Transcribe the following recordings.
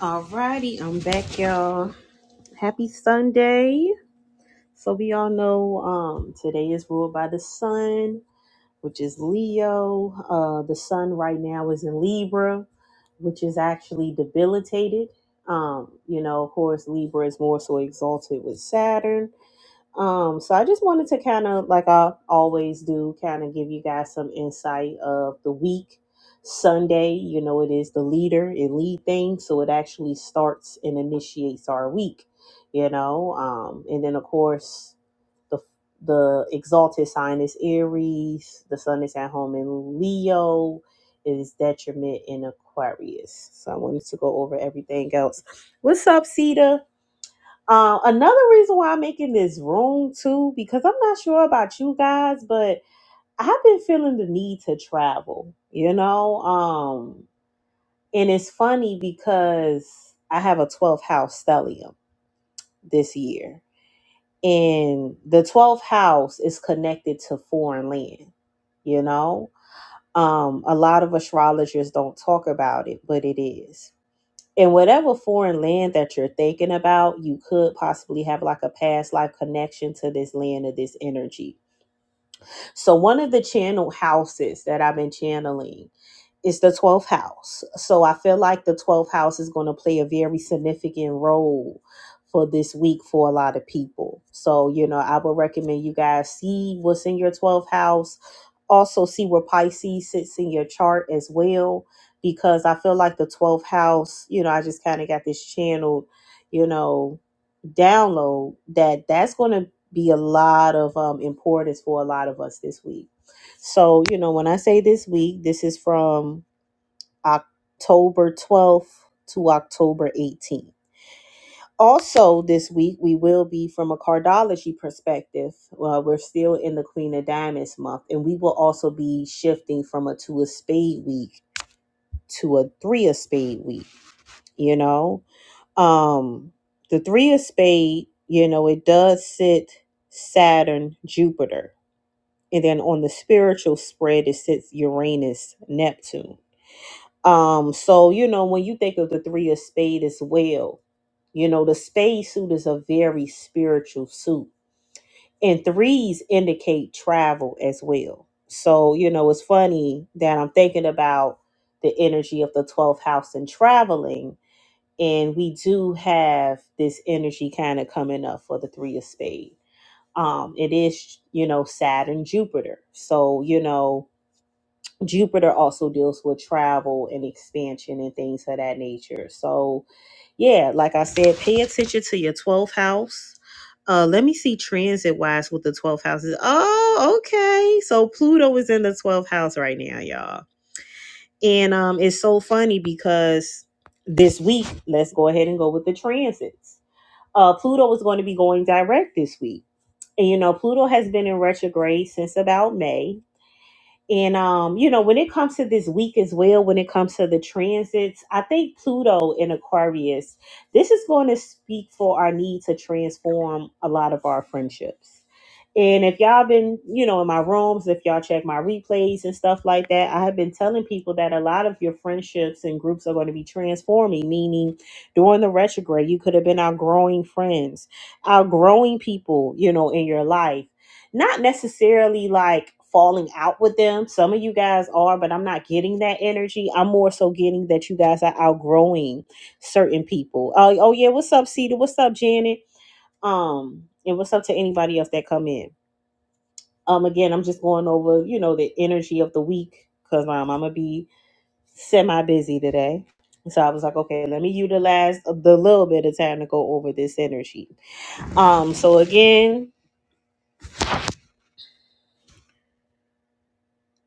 Alrighty, I'm back, y'all. Happy Sunday. So we all know um today is ruled by the sun, which is Leo. Uh the sun right now is in Libra, which is actually debilitated. Um, you know, of course Libra is more so exalted with Saturn. Um, so I just wanted to kind of, like I always do, kind of give you guys some insight of the week. Sunday, you know, it is the leader, it lead thing, so it actually starts and initiates our week, you know. Um, and then of course the the exalted sign is Aries, the sun is at home in Leo, it is detriment in Aquarius. So I wanted to go over everything else. What's up, Sita? Um, another reason why I'm making this room too, because I'm not sure about you guys, but I have been feeling the need to travel, you know? Um, and it's funny because I have a 12th house stellium this year, and the 12th house is connected to foreign land, you know? Um, a lot of astrologers don't talk about it, but it is. in whatever foreign land that you're thinking about, you could possibly have like a past life connection to this land or this energy so one of the channel houses that I've been channeling is the 12th house. So I feel like the 12th house is going to play a very significant role for this week for a lot of people. So, you know, I would recommend you guys see what's in your 12th house. Also see where Pisces sits in your chart as well because I feel like the 12th house, you know, I just kind of got this channeled, you know, download that that's going to be a lot of um, importance for a lot of us this week. So, you know, when I say this week, this is from October 12th to October 18th. Also, this week, we will be from a cardology perspective. Uh, we're still in the Queen of Diamonds month, and we will also be shifting from a two of spade week to a three of spade week, you know? Um, the three of spade, you know, it does sit Saturn, Jupiter, and then on the spiritual spread, it sits Uranus, Neptune. Um, so you know, when you think of the three of spade as well, you know, the spade suit is a very spiritual suit, and threes indicate travel as well. So you know, it's funny that I'm thinking about the energy of the 12th house and traveling and we do have this energy kind of coming up for the three of spades um it is you know saturn jupiter so you know jupiter also deals with travel and expansion and things of that nature so yeah like i said pay attention to your 12th house uh let me see transit wise with the 12th houses oh okay so pluto is in the 12th house right now y'all and um, it's so funny because this week, let's go ahead and go with the transits. Uh, Pluto is going to be going direct this week. And you know, Pluto has been in retrograde since about May. And um, you know, when it comes to this week as well, when it comes to the transits, I think Pluto in Aquarius, this is going to speak for our need to transform a lot of our friendships. And if y'all been, you know, in my rooms, if y'all check my replays and stuff like that, I have been telling people that a lot of your friendships and groups are going to be transforming, meaning during the retrograde, you could have been outgrowing friends, outgrowing people, you know, in your life not necessarily like falling out with them. Some of you guys are, but I'm not getting that energy. I'm more so getting that you guys are outgrowing certain people. Oh, oh yeah, what's up, Cedar? What's up, Janet? Um, and what's up to anybody else that come in? Um, again, I'm just going over, you know, the energy of the week because um, I'm gonna be semi busy today. So I was like, okay, let me utilize the little bit of time to go over this energy. Um, so again,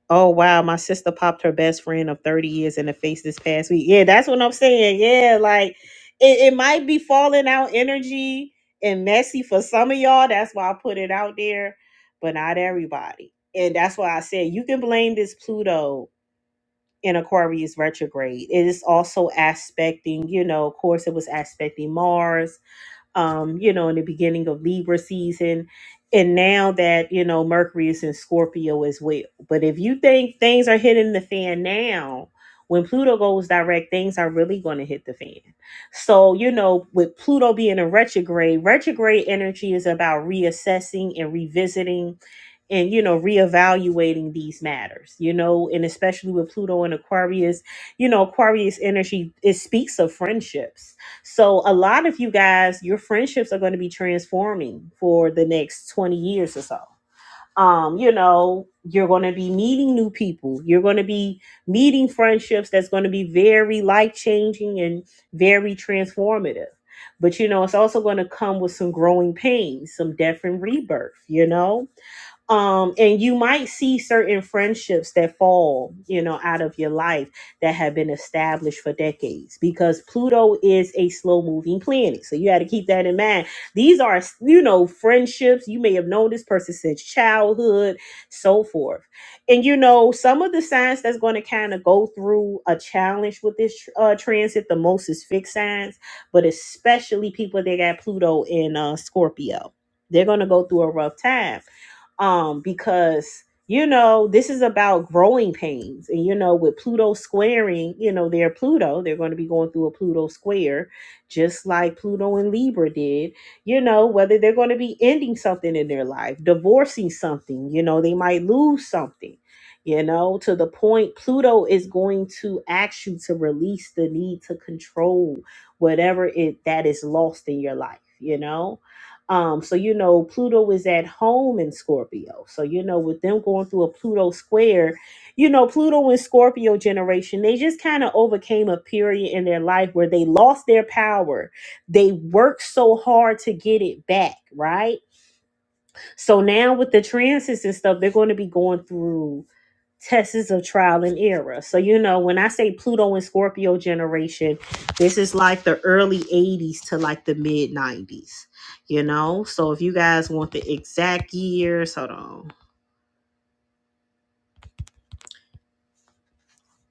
Oh wow, my sister popped her best friend of 30 years in the face this past week. Yeah, that's what I'm saying. Yeah, like it, it might be falling out energy and messy for some of y'all. That's why I put it out there, but not everybody. And that's why I said you can blame this Pluto in Aquarius retrograde. It is also aspecting, you know, of course it was aspecting Mars um, you know, in the beginning of Libra season. And now that, you know, Mercury is in Scorpio as well. But if you think things are hitting the fan now, when Pluto goes direct, things are really going to hit the fan. So, you know, with Pluto being a retrograde, retrograde energy is about reassessing and revisiting and you know reevaluating these matters you know and especially with pluto and aquarius you know aquarius energy it speaks of friendships so a lot of you guys your friendships are going to be transforming for the next 20 years or so um you know you're going to be meeting new people you're going to be meeting friendships that's going to be very life changing and very transformative but you know it's also going to come with some growing pains some death and rebirth you know um and you might see certain friendships that fall you know out of your life that have been established for decades because pluto is a slow moving planet so you had to keep that in mind these are you know friendships you may have known this person since childhood so forth and you know some of the signs that's going to kind of go through a challenge with this uh, transit the most is fixed signs but especially people that got pluto in uh, scorpio they're going to go through a rough time um, because you know this is about growing pains, and you know with Pluto squaring, you know their Pluto, they're going to be going through a Pluto square, just like Pluto and Libra did. You know whether they're going to be ending something in their life, divorcing something. You know they might lose something. You know to the point Pluto is going to ask you to release the need to control whatever it that is lost in your life. You know um, so you know, Pluto is at home in Scorpio. So you know, with them going through a Pluto square, you know, Pluto and Scorpio generation, they just kind of overcame a period in their life where they lost their power. They worked so hard to get it back, right? So now with the transits and stuff, they're going to be going through tests of trial and error. So, you know, when I say Pluto and Scorpio generation, this is like the early 80s to like the mid 90s, you know? So, if you guys want the exact years, hold on.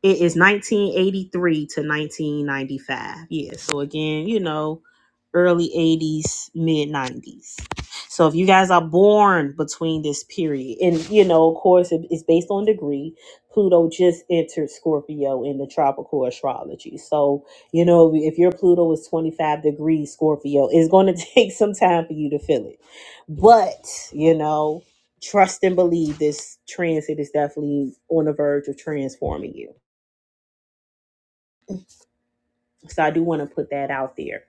It is 1983 to 1995. Yeah. So again, you know, early 80s, mid 90s. So if you guys are born between this period, and you know, of course, it- it's based on degree. Pluto just entered Scorpio in the tropical astrology. So, you know, if your Pluto is 25 degrees Scorpio, it's going to take some time for you to feel it. But, you know, trust and believe this transit is definitely on the verge of transforming you So I do want to put that out there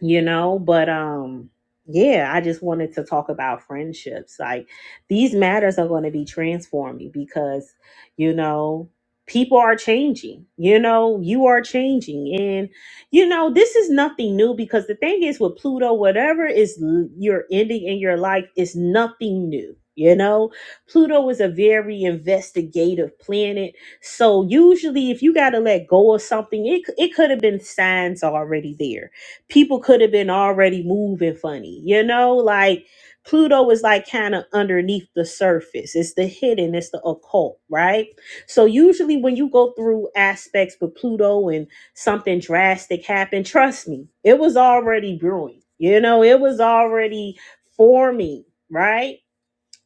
you know but um yeah i just wanted to talk about friendships like these matters are going to be transforming because you know people are changing you know you are changing and you know this is nothing new because the thing is with pluto whatever is l- your ending in your life is nothing new you know pluto is a very investigative planet so usually if you got to let go of something it, c- it could have been signs already there people could have been already moving funny, you know? Like Pluto is like kind of underneath the surface. It's the hidden, it's the occult, right? So usually when you go through aspects with Pluto and something drastic happened, trust me, it was already brewing. You know, it was already forming, right?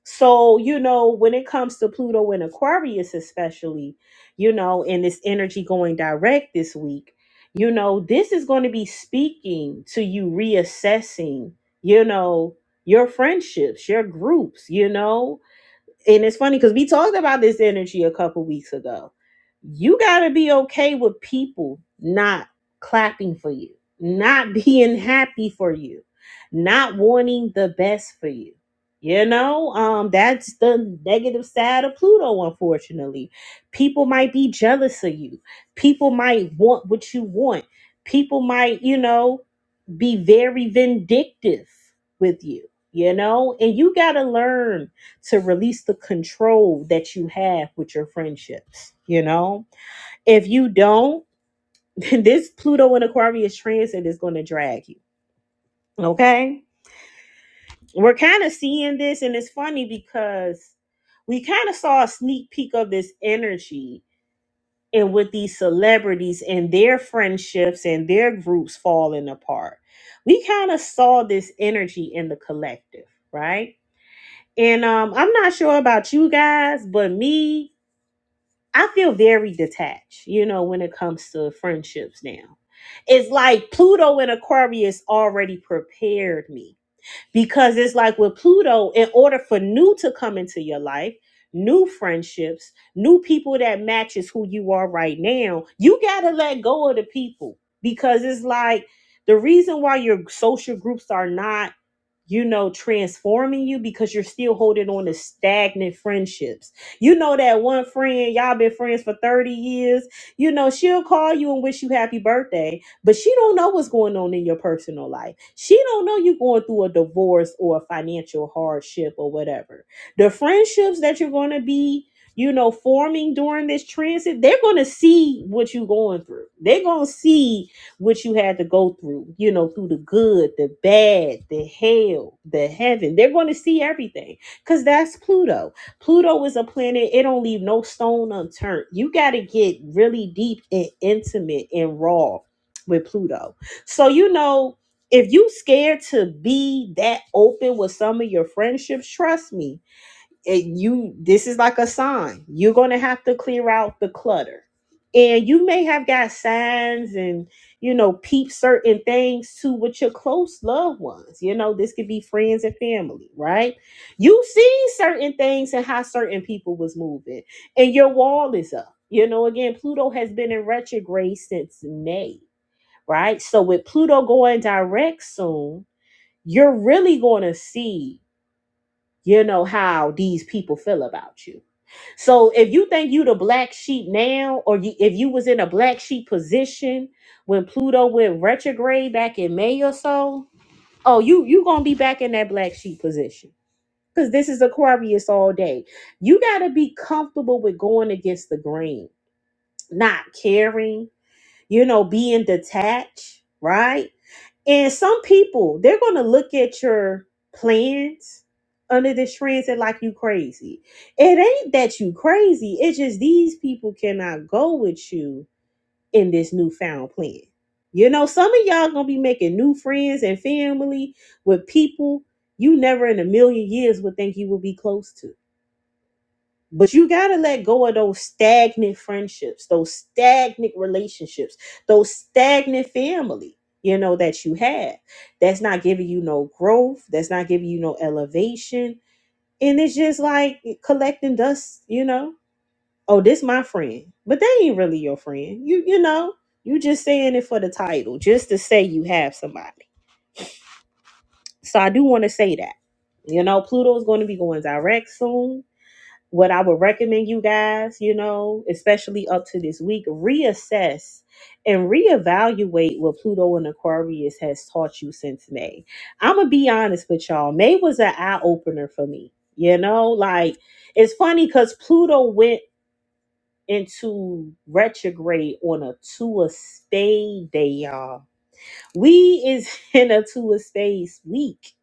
So, you know, when it comes to Pluto and Aquarius, especially, you know, and this energy going direct this week, you know, this is going to be speaking to you reassessing, you know, your friendships, your groups, you know and it's funny because we talked about this energy a couple weeks ago. You got to be okay with people not clapping for you, not being happy for you, not wanting the best for you. You know, um, that's the negative side of Pluto, unfortunately. People might be jealous of you. People might want what you want. People might, you know, be very vindictive with you, you know? And you got to learn to release the control that you have with your friendships, you know? If you don't, this Pluto and Aquarius transit is going to drag you, okay? We're kind of seeing this, and it's funny because we kind of saw a sneak peek of this energy and with these celebrities and their friendships and their groups falling apart. We kind of saw this energy in the collective, right? And um, I'm not sure about you guys, but me, I feel very detached, you know, when it comes to friendships now. It's like Pluto in Aquarius already prepared me because it's like with Pluto, in order for new to come into your life, new friendships, new people that matches who you are right now, you gotta let go of the people because it's like the reason why your social groups are not you know, transforming you because you're still holding on to stagnant friendships. You know that one friend, y'all been friends for 30 years, you know, she'll call you and wish you happy birthday, but she don't know what's going on in your personal life. She don't know you're going through a divorce or a financial hardship or whatever. The friendships that you're going to be you know, forming during this transit, they're going to see what you're going through. They're going to see what you had to go through, you know, through the good, the bad, the hell, the heaven. They're going to see everything because that's Pluto. Pluto is a planet, it don't leave no stone unturned. You got to get really deep and intimate and raw with Pluto. So, you know, if you scared to be that open with some of your friendships, trust me, it, you this is like a sign you're going to have to clear out the clutter and you may have got signs and you know peep certain things too with your close loved ones you know this could be friends and family right you see certain things and how certain people was moving and your wall is up you know again pluto has been in retrograde since may right so with pluto going direct soon you're really going to see you know how these people feel about you so if you think you the black sheep now, or you, if you was in a black sheep position when Pluto went retrograde back in May or so, oh, you you gonna be back in that black sheep position because this is Aquarius all day. You gotta be comfortable with going against the grain, not caring, you know, being detached, right? And some people, they're going to look at your plans under this transit like you crazy. It ain't that you crazy. It's just these people cannot go with you in this newfound plan. You know, some of y'all going to be making new friends and family with people you never in a million years would think you would be close to. But you got to let go of those stagnant friendships, those stagnant relationships, those stagnant family, you know, that you have. That's not giving you no growth. That's not giving you no elevation. And it's just like collecting dust, you know. Oh, this my friend. But they ain't really your friend. You you know, you just saying it for the title, just to say you have somebody. So I do want to say that. You know, Pluto's going to be going direct soon what I would recommend you guys, you know, especially up to this week, reassess and reevaluate what Pluto and Aquarius has taught you since May. I'm gonna be honest with y'all. May was an eye opener for me. You know, like it's funny because Pluto went into retrograde on a two of spade day, y'all. We is in a two of spades week.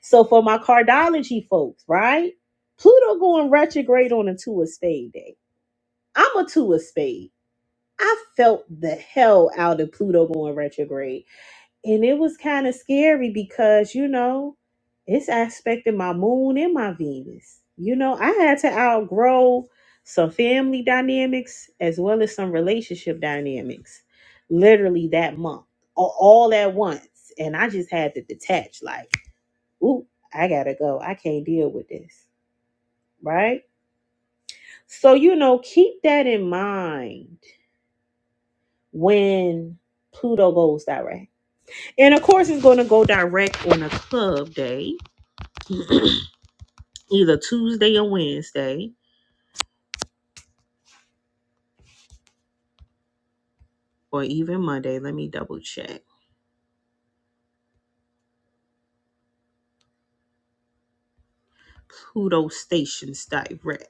So for my cardology folks, right? Pluto going retrograde on a two of spade day. I'm a two of spade. I felt the hell out of Pluto going retrograde. And it was kind of scary because, you know, it's aspecting my moon and my Venus. You know, I had to outgrow some family dynamics as well as some relationship dynamics literally that month, a- all at once. And I just had to detach, like, ooh, I gotta go. I can't deal with this. Right? So, you know, keep that in mind when Pluto goes direct. And of course, it's going to go direct on a club day, either Tuesday or Wednesday, or even Monday. Let me double check. Pluto stations direct.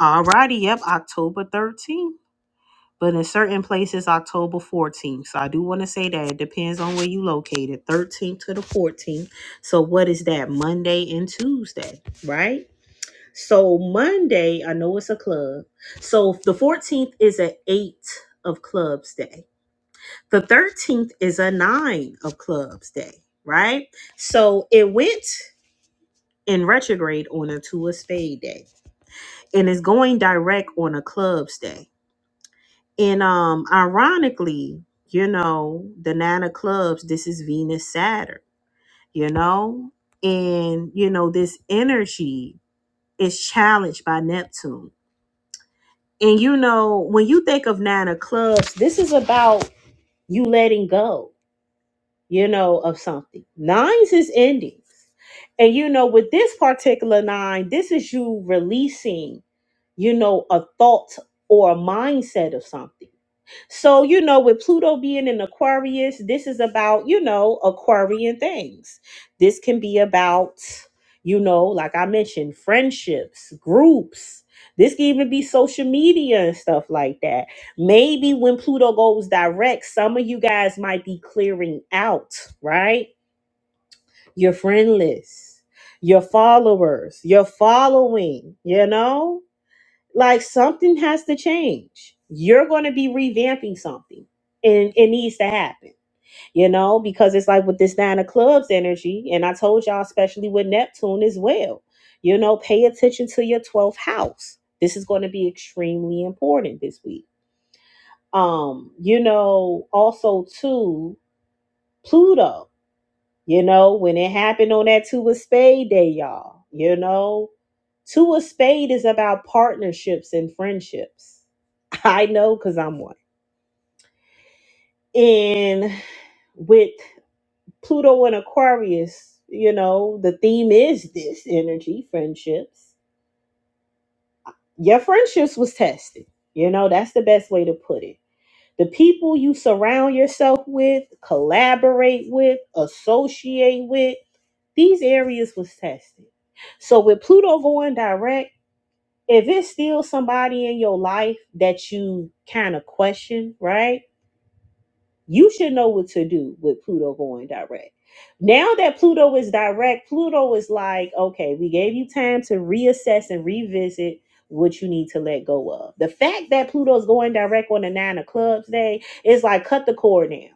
Alrighty, yep, October 13th. But in certain places, October 14th. So I do want to say that it depends on where you located, 13th to the 14th. So what is that? Monday and Tuesday, right? So Monday, I know it's a club. So the 14th is an 8 of clubs day. The 13th is a 9 of clubs day, right? So it went in retrograde on a two of spade day and it's going direct on a clubs day. And um ironically, you know, the 9 of clubs, this is Venus Saturn, you know? And you know, this energy is challenged by Neptune And you know, when you think of nine of clubs, this is about you letting go you know, of something. Nines is endings. And you know, with this particular nine, this is you releasing, you know, a thought or a mindset of something. So, you know, with Pluto being in Aquarius, this is about, you know, Aquarian things. This can be about, you know, like I mentioned, friendships, groups. This can even be social media and stuff like that. Maybe when Pluto goes direct, some of you guys might be clearing out, right? Your friend list, your followers, your following, you know? Like something has to change. You're going to be revamping something. And it needs to happen, you know, because it's like with this nine of clubs energy, and I told y'all, especially with Neptune as well, you know, pay attention to your 12th house. This is going to be extremely important this week um you know also too pluto you know when it happened on that two of spade day y'all you know two of spade is about partnerships and friendships i know because i'm one and with pluto and aquarius you know the theme is this energy friendships your friendships was tested you know that's the best way to put it The people you surround yourself with, collaborate with, associate with, these areas was tested. So with Pluto going direct, if it's still somebody in your life that you kind of question, right? you should know what to do with Pluto going direct. Now that Pluto is direct, Pluto is like, okay, we gave you time to reassess and revisit what you need to let go of. The fact that Pluto's going direct on the nine of clubs day is like cut the cord now.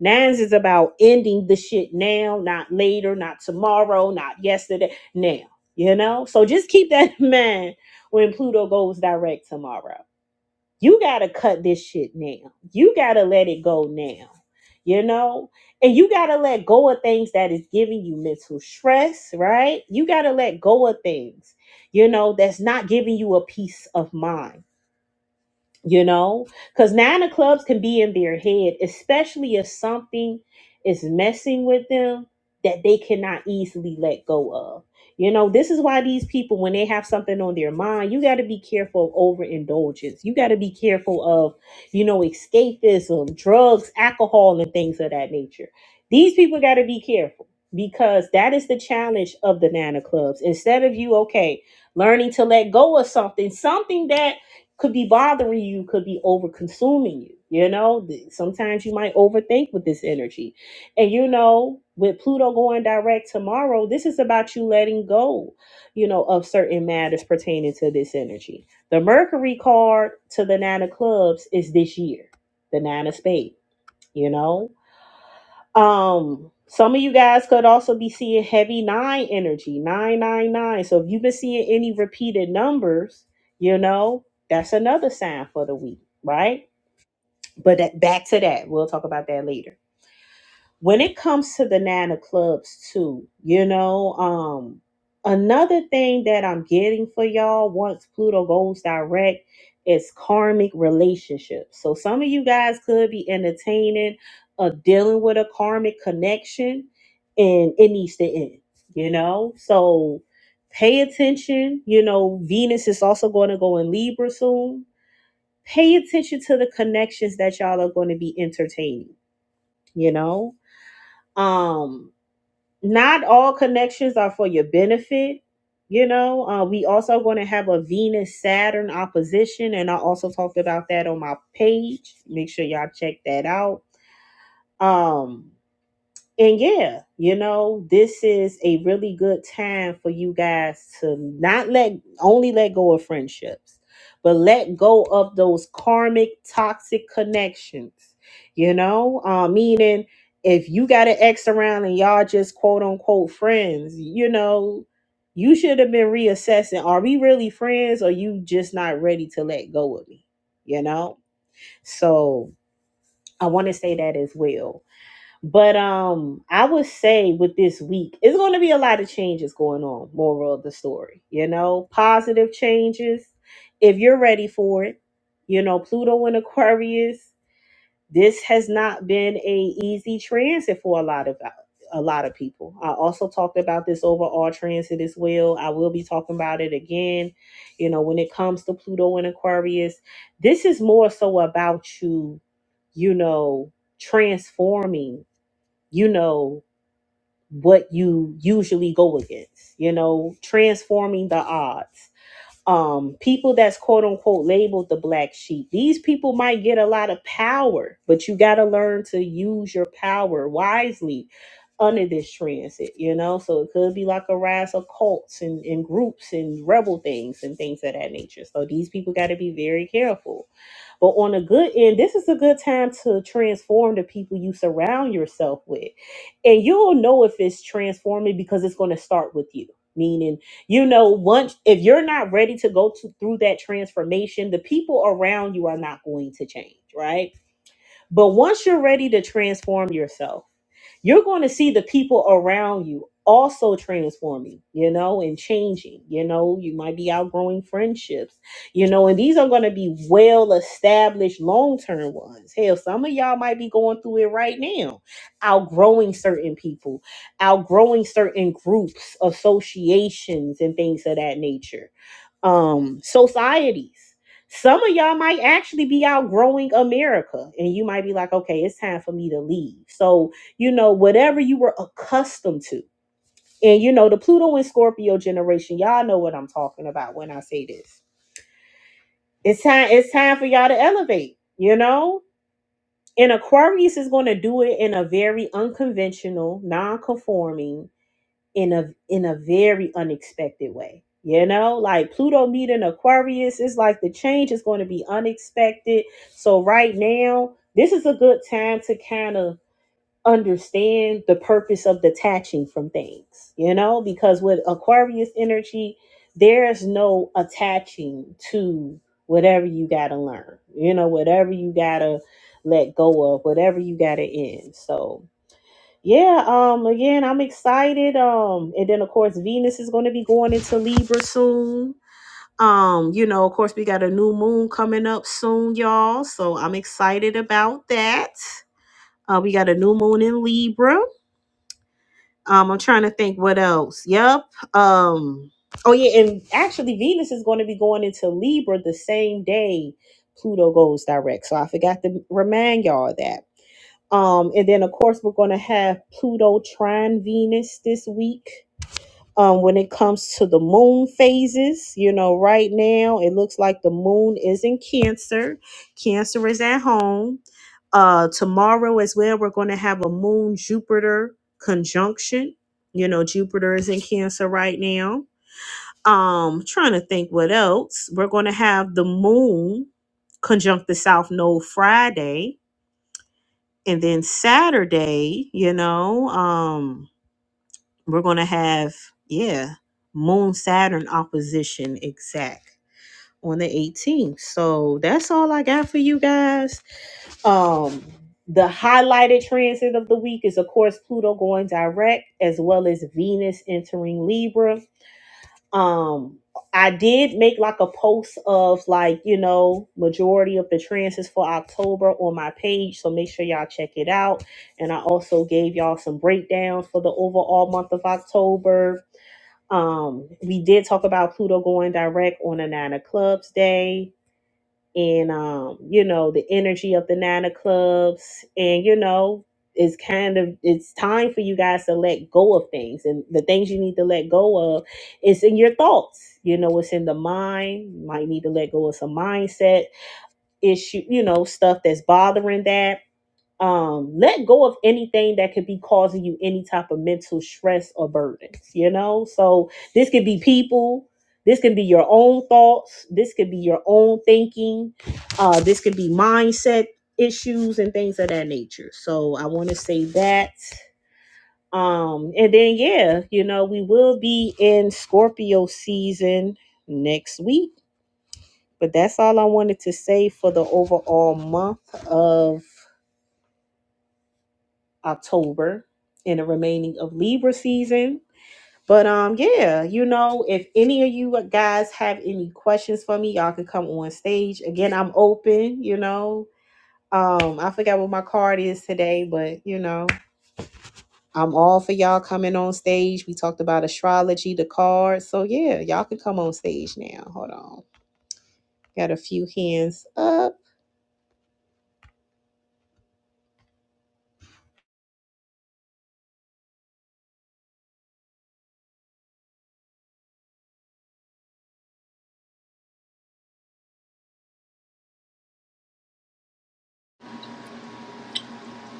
Nines is about ending the shit now, not later, not tomorrow, not yesterday, now. You know? So just keep that in mind when Pluto goes direct tomorrow. You gotta cut this shit now. You gotta let it go now. You know? And you gotta let go of things that is giving you mental stress, right? You gotta let go of things, you know, that's not giving you a peace of mind you know because nine of clubs can be in their head especially if something is messing with them that they cannot easily let go of you know this is why these people when they have something on their mind you got to be careful of overindulgence you got to be careful of you know escapism drugs alcohol and things of that nature these people got to be careful because that is the challenge of the nine of clubs instead of you okay learning to let go of something something that could be bothering you, could be over consuming you. You know, Th- sometimes you might overthink with this energy. And you know, with Pluto going direct tomorrow, this is about you letting go, you know, of certain matters pertaining to this energy. The Mercury card to the Nine of Clubs is this year, the Nine of Spades, you know. Um, some of you guys could also be seeing heavy nine energy, nine nine nine. So if you've been seeing any repeated numbers, you know that's another sign for the week, right? But that, back to that, we'll talk about that later when it comes to the nana clubs too you know um another thing that i'm getting for y'all once pluto goes direct is karmic relationships so some of you guys could be entertaining or dealing with a karmic connection and it needs to end you know so pay attention you know venus is also going to go in libra soon pay attention to the connections that y'all are going to be entertaining you know um not all connections are for your benefit. You know, uh, we also going to have a Venus Saturn opposition, and I also talked about that on my page. Make sure y'all check that out. Um, and yeah, you know, this is a really good time for you guys to not let only let go of friendships, but let go of those karmic toxic connections. You know, uh, meaning if you got an ex around and y'all just quote unquote friends, you know, you should have been reassessing: Are we really friends? Or you just not ready to let go of me? You know, so I want to say that as well but um, I would say with this week, it's going to be a lot of changes going on. Moral of the story, you know, positive changes. If you're ready for it, you know, Pluto in Aquarius. This has not been a easy transit for a lot of a lot of people. I also talked about this overall transit as well. I will be talking about it again. You know, when it comes to Pluto in Aquarius, this is more so about you. You know, transforming you know what you usually go against you know transforming the odds um people that's quote unquote labeled the black sheep these people might get a lot of power but you got to learn to use your power wisely under this transit you know so it could be like a rise of cults and, and groups and rebel things and things of that nature so these people got to be very careful but on a good end, this is a good time to transform the people you surround yourself with. And you'll know if it's transforming because it's going to start with you. Meaning, you know, once if you're not ready to go to, through that transformation, the people around you are not going to change, right? But once you're ready to transform yourself, you're going to see the people around you also transforming, you know, and changing. You know, you might be outgrowing friendships, you know, and these are going to be well established long term ones. Hell, some of y'all might be going through it right now, outgrowing certain people, outgrowing certain groups, associations, and things of that nature um societies. Some of y'all might actually be outgrowing America and you might be like, okay, it's time for me to leave. So, you know, whatever you were accustomed to. And you know, the Pluto and Scorpio generation, y'all know what I'm talking about when I say this. It's time, it's time for y'all to elevate, you know? And Aquarius is going to do it in a very unconventional, non-conforming in a in a very unexpected way. You know, like Pluto meeting Aquarius is like the change is going to be unexpected. So right now, this is a good time to kind of understand the purpose of detaching from things, you know, because with Aquarius energy, there's no attaching to whatever you got to learn, you know, whatever you got to let go of, whatever you got to end. So, yeah, um, again, I'm excited. Um, and then of course Venus is gonna be going into Libra soon. Um, you know, of course we got a new moon coming up soon, y'all. So I'm excited about that. Uh, we got a new moon in Libra. Um, I'm trying to think what else. Yep. Um, oh yeah, and actually Venus is gonna be going into Libra the same day Pluto goes direct. So I forgot to remind y'all of that. Um, and then of course we're going to have Pluto trine Venus this week. Um, when it comes to the moon phases, you know, right now it looks like the moon is in Cancer. Cancer is at home. Uh, tomorrow as well, we're going to have a moon Jupiter conjunction. You know, Jupiter is in Cancer right now. Um, trying to think what else. We're going to have the moon conjunct the South Node Friday and then Saturday, you know, um, we're gonna have yeah, Moon Saturn opposition exact on the 18th. So that's all I got for you guys. Um, the highlighted transit of the week is of course Pluto going direct, as well as Venus entering Libra um i did make like a post of like you know majority of the transits for october on my page so make sure y'all check it out and i also gave y'all some breakdowns for the overall month of october um we did talk about pluto going direct on the nine of clubs day and um, you know, the energy of the Nana clubs, and you know, it's kind of it's time for you guys to let go of things, and the things you need to let go of is in your thoughts. You know, it's in the mind. You might need to let go of some mindset issue. You know, stuff that's bothering that um let go of anything that could be causing you any type of mental stress or burdens you know so this could be people this can be your own thoughts this could be your own thinking uh this could be mindset issues and things of that nature so i want to say that um and then yeah you know we will be in scorpio season next week but that's all i wanted to say for the overall month of October and the remaining of Libra season. But um, yeah, you know, if any of you guys have any questions for me, y'all can come on stage. Again, I'm open, you know. Um, I forgot what my card is today, but you know, I'm all for y'all coming on stage. We talked about astrology, the cards. So yeah, y'all can come on stage now. Hold on. Got a few hands up.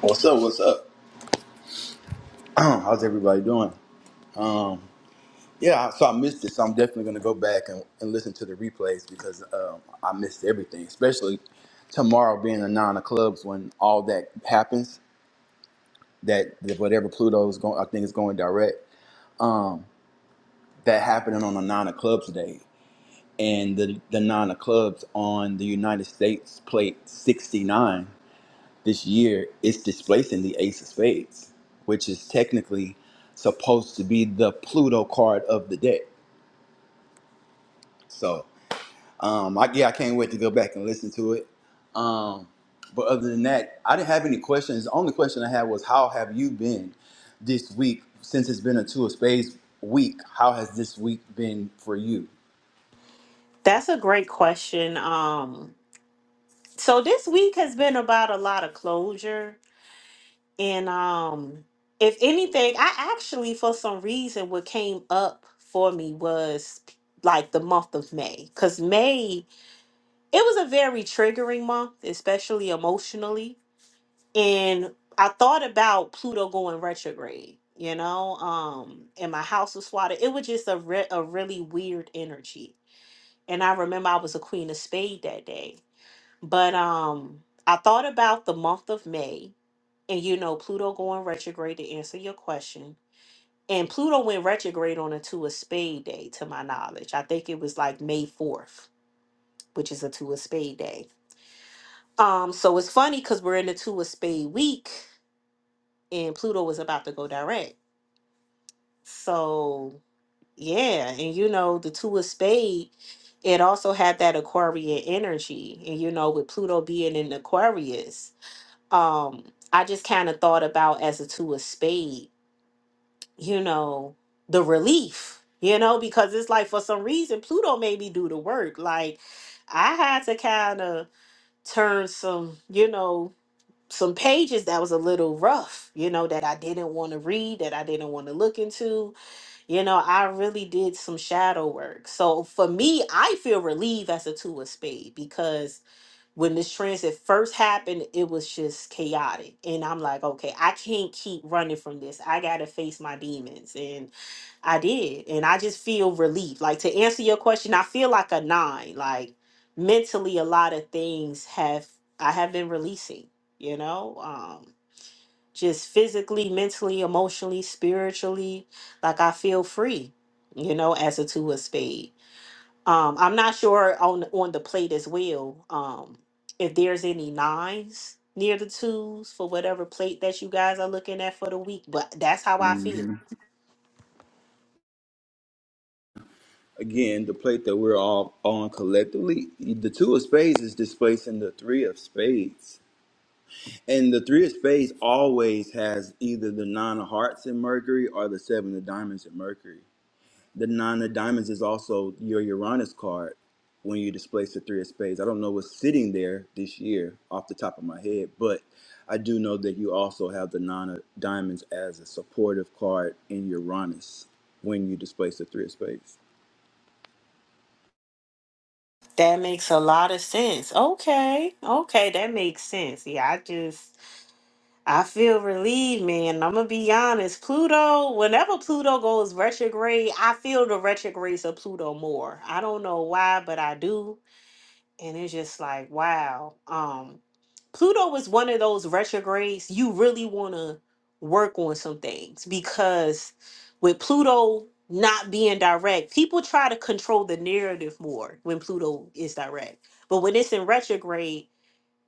What's up? What's up? Huh, How's everybody doing? Yeah, I- so I missed it, so I'm definitely going to go back and, and listen to the replays because um, I missed everything, especially tomorrow being a nine of clubs when all that happens, that that whatever Pluto is going, I think is going direct, um, that happening on a nine of clubs day. And the, the nine of clubs on the United States plate 69. this year it's displacing the ace of spades which is technically supposed to be the pluto card of the deck so um I, yeah i can't wait to go back and listen to it um but other than that i didn't have any questions the only question i had was how have you been this week since it's been a two of spades week how has this week been for you That's a great question. Um, so this week has been about a lot of closure And um, if anything, I actually, for some reason, what came up for me was like the month of May, because May, it was a very triggering month, especially emotionally. And I thought about Pluto going retrograde, you know, um, and my house was swatted. It was just a, re- a really weird energy. And I remember I was a queen of spade that day. But um, I thought about the month of May and you know, Pluto going retrograde to answer your question. And Pluto went retrograde on a two of spade day, to my knowledge. I think it was like May 4th, which is a two of spade day. Um, so it's funny because we're in the two of spade week and Pluto was about to go direct. So yeah, and you know, the two of spade, it also had that Aquarian energy. And you know, with Pluto being in Aquarius, um, I just kind of thought about as a two of spade you know, the relief, you know, because it's like for some reason Pluto made me do the work. Like I had to kind of turn some, you know, some pages that was a little rough, you know, that I didn't want to read, that I didn't want to look into. You know, I really did some shadow work. So for me, I feel relieved as a two of spade because when this transit first happened, it was just chaotic. And I'm like, okay, I can't keep running from this. I got to face my demons. And I did. And I just feel relief. Like, to answer your question, I feel like a nine. Like, mentally, a lot of things have, I have been releasing, you know? Um, just physically, mentally, emotionally, spiritually. Like, I feel free, you know, as a two of spades. Um, I'm not sure on on the plate as well. Um, if there's any nines near the twos for whatever plate that you guys are looking at for the week, but that's how I Mhm. feel. again the plate that we're all on collectively the two of spades is displacing the three of spades And the three of spades always has either the nine of hearts in Mercury or the seven of diamonds in Mercury. The nine of diamonds is also your Uranus card when you displace the three of spades. I don't know what's sitting there this year off the top of my head, but I do know that you also have the nine of diamonds as a supportive card in Uranus when you displace the three of spades. That makes a lot of sense. Okay, okay, that makes sense. Yeah, I just I feel relieved, man. I'm gonna be honest. Pluto, whenever Pluto goes retrograde, I feel the retrogrades of Pluto more. I don't know why, but I do and it's just like wow um pluto is one of those retrogrades you really want to work on some things because with pluto not being direct people try to control the narrative more when pluto is direct but when it's in retrograde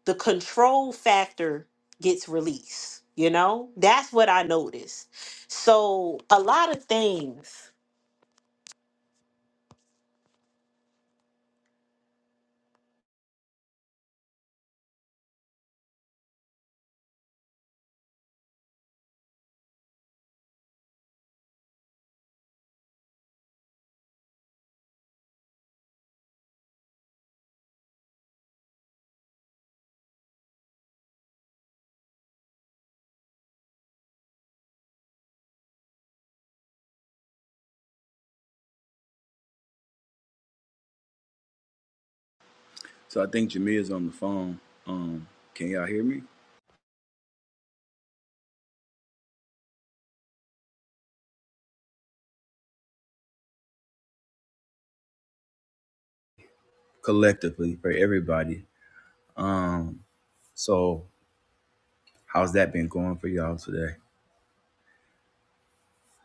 the control factor gets released you know that's what i noticed so a lot of things So I think Jameer is on the phone. Um, can y'all hear me? Collectively for everybody. Um, so How's that been going for y'all today?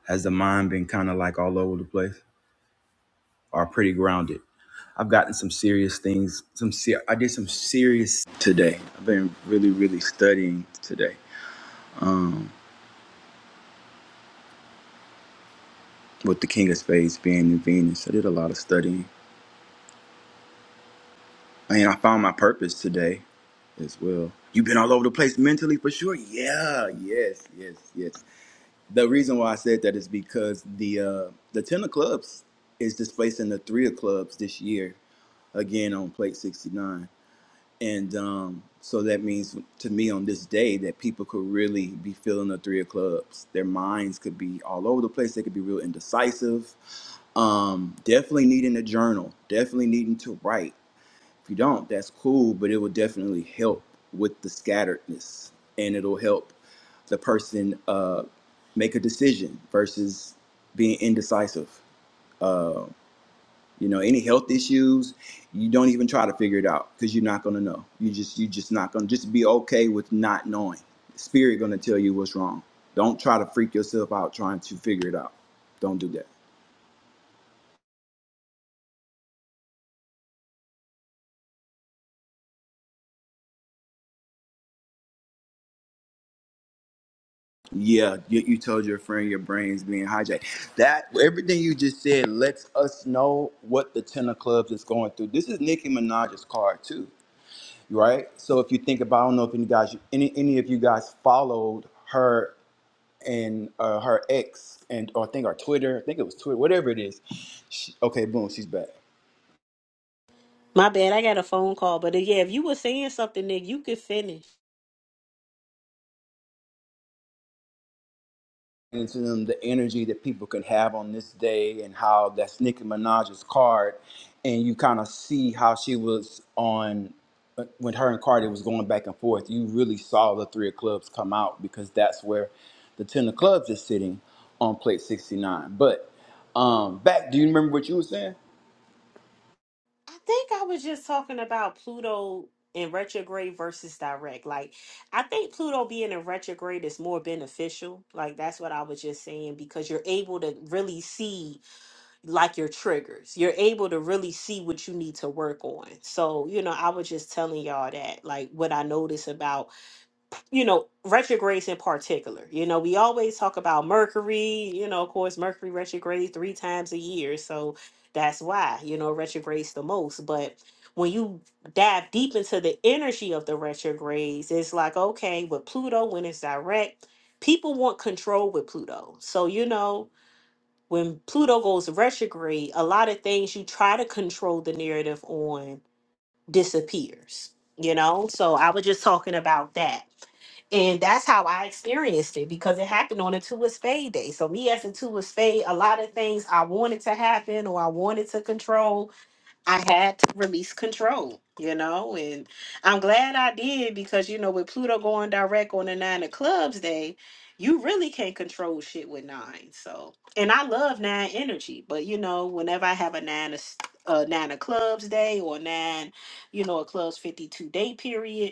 Has the mind been kind of like all over the place or pretty grounded? I've gotten some serious things. Some ser- I did some serious today. I've been really, really studying today. Um, with the King of Spades being in Venus, I did a lot of studying. And I found my purpose today as well. You've been all over the place mentally for sure. Yeah, yes, yes, yes. The reason why I said that is because the uh, the ten of clubs is displacing the three of clubs this year again on plate 69 and um, so that means to me on this day that people could really be feeling the three of clubs their minds could be all over the place they could be real indecisive um, definitely needing a journal definitely needing to write if you don't that's cool but it will definitely help with the scatteredness and it'll help the person uh, make a decision versus being indecisive You know, any health issues, you don't even try to figure it out because you're not gonna know. You just you just not gonna just be okay with not knowing. Spirit gonna tell you what's wrong. Don't try to freak yourself out trying to figure it out. Don't do that. Yeah, you, you told your friend your brain's being hijacked. That everything you just said lets us know what the ten of clubs is going through. This is Nicki Minaj's card too, right? So if you think about, I don't know if any guys, any any of you guys followed her and uh, her ex and or I think our Twitter, I think it was Twitter, whatever it is. She, okay, boom, she's back. my bad i got a phone call but uh, yeah if you were saying something nick you could finish And to them, the energy that people can have on this day and how that's Nicki Minaj's card, and you kind of see how she was on uh, when her and Cardi was going back and forth. You really saw the three of clubs come out because that's where the ten of clubs is sitting on plate sixty nine. But um, back, do you remember what you were saying? I think I was just talking about Pluto in retrograde versus direct. Like, I think Pluto being in retrograde is more beneficial. Like, that's what I was just saying because you're able to really see, like, your triggers. You're able to really see what you need to work on. So, you know, I was just telling y'all that, like, what I noticed about you know, retrogrades in particular. You know, we always talk about Mercury, you know, of course, Mercury retrograde three times a year. So that's why, you know, retrogrades the most. But when you dive deep into the energy of the retrogrades, it's like, okay, with Pluto, when it's direct, people want control with Pluto. So, you know, when Pluto goes retrograde, a lot of things you try to control the narrative on disappears, you know? So I was just talking about that. And that's how I experienced it because it happened on a two of spade day. So me as a two of spade, a lot of things I wanted to happen or I wanted to control I had to release control, you know, and I'm glad I did because, you know, with Pluto going direct on the nine of clubs day, you really can't control shit with nine. So, and I love nine energy, but you know, whenever I have a nine of, s- a nine of clubs day or nine, you know, a clubs 52 day period,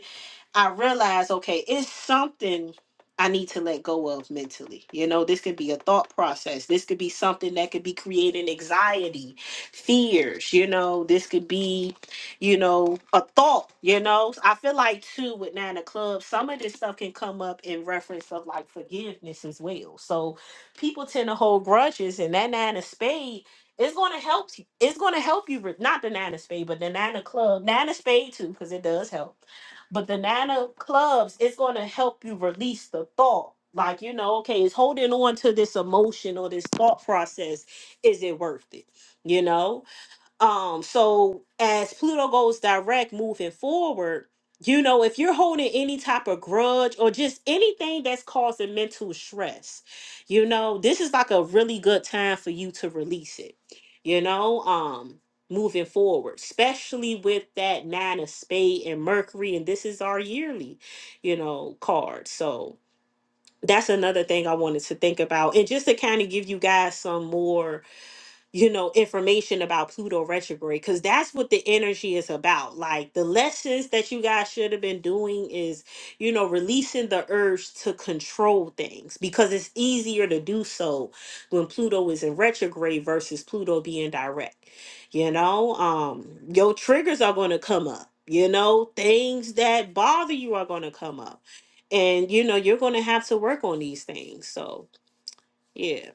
I realized, okay, it's something I need to let go of mentally. You know, this could be a thought process. This could be something that could be creating anxiety, fears, you know, this could be, you know, a thought, you know. I feel like too with Nine of Clubs, some of this stuff can come up in reference of like forgiveness as well. So people tend to hold grudges and that nine of spade is gonna help you. It's gonna help you re- not the nine of spade, but the nine of club, nine of spade too, because it does help but the Nana clubs is going to help you release the thought. Like, you know, okay, is holding on to this emotion or this thought process, is it worth it? You know? Um, so as Pluto goes direct moving forward, you know, if you're holding any type of grudge or just anything that's causing mental stress, you know, this is like a really good time for you to release it, you know, um, moving forward, especially with that nine of spade and Mercury, and this is our yearly, you know, card. So that's another thing I wanted to think about. And just to kind of give you guys some more you know, information about Pluto retrograde because that's what the energy is about. Like the lessons that you guys should have been doing is, you know, releasing the urge to control things because it's easier to do so when Pluto is in retrograde versus Pluto being direct. You know, um, your triggers are going to come up. You know, things that bother you are going to come up. And you know, you're going to have to work on these things. So, yeah,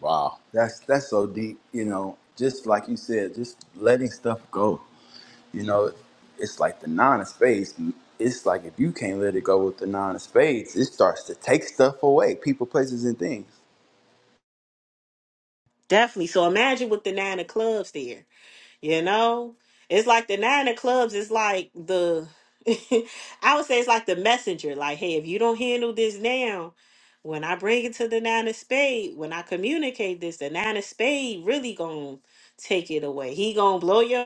Wow. That's that's so deep, you know, just like you said, just letting stuff go. You know, it's like the nine of spades. It's like if you can't let it go with the nine of spades, it starts to take stuff away, people, places and things. definitely. So, imagine with the 9 of clubs there You know, it's like the nine of clubs is like the, I would say it's like the messenger. Like, hey, if you don't handle this now, when I bring it to the nine of spade, when I communicate this, the nine of spade really gonna take it away. He gonna blow your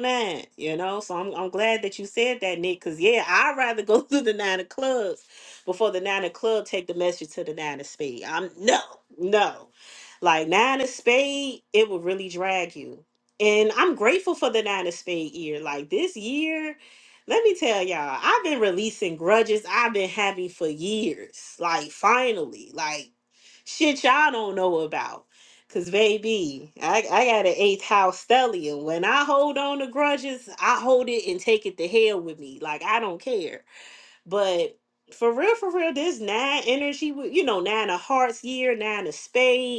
nine, you know. So I'm I'm glad that you said that, Nick, because yeah, I'd rather go through the nine of clubs before the nine of club take the message to the nine of spade. I'm no, no. Like nine of spade, it will really drag you. And I'm grateful for the nine of spade year. Like this year, let me tell y'all, I've been releasing grudges I've been having for years. Like finally, like shit y'all don't know about. Cause baby, I, I got an eighth house stellium. When I hold on to grudges, I hold it and take it to hell with me. Like I don't care. But for real, for real, this nine energy, with- you know, nine of hearts year, nine of spade.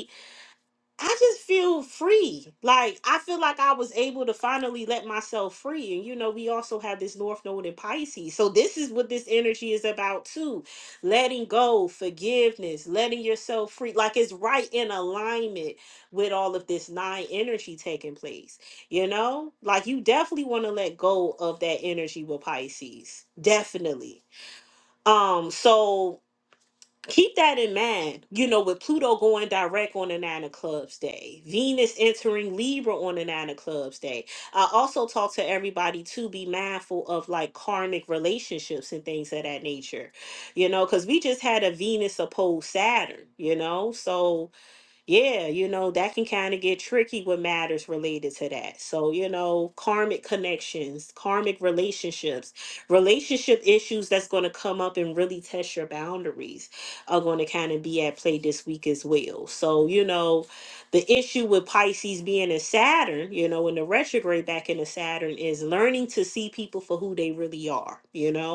I just feel free. Like I feel like I was able to finally let myself free. And you know, we also have this North Node in Pisces. So this is what this energy is about too. Letting go, forgiveness, letting yourself free. Like it's right in alignment with all of this nine energy taking place. You know? Like you definitely want to let go of that energy with Pisces. Definitely. Um, so keep that in mind. You know, with Pluto going direct on the Nine of Clubs day, Venus entering Libra on the Nine of Clubs day. I also talk to everybody to be mindful of like karmic relationships and things of that nature, you know, because we just had a Venus opposed Saturn, you know, so yeah, you know, that can kind of get tricky with matters related to that. So, you know, karmic connections, karmic relationships, relationship issues that's going to come up and really test your boundaries are going to kind of be at play this week as well. So, you know, the issue with Pisces being in Saturn, you know, in the retrograde back into Saturn is learning to see people for who they really are, you know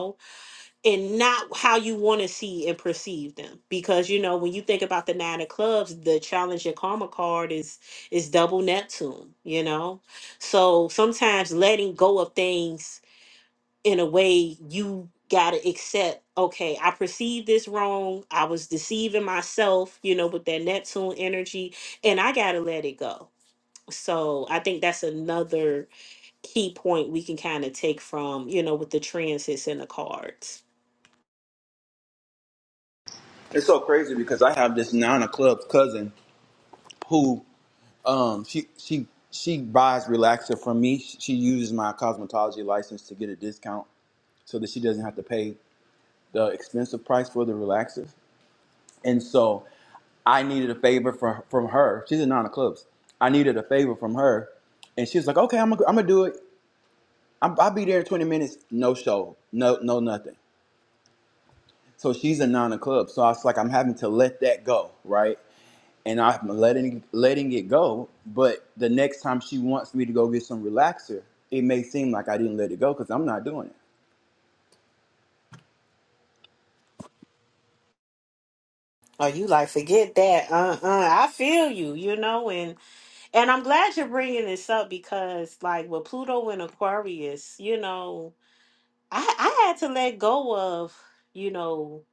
and not how you want to see and perceive them because you know when you think about the nine of clubs the challenge and karma card is is double neptune you know so sometimes letting go of things in a way you gotta accept okay i perceived this wrong i was deceiving myself you know with that neptune energy and i gotta let it go so i think that's another key point we can kind of take from you know with the transits and the cards It's so crazy because I have this nine of clubs cousin who um she she she buys relaxer from me. She uses my cosmetology license to get a discount so that she doesn't have to pay the expensive price for the relaxer. And so I needed a favor from from her. She's in Nine of Clubs. I needed a favor from her, and she was like, "Okay, I'm gonna, I'm gonna do it. I'm, I'll be there in 20 minutes. No show. No, no, nothing." So she's a Nine of Clubs. So I was like, I'm having to let that go, right? And I'm letting letting it go. But the next time she wants me to go get some relaxer, it may seem like I didn't let it go because I'm not doing it. Oh, you like forget that. Uh, uh. I feel you. You know, and and I'm glad you're bringing this up because, like, with Pluto and Aquarius, you know, I I had to let go of, you know,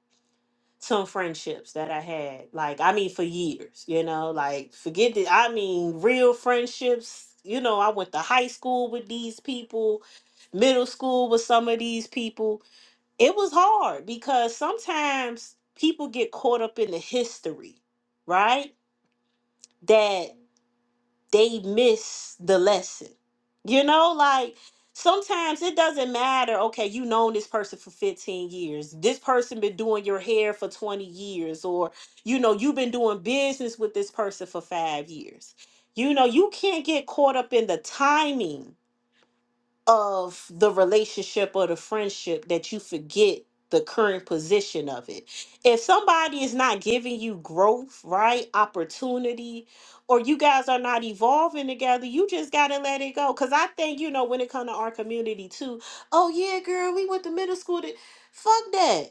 some friendships that I had. Like, I mean, for years. You know, like forget that. I mean, real friendships. You know, I went to high school with these people, middle school with some of these people it was hard because sometimes people get caught up in the history, right? That they miss the lesson. You know, like sometimes it doesn't matter, okay, you known this person for 15 years. This person been doing your hair for 20 years or you know, you've been doing business with this person for 5 years. You know, you can't get caught up in the timing of the relationship or the friendship that you forget the current position of it. If somebody is not giving you growth, right, opportunity, or you guys are not evolving together, you just gotta let it go. Cause I think, you know, when it comes to our community too, oh yeah, girl, we went to middle school to fuck that.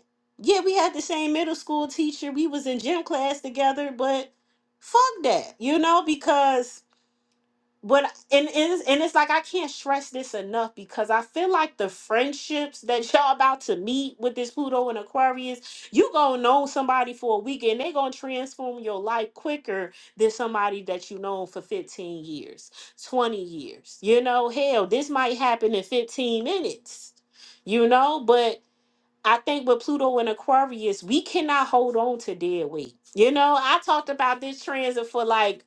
Yeah, we had the same middle school teacher. We was in gym class together, but fuck that, you know, because but and and and it's like I can't stress this enough because I feel like the friendships that y'all about to meet with this Pluto and Aquarius, you gonna know somebody for a week and they gonna transform your life quicker than somebody that you known for 15 years, 20 years. You know, hell, this might happen in 15 minutes, you know, but I think with Pluto and Aquarius, we cannot hold on to dead weight. You know, I talked about this transit for like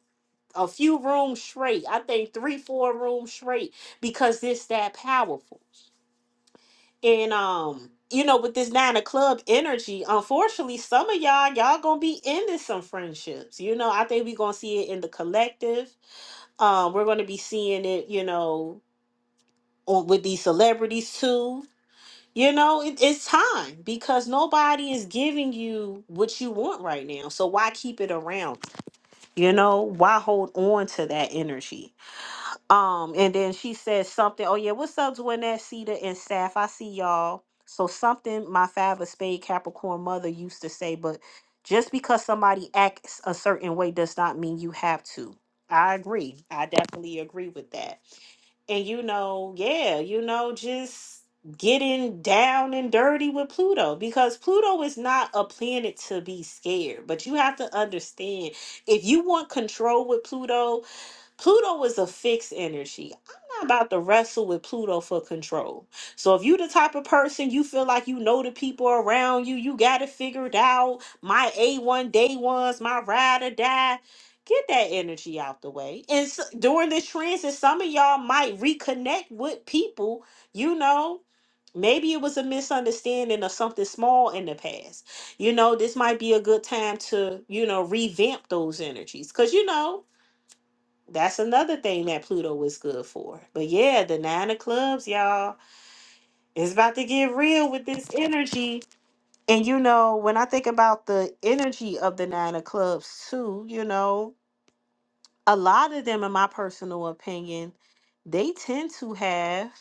a few rooms straight. I think three, four rooms straight because it's that powerful. And um, you know, with this nine of club energy, unfortunately, some of y'all, y'all gonna be ending some friendships. You know, I think we're gonna see it in the collective. Um, we're gonna be seeing it, you know, on with these celebrities too. You know, it, it's time because nobody is giving you what you want right now. So why keep it around? You know, why hold on to that energy? Um, and then she said something. Oh yeah, what's up, Dwayne, Cedar and Saf? I see y'all. So something my five of spade Capricorn mother used to say, but just because somebody acts a certain way does not mean you have to. I agree. I definitely agree with that. And you know, yeah, you know, just getting down and dirty with Pluto because Pluto is not a planet to be scared. But you have to understand if you want control with Pluto, Pluto is a fixed energy. I'm not about to wrestle with Pluto for control. So if you the type of person you feel like you know the people around you, you got it figured out. My A1 day ones, my ride or die. Get that energy out the way. And s during this transit, some of y'all might reconnect with people, you know. Maybe it was a misunderstanding of something small in the past. You know, this might be a good time to, you know, revamp those energies. Cause you know, that's another thing that Pluto is good for. But yeah, the nine of clubs, y'all, it's about to get real with this energy. And you know, when I think about the energy of the nine of clubs too, you know, a lot of them, in my personal opinion, they tend to have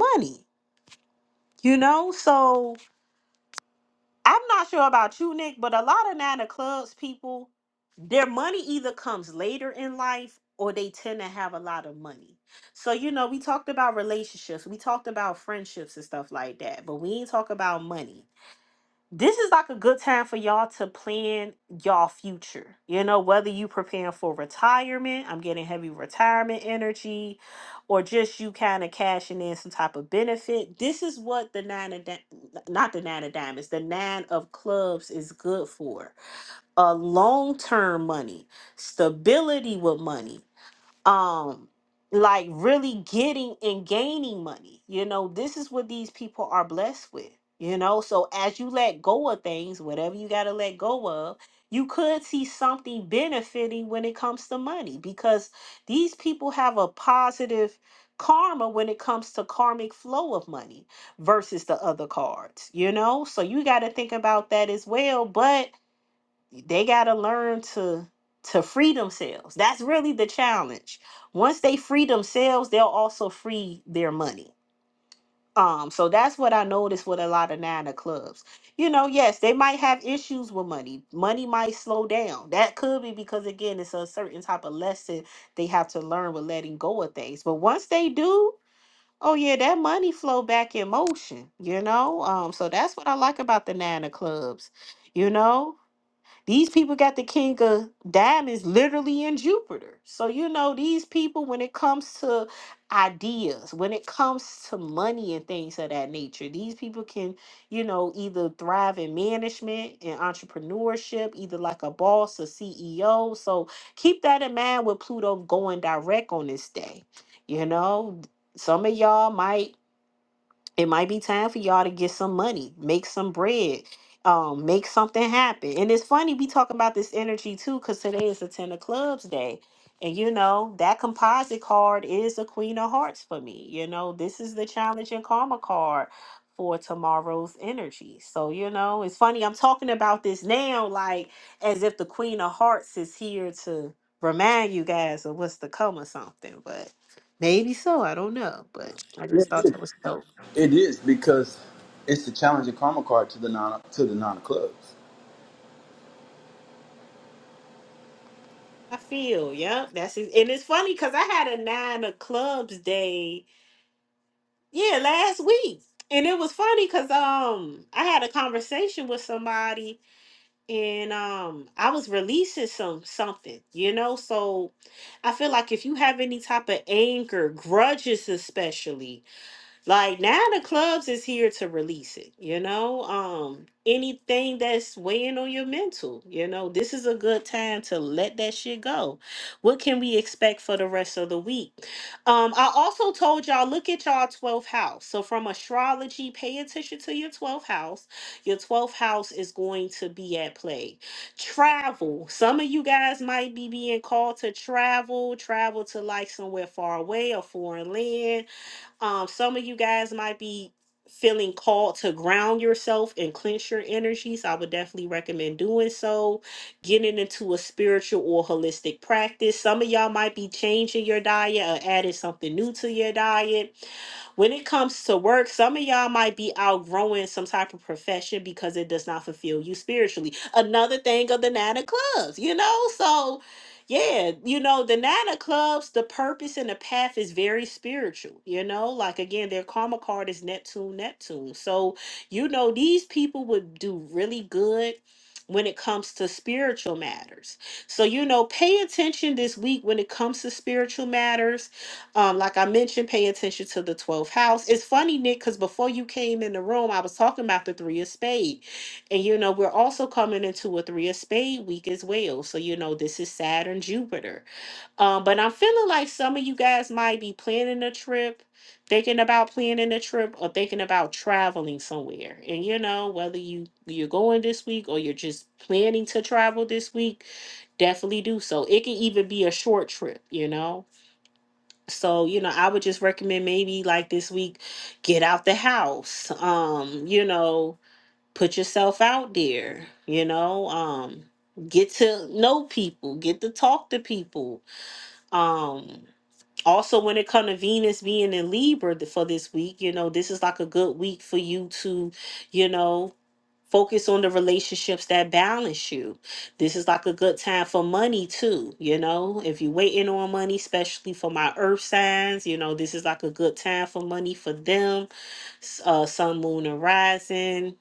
money. You know, so I'm not sure about you, Nick, but a lot of Nana Clubs people, their money either comes later in life or they tend to have a lot of money. So, you know, we talked about relationships, we talked about friendships and stuff like that, but we ain't talk about money this is like a good time for y'all to plan y'all future. You know, whether you preparing for retirement, I'm getting heavy retirement energy, or just you kind of cashing in some type of benefit. This is what the nine of di- not the nine of diamonds, the nine of clubs is good for. A long term money, stability with money um like really getting and gaining money you know this is what these people are blessed with you know so as you let go of things whatever you got to let go of you could see something benefiting when it comes to money because these people have a positive karma when it comes to karmic flow of money versus the other cards you know so you got to think about that as well but they got to learn to to free themselves that's really the challenge once they free themselves they'll also free their money um so that's what i noticed with a lot of nine of clubs you know yes they might have issues with money money might slow down that could be because again it's a certain type of lesson they have to learn with letting go of things but once they do oh yeah that money flow back in motion you know um so that's what i like about the nine of clubs you know these people got the king of diamonds literally in Jupiter. So, you know, these people, when it comes to ideas, when it comes to money and things of that nature, these people can, you know, either thrive in management and entrepreneurship, either like a boss or CEO. So keep that in mind with Pluto going direct on this day. You know, some of y'all might it might be time for y'all to get some money, make some bread, um, make something happen. And it's funny we talking about this energy too, because today is the Ten of Clubs day. And you know, that composite card is the Queen of Hearts for me. You know, this is the challenge and karma card for tomorrow's energy. So, you know, it's funny I'm talking about this now, like as if the Queen of Hearts is here to remind you guys of what's to come or something. But maybe so, I don't know. But I Yeah, just it thought is. that was dope. It is because it's the challenging karma card to the Nine to the Nine of Clubs. I feel, yep. That's it. And it's funny because I had a nine of clubs day, yeah, last week. And it was funny because um I had a conversation with somebody and um I was releasing some something, you know. So I feel like if you have any type of anger, grudges especially, like now the clubs is here to release it, you know? Um anything that's weighing on your mental, you know, this is a good time to let that shit go. What can we expect for the rest of the week? Um I also told y'all look at y'all 12th house. So from astrology, pay attention to your 12th house. Your 12th house is going to be at play travel. Some of you guys might be being called to travel, travel to like somewhere far away, a foreign land, um, some of you guys might be feeling called to ground yourself and cleanse your energies. I would definitely recommend doing so, getting into a spiritual or holistic practice. Some of y'all might be changing your diet or adding something new to your diet when it comes to work, some of y'all might be outgrowing some type of profession because it does not fulfill you spiritually. Another thing of the nine of clubs, you know? So yeah, you know, the nine of clubs, the purpose and the path is very spiritual, you know. Like again, their karma card is Neptune, Neptune. So, you know, these people would do really good when it comes to spiritual matters. So, you know, pay attention this week when it comes to spiritual matters. Um, like I mentioned, pay attention to the 12th house. It's funny, Nick, because before you came in the room, I was talking about the three of spades. And you know, we're also coming into a three of spade week as well. So, you know, this is Saturn, Jupiter. Um, but I'm feeling like some of you guys might be planning a trip, thinking about planning a trip, or thinking about traveling somewhere. And you know, whether you you're going this week or you're just planning to travel this week, definitely do so. It can even be a short trip, you know. So, you know, I would just recommend maybe like this week, get out the house. Um, you know, put yourself out there you know um get to know people get to talk to people um also when it comes to venus being in libra th- for this week you know this is like a good week for you to you know focus on the relationships that balance you this is like a good time for money too you know if you're waiting on money especially for my earth signs you know this is like a good time for money for them S- uh sun moon and rising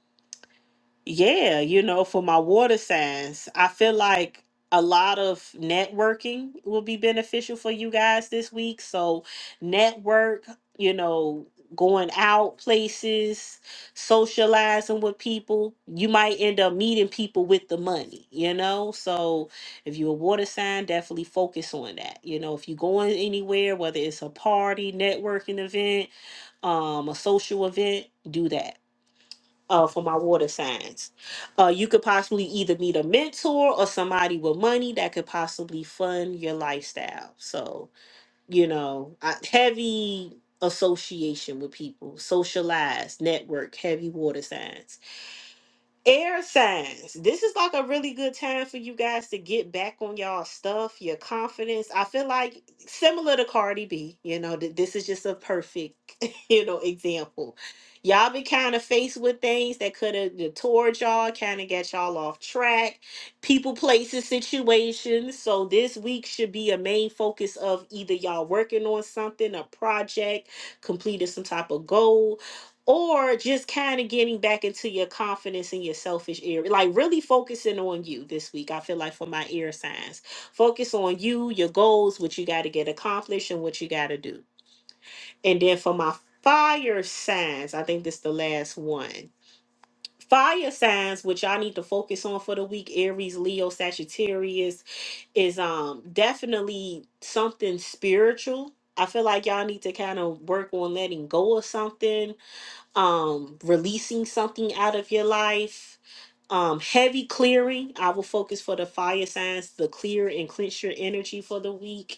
yeah, you know, for my water signs, I feel like a lot of networking will be beneficial for you guys this week. So, network, you know, going out places, socializing with people. You might end up meeting people with the money, you know? So, if you're a water sign, definitely focus on that. You know, if you're going anywhere, whether it's a party, networking event, um, a social event, do that uh, for my water signs. Uh, you could possibly either meet a mentor or somebody with money that could possibly fund your lifestyle. So, you know, I, heavy association with people, socialize, network, heavy water signs. Air signs. This is like a really good time for you guys to get back on y'all stuff, your confidence. I feel like similar to Cardi B, you know, th- this is just a perfect, you know, example. Y'all been kind of faced with things that could have detoured y'all, kind of got y'all off track, people, places, situations. So this week should be a main focus of either y'all working on something, a project, completed some type of goal, or just kind of getting back into your confidence and your selfish area like really focusing on you this week i feel like for my ear signs focus on you your goals what you got to get accomplished and what you got to do and then for my fire signs i think this is the last one fire signs which y'all need to focus on for the week aries leo sagittarius is um definitely something spiritual i feel like y'all need to kind of work on letting go of something um releasing something out of your life um heavy clearing i will focus for the fire signs the clear and cleanse your energy for the week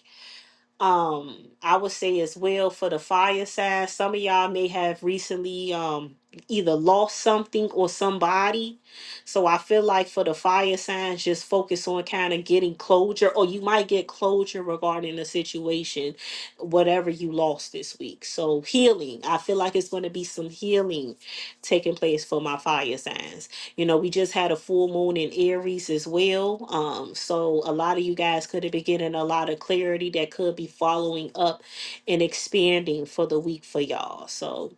um i would say as well for the fire side some of y'all may have recently um either lost something or somebody so i feel like for the fire signs just focus on kind of getting closure or you might get closure regarding the situation whatever you lost this week so healing i feel like it's going to be some healing taking place for my fire signs you know, we just had a full moon in Aries as well. Um, so a lot of you guys could have been getting a lot of clarity that could be following up and expanding for the week for y'all. So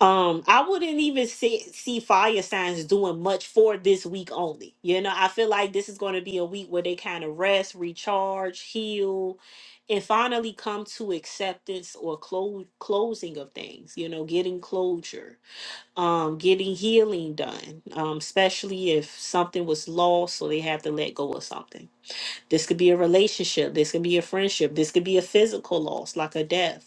um, I wouldn't even see, see fire signs doing much for this week only. You know, I feel like this is going to be a week where they kind of rest, recharge, heal, and finally come to acceptance or close closing of things. You know, getting closure um, getting healing done, um, especially if something was lost, so they have to let go of something. This could be a relationship, this could be a friendship, this could be a physical loss, like a death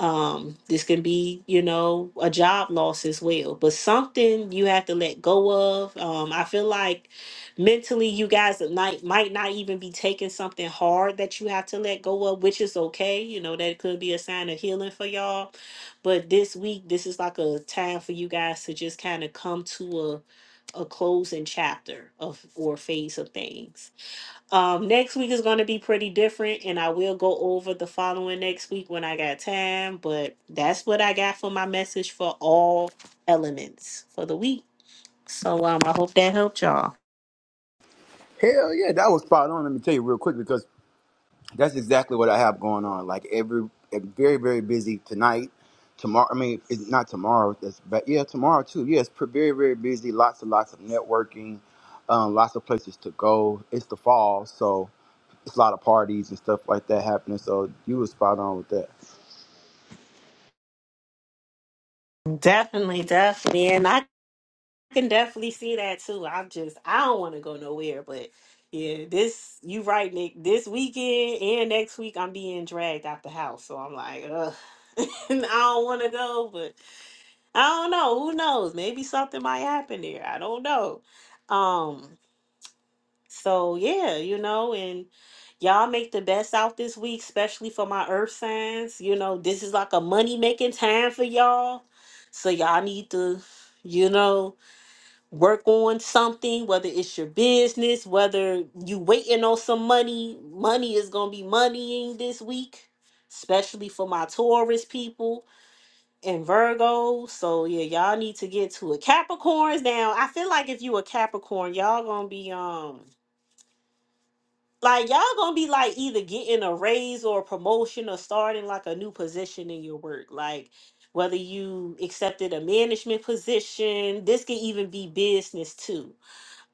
um, this can be, you know, a job loss as well, but something you have to let go of. Um, I feel like mentally you guys might might not even be taking something hard that you have to let go of, which is okay. You know, that could be a sign of healing for y'all. But this week, this is like a time for you guys to just kind of come to a a closing chapter of or phase of things um, next week is going to be pretty different, and I will go over the following next week when I got time. But that's what I got for my message for all elements for the week. So um, I hope that helped y'all. Hell yeah, that was spot on. Let me tell you real quick because That's exactly what I have going on. Like every, eh, very very busy tonight, tomorrow. I mean, it's not tomorrow, that's, but yeah, tomorrow too. Yes, it's pre- very very busy. Lots and lots of networking, um, lots of places to go. It's the fall, so it's a lot of parties and stuff like that happening. So you were spot on with that. Definitely, definitely, and I can definitely see that too. I'm just I don't want to go nowhere, but yeah, this you right, Nick. This weekend and next week, I'm being dragged out the house, so I'm like, ugh, I don't want to go, but. I don't know. Who knows? Maybe something might happen there. I don't know. Um, so yeah, you know, and y'all make the best out this week, especially for my earth signs. You know, this is like a money making time for y'all. So y'all need to, you know, work on something, whether it's your business, whether you waiting on some money. Money is gonna be moneying this week, especially for my Taurus people and Virgo. So yeah, y'all need to get to it. Capricorns now. I feel like if you a Capricorn, y'all gonna be um like y'all gonna be like either getting a raise or a promotion or starting like a new position in your work. Like whether you accepted a management position, this could even be business too.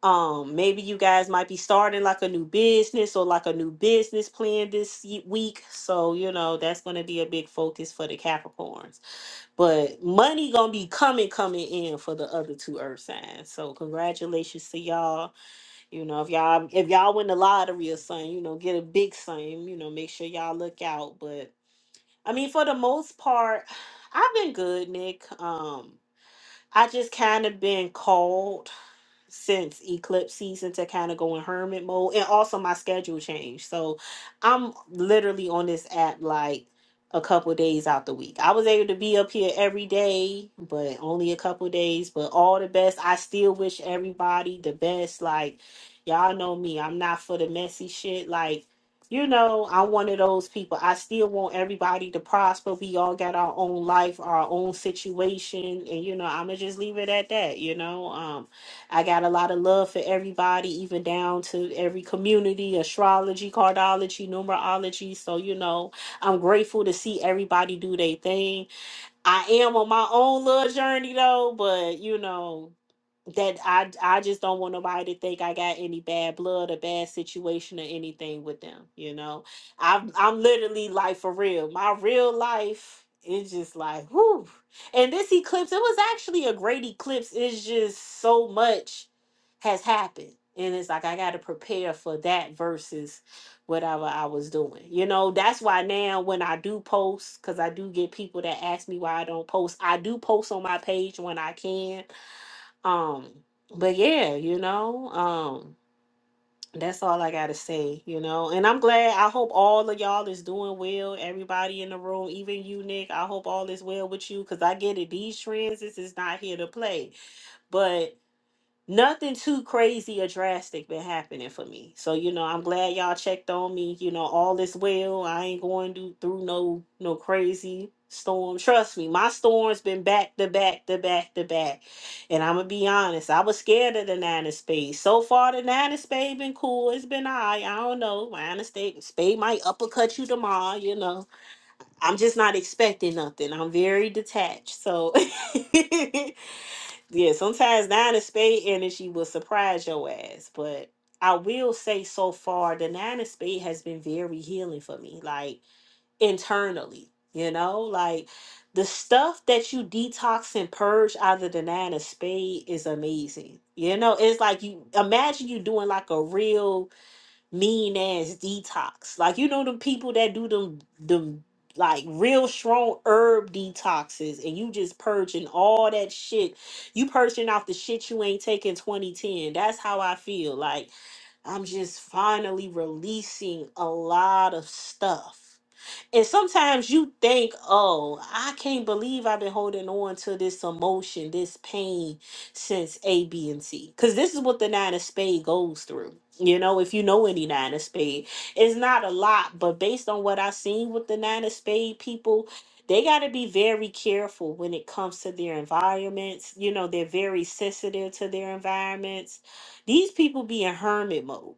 Um, maybe you guys might be starting like a new business or like a new business plan this ye- week. So you know that's gonna be a big focus for the Capricorns. But money gonna be coming, coming in for the other two earth signs. So congratulations to y'all. You know, if y'all if y'all win the lottery or something, you know, get a big sum, you know, make sure y'all look out. But I mean for the most part, I've been good, Nick. Um I just kind of been called since eclipse season to kind of go in hermit mode and also my schedule changed so i'm literally on this app like a couple days out the week i was able to be up here every day but only a couple days but all the best i still wish everybody the best like y'all know me i'm not for the messy shit like you know i'm one of those people i still want everybody to prosper we all got our own life our own situation and you know i'ma just leave it at that you know um I got a lot of love for everybody, even down to every community, astrology, cardology, numerology. So, you know, I'm grateful to see everybody do their thing. I am on my own little journey though, but you know that I I just don't want nobody to think I got any bad blood or bad situation or anything with them. You know, I'm I'm literally like for real. My real life is just like whoo. And this eclipse, it was actually a great eclipse. It's just so much has happened, and it's like I got to prepare for that versus whatever I was doing. You know, that's why now when I do post, because I do get people that ask me why I don't post, I do post on my page when I can. Um, but yeah, you know, um, that's all I gotta say, you know. And I'm glad I hope all of y'all is doing well, everybody in the room, even you, Nick. I hope all is well with you because I get it. These trends, this is not here to play. But nothing too crazy or drastic been happening for me. So you know, I'm glad y'all checked on me. You know, all is well. I ain't going to, through no no crazy storm. Trust me, my storm's been back to back to back to back. And I'm gonna be honest, I was scared of the nine of spades. So far, the nine of spades been cool. It's been alright. I don't know. Nine of spade, spade might uppercut you tomorrow. You know, I'm just not expecting nothing. I'm very detached. So. Yeah, sometimes nine of spade energy will surprise your ass. But I will say so far, the nine of spade has been very healing for me, like internally, you know, like the stuff that you detox and purge out of the nine of spade is amazing. You know, it's like you imagine you doing like a real mean ass detox. Like you know them people that do them them like real strong herb detoxes and you just purging all that shit. You purging off the shit you ain't taking 2010. That's how I feel. Like I'm just finally releasing a lot of stuff. And sometimes you think, oh, I can't believe I've been holding on to this emotion, this pain since A, B, and C. Because this is what the nine of spade goes through. You know, if you know any nine of spade, it's not a lot, but based on what I've seen with the nine of spade people, they got to be very careful when it comes to their environments. You know, they're very sensitive to their environments. These people be in hermit mode,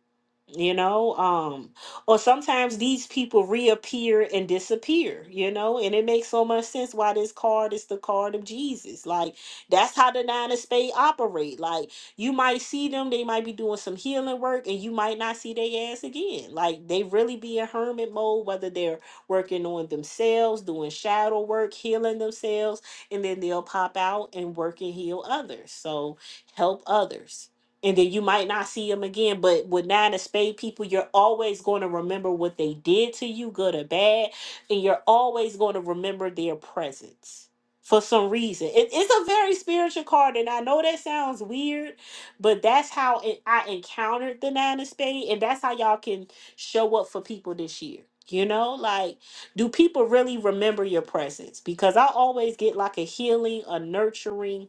you know. Um, or sometimes these people reappear and disappear, you know, and it makes so much sense why this card is the card of Jesus. Like that's how the nine of spades operate. Like you might see them, they might be doing some healing work, and you might not see their ass again. Like they really be in hermit mode, whether they're working on themselves, doing shadow work, healing themselves, and then they'll pop out and work and heal others. So help others and then you might not see them again. But with nine of spade people, you're always going to remember what they did to you, good or bad, and you're always going to remember their presence for some reason. It- it's a very spiritual card, and I know that sounds weird, but that's how it, I encountered the nine of spade, and that's how y'all can show up for people this year. You know, like, do people really remember your presence? Because I always get like a healing, a nurturing,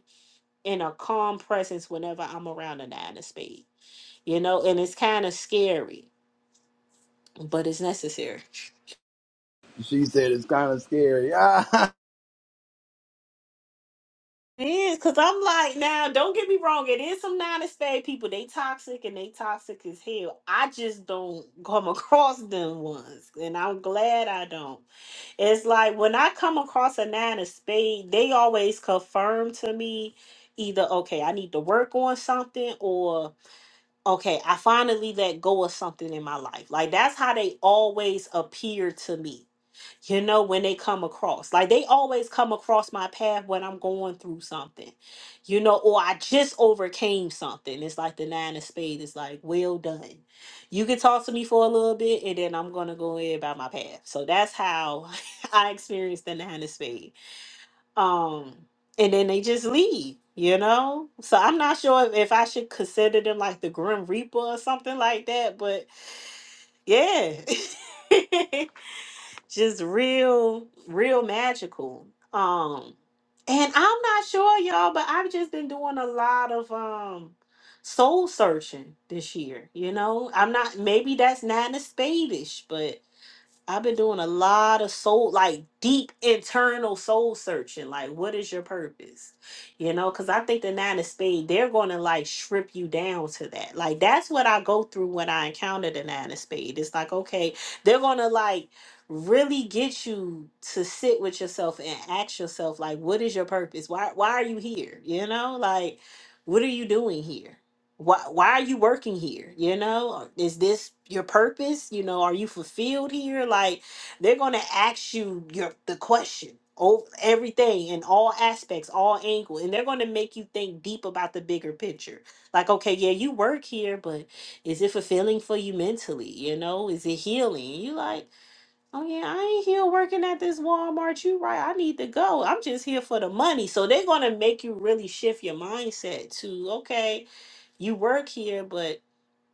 in a calm presence whenever I'm around a nine of spades, you know, and it's kind of scary, but it's necessary. She said it's kind of scary. Ah, It is because I'm like, now don't get me wrong, it is some nine of spade people. They toxic and they toxic as hell. I just don't come across them ones, and I'm glad I don't. It's like when I come across a nine of spade, they always confirm to me either okay, I need to work on something, or okay, I finally let go of something in my life. Like that's how they always appear to me. You know, when they come across, like they always come across my path when I'm going through something, you know, or I just overcame something. It's like the nine of spades. It's like, well done. You can talk to me for a little bit and then I'm going to go in about my path. So that's how I experienced the nine of spades um and then they just leave you know so i'm not sure if, if i should consider them like the grim reaper or something like that but yeah just real real magical um and i'm not sure y'all but i've just been doing a lot of um soul searching this year you know i'm not maybe that's not a spadish but. I've been doing a lot of soul, like deep internal soul searching. Like, what is your purpose? You know, because I think the nine of spades, they're going to like strip you down to that. Like, that's what I go through when I encounter the nine of spades. It's like, okay, they're going to like really get you to sit with yourself and ask yourself, like, what is your purpose? Why, why are you here? You know, like, what are you doing here? why why are you working here you know is this your purpose you know are you fulfilled here like they're going to ask you your the question over everything in all aspects all angles and they're going to make you think deep about the bigger picture like okay yeah you work here but is it fulfilling for you mentally you know is it healing you like oh yeah i ain't here working at this walmart you right i need to go i'm just here for the money so they're going to make you really shift your mindset to okay you work here, but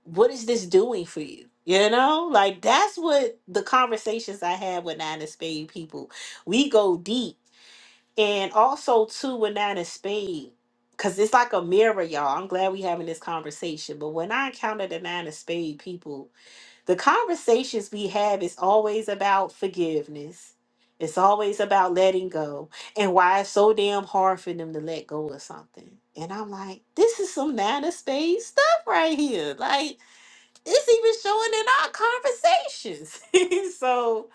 what is this doing for you? You know, like that's what the conversations I have with Nine of Spade people. We go deep, and also too with Nine of Spade, because it's like a mirror, y'all. I'm glad we having this conversation. But when I encounter the Nine of Spade people, the conversations we have is always about forgiveness. It's always about letting go and why it's so damn hard for them to let go of something. And I'm like, this is some nana space stuff right here. Like, it's even showing in our conversations. so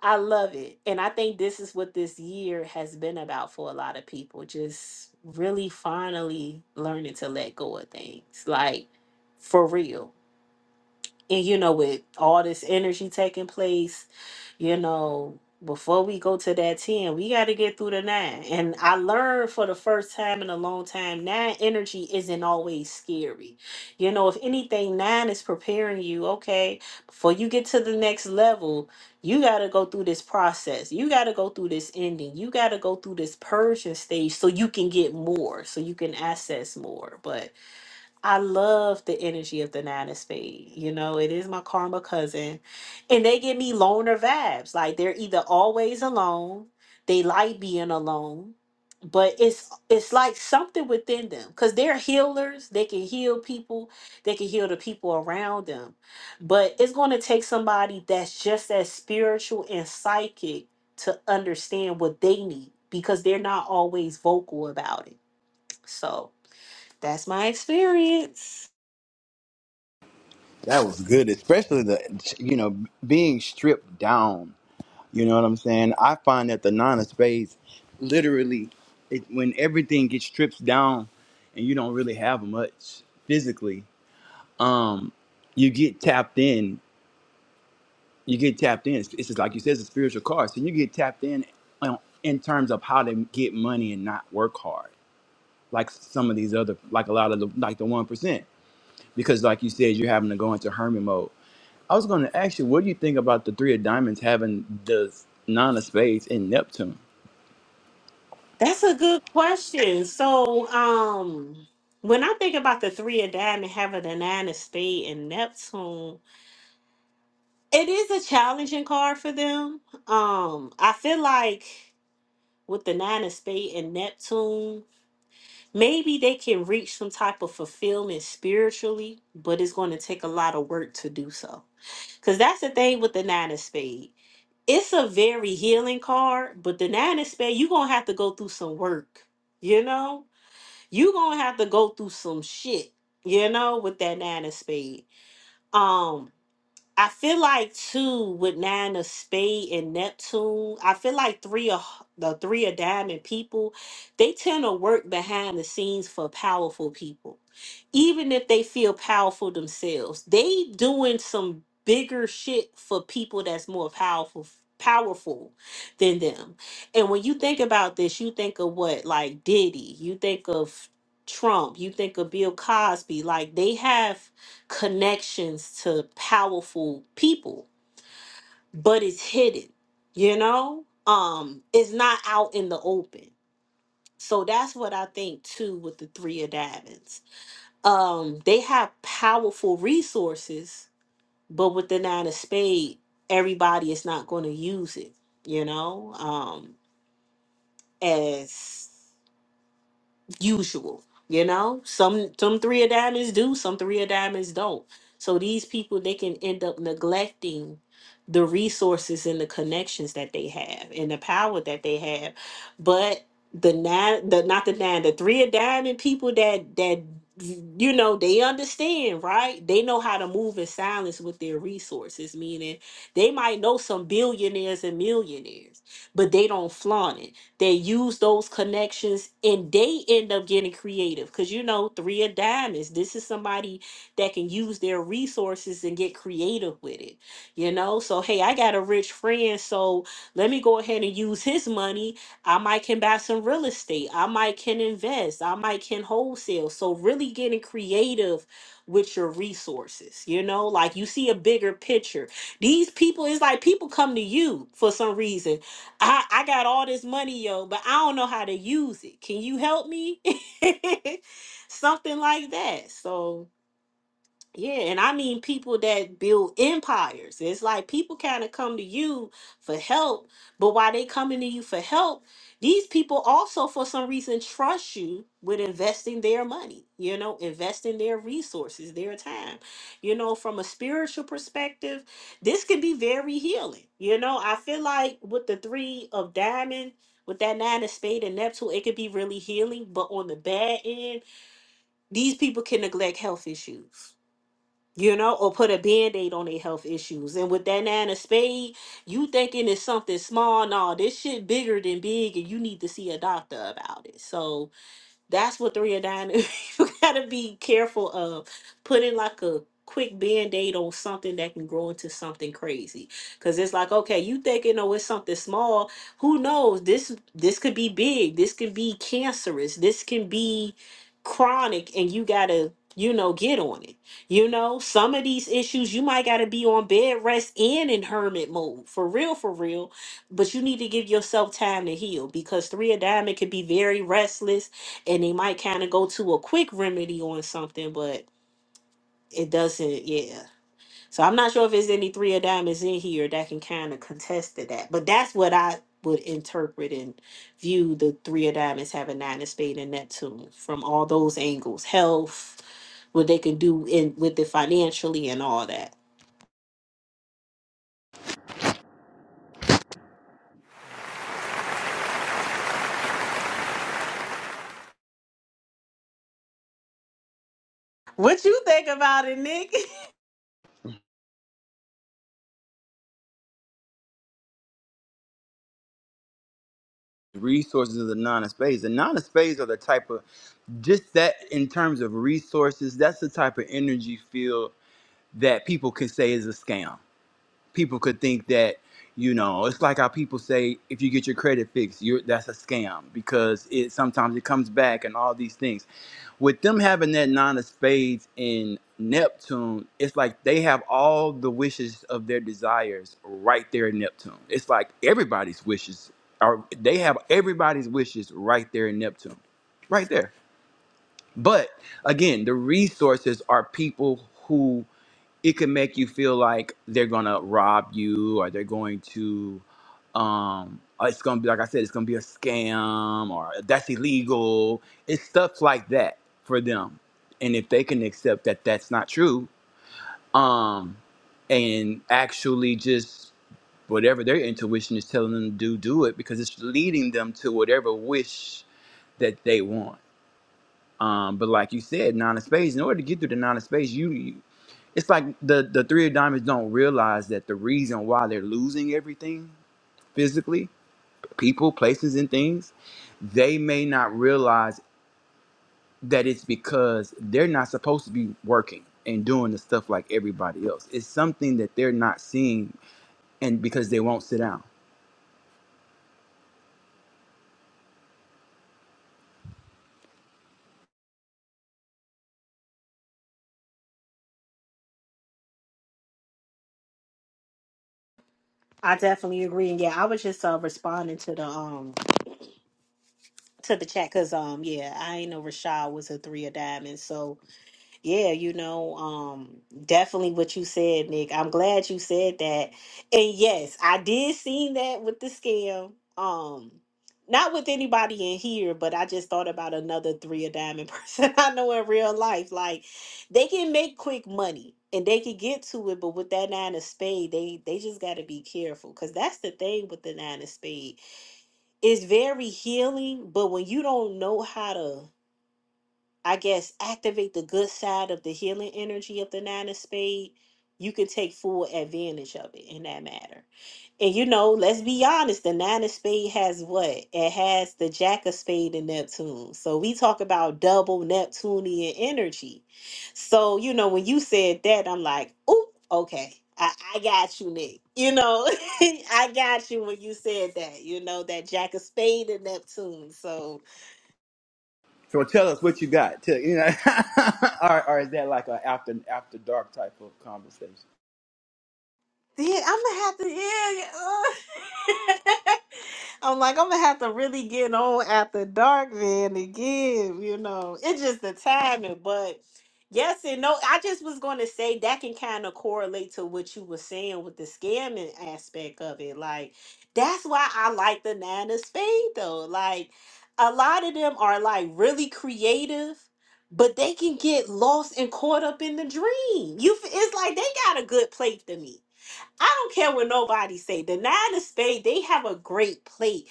I love it. And I think this is what this year has been about for a lot of people. Just really finally learning to let go of things. Like, for real and you know with all this energy taking place you know before we go to that 10 we got to get through the 9 and i learned for the first time in a long time 9 energy isn't always scary you know if anything 9 is preparing you okay before you get to the next level you got to go through this process you got to go through this ending you got to go through this purging stage so you can get more so you can access more but I love the energy of the nine of spades. You know, it is my karma cousin. And they give me loner vibes. Like they're either always alone, they like being alone, but it's it's like something within them. Because they're healers. They can heal people. They can heal the people around them. But it's gonna take somebody that's just as spiritual and psychic to understand what they need because they're not always vocal about it. So that's my experience. that was good, especially the you know being stripped down You know what I'm saying? I find that the nine of spades, literally, it, when everything gets stripped down and you don't really have much physically, um, you get tapped in. You get tapped in. It's it's just like you said, it's a spiritual card. So you get tapped in um, in terms of how to get money and not work hard, like some of these other, like a lot of the, like the one percent, because like you said, you're having to go into hermit mode. I was going to ask you, what do you think about the three of diamonds having the nine of spades in Neptune? That's a good question. So, um, when I think about the three of diamond and having the nine of spade and Neptune, it is a challenging card for them. Um, I feel like with the nine of spade and Neptune, maybe they can reach some type of fulfillment spiritually, but it's going to take a lot of work to do so. Because that's the thing with the nine of spade. It's a very healing card, but the nine of spade, you're going to have to go through some work, you know? you gonna have to go through some shit, you know, with that nine of spade. Um, I feel like two with nine of spade and Neptune. I feel like three of the three of diamond people, they tend to work behind the scenes for powerful people. Even if they feel powerful themselves, they doing some bigger shit for people that's more powerful powerful than them. And when you think about this, you think of what like Diddy, you think of Trump, you think of Bill Cosby, like they have connections to powerful people, but it's hidden, you know? Um, it's not out in the open. So that's what I think too with the three of diamonds. Um, they have powerful resources, but with the nine of spade, everybody is not gonna use it, you know, um, as usual. You know, some some three of diamonds do, some three of diamonds don't. So these people they can end up neglecting the resources and the connections that they have and the power that they have. But the nine the not the nine, the three of diamond people that that you know they understand right they know how to move in silence with their resources meaning they might know some billionaires and millionaires but they don't flaunt it they use those connections and they end up getting creative because you know, three of diamonds. This is somebody that can use their resources and get creative with it, you know. So, hey, I got a rich friend, so let me go ahead and use his money. I might can buy some real estate, I might can invest, I might can wholesale. So, really getting creative with your resources, you know, like you see a bigger picture. These people, it's like people come to you for some reason I, I got all this money, yo, but I don't know how to use it. Can you help me? Something like that. So yeah, and I mean people that build empires. It's like people kind of come to you for help, but while they coming to you for help, these people also for some reason trust you with investing their money, you know, investing their resources, their time. You know, from a spiritual perspective, this can be very healing. You know, I feel like with the three of diamond, with that nine of spade and Neptune, it could be really healing, but on the bad end, these people can neglect health issues you know, or put a band-aid on their health issues. And with that nine of spade, you thinking it's something small. No, this shit bigger than big, and you need to see a doctor about it. So that's what three and nine is. you gotta be careful of putting like a quick band-aid on something that can grow into something crazy. Cause it's like, okay, you thinking oh it's something small. Who knows? This this could be big. This could be cancerous. This can be chronic and you gotta, you know, get on it. You know, some of these issues you might gotta be on bed rest and in hermit mode. For real, for real. But you need to give yourself time to heal because three of diamond can be very restless and they might kind of go to a quick remedy on something, but it doesn't. Yeah. So I'm not sure if there's any three of diamonds in here that can kind of contest to that, but that's what I would interpret and view the three of diamonds having nine of spade and Neptune from all those angles, health, what they can do in with it financially and all that. What you think about it, Nick? resources of the nine of spades. The nine of spades are the type of just that in terms of resources, that's the type of energy field that people could say is a scam. People could think that, you know, it's like how people say if you get your credit fixed, you're that's a scam because it sometimes it comes back and all these things with them having that nine of spades in Neptune, it's like they have all the wishes of their desires right there in Neptune. It's like everybody's wishes are they have everybody's wishes right there in Neptune. Right there. But again, the resources are people who it can make you feel like they're gonna rob you or they're going to um or it's gonna be like i said it's gonna be a scam or that's illegal it's stuff like that for them and if they can accept that that's not true um and actually just whatever their intuition is telling them to do do it because it's leading them to whatever wish that they want um but like you said nine of spades in order to get through the nine of spades you, it's like the the three of diamonds don't realize that the reason why they're losing everything physically people places and things they may not realize that it's because they're not supposed to be working and doing the stuff like everybody else it's something that they're not seeing and because they won't sit down I definitely agree. And yeah, I was just uh, responding to the um to the chat because um yeah, I ain't know Rashad was a three of diamonds, so Yeah, you know, um, definitely what you said, Nick. I'm glad you said that. And yes, I did see that with the scam. Um, not with anybody in here, but I just thought about another three of diamond person I know in real life. Like they can make quick money and they can get to it, but with that nine of spade, they they just gotta be careful. Cause that's the thing with the nine of spade. It's very healing, but when you don't know how to I guess, activate the good side of the healing energy of the nine of spade, you can take full advantage of it in that matter. And you know, let's be honest, the nine of spade has what? It has the jack of spade and Neptune. So we talk about double Neptunian energy. So, you know, when you said that, I'm like, oh, okay. I, I got you, Nick. You know, I got you when you said that, you know, that jack of spade and Neptune. So so tell us what you got tell you know or, or is that like an after after dark type of conversation Yeah, I'm gonna have to. Yeah, yeah. I'm like, I'm gonna have to really get on after dark then again. You know, it's just the timing. But yes and no. I just was going to say that can kind of correlate to what you were saying with the scamming aspect of it. Like, that's why I like the nine of spade though. Like, a lot of them are like really creative but they can get lost and caught up in the dream. You, f- it's like they got a good plate to me. I don't care what nobody say. The nine of spades, they have a great play.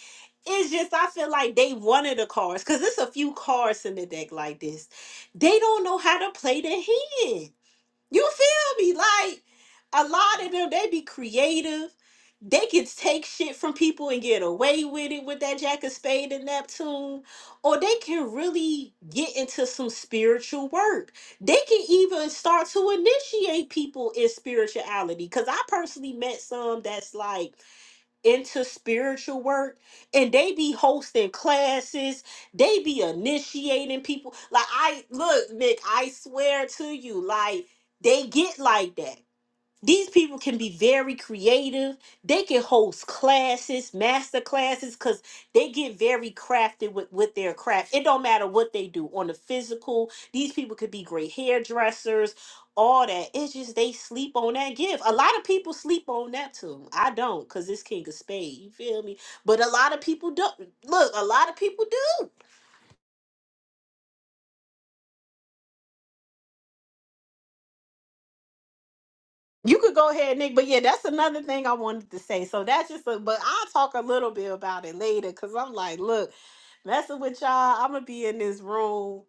It's just I feel like they one of the cards because there's a few cards in the deck like this. They don't know how to play the hand. You feel me? Like a lot of them, they be creative. They can take shit from people and get away with it with that Jack of Spade and Neptune, or they can really get into some spiritual work. They can even start to initiate people in spirituality. Cause I personally met some that's like into spiritual work and they be hosting classes they be initiating people like i look nick i swear to you like they get like that these people can be very creative. They can host classes, master classes, because they get very crafted with, with their craft. It don't matter what they do on the physical. These people could be great hairdressers, all that. It's just they sleep on that gift. A lot of people sleep on Neptune. I don't, because it's King of Spades. You feel me? But a lot of people don't. Look, a lot of people do. You could go ahead, Nick, but yeah, that's another thing I wanted to say. So that's just a but I'll talk a little bit about it later because I'm like, look, messing with y'all, I'm gonna be in this room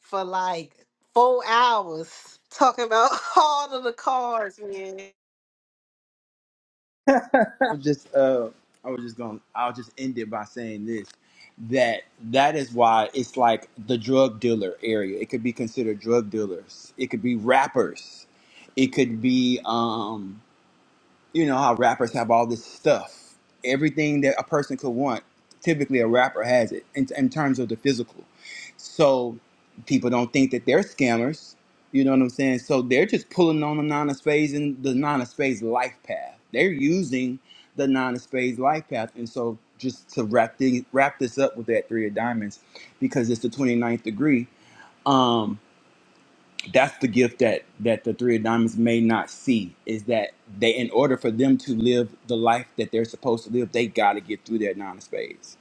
for like four hours talking about all of the cards, man. was just uh I was just going I'll just end it by saying this that that is why it's like the drug dealer area. It could be considered drug dealers. It could be rappers. It could be um you know how rappers have all this stuff everything that a person could want typically a rapper has it in, in terms of the physical so people don't think that they're scammers you know what i'm saying so they're just pulling on the nine of spades and the nine of spades life path they're using the nine of spades life path and so just to wrap the, wrap this up with that three of diamonds because it's the twenty-ninth degree Um, that's the gift that that the three of diamonds may not see is that they in order for them to live the life that they're supposed to live they got to get through that nine of spades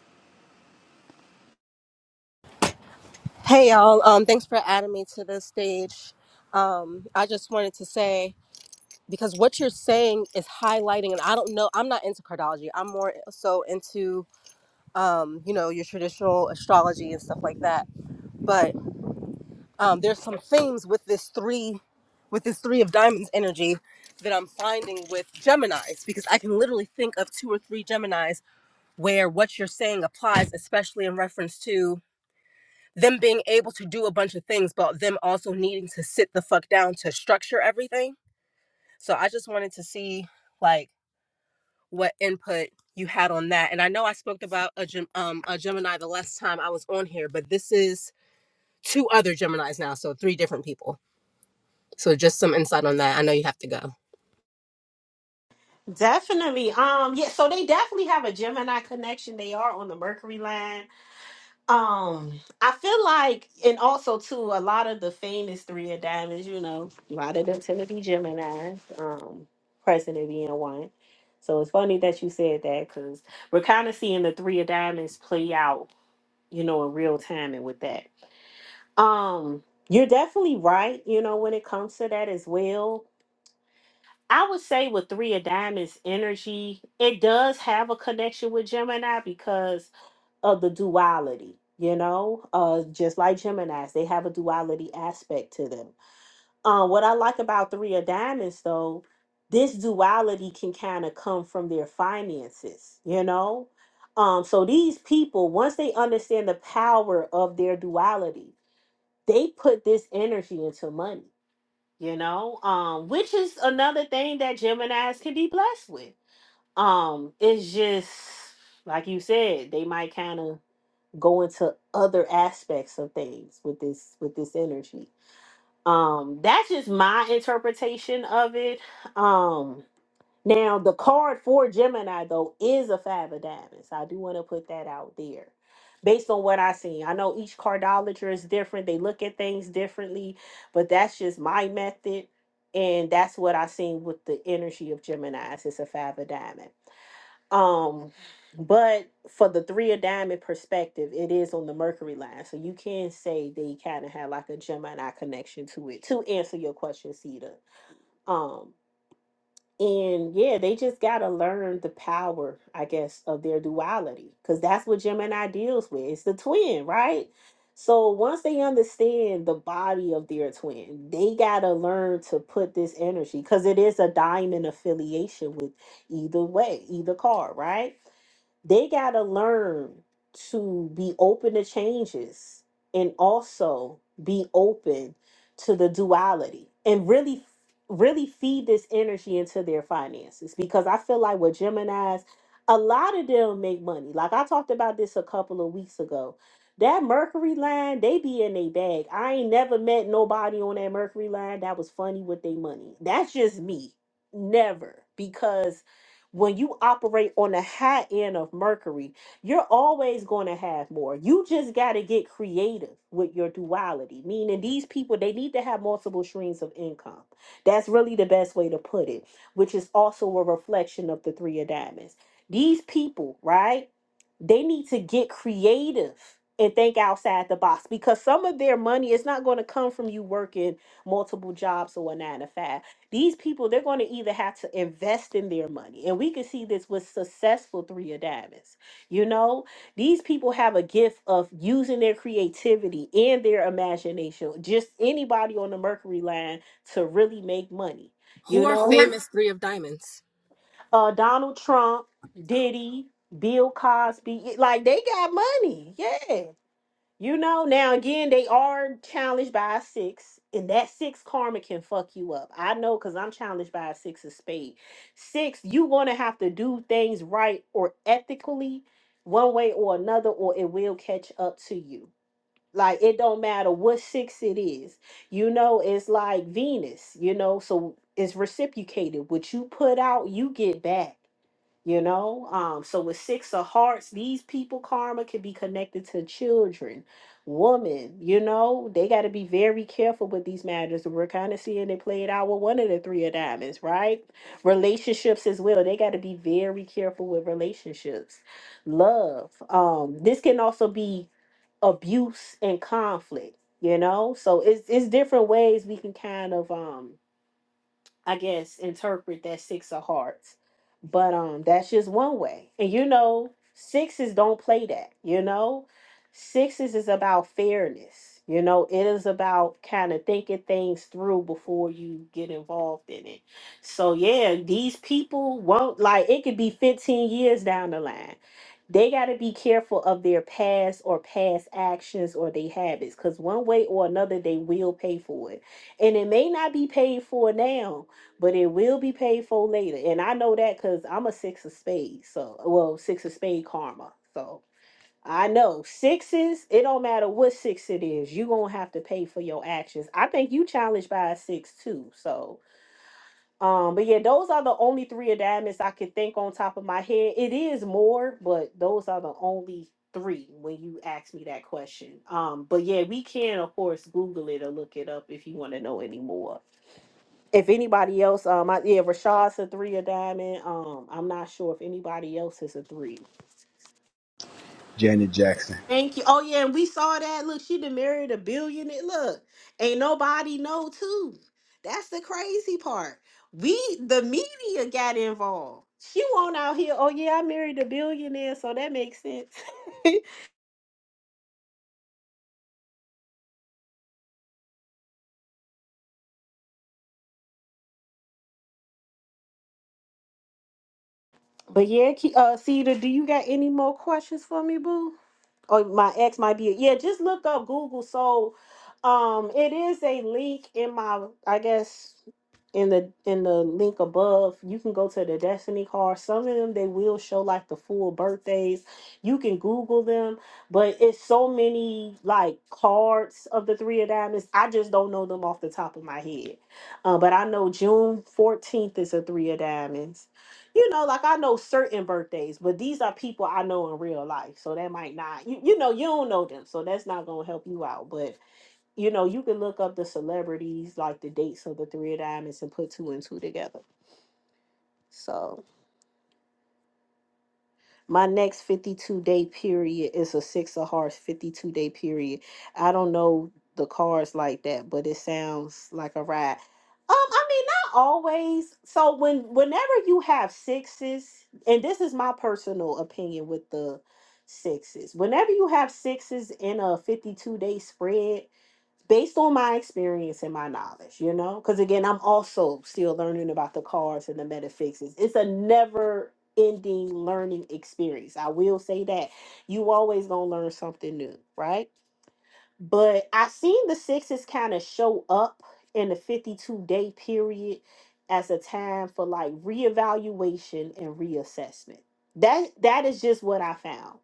Hey y'all, um, thanks for adding me to the stage. Um, I just wanted to say because what you're saying is highlighting, and I don't know, I'm not into cardiology. I'm more so into, um, you know, your traditional astrology and stuff like that. But um, there's some themes with this three, with this three of diamonds energy that I'm finding with Gemini's because I can literally think of two or three Gemini's where what you're saying applies, especially in reference to them being able to do a bunch of things, but them also needing to sit the fuck down to structure everything. So I just wanted to see like what input you had on that. And I know I spoke about a Gem- um a Gemini the last time I was on here, but this is two other Geminis now, so three different people. So just some insight on that. I know you have to go. Definitely. Um, yeah, so they definitely have a Gemini connection. They are on the Mercury line. Um, I feel like, and also too, a lot of the famous three of diamonds, you know, a lot of them tend to be Gemini's, um, president being one. So it's funny that you said that because we're kind of seeing the three of diamonds play out, you know, in real time and with that. Um, you're definitely right, you know, when it comes to that as well. I would say with three of diamonds energy, it does have a connection with Gemini because of the duality you know uh just like gemini's they have a duality aspect to them uh, what i like about three of diamonds though this duality can kind of come from their finances you know um so these people once they understand the power of their duality they put this energy into money you know um which is another thing that gemini's can be blessed with um it's just like you said they might kind of go into other aspects of things with this with this energy um that's just my interpretation of it um now the card for gemini though is a five of diamonds i do want to put that out there based on what i seen i know each cardolager is different they look at things differently but that's just my method and that's what i seen with the energy of gemini's it's a five of diamonds um, but for the three of diamond perspective, it is on the Mercury line, so you can say they kind of have like a Gemini connection to it. To answer your question, Sita. Um. And yeah, they just got to learn the power, I guess, of their duality because that's what Gemini deals with. It's the twin, right? So once they understand the body of their twin, they got to learn to put this energy because it is a diamond affiliation with either way, either card, right? They got to learn to be open to changes and also be open to the duality and really really feed this energy into their finances because I feel like with Geminis, a lot of them make money. Like I talked about this a couple of weeks ago. That Mercury line, they be in a bag. I ain't never met nobody on that Mercury line that was funny with their money. That's just me. Never. Because when you operate on the high end of Mercury, you're always going to have more. You just got to get creative with your duality, meaning these people, they need to have multiple streams of income that's really the best way to put it, which is also a reflection of the three of diamonds. These people, right? They need to get creative and think outside the box because some of their money is not going to come from you working multiple jobs or a nine to five. These people, they're going to either have to invest in their money. And we can see this with successful three of diamonds. You know, these people have a gift of using their creativity and their imagination. Just anybody on the Mercury line to really make money. Who You are know, Right. famous three of diamonds? uh, Donald Trump, Diddy, Bill Cosby, it- like they got money. Yeah. You know, now again, they are challenged by a six, and that six karma can fuck you up. I know because I'm challenged by a six of spade. Six, you going to have to do things right or ethically, one way or another, or it will catch up to you like it don't matter what six it is. You know, it's like Venus, you know, so it's reciprocated. What you put out, you get back, you know? Um, so with six of hearts, these people karma can be connected to children, women, you know, they gotta be very careful with these matters. We're kind of seeing it played out with one of the three of diamonds, right? Relationships as well. They gotta be very careful with relationships. Love. Um, this can also be abuse and conflict you know so it's it's different ways we can kind of um I guess interpret that six of hearts. But um that's just one way. And you know, sixes don't play that, you know? Sixes is about fairness. You know, it is about kind of thinking things through before you get involved in it. So yeah, these people won't like it could be 15 years down the line. They got to be careful of their past or past actions or their habits cuz one way or another they will pay for it and it may not be paid for now but it will be paid for later. And I know that because I'm a six of spades. So, well, six of spade karma. So I know sixes, it don't matter what six it is, you're going to have to pay for your actions. I think you challenged by a six too. So, um, but yeah, those are the only three of diamonds I could think on top of my head. It is more, but those are the only three when you ask me that question. Um, but yeah, we can of course Google it or look it up if you want to know any more if anybody else, um, I, yeah, Rashad's a three a diamond. Um, I'm not sure if anybody else is a three. janet jackson Thank you. Oh yeah, and we saw that. Look, she done married a billionaire. Look, ain't nobody know too. That's the crazy part. We the media got involved. She won't out here. Oh yeah, I married a billionaire, so that makes sense. but yeah, Ke- uh, Cedar, do you got any more questions for me, boo? oh my ex might be yeah just look up google so um it is a link in my i guess in the in the link above you can go to the destiny card some of them they will show like the full birthdays you can google them but it's so many like cards of the three of diamonds i just don't know them off the top of my head uh, but i know june 14th is a three of diamonds you know, like I know certain birthdays, but these are people I know in real life. So that might not, you, you know, you don't know them. So that's not going to help you out. But, you know, you can look up the celebrities, like the dates of the Three of Diamonds and put two and two together. So, My next 52 day period is a six of hearts 52 day period. I don't know the cards like that, but it sounds like a ride. Um, I mean, not always. So when whenever you have sixes, and this is my personal opinion with the sixes, whenever you have sixes in a 52 day spread, based on my experience and my knowledge, you know, because again, I'm also still learning about the cards and the metaphysics. It's a never ending learning experience. I will say that you always gonna learn something new, right? But I seen the sixes kind of show up in the 52 day period as a time for like reevaluation and reassessment. That that is just what I found.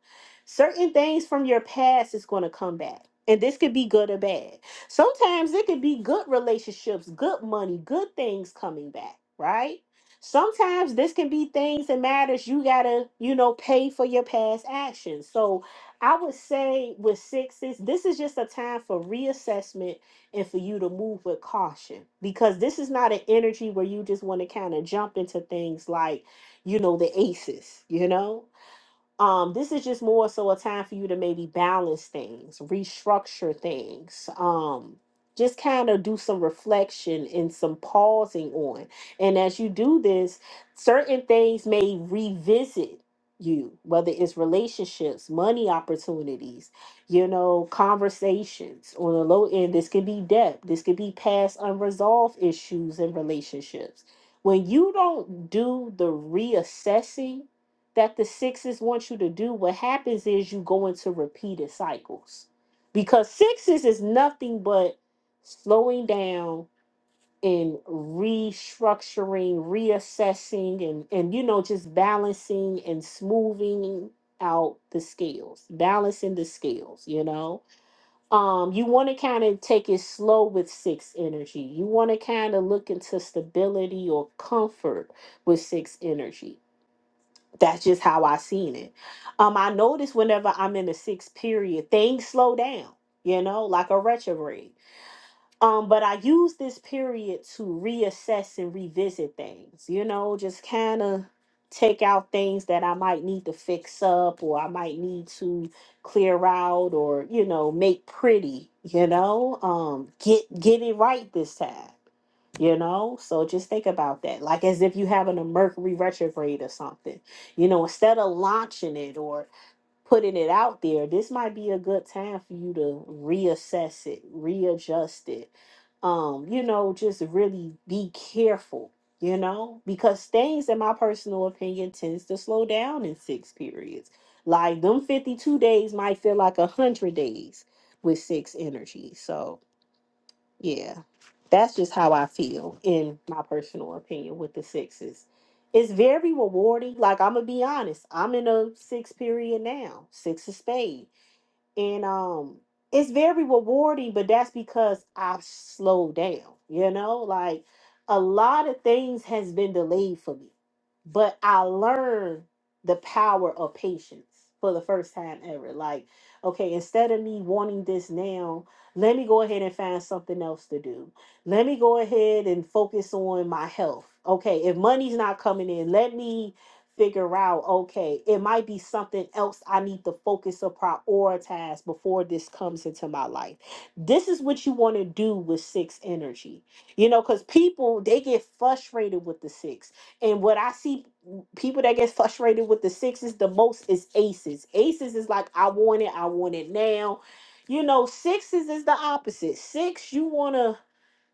Certain things from your past is going to come back. And this could be good or bad. Sometimes it could be good relationships, good money, good things coming back, right? Sometimes this can be things and matters you gotta, you know, pay for your past actions. So I would say with sixes, this is just a time for reassessment and for you to move with caution because this is not an energy where you just want to kind of jump into things like, you know, the aces, you know? um, this is just more so a time for you to maybe balance things, restructure things, um, just kind of do some reflection and some pausing on. And as you do this, certain things may revisit you, whether it's relationships, money opportunities, you know, conversations on the low end. This could be debt, this could be past unresolved issues in relationships. When you don't do the reassessing, that the sixes want you to do, what happens is you go into repeated cycles. Because sixes is nothing but slowing down and restructuring, reassessing, and, and you know, just balancing and smoothing out the scales, balancing the scales, you know. Um, you want to kind of take it slow with six energy. You want to kind of look into stability or comfort with six energy that's just how I seen it. Um, I notice whenever I'm in the sixth period, things slow down, you know, like a retrograde. Um, but I use this period to reassess and revisit things, you know, just kind of take out things that I might need to fix up or I might need to clear out or, you know, make pretty, you know, um, get get it right this time, you know. So just think about that. Like as if you having a Mercury retrograde or something, you know, instead of launching it or putting it out there, this might be a good time for you to reassess it, readjust it. Um, you know, just really be careful, you know, because things in my personal opinion tends to slow down in six periods. Like them 52 days might feel like a hundred days with six energy. So yeah, that's just how I feel, in my personal opinion, with the sixes. It's very rewarding. Like, I'm going to be honest, I'm in a six period now, six of spades and um it's very rewarding but that's because i've slowed down you know like a lot of things has been delayed for me but i learned the power of patience for the first time ever like okay instead of me wanting this now let me go ahead and find something else to do let me go ahead and focus on my health okay if money's not coming in let me figure out okay it might be something else i need to focus or prioritize before this comes into my life this is what you want to do with six energy you know because people they get frustrated with the six and what i see people that get frustrated with the sixes the most is aces aces is like i want it i want it now you know sixes is the opposite six you want to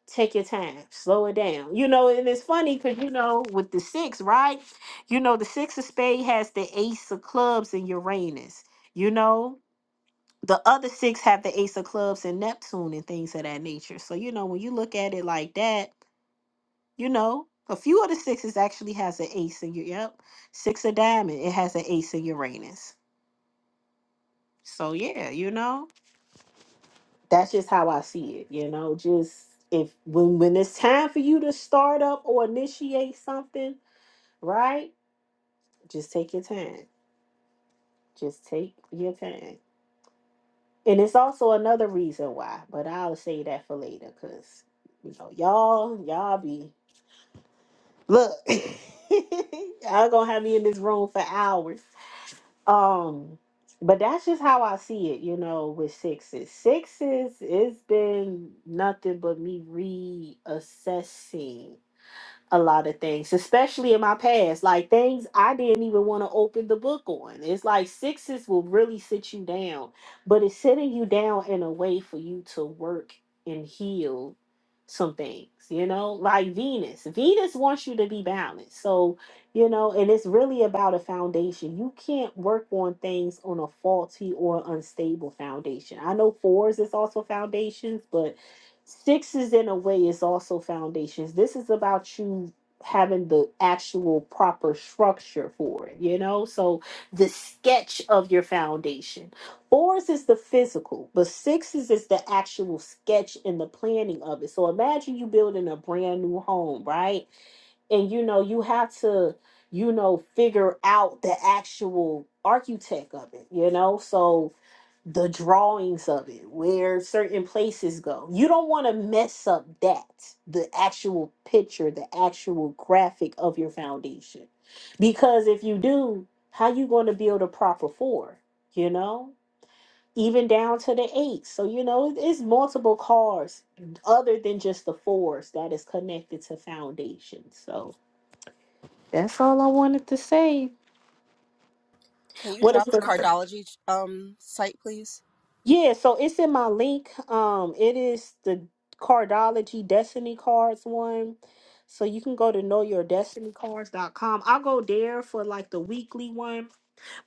take your time slow it down you know and it's funny because you know with the six right you know the six of spade has the ace of clubs and uranus you know the other six have the ace of clubs and neptune and things of that nature so you know when you look at it like that you know a few of the sixes actually has an ace in you yep six of diamond it has an ace in uranus so yeah you know that's just how I see it. You know, just if when when it's time for you to start up or initiate something right? Just take your time. Just take your time. And it's also another reason why, but I'll say that for later, cause you know y'all, y'all be look, y'all gonna have me in this room for hours. Um, but that's just how I see it, you know, with sixes. Sixes, it's been nothing but me reassessing a lot of things, especially in my past, like things I didn't even want to open the book on. It's like sixes will really sit you down, but it's sitting you down in a way for you to work and heal some things, you know, like Venus. Venus wants you to be balanced. So, you know, and it's really about a foundation. You can't work on things on a faulty or unstable foundation. I know fours is also foundations, but Sixes, in a way, is also foundations. This is about you having the actual proper structure for it, you know? So the sketch of your foundation. Fours is the physical, but sixes is the actual sketch and the planning of it. So imagine you building a brand new home, right? and you know you have to you know figure out the actual architect of it you know so the drawings of it where certain places go you don't want to mess up that the actual picture the actual graphic of your foundation because if you do how you going to build a proper four you know even down to the eight so you know it- it's multiple cars other than just the fours that is connected to foundation so that's all I wanted to say. Can you What if drop the the cardology um site, please? Yeah, so it's in my link. Um it is the Cardology Destiny Cards one. So you can go to know your destiny cards dot com. I'll go there for like the weekly one.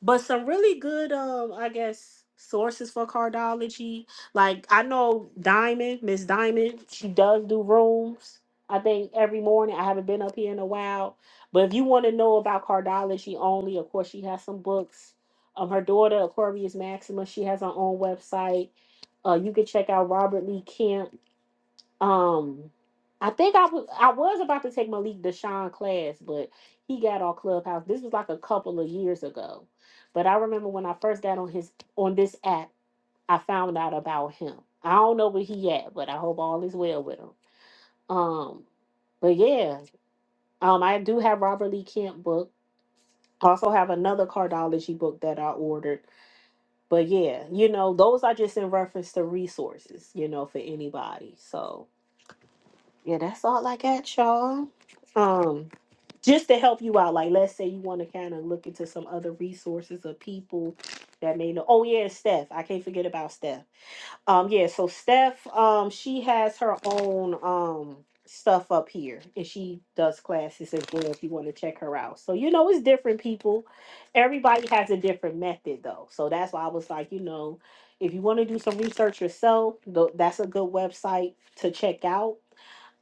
but some really good um i guess sources for cardology like i know diamond miss diamond she does do rooms i think every morning i haven't been up here in a while but if you want to know about cardology only of course she has some books um her daughter aquarius maxima she has her own website uh you can check out robert lee Camp. Um, I think I was I was about to take Malik Deshaun class, but he got on Clubhouse. This was like a couple of years ago, but I remember when I first got on his on this app, I found out about him. I don't know where he at, but I hope all is well with him. Um, but yeah, um, I do have Robert Lee Kemp book. I Also have another cardology book that I ordered. But yeah, you know, those are just in reference to resources, you know, for anybody. So Yeah, that's all I got, y'all. Um, just to help you out, like let's say you want to kind of look into some other resources of people that may know. Oh yeah, Steph. I can't forget about Steph. Um, yeah, so Steph, um, she has her own um stuff up here and she does classes as well if you want to check her out. So you know it's different people. Everybody has a different method though. So that's why I was like, you know, if you want to do some research yourself, tho- that's a good website to check out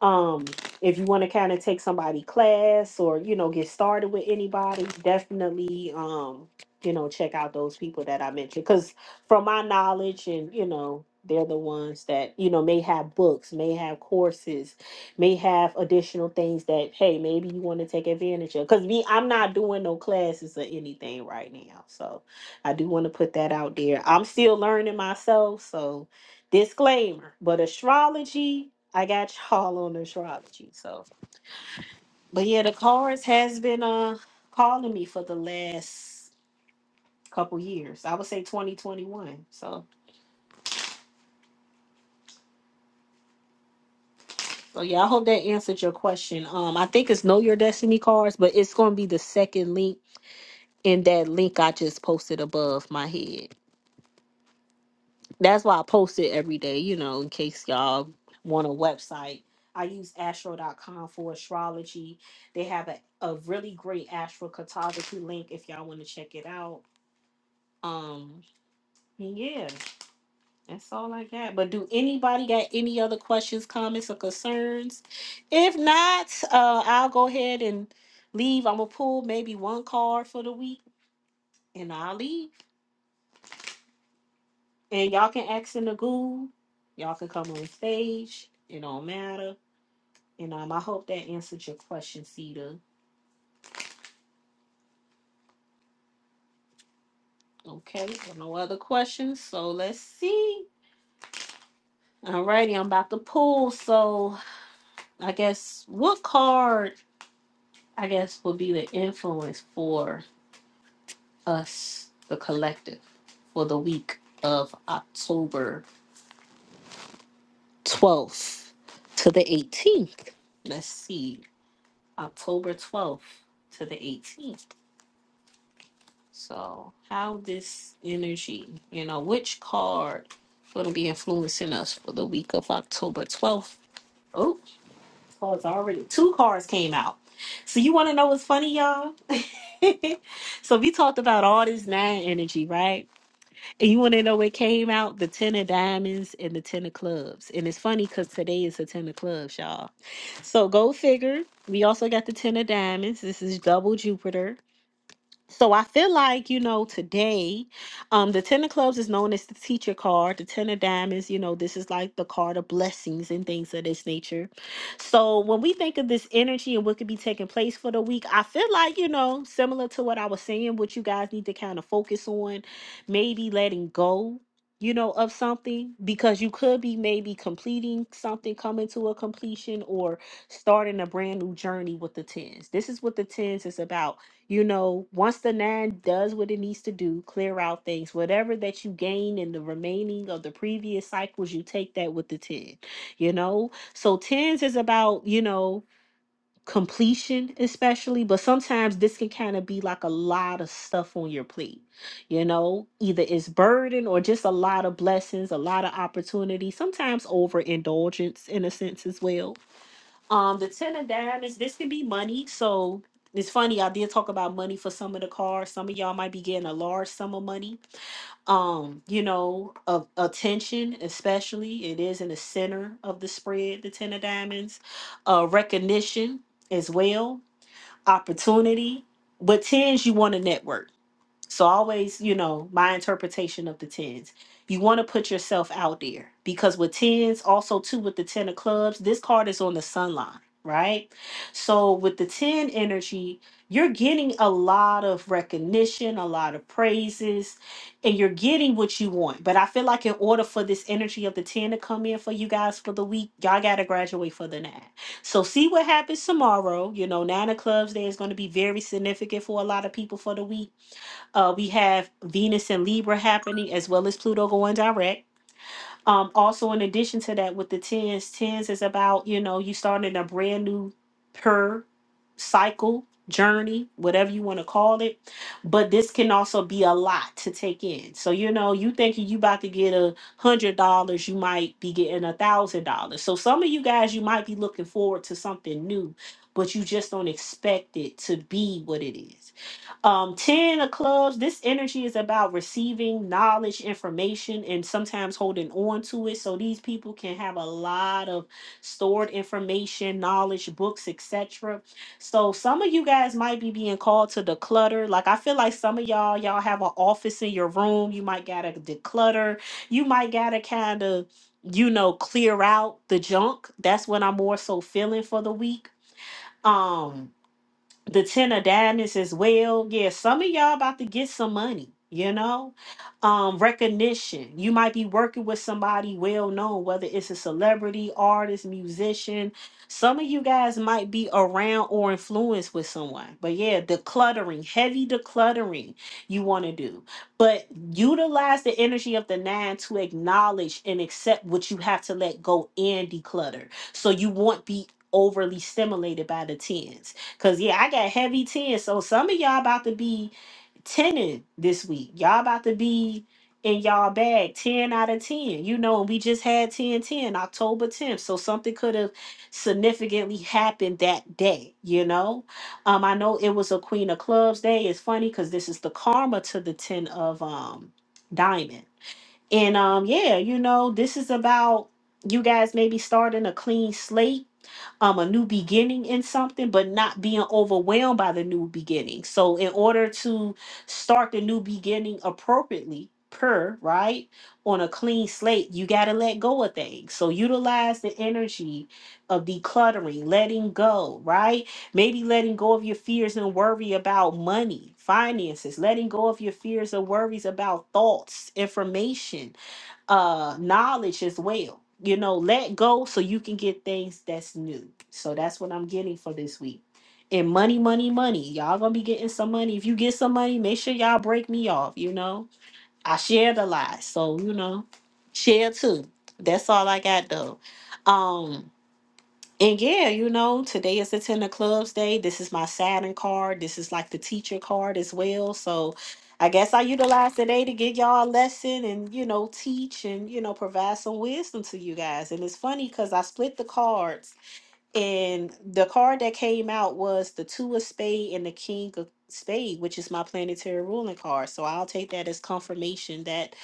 um, if you want to kind of take somebody class or you know get started with anybody, definitely um, you know check out those people that I mentioned because from my knowledge and you know they're the ones that you know may have books, may have courses, may have additional things that hey maybe you want to take advantage of because me i'm not doing no classes or anything right now so i do want to put that out there i'm still learning myself so disclaimer but astrology I got y'all on astrology. So, but yeah, the cards has been uh calling me for the last couple years. I would say 2021. So, so yeah, I hope that answered your question. Um, I think it's Know Your Destiny cards, but it's gonna be the second link in that link I just posted above my head. That's why I post it every day. You know, in case y'all want a website. I use astro.com for astrology. They have a, a really great astro cartography link if y'all want to check it out Um, yeah, that's all I got. But do anybody got any other questions, comments, or concerns? If not, uh, I'll go ahead and leave. I'm gonna pull maybe one card for the week, and I'll leave. And y'all can ask in the goo. Y'all can come on stage. It don't matter. And um, I hope that answered your question, Cedar. Okay, so no other questions. So let's see. Alrighty, I'm about to pull. So I guess what card? I guess, would be the influence for us, the collective, for the week of October 12th to the 18th. Let's see, October 12th to the 18th. So, how this energy, you know, which card going to be influencing us for the week of October 12th? Oh, cards already. Two cards came out. So, you want to know what's funny, y'all? so, we talked about all this nine energy, right? And you want to know what came out? The ten of diamonds and the ten of clubs. And it's funny because today is the ten of clubs, y'all. So go figure. We also got the ten of diamonds. This is double Jupiter. So I feel like, you know, today, um, the Ten of Clubs is known as the teacher card. The Ten of Diamonds, you know, this is like the card of blessings and things of this nature. So when we think of this energy and what could be taking place for the week, I feel like, you know, similar to what I was saying, what you guys need to kind of focus on, maybe letting go. You know, of something because you could be maybe completing something, coming to a completion, or starting a brand new journey with the tens. This is what the tens is about you know, once the nine does what it needs to do, clear out things, whatever that you gain in the remaining of the previous cycles, you take that with the 10, you know? So tens is about, you know, completion, especially, but sometimes this can kind of be like a lot of stuff on your plate, you know? Either it's burden or just a lot of blessings, a lot of opportunity, sometimes overindulgence in a sense as well um, the ten of diamonds, this can be money. So it's funny, I did talk about money for some of the cards. Some of y'all might be getting a large sum of money. Um, you know, of attention, especially. It is in the center of the spread, the ten of diamonds. Uh recognition as well, opportunity. But tens, you want to network so always, you know, my interpretation of the tens. You want to put yourself out there because with tens, also too with the ten of clubs, this card is on the sun line, right? So with the ten energy, you're getting a lot of recognition, a lot of praises, and you're getting what you want. But I feel like in order for this energy of the ten to come in for you guys for the week, y'all gotta graduate for the nine. So see what happens tomorrow. You know, nine of clubs there is going to be very significant for a lot of people for the week uh, we have Venus and Libra happening as well as Pluto going direct. Um, also, in addition to that, with the tens, tens is about you know you starting a brand new per cycle journey, whatever you want to call it. But this can also be a lot to take in. So you know you thinking you about to get a hundred dollars, you might be getting a thousand dollars. So some of you guys you might be looking forward to something new, but you just don't expect it to be what it is um 10 of clubs this energy is about receiving knowledge information and sometimes holding on to it so these people can have a lot of stored information knowledge books etc so some of you guys might be being called to declutter like i feel like some of y'all y'all have an office in your room you might gotta declutter you might gotta kind of you know clear out the junk that's what i'm more so feeling for the week um the ten of diamonds as well. Yeah, some of y'all about to get some money, you know? Um, recognition. You might be working with somebody well known, whether it's a celebrity, artist, musician. Some of you guys might be around or influenced with someone. But yeah, decluttering, heavy decluttering you want to do. But utilize the energy of the nine to acknowledge and accept what you have to let go and declutter. So you won't be overly stimulated by the tens Cause yeah, I got heavy tears. So some of y'all about to be tenning this week. Y'all about to be in y'all bag 10 out of 10. You know, and we just had 10 10 October 10th. So something could have significantly happened that day, you know? Um, I know it was a Queen of Clubs day. It's funny because this is the karma to the 10 of um diamond. And um, yeah, you know, this is about you guys maybe starting a clean slate um, a new beginning in something, but not being overwhelmed by the new beginning. So, in order to start the new beginning appropriately, per right on a clean slate, you got to let go of things. So, utilize the energy of decluttering, letting go, right? Maybe letting go of your fears and worry about money, finances, letting go of your fears and worries about thoughts, information uh knowledge as well you know let go so you can get things that's new so that's what i'm getting for this week and money money money y'all gonna be getting some money if you get some money make sure y'all break me off you know i shared a lot so you know share too that's all i got though um and yeah, you know, today is the Ten of Clubs day. This is my Saturn card. This is like the teacher card as well. So I guess I utilize today to give y'all a lesson and, you know, teach and, you know, provide some wisdom to you guys. And it's funny because I split the cards and the card that came out was the Two of Spade and the King of Spade, which is my planetary ruling card. So I'll take that as confirmation that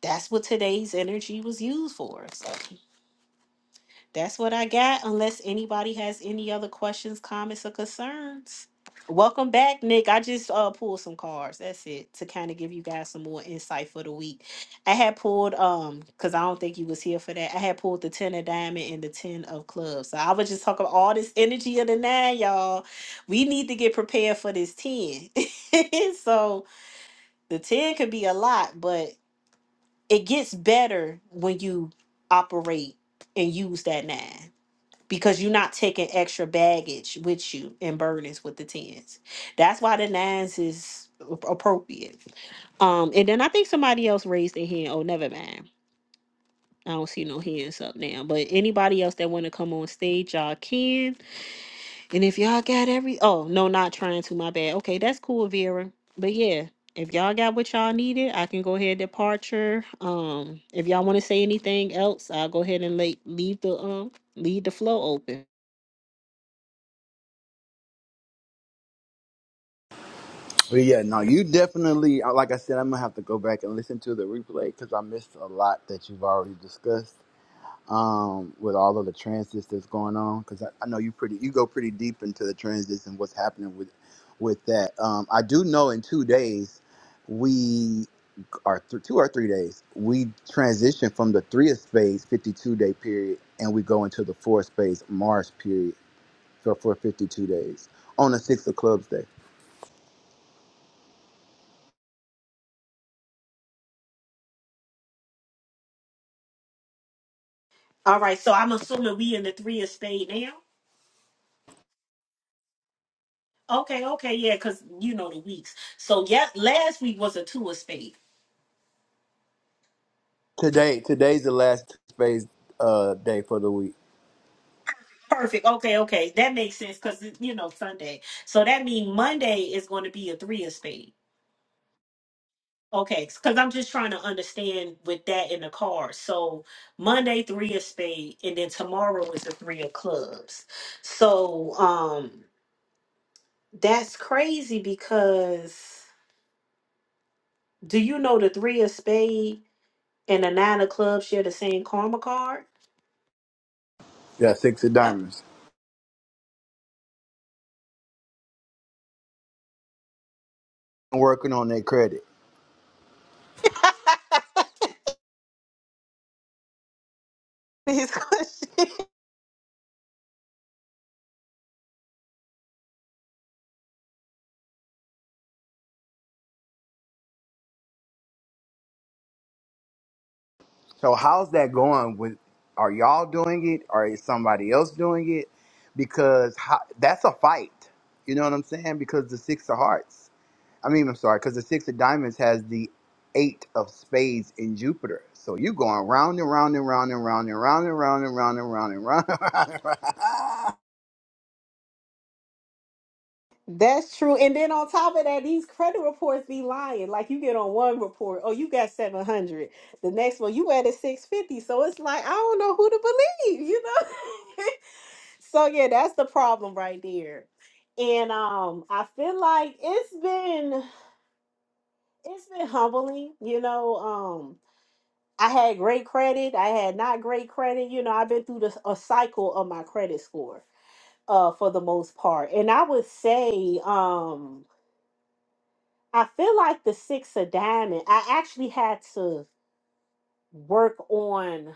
that's what today's energy was used for. So that's what I got, unless anybody has any other questions, comments, or concerns. Welcome back, Nick. I just uh pulled some cards. That's it to kind of give you guys some more insight for the week. I had pulled um because I don't think you was here for that. I had pulled the ten of diamond and the ten of clubs. So I was just talking about all this energy of the nine, y'all. We need to get prepared for this ten. so the ten could be a lot, but it gets better when you operate and use that nine because you're not taking extra baggage with you and burdens with the tens. That's why the nines is ap- appropriate. Um, and then I think somebody else raised their hand. Oh, never mind. I don't see no hands up now. But anybody else that want to come on stage, y'all can. And if y'all got every oh no, not trying to. My bad. Okay, that's cool, Vera. But yeah. If y'all got what y'all needed, I can go ahead departure. Um, if y'all want to say anything else, I'll go ahead and like leave the um leave the flow open. but yeah no you definitely uh, like i said i'm gonna have to go back and listen to the replay because i missed a lot that you've already discussed um with all of the transits that's going on because I, I know you pretty you go pretty deep into the transits and what's happening with with that um i do know in two days we. or th- two or three days, we transition from the three of spades 52 day period and we go into the four of spades Mars period for, for 52 days on the six of clubs day. All right, so I'm assuming we in the three of spade now. Okay, okay, yeah, because you know the weeks. So yeah, last week was a two of spade. Today, today's the last two spades uh, day for the week. Perfect. Okay, okay, that makes sense because you know Sunday. So that means Monday is going to be a three of spade. Okay, because I'm just trying to understand with that in the card. So Monday three of spade, and then tomorrow is the three of clubs. So um, that's crazy because do you know the three of spade? and the Niner Club share the same karma card. Yeah, six of diamonds. I'm working on their credit. These questions- So how's that going? With are y'all doing it or is somebody else doing it? Because how, that's a fight. You know what I'm saying? Because the six of hearts. I mean, I'm sorry, because the six of diamonds has the eight of spades in Jupiter. So you're going round and round and round and round and round and round and round and round and round and round and round. That's true. And then on top of that, these credit reports be lying. Like you get on one report, oh, you got 700. The next one, you added 650. So it's like, I don't know who to believe, you know? so yeah, that's the problem right there. And um I feel like it's been it's been humbling, you know. um, I had great credit. I had not great credit. You know, I've been through this a cycle of my credit score, uh, for the most part. And I would say, um, I feel like the six of diamond. I actually had to work on.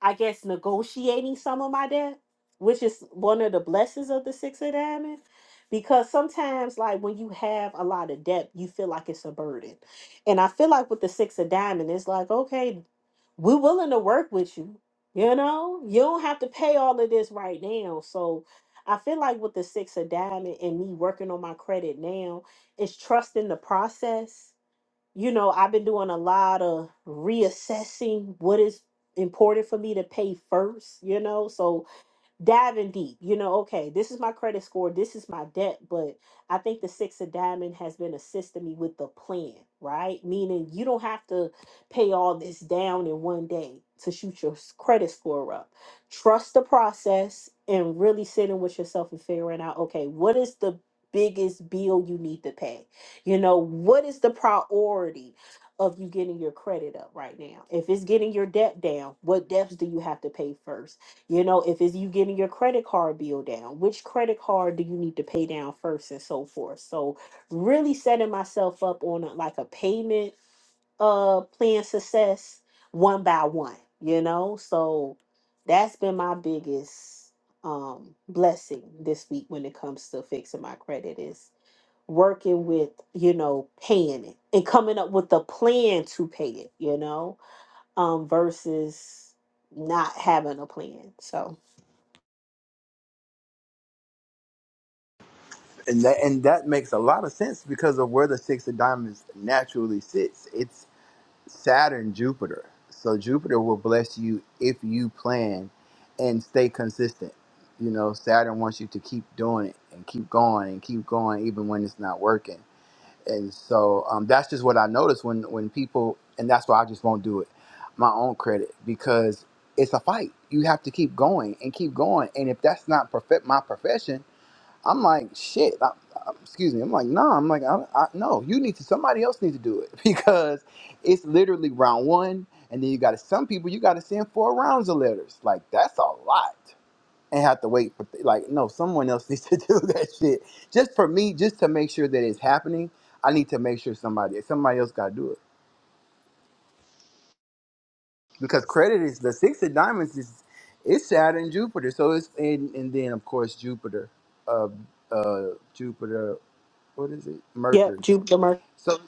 I guess negotiating some of my debt, which is one of the blessings of the six of diamonds. Because sometimes, like when you have a lot of debt, you feel like it's a burden. And I feel like with the six of diamond, it's like, okay, we're willing to work with you. You know, you don't have to pay all of this right now. So I feel like with the six of diamond and me working on my credit now, it's trusting the process you know, I've been doing a lot of reassessing what is important for me to pay first, you know. So diving deep. You know, okay, this is my credit score, this is my debt, but I think the six of diamond has been assisting me with the plan, right? Meaning you don't have to pay all this down in one day to shoot your s- credit score up. Trust the process and really sitting with yourself and figuring out, okay, what is the biggest bill you need to pay? You know, what is the priority? of you getting your credit up right now. If it's getting your debt down, what debts do you have to pay first? You know, if it's you getting your credit card bill down, which credit card do you need to pay down first and so forth. So really setting myself up on a, like a payment uh plan success one by one, you know? So that's been my biggest um blessing this week when it comes to fixing my credit is working with, you know, paying it and coming up with a plan to pay it, you know, um versus not having a plan. So And that, and that makes a lot of sense because of where the six of diamonds naturally sits. It's Saturn, Jupiter. So Jupiter will bless you if you plan and stay consistent. You know, Saturn wants you to keep doing it and keep going and keep going even when it's not working and so um, that's just what I noticed when when people, and that's why I just won't do it, my own credit because it's a fight. You have to keep going and keep going, and if that's not perfect my profession, I'm like shit. I, I, excuse me. I'm like nah. I'm like I, I, no. You need to. Somebody else needs to do it because it's literally round one, and then you got to some people you got to send four rounds of letters. Like that's a lot and have to wait for th- like no someone else needs to do that shit just for me just to make sure that it's happening i need to make sure somebody somebody else got to do it because credit is the six of diamonds is it's saturn jupiter so it's and, and then of course jupiter uh uh jupiter what is it Yep, mercury Jupiter. Mercury. so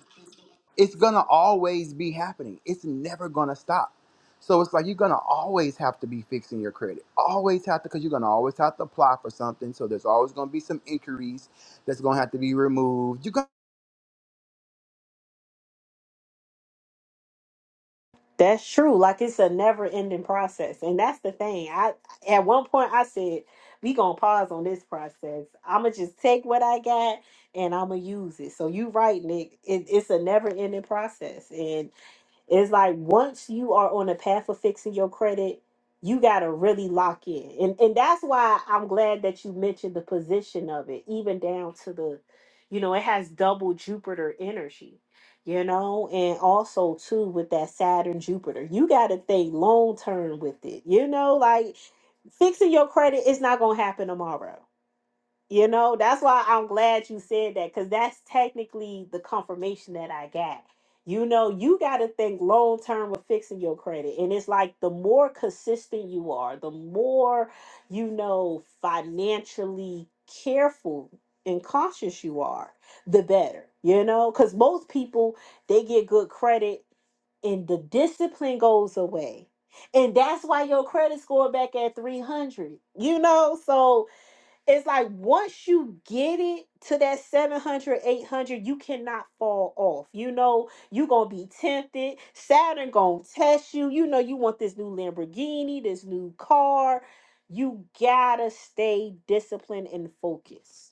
it's gonna always be happening. It's never gonna stop. So it's like you're gonna always have to be fixing your credit. Always have to, because you're gonna always have to apply for something. So there's always gonna be some inquiries that's gonna have to be removed. You got, That's true. Like it's a never ending process. And that's the thing. I at one point I said, we gonna pause on this process. I'ma just take what I got and I'ma use it. So you right, Nick. It, it's a never ending process. and. It's like once you are on a path of fixing your credit, you gotta really lock in. And and that's why I'm glad that you mentioned the position of it, even down to the, you know, it has double Jupiter energy, you know, and also too with that Saturn Jupiter. You gotta think long term with it, you know, like fixing your credit is not gonna happen tomorrow you know, that's why I'm glad you said that because that's technically the confirmation that I got. You know, you got to think long term with fixing your credit. And it's like the more consistent you are, the more, you know, financially careful and conscious you are, the better, you know, because most people, they get good credit and the discipline goes away. And that's why your credit score back at 300. You know, so it's like once you get it to that 700, 800, you cannot fall off you know you gonna be tempted saturn gonna test you you know you want this new lamborghini this new car you gotta stay disciplined and focused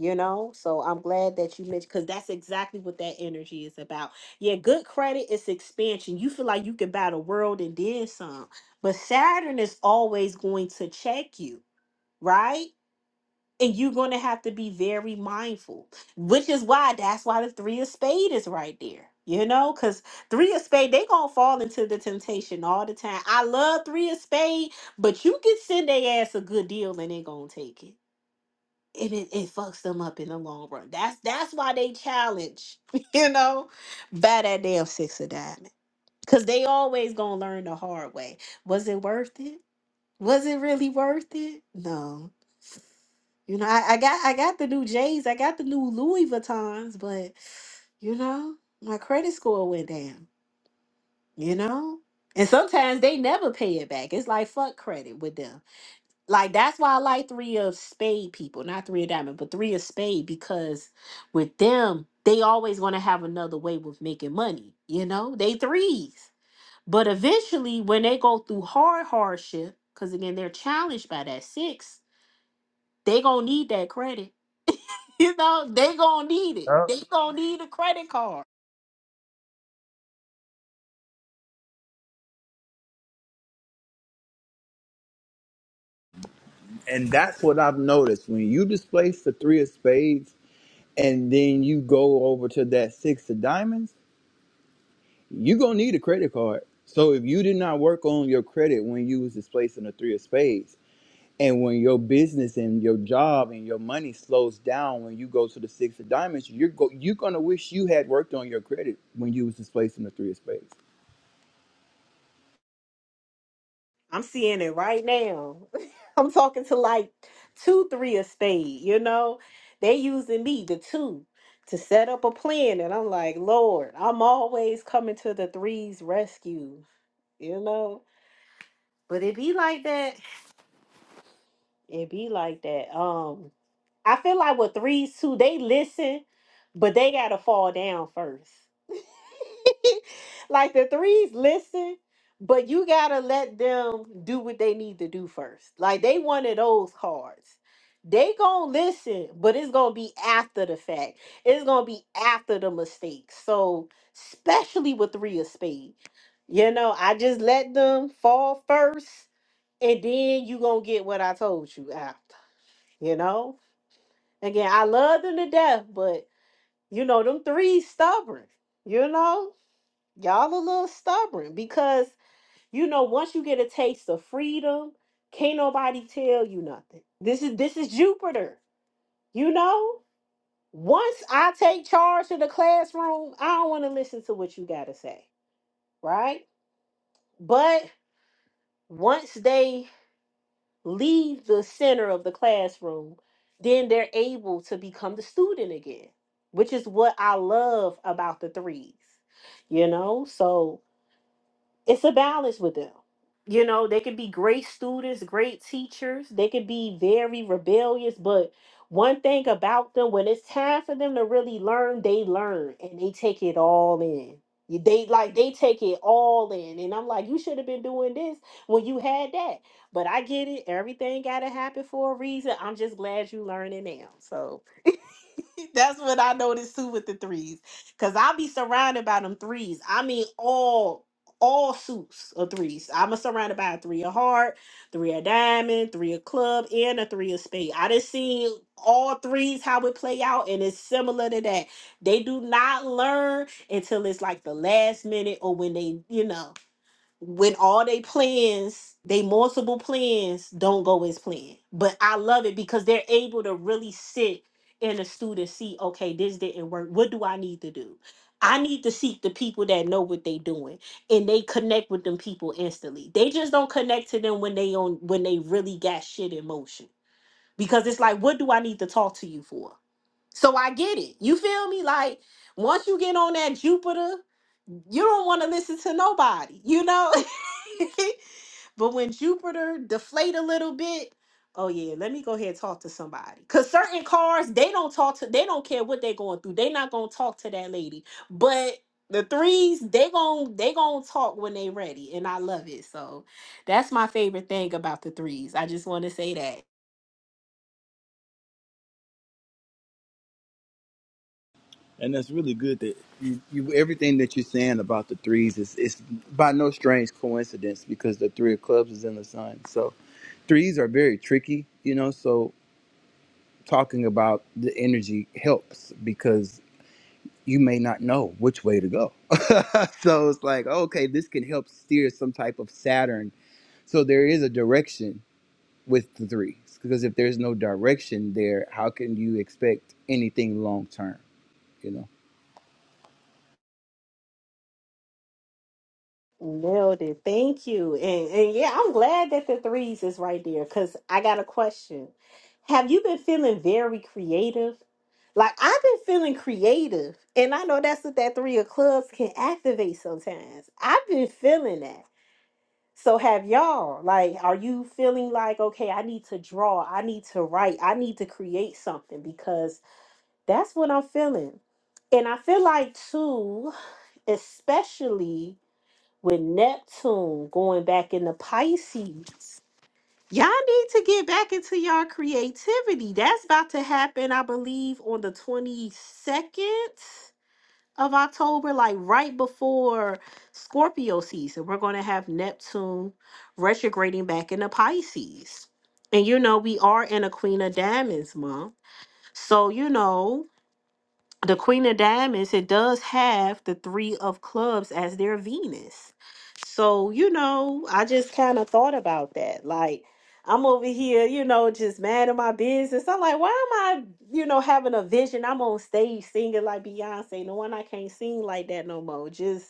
you know so i'm glad that you mentioned because that's exactly what that energy is about yeah good credit is expansion you feel like you can buy the world and then some but saturn is always going to check you right and you're going to have to be very mindful which is why that's why the three of spade is right there you know because three of spade they gonna fall into the temptation all the time i love three of spade but you can send their ass a good deal and they gonna take it and it, it fucks them up in the long run that's that's why they challenge you know by that damn six of diamond because they always gonna learn the hard way was it worth it was it really worth it no you know, I, I got I got the new J's, I got the new Louis Vuittons, but you know, my credit score went down, you know? And sometimes they never pay it back. It's like fuck credit with them. Like that's why I like three of spade people, not three of diamond, but three of spade, because with them, they always want to have another way of making money, you know? They threes. But eventually when they go through hard hardship, because again they're challenged by that six, they gonna need that credit You know, they gonna need it. Yep. They gonna need a credit card. and that's what I've noticed when you displace the three of spades, and then you go over to that six of diamonds. You're gonna need a credit card. So if you did not work on your credit when you was displacing the three of spades And when your business and your job and your money slows down when you go to the six of diamonds, you're go- you're gonna wish you had worked on your credit when you was displaced in the three of spades. I'm seeing it right now. I'm talking to like two, three estate, you know. They using me, the two, to set up a plan. And I'm like, Lord, I'm always coming to the threes rescue, you know. But it be like that. It be like that. Um, I feel like with threes too, they listen, but they gotta fall down first. like the threes listen, but you gotta let them do what they need to do first. Like they wanted those cards. They gonna listen, but it's gonna be after the fact. It's gonna be after the mistake. So especially with three of spade, you know, I just let them fall first, and then you gonna get what I told you after. You know, again, I love them to death, but you know, them threes stubborn. You know, y'all a little stubborn because you know once you get a taste of freedom can't nobody tell you nothing this is this is jupiter you know once i take charge of the classroom i don't want to listen to what you got to say right but once they leave the center of the classroom then they're able to become the student again which is what i love about the threes you know so it's a balance with them. You know, they could be great students, great teachers, they could be very rebellious, but one thing about them, when it's time for them to really learn, they learn and they take it all in. You- They like they take it all in. And I'm like, you should have been doing this when you had that. But I get it. Everything gotta happen for a reason. I'm just glad you learning now. So. That's what I noticed too with the threes. Cause I'll be surrounded by them threes. I mean all all suits of threes. I'm a surrounded by a three of heart, three of diamond, three of club, and a three of spade. I done seen all threes how it play out, and it's similar to that. They do not learn until it's like the last minute or when they, you know when all they plans, they multiple plans don't go as planned. But I love it because they're able to really sit in a student see, okay, this didn't work. What do I need to do? I need to seek the people that know what they doing and they connect with them people instantly. They just don't connect to them when they on when they really got shit in motion. Because it's like, what do I need to talk to you for? So I get it. You feel me? Like once you get on that Jupiter you don't want to listen to nobody, you know? but when Jupiter deflate a little bit, oh yeah, let me go ahead and talk to somebody. Cause certain cars, they don't talk to, they don't care what they're going through. They're not gonna talk to that lady. But the threes, they gon' they gonna talk when they ready. And I love it. So that's my favorite thing about the threes. I just want to say that. And that's really good that you, you everything that you're saying about the threes is is by no strange coincidence because the three of clubs is in the sun. So threes are very tricky, you know. So talking about the energy helps because you may not know which way to go. so it's like okay, this can help steer some type of Saturn So there is a direction with the three because if there's no direction there, how can you expect anything long term? You know, Nailed it. Thank you. And and yeah, I'm glad that the threes is right there because I got a question. Have you been feeling very creative? Like I've been feeling creative, and I know that's what that three of clubs can activate sometimes. I've been feeling that. So have y'all. Like, are you feeling like, okay, I need to draw, I need to write, I need to create something because that's what I'm feeling. And I feel like too, especially with Neptune going back into Pisces. Y'all need to get back into your creativity. That's about to happen, I believe, on the 22nd of October, like right before Scorpio season. We're going to have Neptune retrograding back into Pisces. And you know, we are in a Queen of Diamonds month. So, you know, the queen of diamonds it does have the three of clubs as their venus so you know i just kind of thought about that like i'm over here you know just mad at my business i'm like why am i you know having a vision i'm on stage singing like beyonce no one i can't sing like that no more just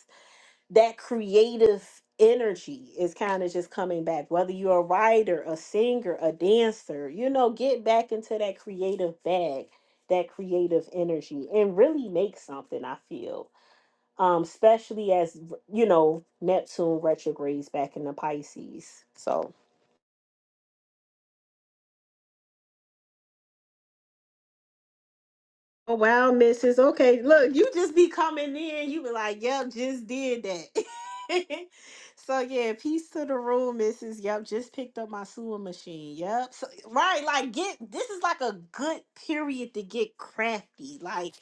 that creative energy is kind of just coming back whether you're a writer a singer a dancer you know get back into that creative bag that creative energy and really make something i feel um especially as you know neptune retrogrades back into pisces so Oh wow, Mrs. Okay, look, you just be coming in. You be like, "Yep, just did that." so yeah, peace to the room, Mrs. Yep, just picked up my sewing machine. Yep, so, right. Like, get this is like a good period to get crafty. Like,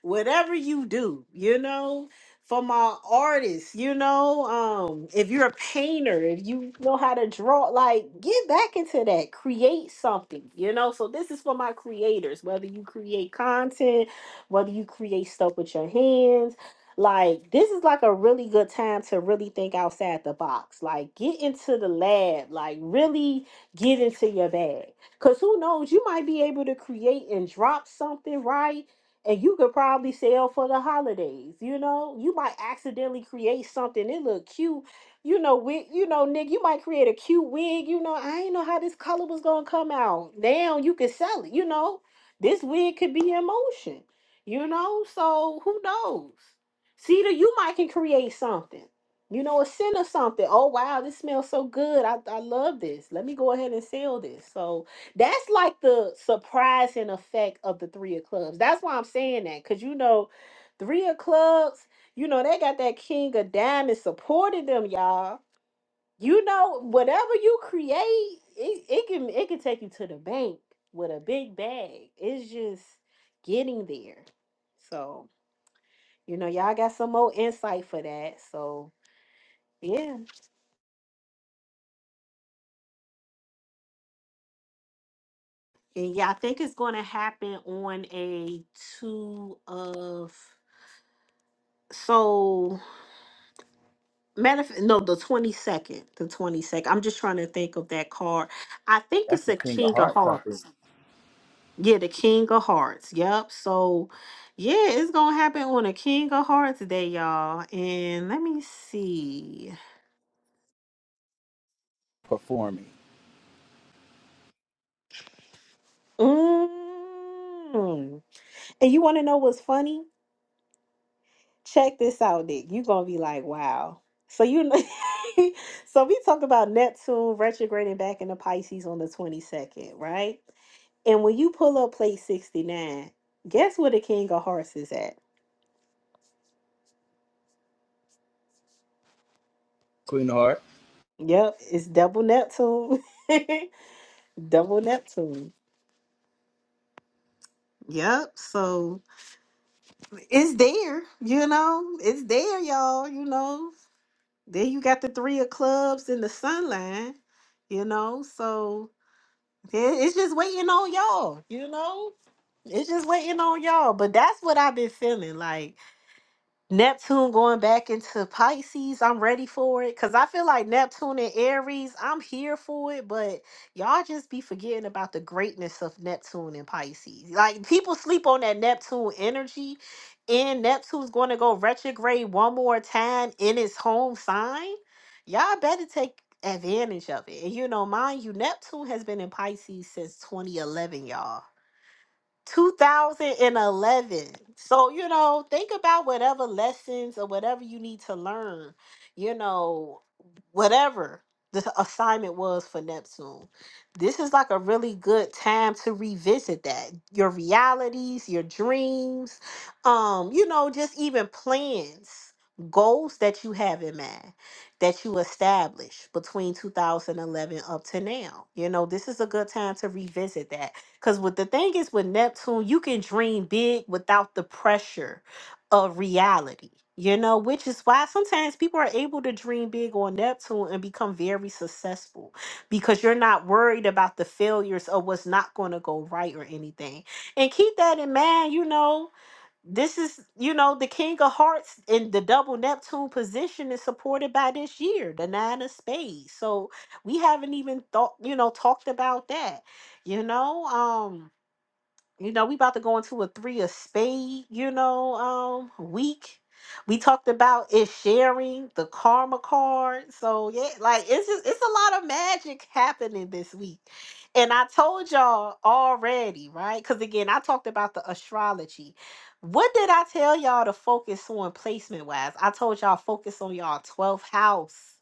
whatever you do, you know for my artists, you know, um, if you're a painter, if you know how to draw, like get back into that, create something, you know. So this is for my creators, whether you create content, whether you create stuff with your hands, like this is like a really good time to really think outside the box. Like get into the lab, like really get into your bag. Cause who knows, you might be able to create and drop something, right? and you could probably sell for the holidays. You know, you might accidentally create something. It look cute. You know, wig. You know, Nick. You might create a cute wig. You know, I ain't know how this color was gonna come out. Now you can sell it. You know, this wig could be in motion. You know, so who knows? Cedar, you might can create something. You know, a scent or something. Oh wow, this smells so good. I I love this. Let me go ahead and sell this. So that's like the surprising effect of the three of clubs. That's why I'm saying that because you know, three of clubs, you know, they got that king of diamonds supporting them, y'all. You know, whatever you create, it, it can it can take you to the bank with a big bag. It's just getting there. So, you know, y'all got some more insight for that. So yeah. And yeah, I think it's gonna happen on a two of so Matter of, no, the twenty second, the twenty second. I'm just trying to think of that card. I think that's it's the a king of King of hearts, I think, Hearts. Yeah, the King of Hearts. Yep. So, yeah, it's gonna happen on a King of Hearts day, y'all. And let me see. performing. Mm. And you want to know what's funny? Check this out, Nick. You gonna be like, wow. So you, know- so we talk about Neptune retrograding back into Pisces on the twenty second, right? And when you pull up plate 69, guess where the king of hearts is at? Queen of heart. Yep, it's double Neptune. double Neptune. Yep, so it's there, you know, it's there, y'all, you know. Then you got the three of clubs in the sun line, you know, so it- it's just waiting on y'all, you know? It's just waiting on y'all. But that's what I've been feeling like. Neptune going back into Pisces, I'm ready for it. Cause I feel like Neptune and Aries, I'm here for it. But y'all just be forgetting about the greatness of Neptune and Pisces. Like people sleep on that Neptune energy. And Neptune's going to go retrograde one more time in its home sign. Y'all better take advantage of it. And you know, mind you, Neptune has been in Pisces since 2011, y'all. 2011. So, you know, think about whatever lessons or whatever you need to learn, you know, whatever the assignment was for Neptune. This is like a really good time to revisit that. Your realities, your dreams, um, you know, just even plans, goals that you have in mind that you established between 2011 up to now. You know, this is a good time to revisit that because what the thing is with Neptune, you can dream big without the pressure of reality, you know, which is why sometimes people are able to dream big on Neptune and become very successful because you're not worried about the failures or what's not going to go right or anything. And keep that in mind, you know. This is, you know, the King of Hearts in the double Neptune position is supported by this year, the Nine of Spades. So we haven't even thought, you know, talked about that. You know, um, you know, we about to go into a three of spade, you know, um, week. We talked about is sharing the karma card. So yeah, like it's just it's a lot of magic happening this week. And I told y'all already, right? Because again, I talked about the astrology. What did I tell y'all to focus on placement wise? I told y'all focus on y'all 12th house.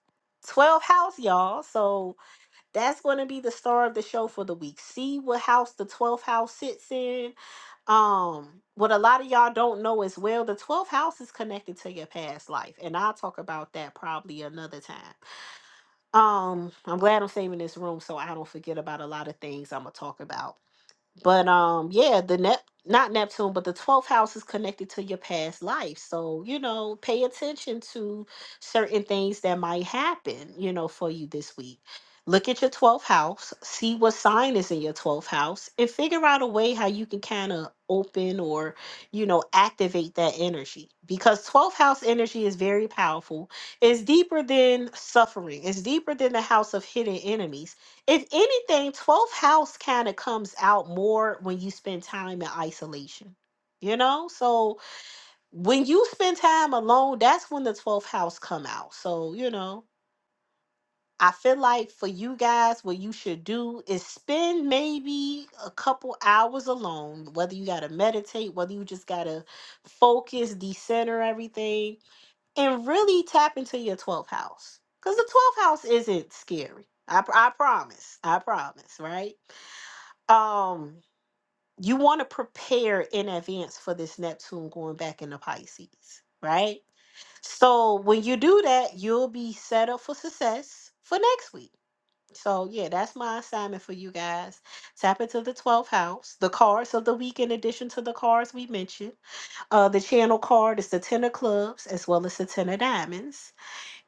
12th house, y'all. So that's going to be the star of the show for the week. See what house the 12th house sits in um, what a lot of y'all don't know as well, the 12th house is connected to your past life, and I'll talk about that probably another time. Um, I'm glad I'm saving this room so I don't forget about a lot of things I'm gonna talk about. But um, yeah, the Nep not Neptune, but the twelfth house is connected to your past life. So, you know, pay attention to certain things that might happen, you know, for you this week. Look at your twelfth house, see what sign is in your twelfth house, and figure out a way how you can kind of open or, you know, activate that energy. Because twelfth house energy is very powerful. It's deeper than suffering, it's deeper than the house of hidden enemies if anything, 12th house kind of comes out more when you spend time in isolation. You know? So when you spend time alone, that's when the 12th house come out. So, you know, I feel like for you guys, what you should do is spend maybe a couple hours alone, whether you gotta meditate, whether you just gotta focus, decenter everything, and really tap into your 12th house. Because the 12th house isn't scary. I, pr- I promise. I promise, right? um you want to prepare in advance for this neptune going back into pisces right so when you do that you'll be set up for success for next week so yeah that's my assignment for you guys tap into the 12th house the cards of the week in addition to the cards we mentioned uh the channel card is the ten of clubs as well as the ten of diamonds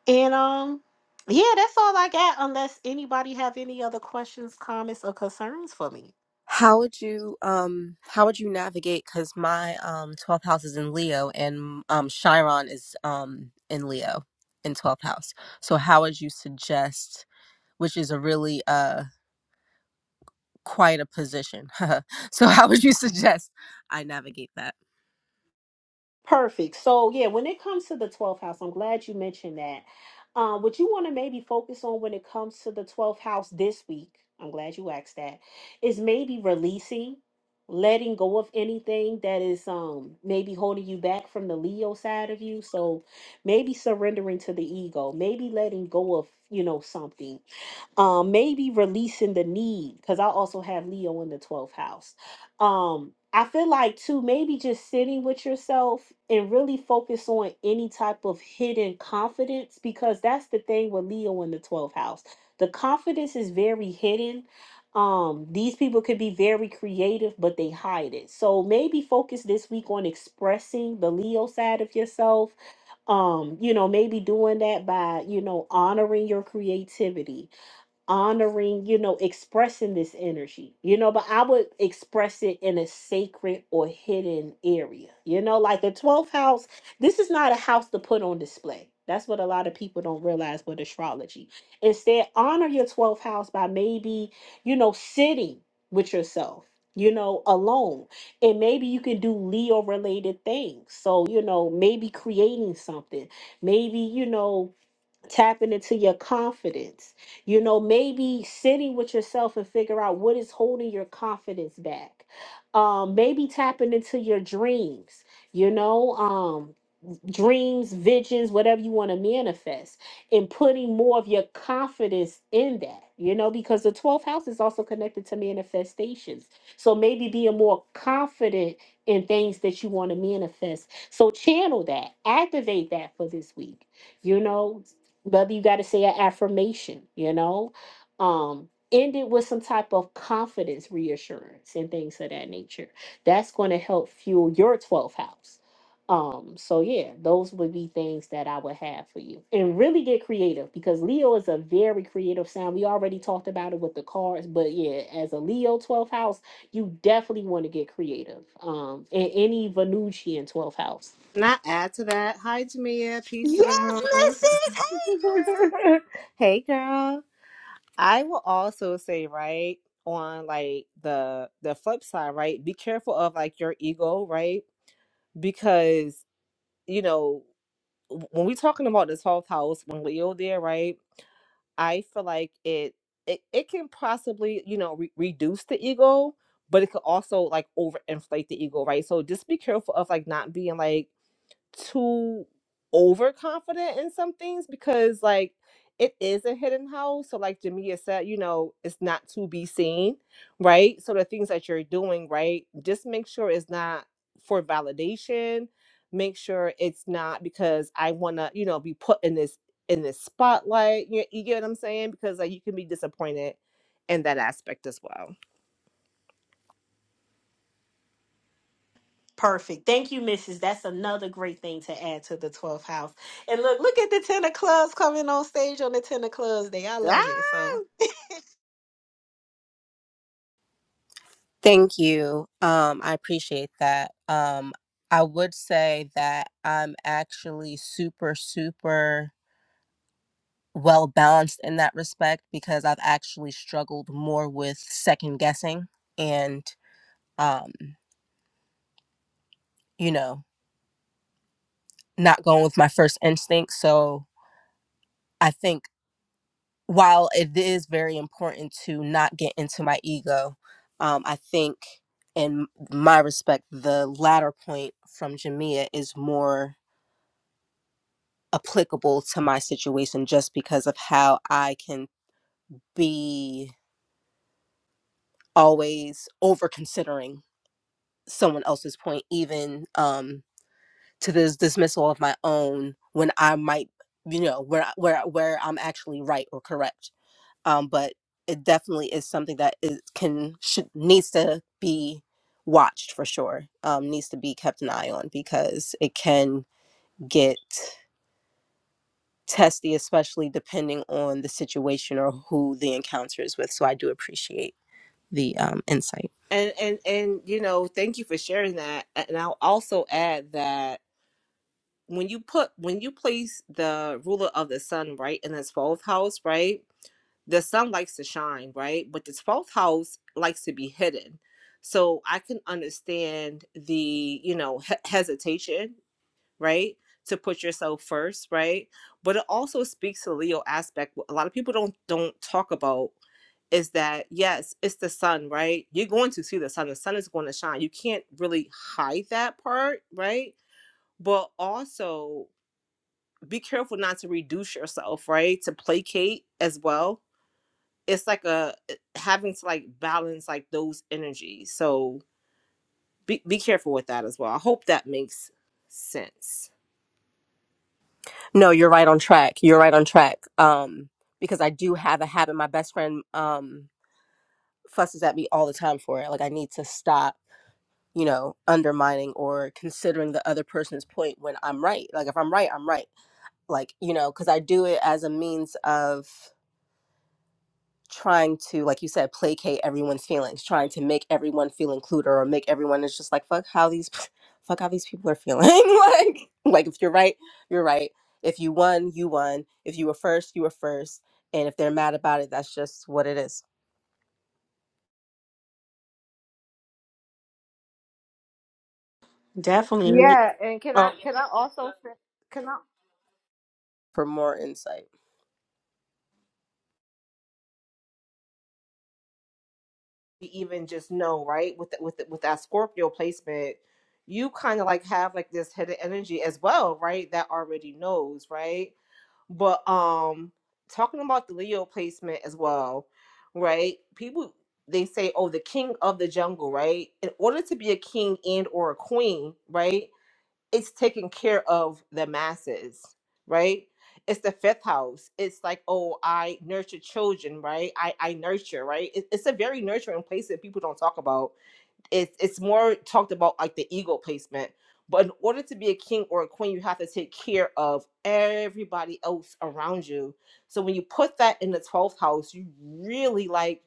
and um yeah that's all i got unless anybody have any other questions comments or concerns for me How would you um how would you navigate cuz my um 12th house is in Leo and um Chiron is um in Leo in 12th house. So how would you suggest which is a really uh quite a position. so how would you suggest I navigate that? Perfect. So yeah, when it comes to the 12th house, I'm glad you mentioned that. Um, what you want to maybe focus on when it comes to the 12th house this week, I'm glad you asked that, is maybe releasing, letting go of anything that is um maybe holding you back from the Leo side of you. So maybe surrendering to the ego, maybe letting go of, you know, something um maybe releasing the need because i also have leo in the 12th house um i feel like too maybe just sitting with yourself and really focus on any type of hidden confidence because that's the thing with leo in the 12th house the confidence is very hidden um these people could be very creative but they hide it so maybe focus this week on expressing the leo side of yourself um you know maybe doing that by you know honoring your creativity honoring, you know, expressing this energy, you know, but I would express it in a sacred or hidden area, you know, like the 12th house. This is not a house to put on display. That's what a lot of people don't realize with astrology. Instead, honor your 12th house by maybe, you know, sitting with yourself, you know, alone. And maybe you can do Leo related things. So, you know, maybe creating something, maybe, you know, tapping into your confidence. You know, maybe sitting with yourself and figure out what is holding your confidence back. Um, maybe tapping into your dreams. You know, um, dreams, visions, whatever you want to manifest, and putting more of your confidence in that, you know, because the 12th house is also connected to manifestations. So maybe being more confident in things that you want to manifest. So channel that, activate that for this week, you know, whether you got to say an affirmation, you know, um, end it with some type of confidence reassurance and things of that nature. That's going to help fuel your 12th house um, so yeah, those would be things that I would have for you. And really get creative because Leo is a very creative sign. We already talked about it with the cards, but yeah, as a Leo 12th house, you definitely want to get creative. Um, and any Venusian 12th house. Can I add to that? Hi, Jamia. Peace to the Yes, room. Mrs. hey, girl. I will also say, right on like the the flip side, right? Be careful of like your ego, right? Because you know w- when we're talking about the twelfth house, when Leo there, right? I feel like it it it can possibly you know re- reduce the ego, but it could also like overinflate the ego, right? So just be careful of like not being like too overconfident in some things because like it is a hidden house. So like Jamia said, you know, it's not to be seen, right? So the things that you're doing, right? Just make sure it's not for validation. Make sure it's not because I wanna, you know, be put in this in this spotlight. You, you get what I'm saying? Because like you can be disappointed in that aspect as well. Perfect. Thank you, Mrs. That's another great thing to add to the 12th house. And look, look at the 10 of clubs coming on stage on the 10 of clubs day. I Ah! love it. So Thank you. Um I appreciate that. Um I would say that I'm actually super super well balanced in that respect because I've actually struggled more with second guessing and, um, you know, not going with my first instinct. So I think while it is very important to not get into my ego, um, I think in my respect, the latter point from Jamia is more applicable to my situation just because of how I can be always over considering someone else's point even um to this dismissal of my own when i might you know where where where i'm actually right or correct um but it definitely is something that is can should needs to be watched for sure um needs to be kept an eye on because it can get testy especially depending on the situation or who the encounter is with so i do appreciate the um insight And and and you know, thank you for sharing that. And I'll also add that when you put when you place the ruler of the sun right in his 12th house right the sun likes to shine right but the 12th house likes to be hidden so i can understand the you know he- hesitation right to put yourself first right but it also speaks to the leo aspect what a lot of people don't don't talk about is that yes it's the sun right you're going to see the sun the sun is going to shine you can't really hide that part right but also be careful not to reduce yourself, right? To placate as well. It's like a eh, having to like balance like those energies. So be be careful with that as well. I hope that makes sense. No, you're right on track. You're right on track. Um, because I do have a habit. My best friend um fusses at me all the time for it. Like I need to stop, you know, undermining or considering the other person's point when I'm right. Like if I'm right, I'm right. Like you know, because I do it as a means of trying to, like you said, placate everyone's feelings, trying to make everyone feel included or make everyone is just like fuck how these fuck how these people are feeling. like like if you're right, you're right. If you won, you won. If you were first, you were first. And if they're mad about it, that's just what it is. definitely. Yeah, and can I can I also can I For more insight. even just know, right? With the, with the, with that Scorpio placement, you kind of like have like this hidden energy as well, right? That already knows, right? But um talking about the Leo placement as well, right? People they say, oh, the king of the jungle, right? In order to be a king and or a queen, right? It's taking care of the masses, right? It's the fifth house. It's like, oh, I nurture children, right? I, I nurture, right? It- it's a very nurturing place that people don't talk about it's it's more talked about like the ego placement. But in order to be a king or a queen, you have to take care of everybody else around you. So when you put that in the twelfth house, you really like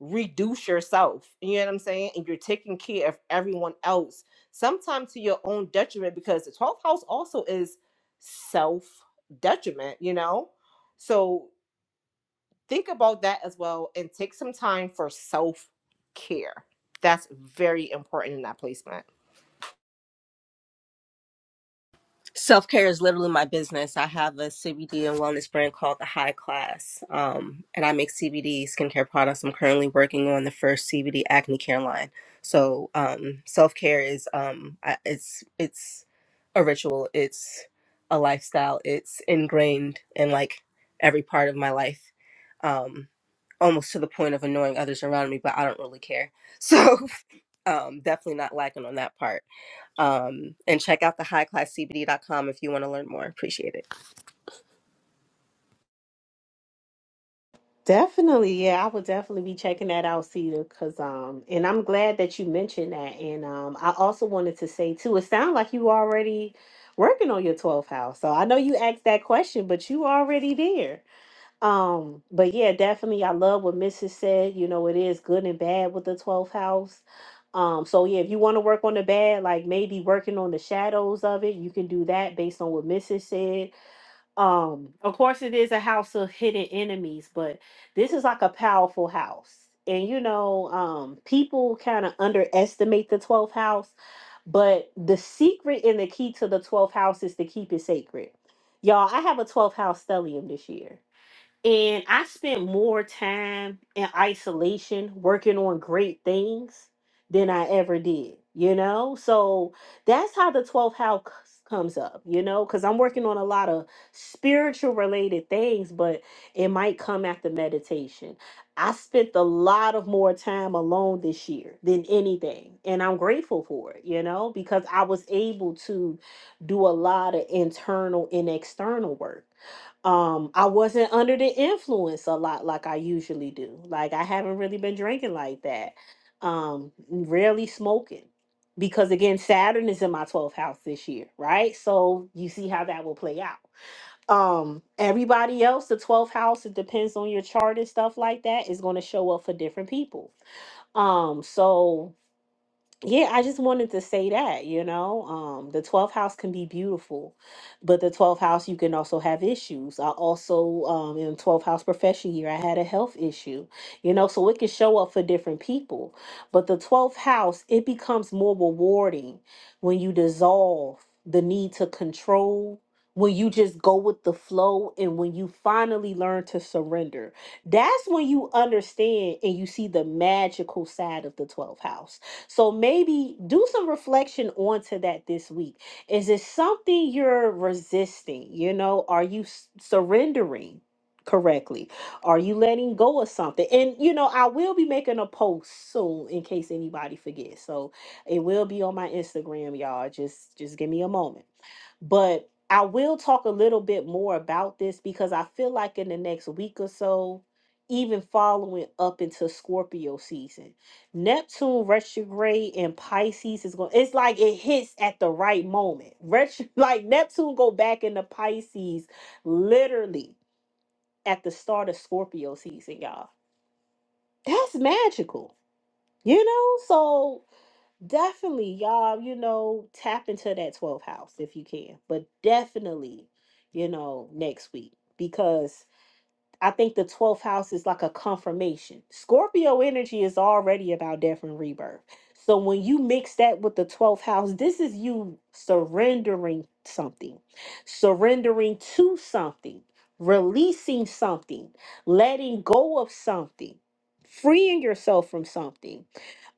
reduce yourself. You know what I'm saying? And you're taking care of everyone else, sometimes to your own detriment, because the twelfth house also is self detriment. You know, so think about that as well and take some time for self care. That's very important in that placement. Self care is literally my business. I have a CBD and wellness brand called The High Class, um, and I make CBD skincare products. I'm currently working on the first CBD acne care line. So um, self care is um, I, it's it's a ritual. It's a lifestyle. It's ingrained in like every part of my life, um, almost to the point of annoying others around me. But I don't really care. So um, definitely not lacking on that part um, and check out the high class cbd dot com if you want to learn more. Appreciate it. Definitely, yeah, I would definitely be checking that out, Cedar, because um, and I'm glad that you mentioned that. And um, I also wanted to say too, it sounds like you already working on your 12th house. So I know you asked that question, but you already there. Um, but yeah, definitely, I love what Mrs. said. You know, it is good and bad with the 12th house. Um, so yeah, if you want to work on the bad, like maybe working on the shadows of it, you can do that based on what Mrs. said um, of course, it is a house of hidden enemies, but this is like a powerful house. And you know, um, people kind of underestimate the 12th house, but the secret and the key to the 12th house is to keep it sacred. Y'all, I have a 12th house stellium this year. And I spent more time in isolation working on great things than I ever did, you know? So that's how the 12th house comes up, you know? Because I'm working on a lot of spiritual related things, but it might come after meditation. I spent a lot of more time alone this year than anything, and I'm grateful for it, you know, because I was able to do a lot of internal and external work um i wasn't under the influence a lot like i usually do like i haven't really been drinking like that um rarely smoking because again saturn is in my 12th house this year right so you see how that will play out um everybody else the 12th house it depends on your chart and stuff like that is going to show up for different people um so yeah, I just wanted to say that, you know, um, the 12th house can be beautiful, but the 12th house, you can also have issues. I also, um, in 12th house profession year, I had a health issue, you know, so it can show up for different people. But the 12th house, it becomes more rewarding when you dissolve the need to control, when you just go with the flow, and when you finally learn to surrender. That's when you understand and you see the magical side of the 12th house so maybe do some reflection onto that this week. Is it something you're resisting? You know, are you s- surrendering correctly? Are you letting go of something? And you know, I will be making a post soon in case anybody forgets. So it will be on my Instagram, y'all. Just just give me a moment. But I will talk a little bit more about this because I feel like in the next week or so, even following up into Scorpio season Neptune retrograde in Pisces is going. It's like it hits at the right moment. Retro, like Neptune go back into Pisces, literally at the start of Scorpio season, y'all. That's magical, you know. So definitely, y'all, you know, tap into that 12th house if you can, but definitely, you know, next week because I think the 12th house is like a confirmation. Scorpio energy is already about death and rebirth. So when you mix that with the 12th house, this is you surrendering something, surrendering to something, releasing something, letting go of something, freeing yourself from something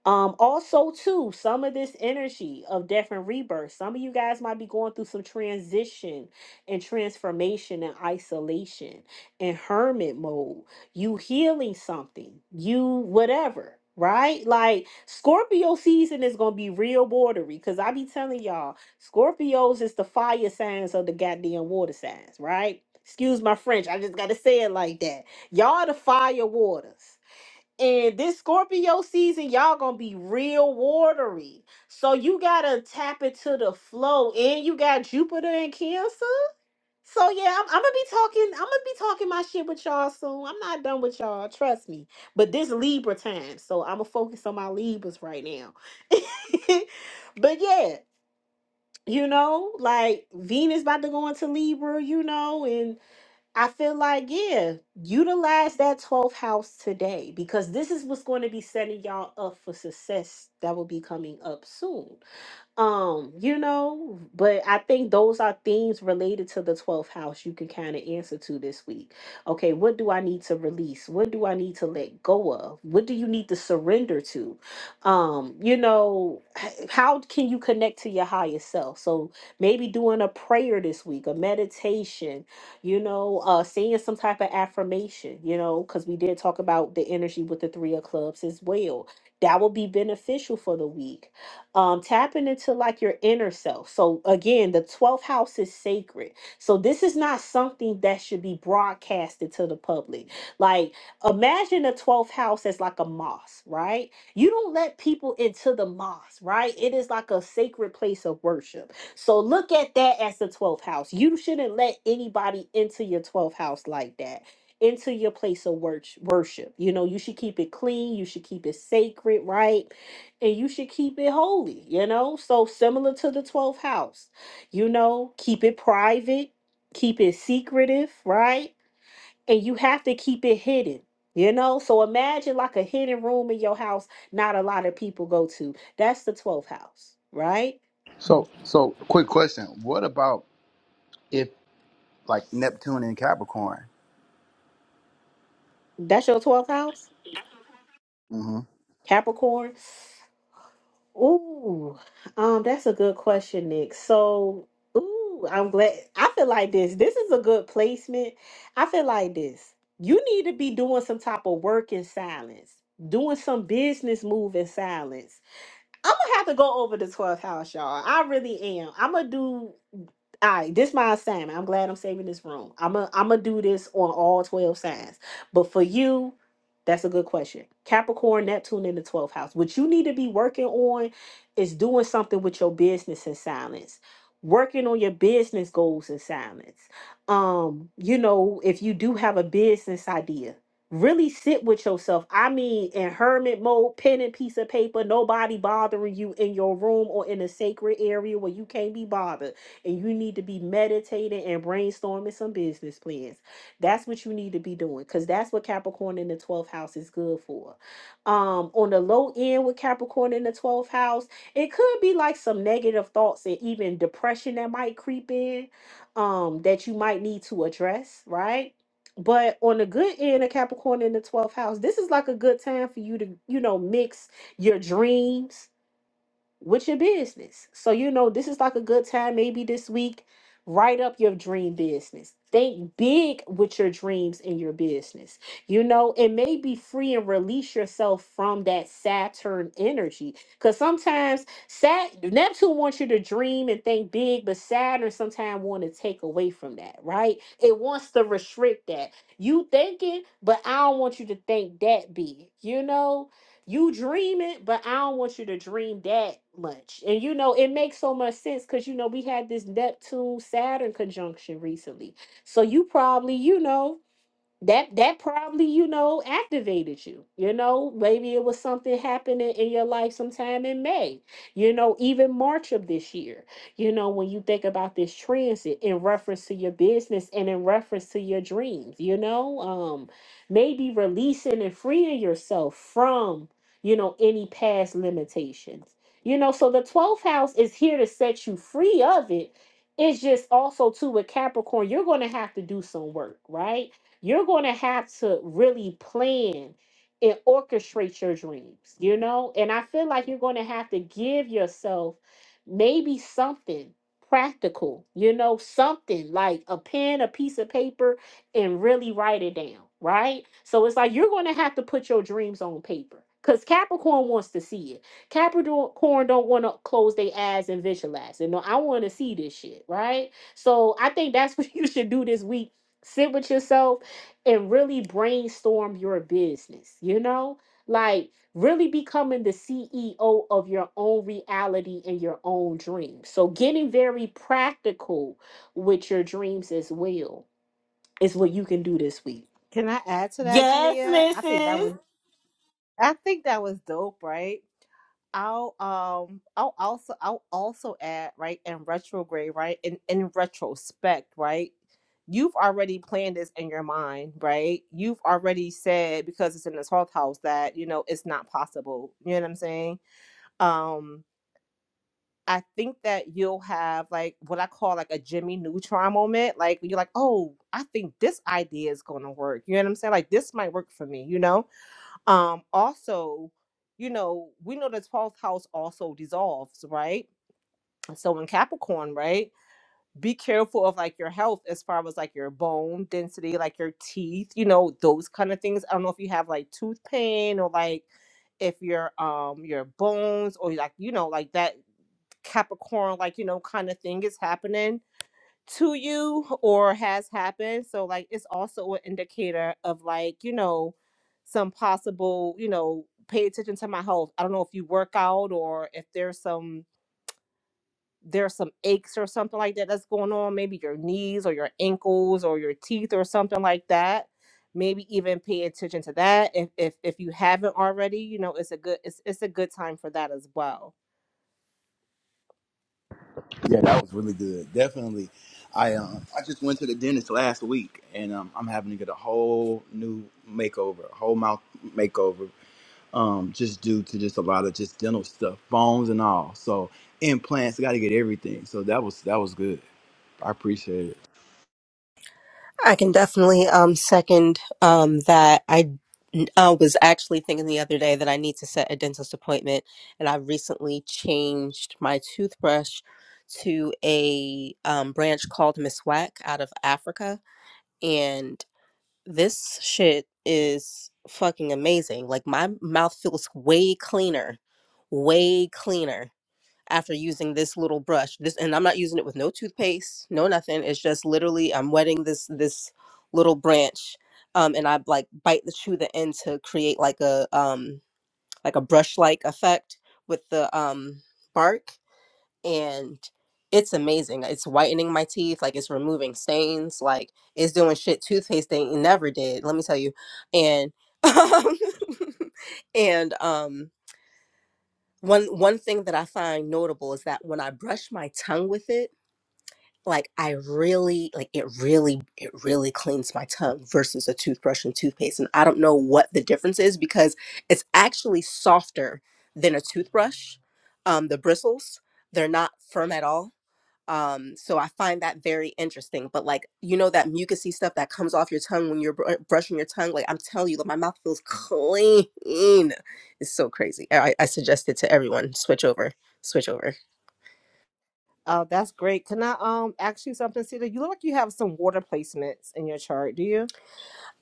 um, also, too, some of this energy of death and rebirth, some of you guys might be going through some transition and transformation and isolation and hermit mode. You healing something, you whatever, right? Like Scorpio season is gonna be real bordery because I be telling y'all, Scorpios is the fire signs of the goddamn water signs, right? Excuse my French, I just gotta say it like that. Y'all the fire waters. And this Scorpio season, y'all gonna be real watery. So you gotta tap into the flow. And you got Jupiter in Cancer. So yeah, I'm, I'm gonna be talking. I'm gonna be talking my shit with y'all soon. I'm not done with y'all, trust me. But this Libra time, so I'm gonna focus on my Libras right now. but yeah, you know, like Venus about to go into Libra, you know, and I feel like, yeah, utilize that 12th house today because this is what's going to be setting y'all up for success that will be coming up soon um you know but i think those are themes related to the 12th house you can kind of answer to this week okay what do i need to release what do i need to let go of what do you need to surrender to um you know h- how can you connect to your higher self so maybe doing a prayer this week a meditation you know uh saying some type of affirmation you know because we did talk about the energy with the three of clubs as well that will be beneficial for the week um, tapping into like your inner self. So again, the 12th house is sacred. So this is not something that should be broadcasted to the public. Like imagine the 12th house as like a mosque, right? You don't let people into the mosque, right? It is like a sacred place of worship. So look at that as the 12th house. You shouldn't let anybody into your 12th house like that. Into your place of wor- worship. You know, you should keep it clean. You should keep it sacred, right? and you should keep it holy, you know? So similar to the 12th house. You know, keep it private, keep it secretive, right? And you have to keep it hidden. You know, so imagine like a hidden room in your house not a lot of people go to. That's the 12th house, right? Mhm. So, so quick question: What about if like Neptune and Capricorn? That's your 12th house? hmm Capricorn. Ooh, um, that's a good question, Nick. So, ooh, I'm glad. I feel like this. This is a good placement. I feel like this. You need to be doing some type of work in silence, doing some business move in silence. I'm gonna have to go over the 12th house, y'all. I really am. I'm gonna do. All right, this my assignment. I'm glad I'm saving this room. I'm a, I'm gonna do this on all 12 signs. But for you, that's a good question. Capricorn, Neptune in the 12th house. What you need to be working on is doing something with your business in silence. Working on your business goals in silence. Um, you know, if you do have a business idea, really sit with yourself. I mean, in hermit mode, pen and piece of paper, nobody bothering you in your room or in a sacred area where you can't be bothered and you need to be meditating and brainstorming some business plans. That's what you need to be doing because that's what Capricorn in the 12th house is good for. Um, on the low end with Capricorn in the 12th house, it could be like some negative thoughts and even depression that might creep in um, that you might need to address, right? But on the good end of Capricorn in the 12th house, this is like a good time for you to, you know, mix your dreams with your business. So, you know, this is like a good time, maybe this week, write up your dream business. Think big with your dreams in your business. You know, and maybe free and release yourself from that Saturn energy. Because sometimes Sat Neptune wants you to dream and think big, but Saturn sometimes want to take away from that, right? It wants to restrict that. You thinking, but I don't want you to think that big, you know? you dream it, but I don't want you to dream that much. And you know, it makes so much sense because you know we had this Neptune Saturn conjunction recently. So you probably, you know, that that probably you know activated you you know maybe it was something happening in your life sometime in may you know even march of this year you know when you think about this transit in reference to your business and in reference to your dreams you know um maybe releasing and freeing yourself from you know any past limitations you know so the 12th house is here to set you free of it it's just also too with capricorn you're going to have to do some work right you're going to have to really plan and orchestrate your dreams, you know? And I feel like you're going to have to give yourself maybe something practical, you know, something like a pen, a piece of paper, and really write it down, right? So it's like you're going to have to put your dreams on paper. Because Capricorn wants to see it. Capricorn don't want to close their eyes and visualize. And no, I want to see this shit, right? So I think that's what you should do this week. Sit with yourself, and really brainstorm your business, you know? Like really becoming the CEO of your own reality and your own dreams. So getting very practical with your dreams as well is what you can do this week. Can I add to that, Yes, Jamia? I think that Mrs. was I think that was dope, right? I'll um I'll also I'll also add, right, in retrograde, right? In in retrospect, right? You've already planned this in your mind, right? You've already said because it's in the 12th house that, you know, it's not possible. You know what I'm saying? Um I think that you'll have like what I call like a Jimmy Neutron moment. Like you're like, oh, I think this idea is gonna work. You know what I'm saying? Like this might work for me, you know? Um, also, you know, we know the 12th house also dissolves, right? So in Capricorn, right? Be careful of like your health as far as like your bone density, like your teeth, you know, those kind of things. I don't know if you have like tooth pain or like if your um your bones or like you know like that Capricorn, like, you know, kind of thing is happening to you or has happened. So, like, it's also an indicator of, like, you know, some possible, you know, pay attention to my health. I don't know if you work out or if there's some there's some aches or something like that that's going on maybe your knees or your ankles or your teeth or something like that maybe even pay attention to that if if, if you haven't already you know it's a good it's, it's a good time for that as well Yeah, that was really good. Definitely. I um I just went to the dentist last week and um I'm having to get a whole new makeover, a whole mouth makeover um, just due to just a lot of just dental stuff, bones and all. So implants, got to get everything. So that was that was good. I appreciate it. I can definitely um second um that I uh, was actually thinking the other day that I need to set a dentist appointment and I recently changed my toothbrush to a um, branch called Miss Wack out of Africa and this shit is fucking amazing. Like my mouth feels way cleaner, way cleaner after using this little brush this and i'm not using it with no toothpaste no nothing it's just literally i'm wetting this this little branch um and i like bite the chew the end to create like a um like a brush like effect with the um bark and it's amazing it's whitening my teeth like it's removing stains like it's doing shit toothpaste thing never did let me tell you and um, and um one one thing that I find notable is that when I brush my tongue with it, like I really like it really it really cleans my tongue versus a toothbrush and toothpaste. And I don't know what the difference is because it's actually softer than a toothbrush. Um, the bristles, they're not firm at all um so i find that very interesting but like you know that mucousy stuff that comes off your tongue when you're br- uh, brushing your tongue like i'm telling you like my mouth feels clean it's so crazy i, I suggest it to everyone switch over switch over Oh, that's great. Can I um ask you something, Sita? You look like you have some water placements in your chart, do you?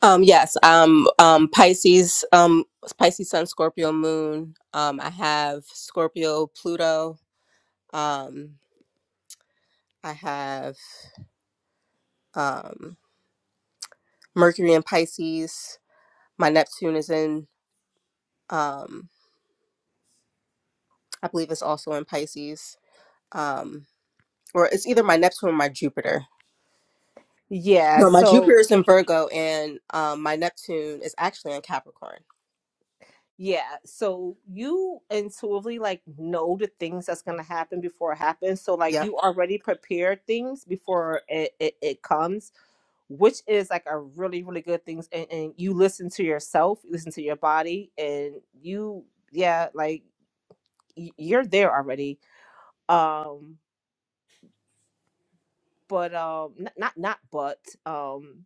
um yes um um pisces um pisces sun scorpio moon um i have scorpio pluto um i have um mercury in pisces my neptune is in um i believe it's also in pisces um or it's either my Neptune or my Jupiter. Yeah, No, my so Jupiter is in Virgo and um, my Neptune is actually in Capricorn. yeah, so you intuitively like know the things that's gonna happen before it happens. So like Yep. you already prepared things before it, it, it comes, which is like a really, really good thing. And, and you listen to yourself, you listen to your body, and you yeah, like y- you're there already. Um, but um, n- not not but um.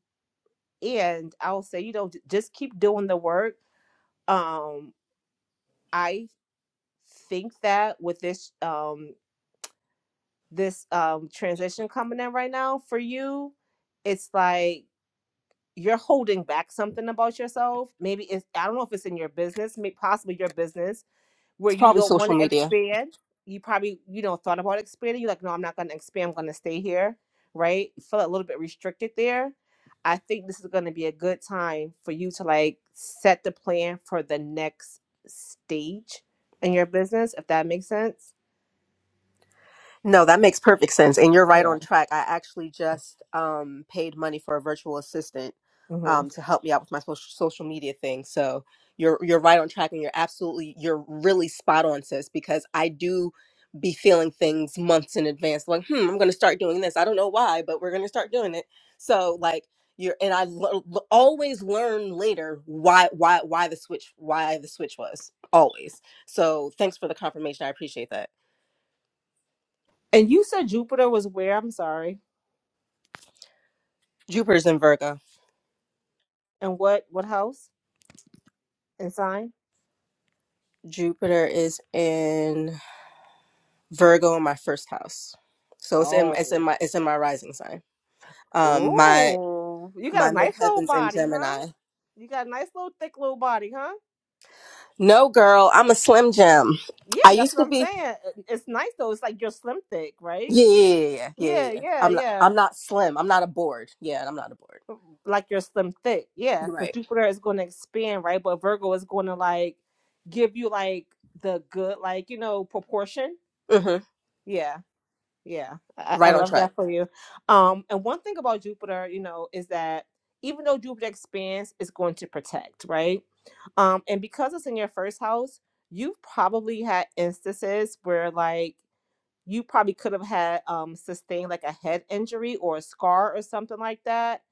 and I'll say, you know, j- just keep doing the work. Um, I think that with this um this um transition coming in right now for you, it's like you're holding back something about yourself. Maybe it's I don't know if it's in your business, may possibly your business, where It's you probably don't want social to media. expand you probably you know thought about expanding you're like no i'm not going to expand i'm going to stay here right you feel a little bit restricted there i think this is going to be a good time for you to like set the plan for the next stage in your business if that makes sense No, that makes perfect sense. And you're right yeah on track. I actually just um, paid money for a virtual assistant hmm um, to help me out with my social, social media thing. So you're you're right on track and you're absolutely you're really spot on, sis, because I do be feeling things months in advance. Like, hmm, I'm gonna start doing this. I don't know why, but we're gonna start doing it. So like you're and I l- l- always learn later why why why the switch why the switch was always. So thanks for the confirmation. I appreciate that. and you said jupiter was where i'm sorry Jupiter's in Virgo. and what what house and sign Jupiter is in Virgo in my first house. So it's in oh it's in my it's in my rising sign. Um my oh you got my a nice little midheaven's in body huh Gemini. you got a nice little thick little body huh No girl, I'm a slim gem. Yeah, I that's used what to I'm be saying. It- It's nice though. It's like you're slim thick, right? yeah, yeah, yeah, yeah, yeah. yeah. Yeah, yeah. yeah, I'm not yeah. I'm not slim. I'm not a board. Yeah, I'm not a board. Like you're slim thick. Yeah, You're because right. Jupiter is going to expand, right? But Virgo is going to like give you like the good, like you know, proportion. Mm-hmm. Yeah, yeah. I, I I Right on love track. that for you. Um, and one thing about Jupiter, you know, is that even though Jupiter expands, it's going to protect, right? Um, and because it's in your first house, you've probably had instances where like you probably could have had um sustained like a head injury or a scar or something like that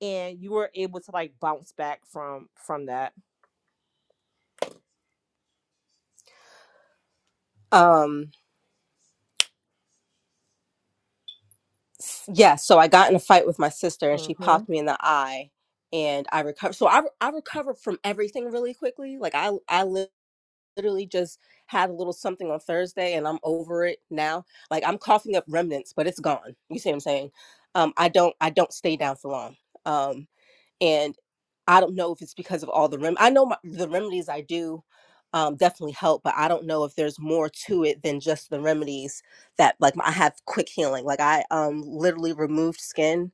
and you were able to like bounce back from from that Um s- yeah, so I got in a fight with my sister and she hmm popped me in the eye and I recovered. So I I recovered from everything really quickly. Like I I lived literally just had a little something on Thursday and I'm over it now. Like I'm coughing up remnants, but it's gone. You see what I'm saying? Um, I don't I don't stay down for long. Um, and I don't know if it's because of all the rem I know my, the remedies I do um, definitely help, but I don't know if there's more to it than just the remedies that like I have quick healing. Like I um literally removed skin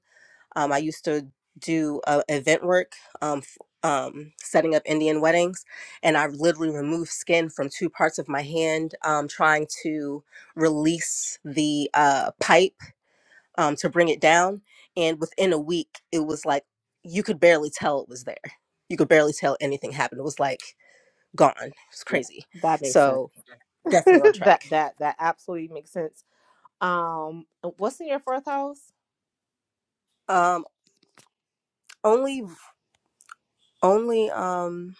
um, I used to do uh, event work, um, f- um, setting up Indian weddings, and I literally removed skin from two parts of my hand, um, trying to release the uh, pipe um, to bring it down. And within a week, it was like you could barely tell it was there. You could barely tell anything happened. It was like gone. It was yeah crazy. that makes sense So definitely on that track. that that absolutely makes sense um what's in your fourth house Um, only, only, um,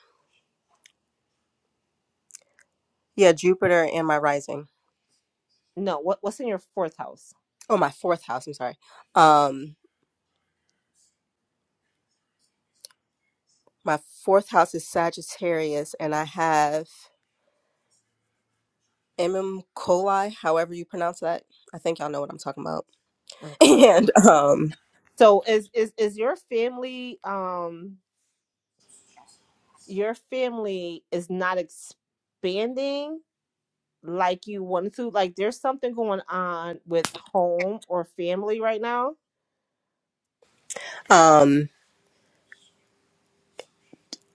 yeah, Jupiter and my rising. No, what what's in your fourth house? Oh, my fourth house. I'm sorry. Um, My fourth house is Sagittarius, and I have MM coli, however you pronounce that. I think y'all know what I'm talking about. Okay. And um, So is is is your family um your family is not expanding like you wanted to? Like there's something going on with home or family right now? um,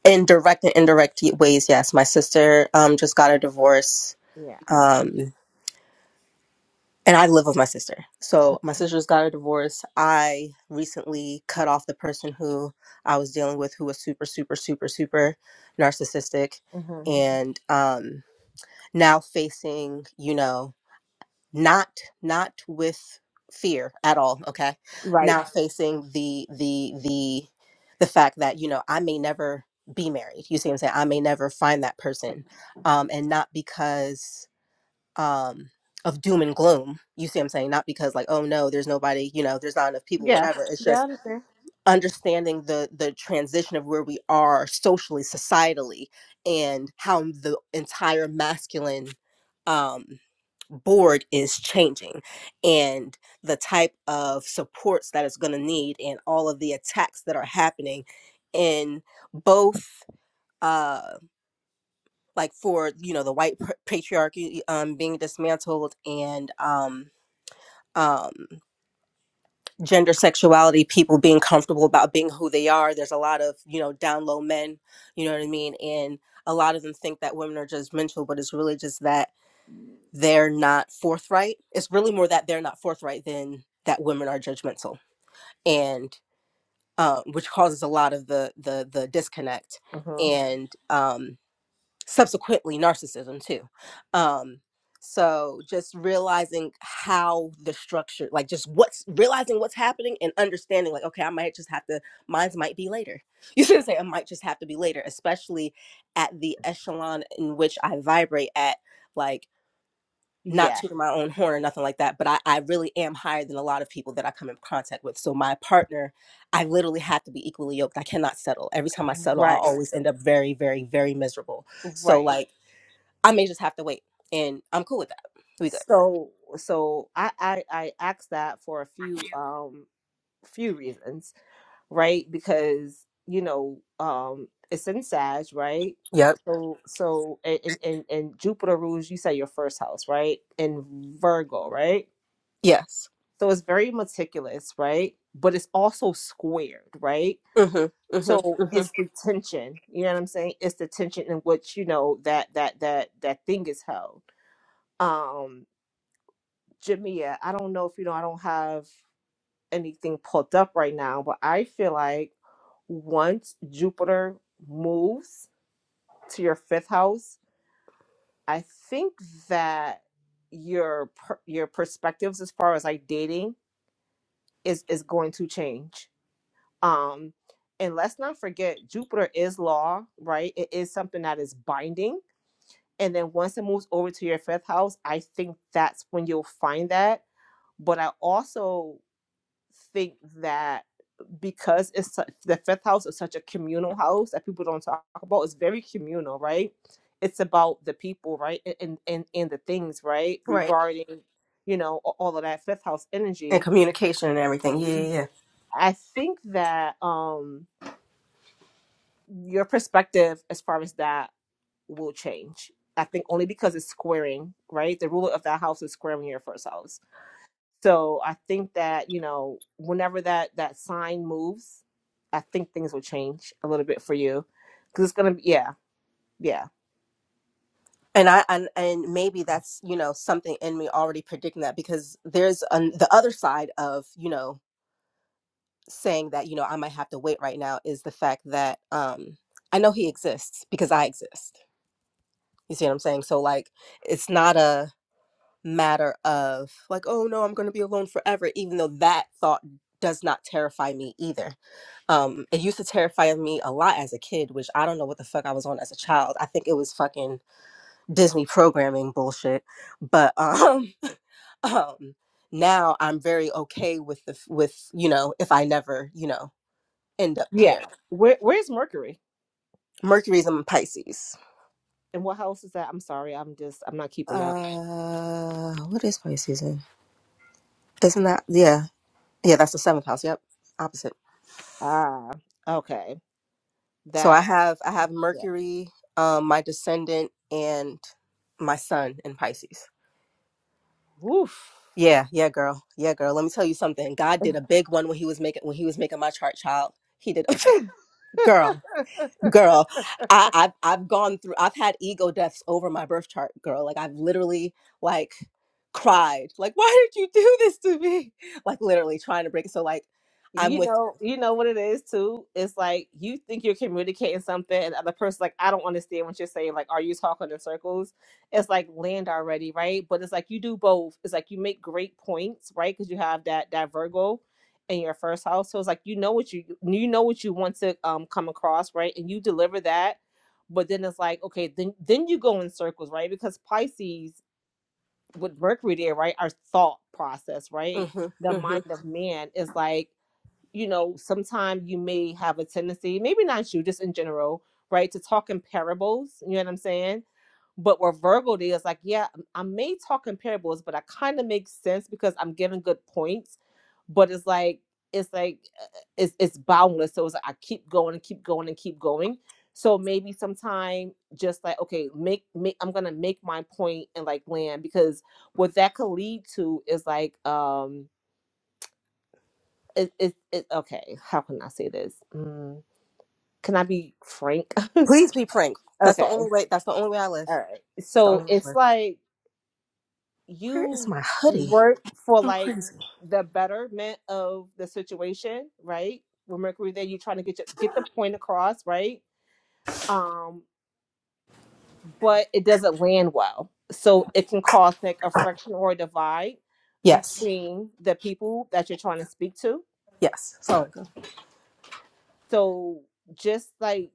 in direct and indirect ways, yes. My sister um just got a divorce. Yeah. Um, and I live with my sister. So my sister's got a divorce. I recently cut off the person who I was dealing with, who was super, super, super, super narcissistic, hmm and um, now facing, you know. not not with fear at all okay Right. now facing the the the the fact that you know i may never be married you see what i'm saying i may never find that person um and not because um of doom and gloom you see what i'm saying not because like oh no there's nobody you know there's not enough people Yeah. whatever it's Yeah, I just understand. understanding the the transition of where we are socially societally and how the entire masculine um board is changing and the type of supports that it's going to need and all of the attacks that are happening in both uh like for you know the white patriarchy um being dismantled and um um gender sexuality people being comfortable about being who they are there's a lot of you know down low men you know what i mean and a lot of them think that women are judgmental but it's really just that they're not forthright it's really more that they're not forthright than that women are judgmental and um, which causes a lot of the the the disconnect hmm and um, subsequently narcissism too um so just realizing how the structure like just what's realizing what's happening and understanding like okay i might just have to mines might be later you should say it might just have to be later especially at the echelon in which i vibrate at like not Yeah, tooting my own horn or nothing like that but I, I really am higher than a lot of people that i come in contact with so my partner i literally have to be equally yoked i cannot settle every time i settle i'll right, always end up very very very miserable so right. like I may just have to wait, and I'm cool with that. We good. So, so I, I I asked that for a few um few reasons, right? Because you know um it's in Sag, right? Yep. So so and and and Jupiter rules. You said your first house, right? In Virgo, right? Yes. So it's very meticulous, right? But it's also squared, right? Mhm. Mhm. so Mhm. it's the tension you know what i'm saying it's the tension in which you know that that that that thing is held Um, Jamia, I don't know if you know, I don't have anything pulled up right now, but I feel like once Jupiter moves to your fifth house, I think that your per- your perspectives as far as like dating is is going to change. Um, and let's not forget Jupiter is law, right? It is something that is binding. And then once it moves over to your fifth house, I think that's when you'll find that but I also think that because it's the fifth house is such a communal house that people don't talk about. It's very communal, right? It's about the people, right, and and and, the things, right, Right. regarding you know a- all of that fifth house And energy. communication and everything. Yeah, Mhm. yeah, yeah. I think that um your perspective as far as that will change. I think only because it's squaring, right? The ruler of that house is squaring your first house So I think that, you know, whenever that that sign moves, I think things will change a little bit for you. Cause it's gonna be yeah, yeah. And I and, and maybe that's you know something in me already predicting that because there's an, the other side of you know saying that you know I might have to wait right now is the fact that um I know he exists because I exist. You see what I'm saying? So like it's not a matter of like oh no I'm going to be alone forever even though that thought does not terrify me either Um, it used to terrify me a lot as a kid, which I don't know what the fuck I was on as a child. I think it was fucking Disney programming bullshit. But um, um, now I'm very okay with the f- with you know if I never you know end up Yeah. paired. Where where's Mercury? Mercury's in Pisces. And what house is that? I'm sorry, I'm just I'm not keeping up. Uh, what is Pisces in? Isn't that yeah yeah that's the seventh house. Yep, opposite. Ah, okay. So I That have I have yeah. Mercury, um, my descendant, and my sun in Pisces. Woof. Yeah, yeah, girl. Yeah, girl. Let me tell you something. God did a big one when he was making when he was making my chart, child. He did girl, girl. I, I've I've gone through I've had ego deaths over my birth chart, girl. Like I've literally like cried. Like, why did you do this to me? Like literally trying to break it. So like I'm You with know, you know what it is too. It's like you think you're communicating something, and the other person's like, "I don't understand what you're saying." Like, are you talking in circles? It's like land already, right? But it's like you do both. It's like you make great points, right? Because you have that that Virgo in your first house, so it's like you know what you you know what you want to um come across, right? And you deliver that, but then it's like okay, then then you go in circles, right? Because Pisces with Mercury there, right, our thought process, you. right, hmm the hmm mind of man is like you know, sometimes you may have a tendency, maybe not you, just in general, right, to talk in parables. You know what I'm saying? But with Virgo, they is like, yeah, I may talk in parables, but I kind of make sense because I'm giving good points. But it's like, it's like, uh, it's it's boundless. So it's like I keep going and keep going and keep going. So maybe sometime just like, okay, make make I'm gonna make my point and like land because what that could lead to is like, um it, it, it okay how can i say this mm, can i be frank Please be frank. That's the okay only way that's the only way I live. all right It's the so only way I it's live. like Where is you my hoodie? work for So like crazy. the betterment of the situation right with mercury there you're trying to get your, get the point across right um but it doesn't land well so it can cause like a friction or a divide Yes. between the people that you're trying to speak to Yes. Sorry. so just like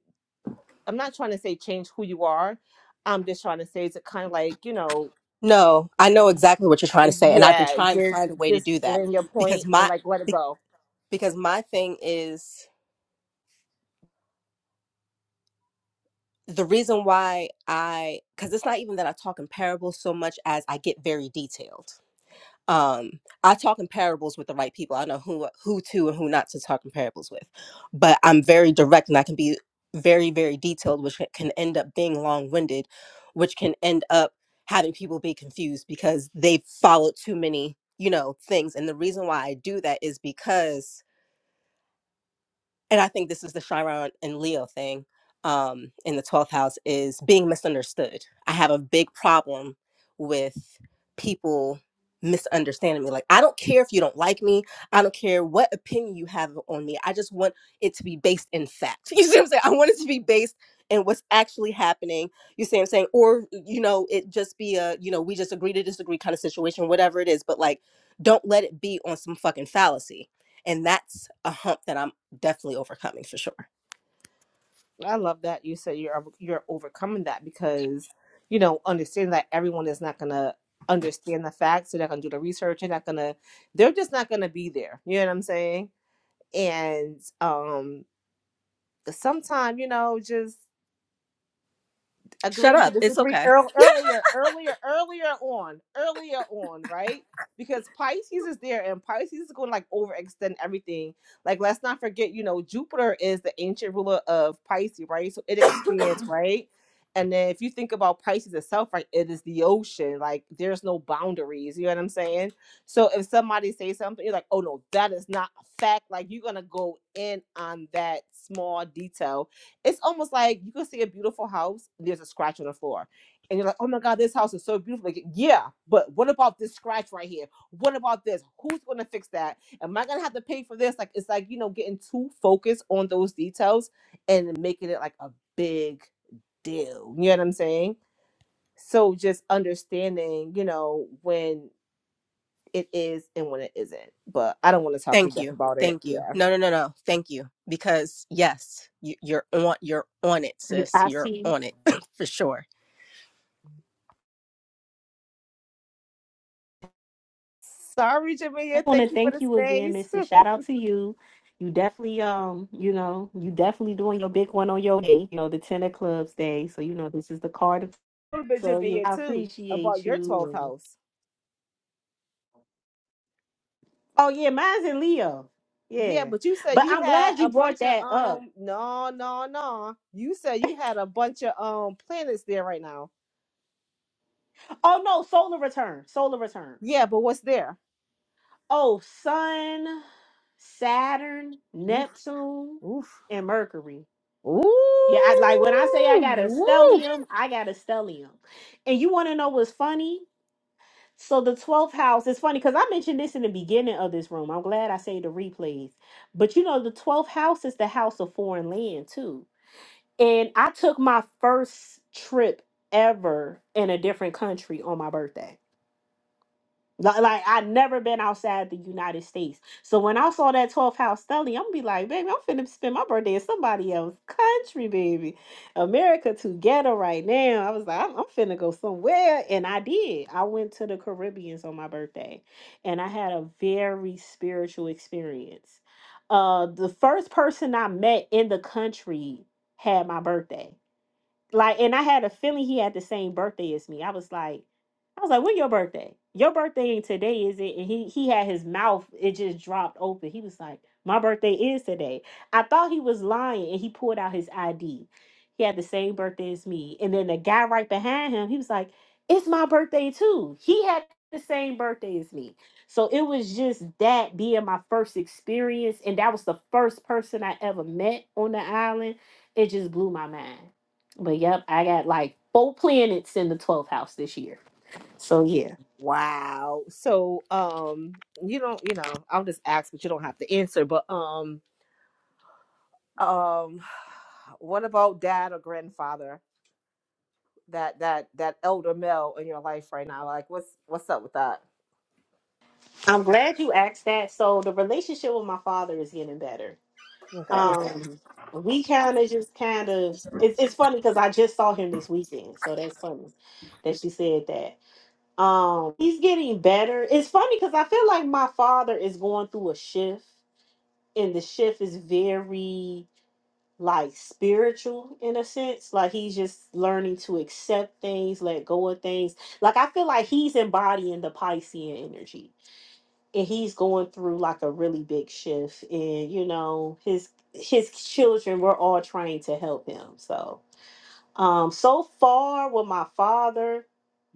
I'm not trying to say change who you are. I'm just trying to say is it kind of like you know, No, I know exactly what you're trying eh, to say, and I've been yeah, trying to just find a way to just do that bring your because point and my like let it go. because my thing is the reason why I because it's not even that I talk in parables so much as I get very detailed. um i talk in parables with the right people i know who who to and who not to talk in parables with but i'm very direct and i can be very very detailed which ca- can end up being long-winded which can end up having people be confused because they follow too many you know things and the reason why i do that is because and I think this is the Chiron and Leo thing um, in the 12th house is being misunderstood. I have a big problem with people misunderstanding me. Like, I don't care if you don't like me. I don't care what opinion you have on me. I just want it to be based in fact. You see what I'm saying? I want it to be based in what's actually happening. You see what I'm saying? Or, you know, it just be a, you know, we just agree to disagree kind of situation, whatever it is. But like, don't let it be on some fucking fallacy and that's a hump that I'm definitely overcoming for sure. I love that you said you're you're overcoming that because you know understanding that everyone is not gonna understand the facts, they're not gonna do the research, they're not gonna, they're just not gonna be there. You know what I'm saying? And um, sometimes you know just Shut agreeing to up. It's disagree okay. earl- earlier, earlier, earlier on, earlier on, right? Because Pisces is there and Pisces is going to like overextend everything. Like, let's not forget, you know, Jupiter is the ancient ruler of Pisces, right? So it expands, right? And then if you think about Pisces itself, right, it is the ocean. Like, there's no boundaries. You know what I'm saying? So if somebody says something, you're like, oh no, that is not a fact. Like, you're going to go in on that small detail it's almost like you can see a beautiful house there's a scratch on the floor and you're like oh my god this house is so beautiful like yeah but what about this scratch right here what about this who's going to fix that am i going to have to pay for this like it's like you know getting too focused on those details and making it like a big deal you know what i'm saying so just understanding you know when it is and when it isn't but i don't want to talk to Thank death you. about it Thank you. yeah No, no, no, no. Thank you. Because yes, you, you're on. You're on it, sis. I You're see. on it for sure. sorry I jamia want to thank you for thank the you again, space Mrs. Shout out to you. You definitely, um, you know, you definitely doing your big one on your day, you know, the Ten of Clubs day. So you know, this is the card. But you're So yeah, in I too about appreciate your twelfth you. house. Oh yeah, mine's in Leo. Yeah, Yeah. but you said But you I'm had glad you a brought bunch of that up. um no no no. You said you had a bunch of um planets there right now. Oh no, solar return. Solar return. Yeah, but what's there? Oh, Sun, Saturn, Oof Neptune, oof and Mercury. ooh Yeah, I, like when I say I got a ooh. stellium, I got a stellium. And you want to know what's funny? So the 12th house is funny because I mentioned this in the beginning of this room. I'm glad I say the replays. But you know, the 12th house is the house of foreign land too. And I took my first trip ever in a different country on my birthday. Li- Like I'd never been outside the United States. So when I saw that 12th house study, I'm gonna be like, baby, I'm finna spend my birthday in somebody else's country, baby. America together right now. I was like, I'm, I'm finna go somewhere. And I did. I went to the Caribbeans on my birthday and I had a very spiritual experience. Uh the first person I met in the country had my birthday like, and I had a feeling he had the same birthday as me. I was like, I was like, when your birthday? Your birthday ain't today, is it? And he he had his mouth, it just dropped open. He was like, My birthday is today. I thought he was lying and he pulled out his ID. He had the same birthday as me. And then the guy right behind him, he was like, It's my birthday too. He had the same birthday as me. So it was just that being my first experience. And that was the first person I ever met on the island. It just blew my mind. But yep, I got like four planets in the 12th house this year. So yeah. Wow. So um you don't you know I'll just ask, but you don't have to answer. But um um what about dad or grandfather? That that that elder male in your life right now? Like what's what's up with that? I'm glad you asked that. So the relationship with my father is getting better. Okay. Okay. Um, we kind of just kind of it's it's funny because I just saw him this weekend, so that's funny that you said that. Um, he's getting better. It's funny because I feel like my father is going through a shift, and the shift is very like spiritual in a sense like he's just learning to accept things let go of things like i feel like he's embodying the piscean energy and he's going through like a really big shift and you know his his children were all trying to help him so um so far with my father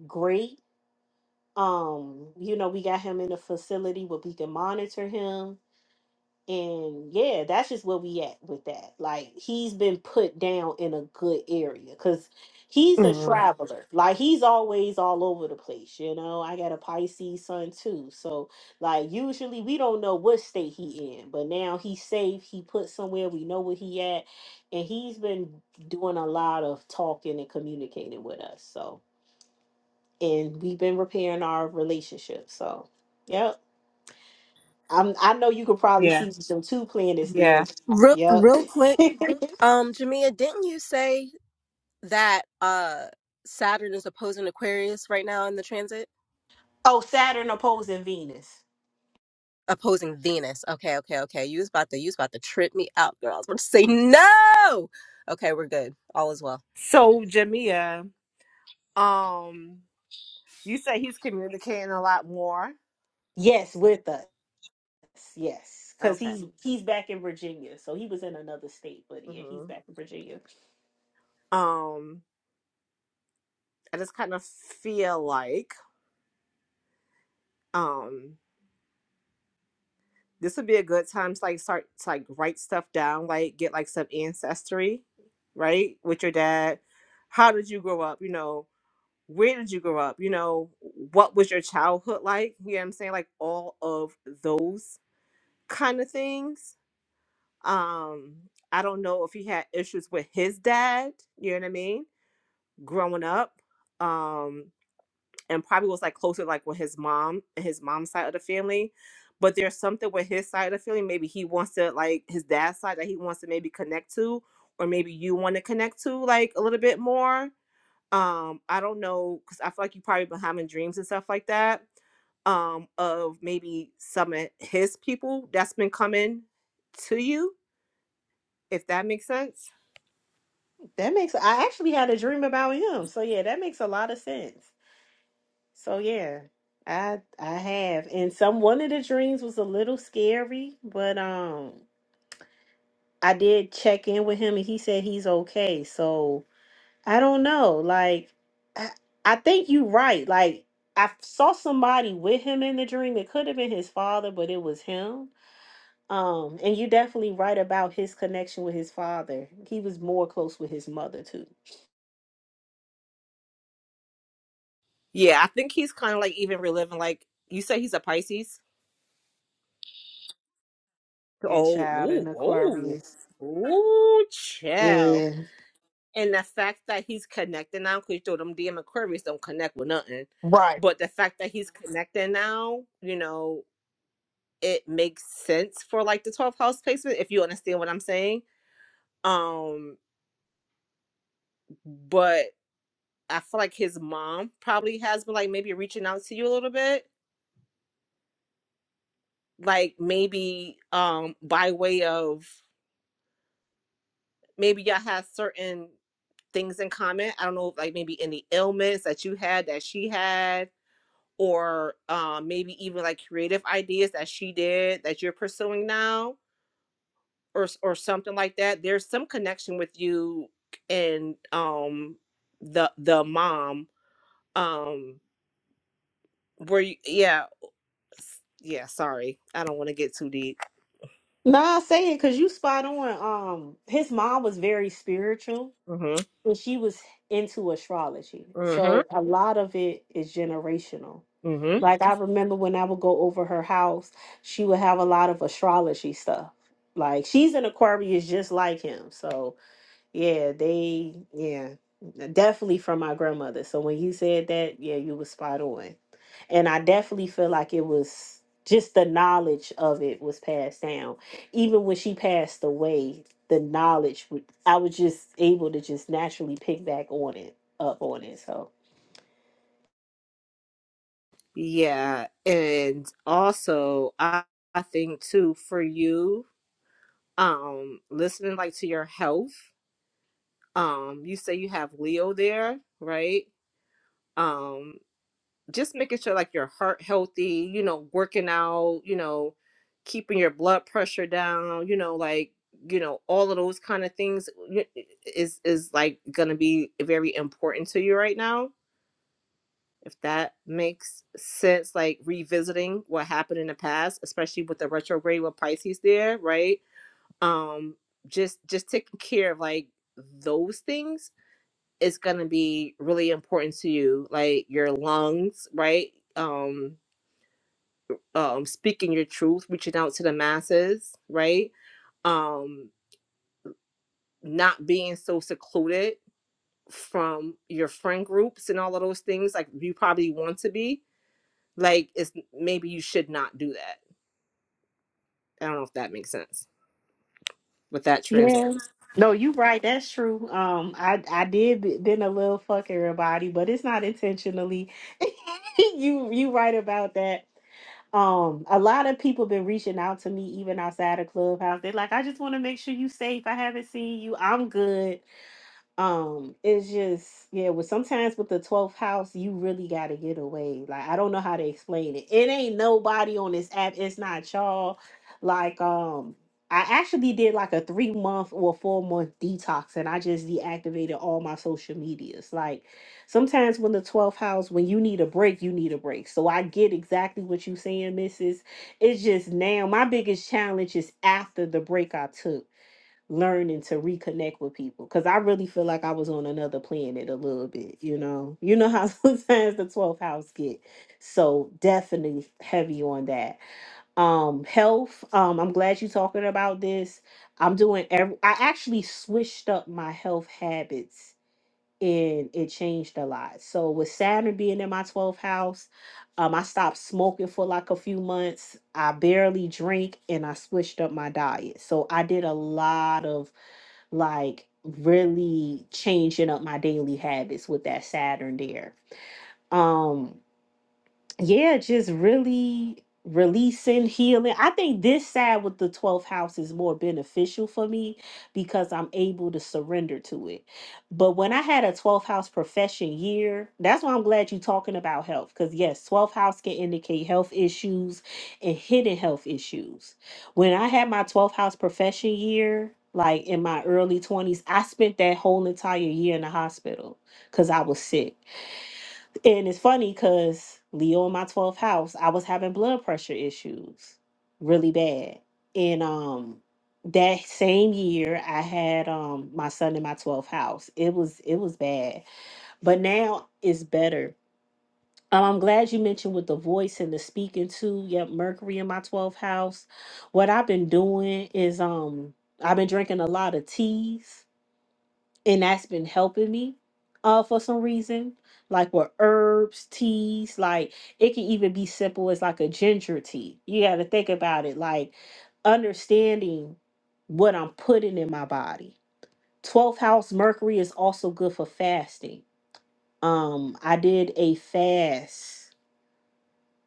great um you know we got him in a facility where we can monitor him and yeah, that's just where we at with that. Like he's been put down in a good area because he's a Mm, traveler. Like he's always all over the place. You know, I got a Pisces son too. So like usually we don't know what state he in, but now he's safe. He put somewhere we know where he at, and he's been doing a lot of talking and communicating with us. So and we've been repairing our relationship. So yep. I'm, I know you could probably yeah, see some two planets there. yeah. Real, Yep. real quick, um, Jamia, didn't you say that uh Saturn is opposing Aquarius right now in the transit? oh, Saturn opposing Venus. opposing Venus. Okay, okay, okay. You was about to you was about to trip me out, girl. I was about to say no. Okay, we're good. All is well. So Jamia, um, you say he's communicating a lot more. Yes, with us. Yes, because Okay. he's he's back in Virginia, so he was in another state, but yeah, he's hmm back in Virginia. Um, I just kind of feel like um this would be a good time to like start to like write stuff down, like get like some ancestry, right, with your dad. How did you grow up? You know, where did you grow up? You know, what was your childhood like? You know what I'm saying? Like all of those kind of things Um, I don't know if he had issues with his dad, you know what I mean, growing up. Um, and probably was like closer like with his mom and his mom's side of the family. But there's something with his side of the family, maybe he wants to like his dad's side that he wants to maybe connect to, or maybe you want to connect to like a little bit more. Um, I don't know, because I feel like you probably been having dreams and stuff like that. Um, of maybe some of his people that's been coming to you, if that makes sense. That makes I actually had a dream about him, so yeah, that makes a lot of sense. So yeah, I I have, and some one of the dreams was a little scary, but um, I did check in with him, and he said he's okay. So I don't know. Like, I, I think you're right. Like, I f- saw somebody with him in the dream. It could have been his father, but it was him. Um, and you're definitely right about his connection with his father. He was more close with his mother too. Yeah, I think he's kind of like even reliving. Like you say, he's a Pisces. Yeah, Oh, child ooh, and oh, Aquarius. ooh, chill. Yeah. And the fact that he's connecting now, because you know them damn Aquarius don't connect with nothing. Right. But the fact that he's connecting now, you know, it makes sense for like the 12th house placement, if you understand what I'm saying. Um, but I feel like his mom probably has been like maybe reaching out to you a little bit, like maybe um by way of maybe y'all have certain things in common. I don't know, like maybe any ailments that you had that she had, or um, maybe even like creative ideas that she did that you're pursuing now, or or something like that. There's some connection with you and um the the mom um where you yeah yeah sorry i don't want to get too deep Nah, I say it because you spot on. Um, his mom was very spiritual mm-hmm and she was into astrology. So mm-hmm a lot of it is generational. mm-hmm Like I remember when I would go over her house, she would have a lot of astrology stuff. Like she's an Aquarius just like him. So yeah, they yeah. Definitely from my grandmother. So when you said that, yeah, you were spot on. And I definitely feel like it was just the knowledge of it was passed down. Even when she passed away, the knowledge would- I was just able to just naturally pick back on it up on it. So yeah and also i i think too for you um listening like to your health um you say you have leo there right um just making sure like your heart healthy you know working out you know keeping your blood pressure down you know like you know all of those kind of things y- is is like gonna be very important to you right now if that makes sense like revisiting what happened in the past especially with the retrograde with pisces there right um just just taking care of like those things is going to be really important to you like your lungs right um um speaking your truth reaching out to the masses right um not being so secluded from your friend groups and all of those things like you probably want to be like it's maybe you should not do that i don't know if that makes sense with that transit Yes. No, you right. That's true. Um, I I did b- been a little fuck everybody, but it's not intentionally. you you right about that. Um, a lot of people been reaching out to me even outside of Clubhouse. They're like, I just want to make sure you safe. I haven't seen you. I'm good um it's just yeah with sometimes with the 12th house you really got to get away like i don't know how to explain it it ain't nobody on this app it's not y'all like um i actually did like a three month or four month detox and i just deactivated all my social medias like sometimes when the 12th house when you need a break you need a break so i get exactly what you saying mrs it's just now my biggest challenge is after the break i took learning to reconnect with people because I really feel like I was on another planet a little bit, you know. You know how sometimes the 12th house get so definitely heavy on that. Um health, um I'm glad you talking about this. I'm doing every I actually switched up my health habits and it changed a lot. So with Saturn being in my 12th house, um I stopped smoking for like a few months. I barely drink and I switched up my diet. So I did a lot of like really changing up my daily habits with that Saturn there. Um, yeah, just really releasing, healing. I think this side with the 12th house is more beneficial for me because I'm able to surrender to it. But when I had a 12th house profession year, that's why I'm glad you're talking about health because, yes, 12th house can indicate health issues and hidden health issues. When I had my 12th house profession year, like in my early 20s, I spent that whole entire year in the hospital because I was sick. And it's funny because Leo in my 12th house, I was having blood pressure issues really bad. And um that same year I had um my son in my 12th house. It was it was bad. But now it's better. Um, I'm glad you mentioned with the voice and the speaking too. Yep, Mercury in my 12th house. What I've been doing is um I've been drinking a lot of teas and that's been helping me uh for some reason like with herbs teas like it can even be simple as like a ginger tea you got to think about it like understanding what i'm putting in my body 12th house mercury is also good for fasting um i did a fast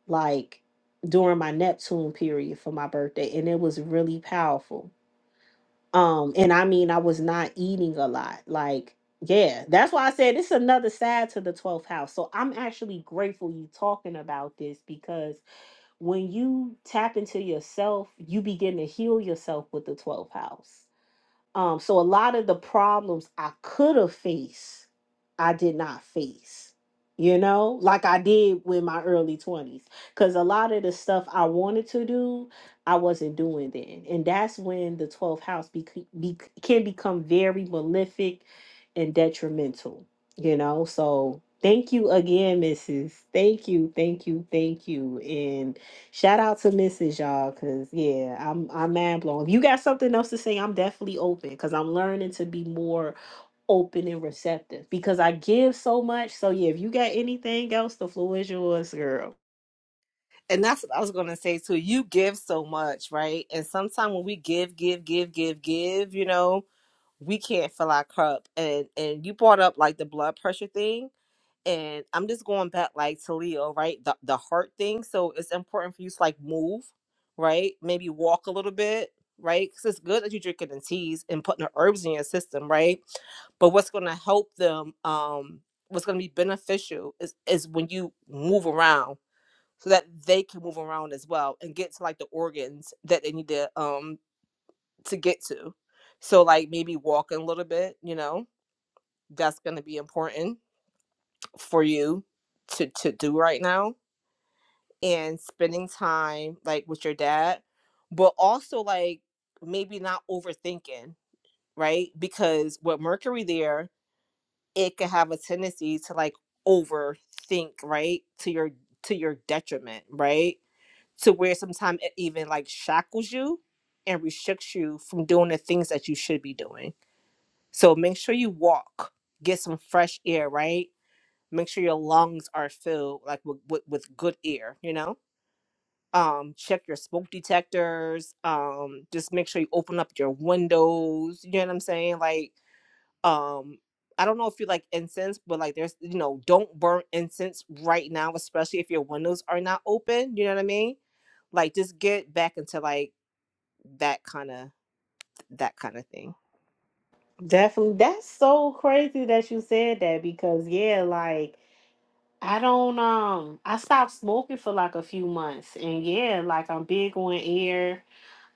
like during my neptune period for my birthday and it was really powerful um, and I mean, I was not eating a lot. Like, yeah, that's why I said it's another side to the 12th house. So I'm actually grateful you talking about this because when you tap into yourself, you begin to heal yourself with the 12th house. Um, so a lot of the problems I could have faced, I did not face, you know, like I did with my early 20s. Because a lot of the stuff I wanted to do, I wasn't doing then. And that's when the 12th house bec- be- can become very malefic and detrimental, you know. So thank you again, Mrs. Thank you, thank you, thank you. And Shout out to Mrs. Y'all, cause yeah, I'm I'm mind blown. If you got something else to say, I'm definitely open, cause I'm learning to be more open and receptive. Because I give so much, so yeah. If you got anything else, the floor is yours, girl. and that's what I was gonna say too. You give so much, right? And sometimes when we give, give, give, give, give, you know, we can't fill our cup. And and you brought up like the blood pressure thing, and I'm just going back like to Leo, right? The the heart thing. So it's important for you to like move, right? Maybe walk a little bit, right? Because it's good that you're drinking the teas and putting the herbs in your system, right? but what's going to help them um what's going to be beneficial is is when you move around so that they can move around as well and get to like the organs that they need to um to get to. So like maybe walking a little bit, you know, that's going to be important for you to to do right now and spending time like with your dad, but also like maybe not overthinking, right? Because with Mercury there, it can have a tendency to like overthink, right? To your to your detriment, right? to where sometimes it even like shackles you and restricts you from doing the things that you should be doing. So make sure you walk, get some fresh air, right? Make sure your lungs are filled like with, with, with good air, you know? Um, check your smoke detectors. Um, just make sure you open up your windows. You know what I'm saying? Like um I don't know if you like incense, but like there's you know, don't burn incense right now, especially if your windows are not open. You know what I mean? Like just get back into like that kind of that kind of thing. Definitely. That's so crazy that you said that, because yeah, like I don't um I stopped smoking for like a few months, and yeah, like I'm big on air,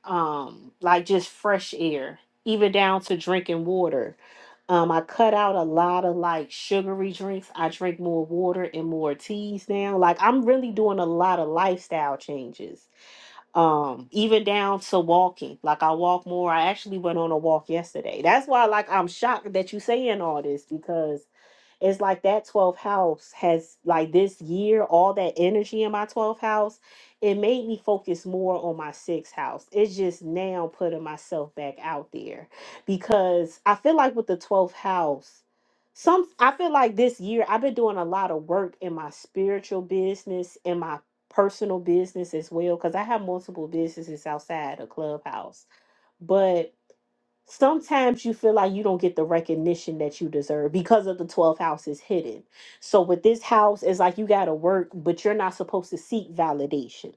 um, like just fresh air, even down to drinking water Um, I cut out a lot of like sugary drinks. I drink more water and more teas now. Like I'm really doing a lot of lifestyle changes. Um, even down to walking. Like I walk more. I actually went on a walk yesterday. That's why like I'm shocked that you saying all this because it's like that 12th house has like this year all that energy in my 12th house it made me focus more on my sixth house it's just now putting myself back out there because i feel like with the 12th house some i feel like this year i've been doing a lot of work in my spiritual business in my personal business as well because i have multiple businesses outside of clubhouse but sometimes you feel like you don't get the recognition that you deserve because of the 12th house is hidden. So with this house, it's like you gotta work, but you're not supposed to seek validation.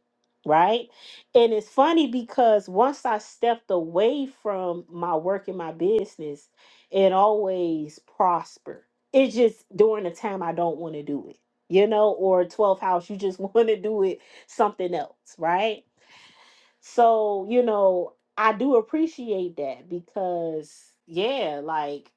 Right. And it's funny because once I stepped away from my work and my business, it always prosper. It's just during the time I don't want to do it, you know, or 12th house, you just want to do it something else, right? So, you know, I do appreciate that because, yeah, like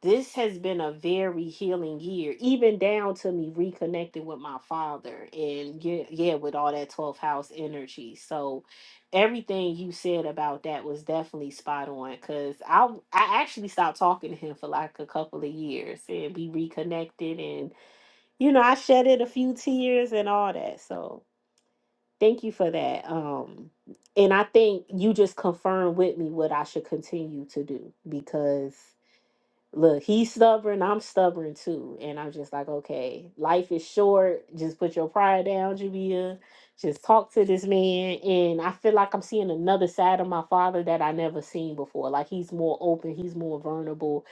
this has been a very healing year, even down to me reconnecting with my father and, yeah, yeah with all that 12th house energy. So, everything you said about that was definitely spot on because I, I actually stopped talking to him for like a couple of years and we reconnected and, you know, I shedded a few tears and all that. So, Thank you for that. Um, and I think you just confirmed with me what I should continue to do because Look, he's stubborn. I'm stubborn too. And I'm just like, okay, life is short. Just put your pride down, Jabia. Just talk to this man. And I feel like I'm seeing another side of my father that I never seen before. Like he's more open, he's more vulnerable.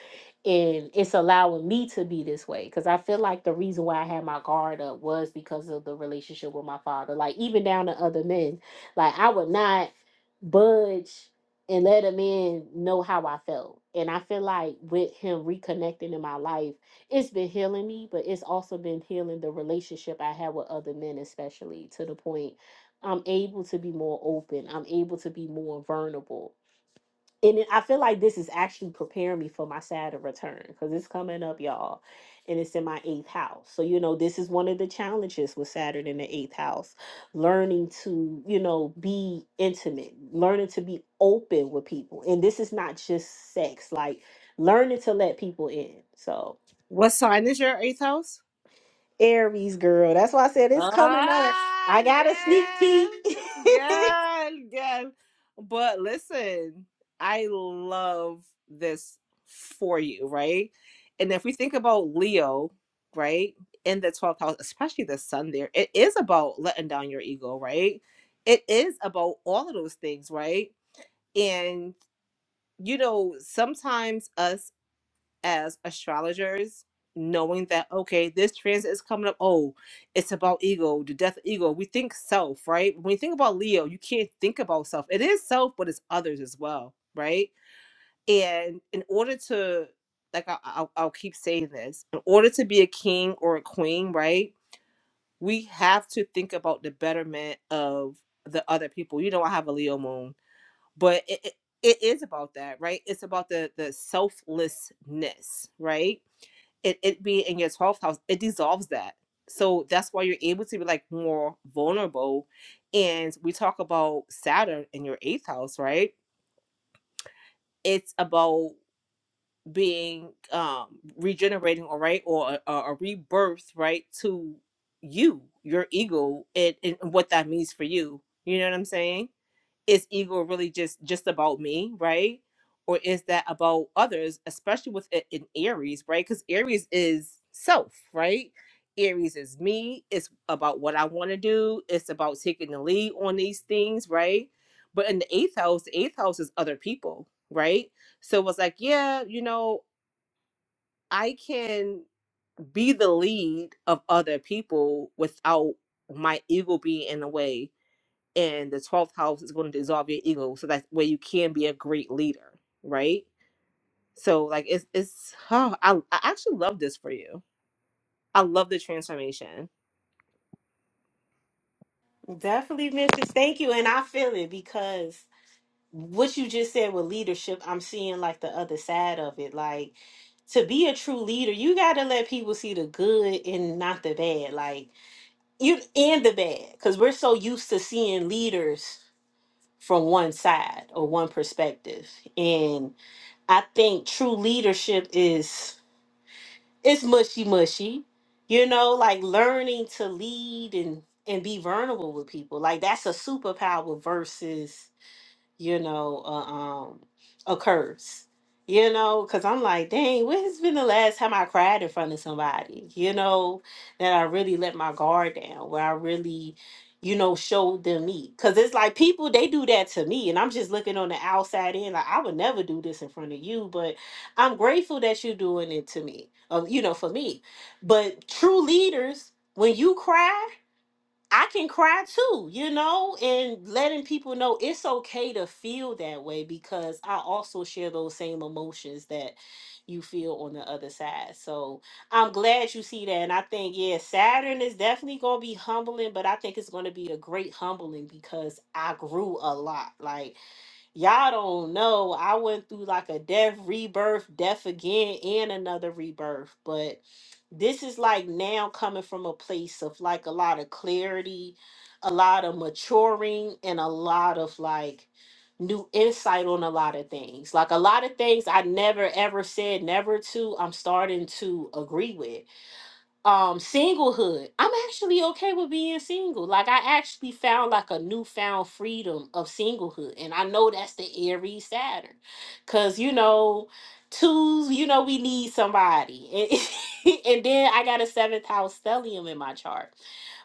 And it's allowing me to be this way. Cause I feel like the reason why I had my guard up was because of the relationship with my father. Like even down to other men. Like I would not budge and let a man know how I felt. And I feel like with him reconnecting in my life, it's been healing me, but it's also been healing the relationship I had with other men, especially to the point I'm able to be more open. I'm able to be more vulnerable and it, I feel like this is actually preparing me for my Saturn return because it's coming up, y'all, and it's in my eighth house. So you know, this is one of the challenges with Saturn in the eighth house: learning to, you know, be intimate, learning to be open with people, and this is not just sex, like learning to let people in. So What sign is your eighth house? Aries, girl, that's why I said it's coming up. Ah, I got a sneak yes, peek. yes, yes. But listen, I love this for you, right? And if we think about Leo, right, in the 12th house, especially the sun there, it is about letting down your ego, right? It is about all of those things, right? And, you know, sometimes us as astrologers, knowing that okay, this transit is coming up. Oh, it's about ego, the death of ego. We think self, right? When you think about Leo, you can't think about self. It is self, but it's others as well, right? And in order to like I, I'll, I'll keep saying this in order to be a king or a queen right we have to think about the betterment of the other people you know i have a leo moon but it, it, it is about that right it's about the the selflessness right it, it being in your 12th house it dissolves that so that's why you're able to be like more vulnerable and we talk about saturn in your eighth house right it's about being um regenerating all right or a, a rebirth right to you your ego and, and what that means for you you know what i'm saying is ego really just just about me right or is that about others especially with it in aries right because aries is self right aries is me it's about what i want to do it's about taking the lead on these things right but in the eighth house the eighth house is other people right so it was like yeah you know i can be the lead of other people without my ego being in the way and the 12th house is going to dissolve your ego so that way you can be a great leader right so like it's it's oh, I, I actually love this for you i love the transformation Definitely, Mrs. Thank you, and I feel it because what you just said with leadership, I'm seeing like the other side of it. Like to be a true leader, you got to let people see the good and not the bad. Like you and the bad cuz we're so used to seeing leaders from one side or one perspective. And I think true leadership is it's mushy mushy. You know, like learning to lead and and be vulnerable with people. Like that's a superpower versus you know, uh, um, occurs. You know, because I'm like, dang, when has been the last time I cried in front of somebody? You know, that I really let my guard down, where I really, you know, showed them me. Because it's like people, they do that to me. And I'm just looking on the outside in, like, I would never do this in front of you, but I'm grateful that you're doing it to me, uh, you know, for me. But true leaders, when you cry, I can cry too, you know, and letting people know it's okay to feel that way because I also share those same emotions that you feel on the other side. So I'm glad you see that. And I think, yeah, Saturn is definitely going to be humbling, but I think it's going to be a great humbling because I grew a lot. Like, Y'all don't know. I went through like a death, rebirth, death again, and another rebirth. But this is like now coming from a place of like a lot of clarity, a lot of maturing, and a lot of like new insight on a lot of things. Like a lot of things I never ever said never to, I'm starting to agree with um singlehood i'm actually okay with being single like i actually found like a newfound freedom of singlehood and i know that's the aries saturn because you know twos you know we need somebody and, and then i got a seventh house stellium in my chart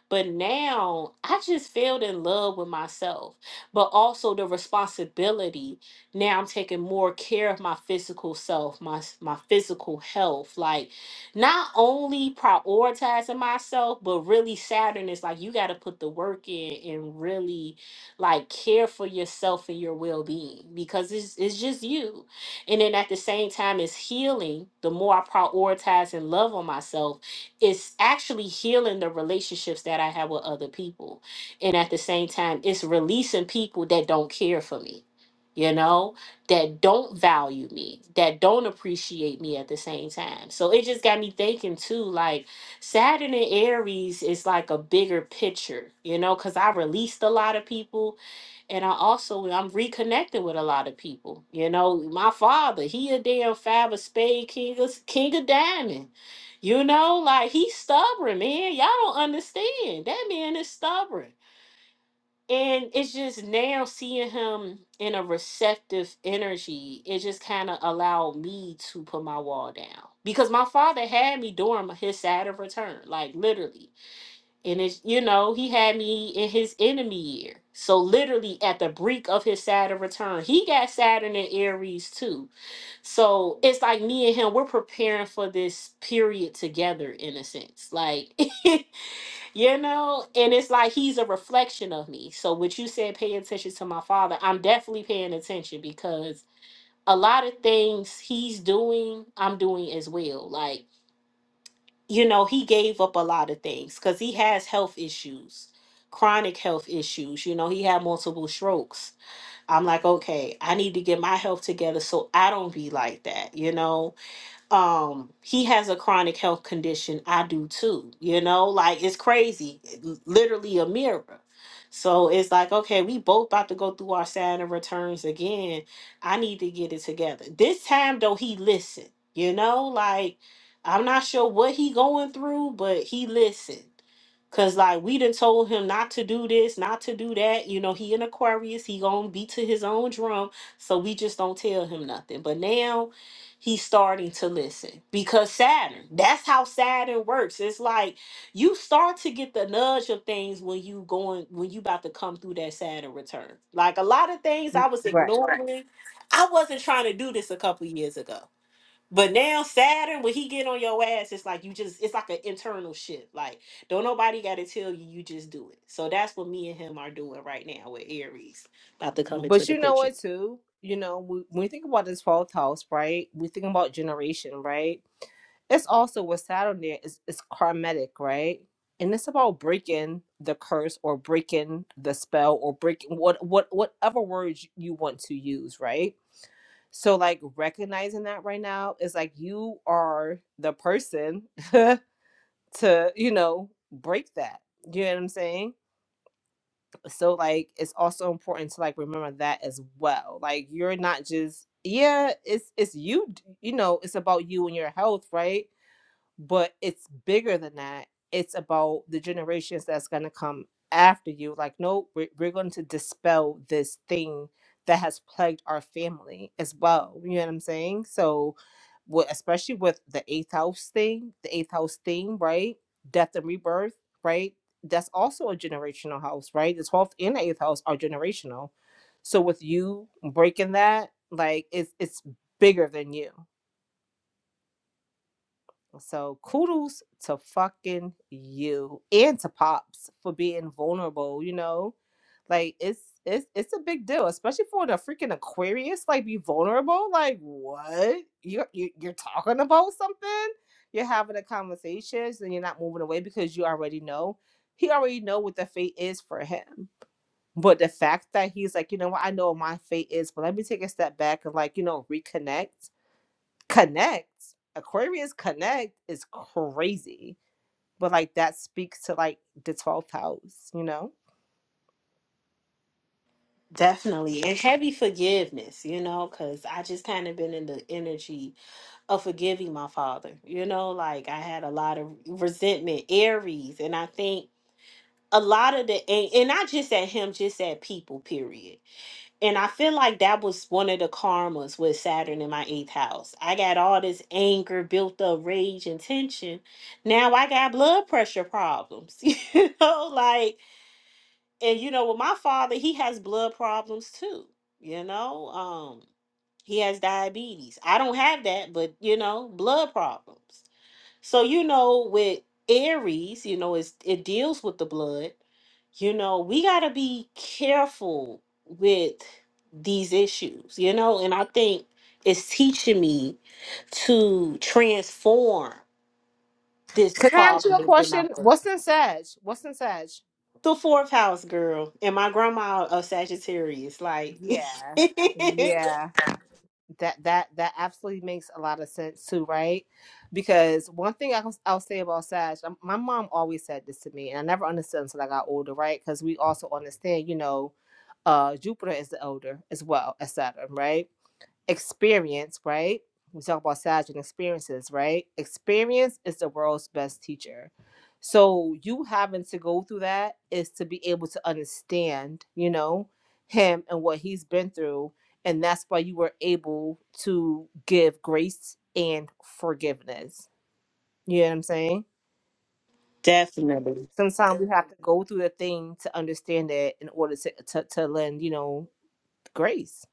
but now I just fell in love with myself, but also the responsibility. Now I'm taking more care of my physical self, my s- my physical health. Like not only prioritizing myself, but really Saturn is like you got to put the work in and really like care for yourself and your well being because it's it's just you. And then at the same time, it's healing. The more I prioritize and love on myself, it's actually healing the relationships that I have with other people. And at the same time, it's releasing people that don't care for me. You know, that don't value me, that don't appreciate me at the same time. So it just got me thinking too, like Saturn and Aries is like a bigger picture, you know, because I released a lot of people and I also I'm reconnecting with a lot of people. You know, my father, he a damn five of spade king of king of diamond. You know, like he's stubborn, man. Y'all don't understand. That man is stubborn. And it's just now seeing him in a receptive energy, it just kind of allowed me to put my wall down because my father had me during his Saturn return, like literally. And it's, you know, he had me in his enemy year. So, literally, at the brink of his Saturn return, he got Saturn in Aries too. So, it's like me and him, we're preparing for this period together in a sense. Like, You know, and it's like he's a reflection of me. So what you said, pay attention to my father. I'm definitely paying attention because a lot of things he's doing, I'm doing as well. Like, you know, he gave up a lot of things because he has health issues, chronic health issues. You know, he had multiple strokes. I'm like, okay, I need to get my health together so I don't be like that, you know? um he has a chronic health condition i do too you know like it's crazy l- literally a mirror so it's like okay we both about to go through our saturn returns again i need to get it together this time though he listened you know like i'm not sure what he going through but he listened Cause like we done told him not to do this, not to do that. You know, he an Aquarius, he gonna be to his own drum. So we just don't tell him nothing. But now he's starting to listen because Saturn, that's how Saturn works. It's like you start to get the nudge of things when you going when you about to come through that Saturn return. Like a lot of things I was right ignoring. Right. I wasn't trying to do this a couple years ago. But now Saturn, when he get on your ass, it's like you just it's like an internal shift. Like don't nobody gotta tell you, you just do it. So that's what me and him are doing right now with Aries about to come into but the you know picture. what too you know we, when we think about this 12th house right we think about generation right it's also with saturn there is it's karmatic right and it's about breaking the curse or breaking the spell or breaking what what whatever words you want to use right So like recognizing that right now is like you are the person to, you know, break that. You know what I'm saying? So like it's also important to like remember that as well. Like you're not just yeah, it's it's you, d- you know, it's about you and your health, right? but it's bigger than that. It's about the generations that's going to come after you. Like, no, we're, we're going to dispel this thing that has plagued our family as well. You know what I'm saying? So, with, especially with the eighth house thing, the eighth house thing, right? Death and rebirth, right? That's also a generational house, right? The 12th and the eighth house are generational. So, with you breaking that, like, it's, it's bigger than you. So kudos to fucking you and to Pops for being vulnerable, you know? Like it's it's it's a big deal, especially for the freaking Aquarius, like be vulnerable. Like what? You you you're talking about something? You're having a conversation, and you're not moving away because you already know. He already know what the fate is for him. But the fact that he's like, you know what, I know what my fate is, but let me take a step back and like, you know, reconnect connect aquarius connect is crazy but like that speaks to like the 12th house you know Definitely. And heavy forgiveness, you know, because I just kind of been in the energy of forgiving my father. You know, like I had a lot of resentment, Aries. And I think a lot of the, and, and not just at him, just at people, period. And I feel like that was one of the karmas with Saturn in my eighth house. I got all this anger, built up rage and tension. Now I got blood pressure problems, you know, like and you know with my father he has blood problems too you know um he has diabetes i don't have that but you know blood problems so you know with aries you know it's, it deals with the blood you know we got to be careful with these issues you know and i think it's teaching me to transform this can i ask you a question problem what's in sag what's in sag the fourth house girl and my grandma a Sagittarius. Like yeah yeah that that that absolutely makes a lot of sense too right because one thing I, i'll say about sag um, my mom always said this to me and i never understood until i got older right because we also understand you know uh jupiter is the elder as well as saturn right experience, right? We talk about SAG and experiences, right? Experience is the world's best teacher. So you having to go through that is to be able to understand, you know, him and what he's been through. And that's why you were able to give grace and forgiveness. You know what I'm saying? definitely. Sometimes we have to go through the thing to understand it in order to, to, to lend, you know, grace.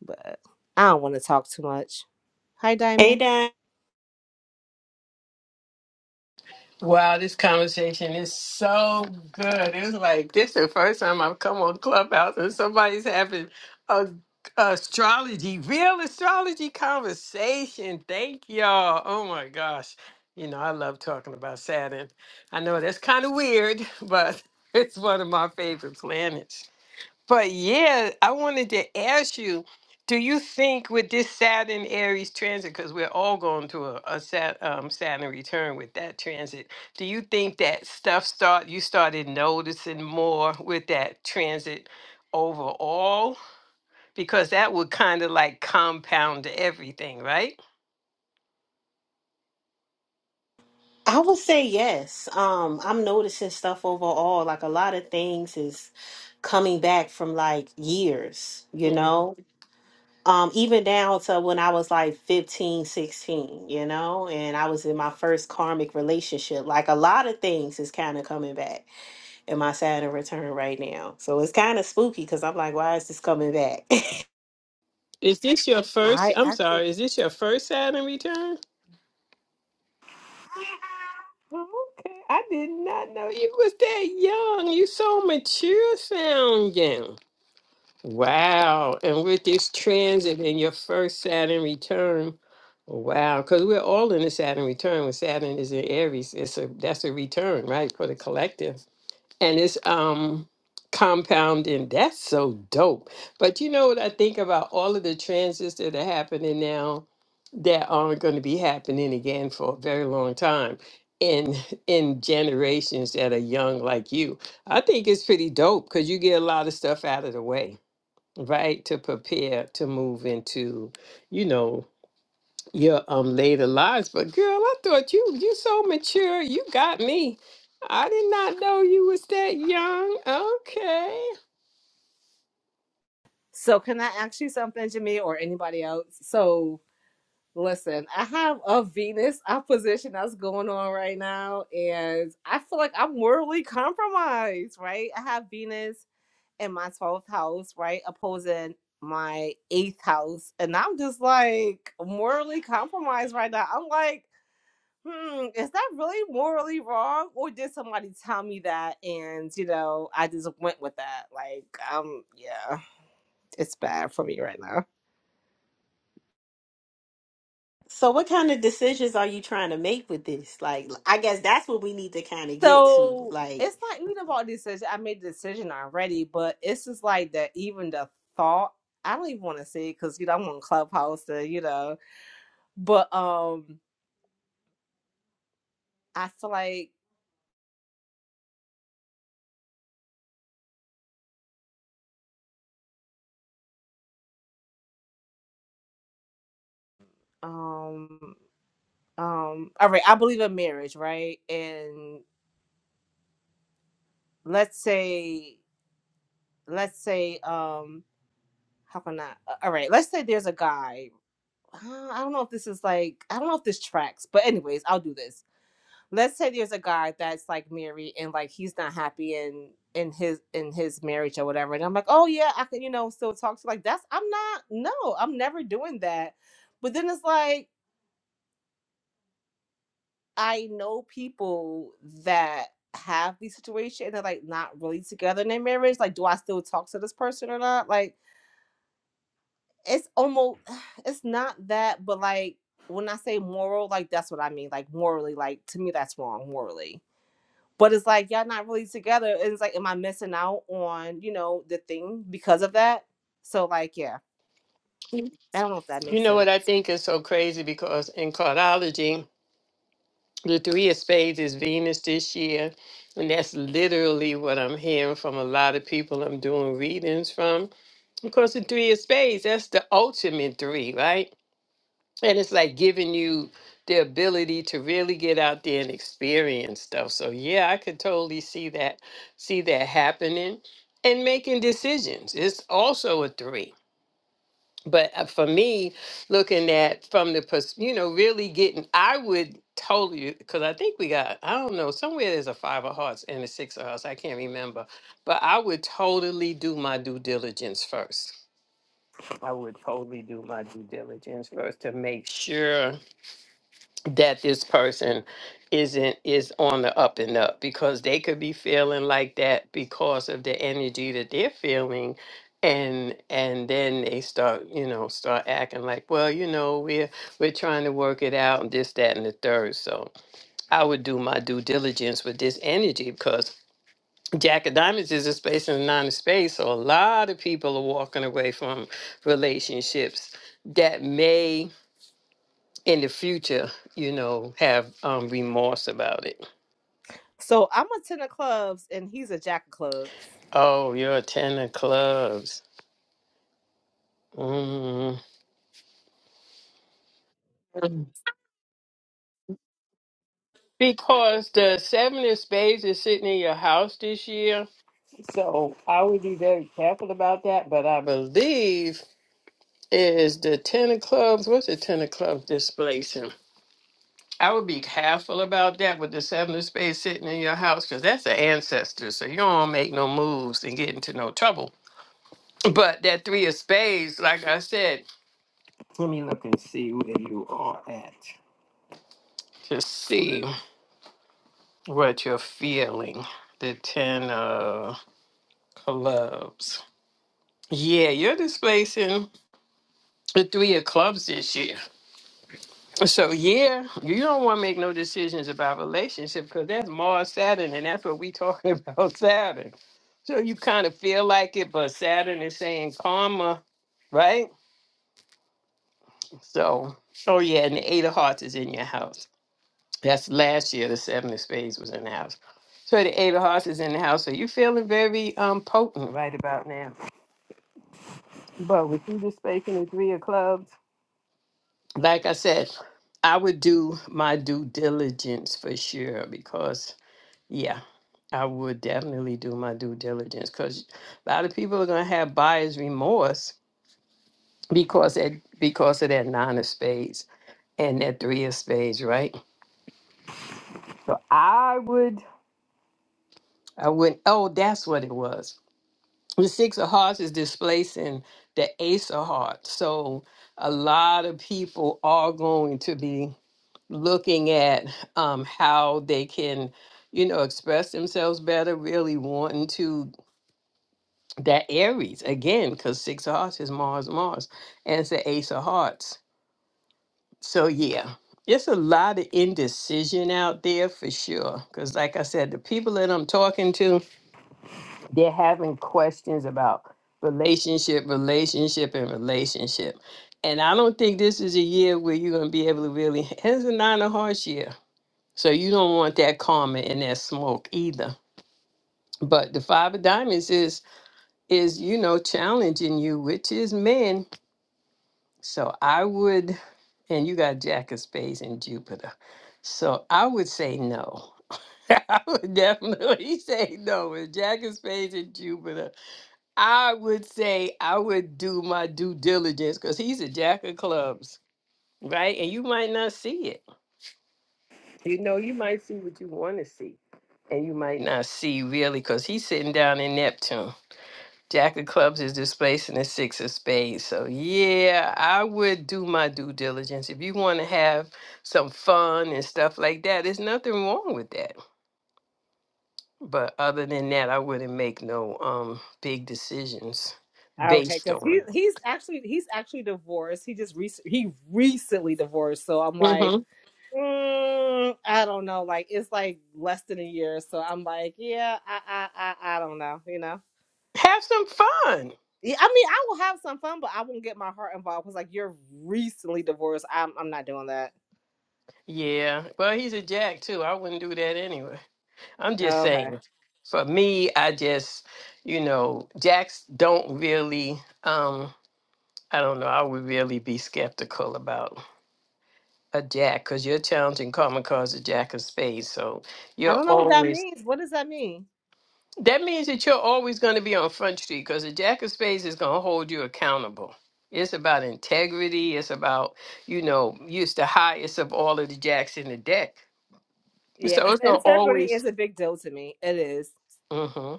But I don't want to talk too much. Hi, Diamond. Hey Dan. Wow, this conversation is so good. It's like this is the first time I've come on Clubhouse and somebody's having a astrology, real astrology conversation. Thank y'all. Oh my gosh. You know, I love talking about Saturn. I know that's kind of weird, but it's one of my favorite planets. But yeah, I wanted to ask you, do you think with this Saturn Aries transit, because we're all going to a, a Sat, um, Saturn return with that transit, do you think that stuff start you started noticing more with that transit overall? Because that would kind of like compound everything, right? I would say yes. Um, I'm noticing stuff overall. Like a lot of things is coming back from like years, you Mhm. know? Um, even down to when I was like 15, 16, you know, and I was in my first karmic relationship. Like a lot of things is kind of coming back in my Saturn return right now. So it's kind of spooky because I'm like, why is this coming back? Is this your first? I I'm actually. sorry. Is this your first Saturn return? Okay, I did not know you was that young. You so mature sounding. Wow, and with this transit and your first Saturn return, wow, because we're all in a Saturn return. When Saturn is in Aries, it's a that's a return, right, for the collective and it's um compounding. That's so dope. But you know what I think about all of the transits that are happening now that aren't going to be happening again for a very long time in in generations that are young like you. I think it's pretty dope because you get a lot of stuff out of the way, right? To prepare to move into, you know your um later lives. But girl, I thought you you so mature. You got me. I did not know you was that young. Okay. So can I ask you something, Jimmy, or anybody else? So listen, I have a Venus opposition that's going on right now, and I feel like I'm morally compromised, right? I have Venus in my twelfth house, right, opposing my eighth house, and I'm just like morally compromised right now. I'm like. Hmm, is that really morally wrong? Or did somebody tell me that and you know, I just went with that? Like, um, yeah. It's bad for me right now. So what kind of decisions are you trying to make with this? Like I guess that's what we need to kind of get to. So Like it's not even about decision. I made the decision already, but it's just like that. Even the thought, I don't even want to say it because you know I'm on Clubhouse, and, you know. But um, I feel like um um. All right, I believe in marriage, right? And let's say, let's say um, how can I? uh, All right, let's say there's a guy. Uh, I don't know if this is like I don't know if this tracks, but anyways, I'll do this let's say there's a guy that's like married and like he's not happy in in his in his marriage or whatever and i'm like oh yeah i can you know still talk to like that's i'm not no i'm never doing that but then it's like i know people that have these situations and they're like not really together in their marriage like do i still talk to this person or not like it's almost it's not that but like when i say moral like that's what i mean like morally like to me that's wrong morally but it's like y'all not really together and it's like am i missing out on you know the thing because of that so like yeah You i don't know if that you makes know sense what I think is so crazy because in cardiology, the three of spades is Venus this year. And that's literally what I'm hearing from a lot of people I'm doing readings from. Because the three of spades, that's the ultimate three, right? and it's like giving you the ability to really get out there and experience stuff so yeah i could totally see that see that happening and making decisions it's also a three but uh, for me looking at from the pers- you know really getting i would totally because i think we got i don't know somewhere there's a five of hearts and a six of hearts i can't remember but i would totally do my due diligence first i would totally do my due diligence first to make sure that this person isn't is on the up and up because they could be feeling like that because of the energy that they're feeling and and then they start you know start acting like well you know we're we're trying to work it out and this that and the third so i would do my due diligence with this energy because jack of diamonds is a space and a nine of space so a lot of people are walking away from relationships that may in the future, you know, have um, remorse about it. so i'm a ten of clubs and he's a jack of clubs Oh, you're a ten of clubs. Mm. Because the seven of spades is sitting in your house this year. So I would be very careful about that. But I believe is the ten of clubs, what's the ten of clubs displacing? I would be careful about that with the seven of spades sitting in your house because that's an ancestor. So you don't wanna make no moves and get into no trouble. But that three of spades, like I said, Let me look and see where you are at to see what you're feeling. The 10 of clubs. Yeah, you're displacing the three of clubs this year. So, yeah, you don't want to make no decisions about relationship because that's Mars, Saturn, and that's what we talking about, Saturn. So you kind of feel like it, but Saturn is saying karma, right? So, oh yeah, and the Eight of Hearts is in your house. That's last year. The seven of spades was in the house. So the eight of hearts is in the house. So you're feeling very um potent right about now. But with you just making the three of clubs, like I said, I would do my due diligence for sure because yeah, I would definitely do my due diligence because a lot of people are gonna have buyer's remorse because that because of that nine of spades and that three of spades, right? So I would I wouldn't oh that's what it was. the six of hearts is displacing the ace of hearts so a lot of people are going to be looking at um, how they can you know express themselves better really wanting to that aries again because six of hearts is mars mars and it's the ace of hearts so yeah it's a lot of indecision out there for sure because like i said the people that i'm talking to they're having questions about relationship, relationship, and relationship. And I don't think this is a year where you're going to be able to really, it's a nine of hearts year. So you don't want that karma and that smoke either. But the five of diamonds is, is, you know, challenging you, which is men. So I would, and you got Jack of Spades and Jupiter. So I would say no. I would definitely say no with Jack of Spades and Jupiter I would say I would do my due diligence because he's a jack of clubs, right? And you might not see it. You know, you might see what you want to see, and you might not see really because he's sitting down in Neptune. Jack of clubs is displacing the six of spades. So, yeah, I would do my due diligence. If you want to have some fun and stuff like that, there's nothing wrong with that. But other than that, I wouldn't make no um big decisions okay based because he on. he's actually he's actually divorced he just rec- he recently divorced so i'm like mm, i don't know like it's like less than a year so i'm like yeah i i i, I don't know you know Have some fun. yeah, I mean, I will have some fun, but I won't get my heart involved because, like, you're recently divorced. I'm, I'm not doing that. Yeah. Well, he's a jack too. I wouldn't do that anyway. I'm just Okay. saying. For me, I just, you know, jacks don't really. um I don't know. I would really be skeptical about a jack because you're challenging common cause a jack of spades. So I you're don't know what that always. means. What does that mean? That means that you're always going to be on front street because a jack of spades is going to hold you accountable. It's about integrity. It's about, you know, use the highest of all of the jacks in the deck. Yeah, So because it's gonna integrity always, is a big deal to me. It is. hmm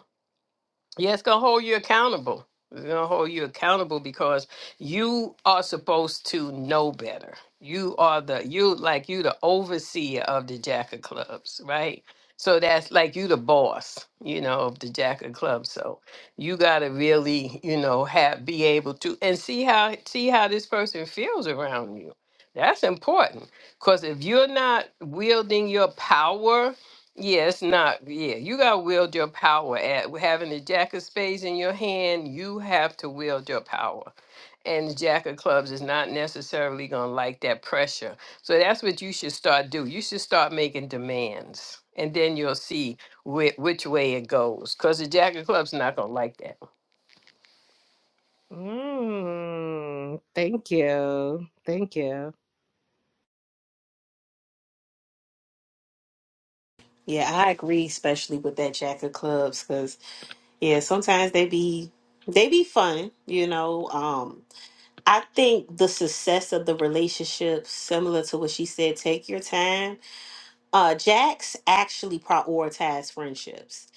yeah, it's gonna hold you accountable. It's gonna hold you accountable because you are supposed to know better. You are the you like you the overseer of the Jack of Clubs, right? So that's like you the boss, you know, of the Jack of Clubs. So you gotta really, you know, have be able to and see how see how this person feels around you. That's important because if you're not wielding your power yeah, it's not. Yeah, you got to wield your power. At having the jack of spades in your hand, you have to wield your power. And the jack of clubs is not necessarily going to like that pressure. So that's what you should start do. You should start making demands, and then you'll see whi which way it goes. Because the jack of clubs not going to like that. Mm, thank you. Thank you. yeah, I agree especially with that Jack of Clubs cuz yeah, sometimes they be they be fun, you know. Um I think the success of the relationship similar to what she said, take your time uh Jax actually prioritized friendships.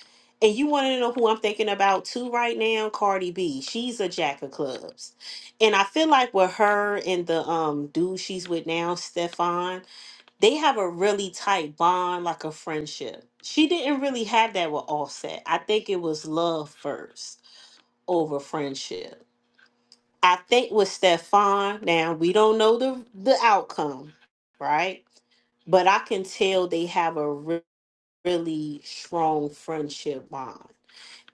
And you want to know who I'm thinking about too right now? Cardi B. She's a jack of clubs. And I feel like with her and the um dude she's with now, Stefan, they have a really tight bond, like a friendship. She didn't really have that with Offset. I think it was love first over friendship. I think with Stefan, now we don't know the the outcome, right? But I can tell they have a really strong friendship bond.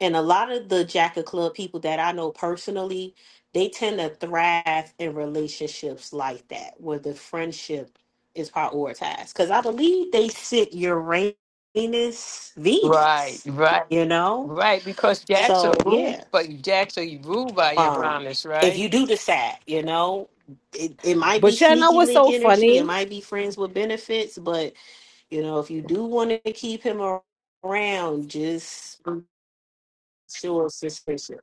And a lot of the Jack of Club people that I know personally, they tend to thrive in relationships like that, where the friendship is prioritized. Because I believe they sit Uranus, Right, Venus, right, you know? right. Because jacks So, are yeah. ruled, but jacks are ruled by Um, Uranus, if right? you do decide, you know, it, it might be But you know sneaky what's link so energy, it funny? might be friends with benefits, but you know, if you do want to keep him around, just be sure it's suspicious.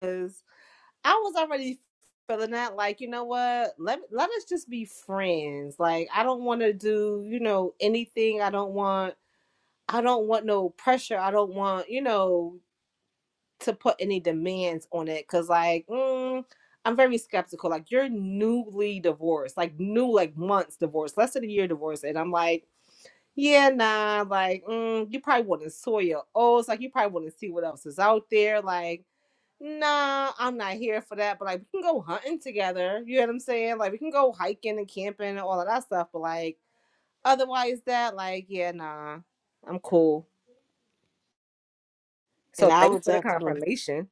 Is I was already feeling that, like, you know what? Let let us just be friends. Like, I don't want to do, you know, anything. I don't want I don't want no pressure. I don't want, you know, to put any demands on it because like mm, i'm very skeptical like you're newly divorced like new like months divorced less than a year divorced and i'm like yeah nah like mm, you probably want to soil your oats like you probably want to see what else is out there like nah i'm not here for that but like we can go hunting together you know what i'm saying like we can go hiking and camping and all of that stuff but like otherwise that like yeah nah i'm cool And so I thanks would for the definitely, confirmation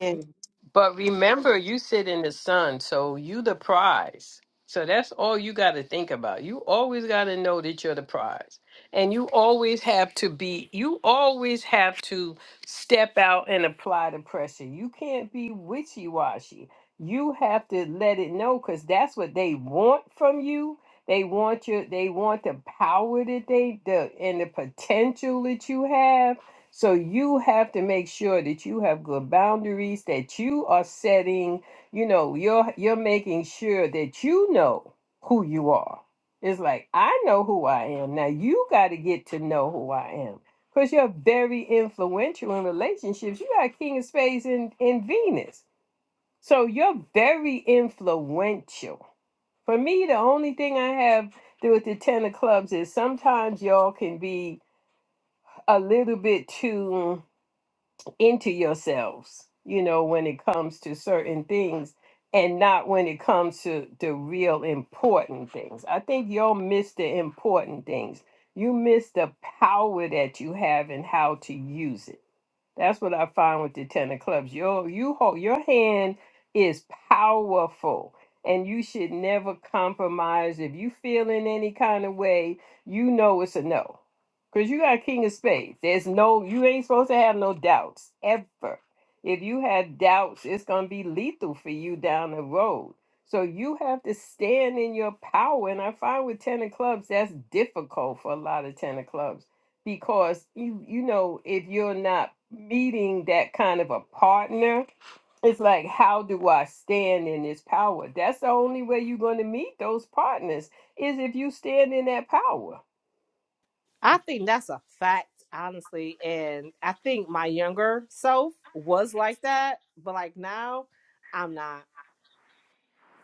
and But remember, you sit in the sun, so you the prize. So that's all you got to think about. You always got to know that you're the prize. And you always have to be, you always have to step out and apply the pressure. You can't be witchy washy. You have to let it know because that's what they want from you. They want you, they want the power that they, the, and the potential that you have so you have to make sure that you have good boundaries that you are setting, you know, you're you're making sure that you know who you are. It's like I know who I am. Now you got to get to know who I am. Cuz you're very influential in relationships. You got king of spades in in Venus. So you're very influential. For me, the only thing I have to do with the 10 of clubs is sometimes y'all can be a little bit too into yourselves, you know, when it comes to certain things and not when it comes to the real important things. I think you'll miss the important things. You miss the power that you have and how to use it that's what I find with the ten of clubs. Your you hold your hand is powerful, and you should never compromise. If you feel in any kind of way, you know it's a no, because you got King of Spades. There's no you ain't supposed to have no doubts ever. If you had doubts, it's gonna be lethal for you down the road. So you have to stand in your power. And I find with ten of clubs, that's difficult for a lot of ten of clubs because you you know if you're not meeting that kind of a partner it's like how do i stand in this power that's the only way you're going to meet those partners is if you stand in that power I think that's a fact, honestly. And I think my younger self was like that, but like now, I'm not.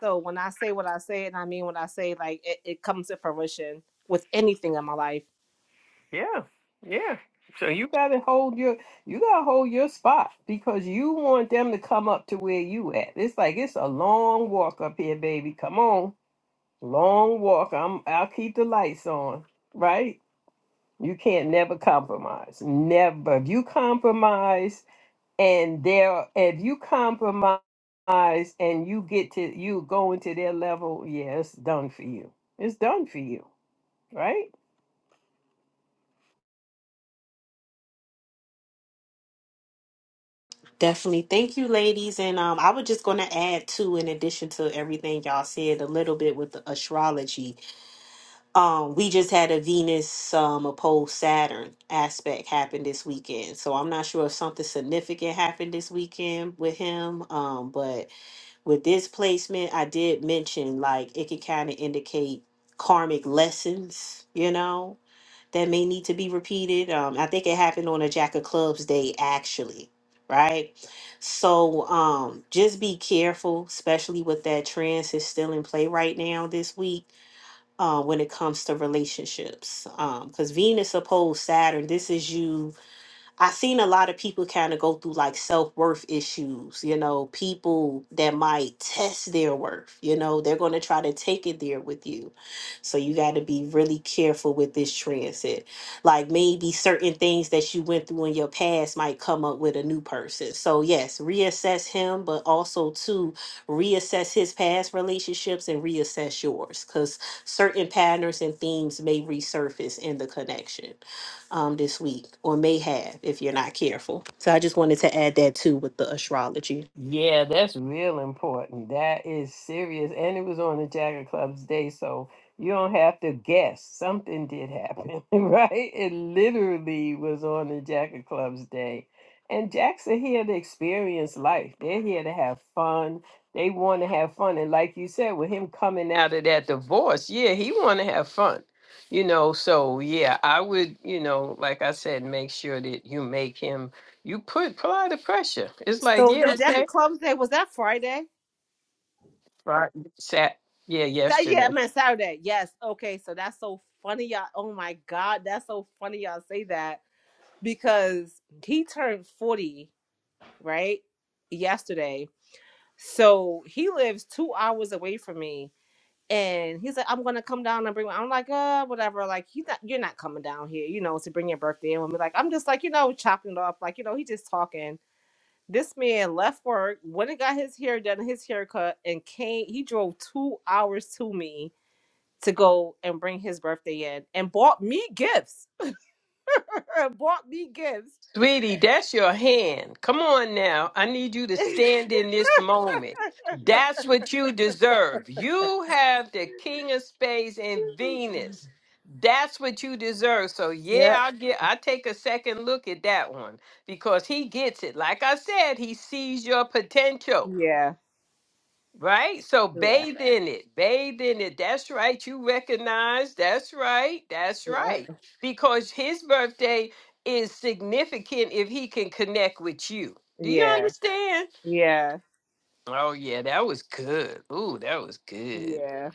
So when I say what I say, and I mean what I say, like it, it comes to fruition with anything in my life. yeah yeah so you got to hold your you got to hold your spot because you want them to come up to where you at it's like it's a long walk up here baby come on long walk i'm i'll keep the lights on right You can't never compromise. Never. If you compromise and there if you compromise and you get to you go into their level, yeah, it's done for you. It's done for you, right? definitely thank you, ladies. And um, I was just going to add too, in addition to everything y'all said, a little bit with the astrology. Um, we just had a Venus um opposed Saturn aspect happen this weekend, so I'm not sure if something significant happened this weekend with him. Um, but with this placement, I did mention like it could kind of indicate karmic lessons, you know, that may need to be repeated. Um, I think it happened on a Jack of Clubs day, actually, right? So um, just be careful, especially with that trance is still in play right now this week uh, when it comes to relationships. Because Venus opposed Saturn, this is you I've seen a lot of people kind of go through like self worth issues, you know, people that might test their worth, you know, they're going to try to take it there with you. So you got to be really careful with this transit. Like maybe certain things that you went through in your past might come up with a new person. So, yes, reassess him, but also to reassess his past relationships and reassess yours because certain patterns and themes may resurface in the connection um, this week, or may have if you're not careful. So I just wanted to add that too with the astrology. Yeah, that's real important. That is serious. And it was on the Jagger Club's day, so you don't have to guess. Something did happen, right? It literally was on the Jagger Club's day. And Jacks are here to experience life. They're here to have fun. They want to have fun. And like you said, with him coming out of that divorce, yeah, he want to have fun. You know, so yeah, I would, you know, like I said, make sure that you make him, you put, apply the pressure. It's like, So the yeah, Jack okay. of Clubs Day was that Friday? Right. Sat. Yeah, Sa- yeah, yesterday. I meant Saturday. Yes. Okay. So that's so funny, y'all. Oh my God, that's so funny, y'all say that because he turned forty, right? Yesterday. So he lives two hours away from me And he's like, I'm gonna come down and bring. My-. I'm like, uh, whatever. Like, you not, you're not coming down here, you know, to bring your birthday in with me. Like, I'm just like, you know, chopping it off. Like, you know, he just talking. This man left work, went and got his hair done, his haircut, and came. He drove two hours to me to go and bring his birthday in, and bought me gifts. bought me gifts. Sweetie, that's your hand. Come on now. I need you to stand in this moment. That's what you deserve. You have the King of Spades and Venus. That's what you deserve. So yeah, yep. I get I take a second look at that one because he gets it. Like I said, he sees your potential. Yeah. Right? So Yeah. bathe in it. Bathe in it. That's right. You recognize. That's right. That's Yeah. right. Because his birthday is significant if he can connect with you. Do you Yeah. understand? Yeah. Oh yeah, that was good. Ooh, that was good. Yeah.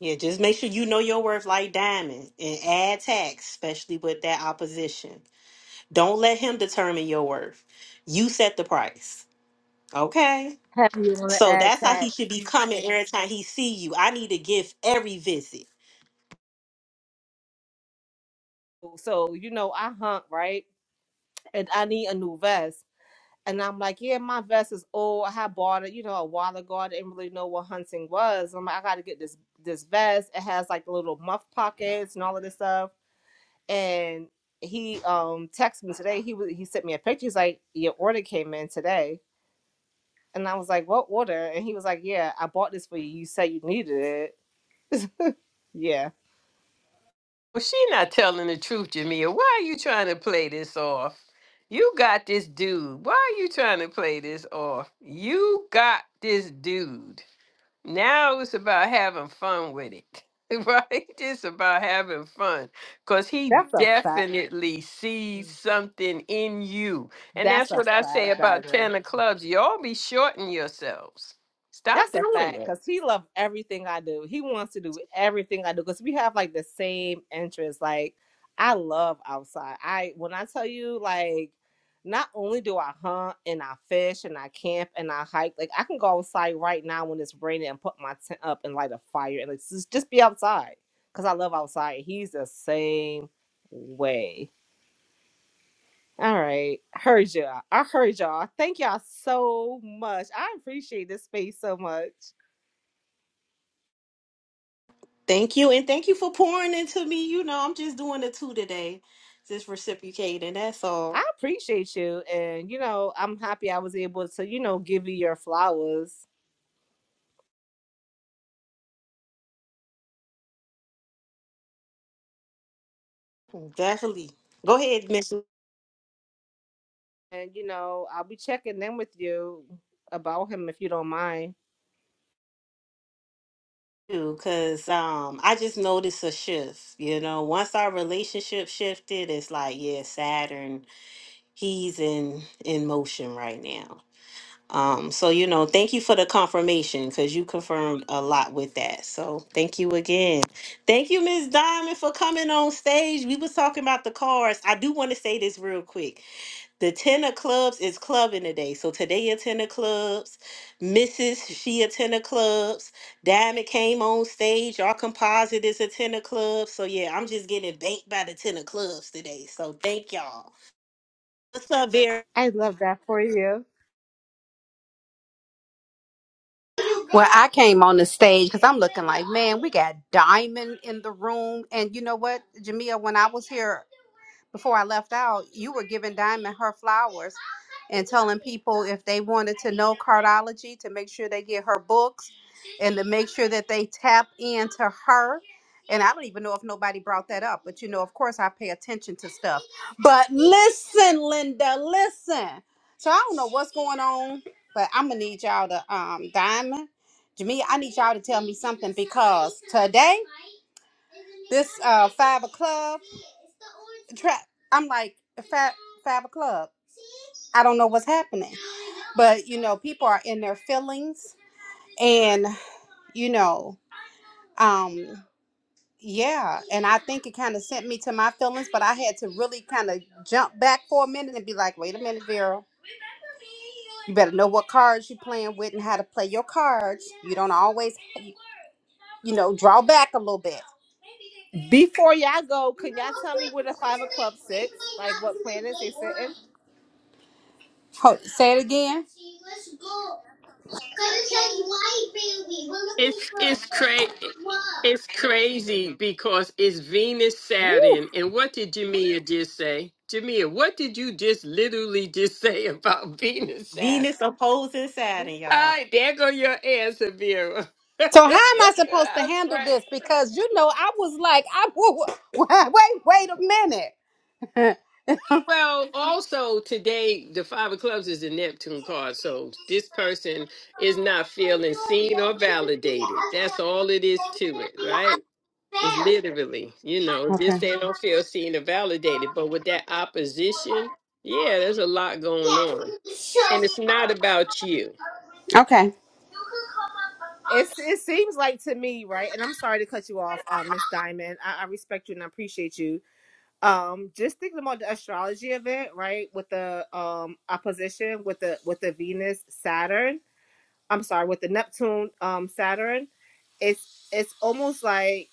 Yeah, just make sure you know your worth like diamond and add tax, especially with that opposition. Don't let him determine your worth. You set the price. Okay. Have you want to So add that's how tag? he should be coming every time he see you. I need to give every visit. So you know, I hunt right and I need a new vest. And I'm like, yeah, my vest is old. I had bought it, you know, a while ago. I didn't really know what hunting was. I'm like, I gotta get this this vest. It has like little muff pockets and all of this stuff. And he um texted me today. He was he sent me a picture. He's like, your order came in today. And I was like, what order? And he was like, yeah, I bought this for you. You said you needed it. Yeah, Well, she not telling the truth, Jamia. Why are you trying to play this off? You got this dude. Why are you trying to play this off? You got this dude. Now it's about having fun with it, right? It's about having fun because he that's a fact. definitely sees something in you. And That's that's a what I say fact, about Diamond. 10 of clubs. Y'all be shorting yourselves. Stop That's a doing fact that. because he loves everything I do. He wants to do everything I do because we have like the same interests. Like I love outside. I when I tell you like not only do I hunt and I fish and I camp and I hike, like I can go outside right now when it's raining and put my tent up and light a fire and like just, just be outside because I love outside. He's the same way. All right, heard y'all. I heard y'all. Thank y'all so much. I appreciate this space so much. Thank you. And thank you for pouring into me. You know, I'm just doing the two today. Just reciprocating. That's all. I appreciate you. And, you know, I'm happy I was able to, you know, give you your flowers. Definitely. Go ahead, Miss. And, you know, I'll be checking in with you about him if you don't mind. because um I just noticed a shift. You know, once our relationship shifted, it's like, yeah, Saturn, he's in in motion right now. Um, so you know, thank you for the confirmation because you confirmed a lot with that. So thank you again. Thank you, Miss Diamond, for coming on stage. We was talking about the cards. I do want to say this real quick. The ten of clubs is clubbing today. So today a ten of clubs. Mrs. She a ten of clubs. Diamond came on stage. Our composite is a ten of clubs. So yeah, I'm just getting banked by the ten of clubs today. So thank y'all. What's up, Vera? I love that for you. Well, I came on the stage because I'm looking like, man, we got Diamond in the room. And you know what, Jamia, when I was here before I left out, you were giving Diamond her flowers and telling people if they wanted to know cardiology to make sure they get her books and to make sure that they tap into her. And I don't even know if nobody brought that up, but you know, of course, I pay attention to stuff. But listen, Linda, listen. So I don't know what's going on, but I'm gonna need y'all to um Diamond, Jamia, I need y'all to tell me something because today, this uh five o'clock trap. I'm like fab fab club. I don't know what's happening, but you know, people are in their feelings, and you know, um, yeah. And I think it kind of sent me to my feelings, but I had to really kind of jump back for a minute and be like, wait a minute, Vera. You better know what cards you're playing with and how to play your cards. You don't always, you know, draw back a little bit. Before y'all go, can y'all tell me where the Five Club sits? Like what planets they sit in? Hold, say it again. It's it's crazy. It's crazy because it's Venus Woo! Saturn. And what did Jamia just say? Jamia, what did you just literally just say about Venus Saturn? Venus opposing Saturn, y'all. Hi, there go your answer, Vera. That's So how am I supposed to handle right. this? Because you know, I was like, I wait, wait a minute. Uh, Well, also today the five of clubs is a Neptune card, so this person is not feeling seen or validated. That's all it is to it, right? It's literally, you know, this okay. they don't feel seen or validated. But with that opposition, yeah, there's a lot going on, and it's not about you. Okay. It's, it seems like to me, right? And I'm sorry to cut you off, um, Miss Diamond. I, I respect you and I appreciate you. Um, just thinking about the astrology event, right? With the um opposition with the with the Venus Saturn I'm sorry, with the Neptune um Saturn, it's it's almost like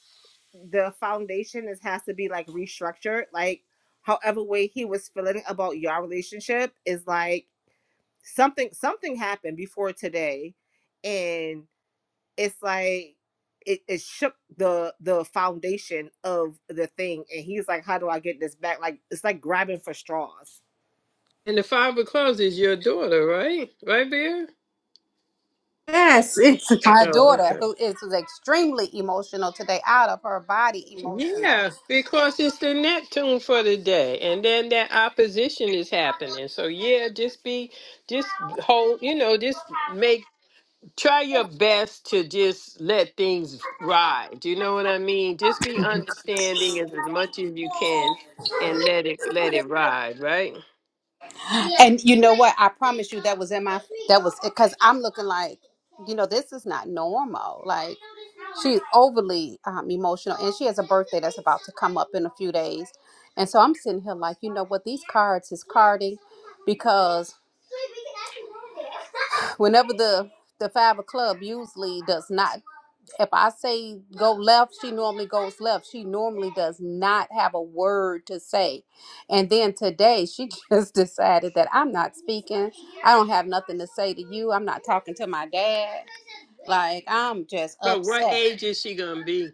the foundation is has to be like restructured. Like however way he was feeling about your relationship is like something something happened before today and it's like it, it shook the the foundation of the thing and he's like how do i get this back like it's like grabbing for straws And the five of clubs is your daughter, right? Right, Vera? Yes, it's Oh, my daughter okay. who is, was extremely emotional today, out of her body emotional. Yeah, because it's the Neptune for the day, and then that opposition is happening. So yeah, just be, just hold, you know, just make, try your best to just let things ride. You know what I mean? Just be understanding as, as much as you can, and let it let it ride. Right? And you know what? I promise you, that was in my that was because I'm looking like, you know, this is not normal. Like she's overly um, emotional, and she has a birthday that's about to come up in a few days, and so I'm sitting here like, you know what? These cards is carding because whenever the the five of club usually does not if I say go left, she normally goes left. She normally does not have a word to say. And then today she just decided that I'm not speaking. I don't have nothing to say to you. I'm not talking to my dad. Like I'm just But what upset. age is she gonna be?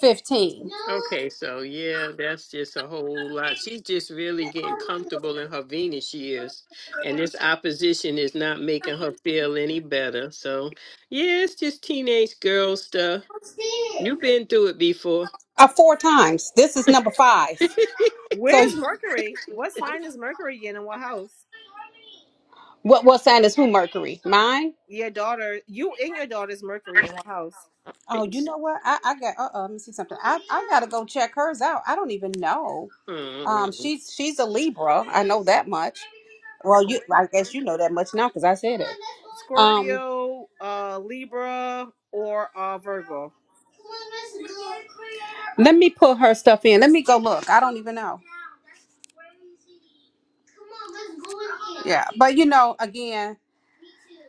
15. Okay, so yeah, that's just a whole lot. She's just really getting comfortable in her Venus years, and this opposition is not making her feel any better. So yeah, it's just teenage girl stuff. You've been through it before. Uh, four times. This is number five. So where's mercury what sign is mercury in and what house what what sign is who Mercury? Mine? your daughter, you and your daughter's Mercury in what house? Oh, you It's- know what? I, I got uh uh let me see something. I, I gotta go check hers out. I don't even know. Um Mm. she's she's a Libra. I know that much. Well, you I guess you know that much now because I said it. Um, Scorpio, uh, Libra, or uh, Virgo? let me pull her stuff in. Let me go look. I don't even know. Yeah, but you know, again,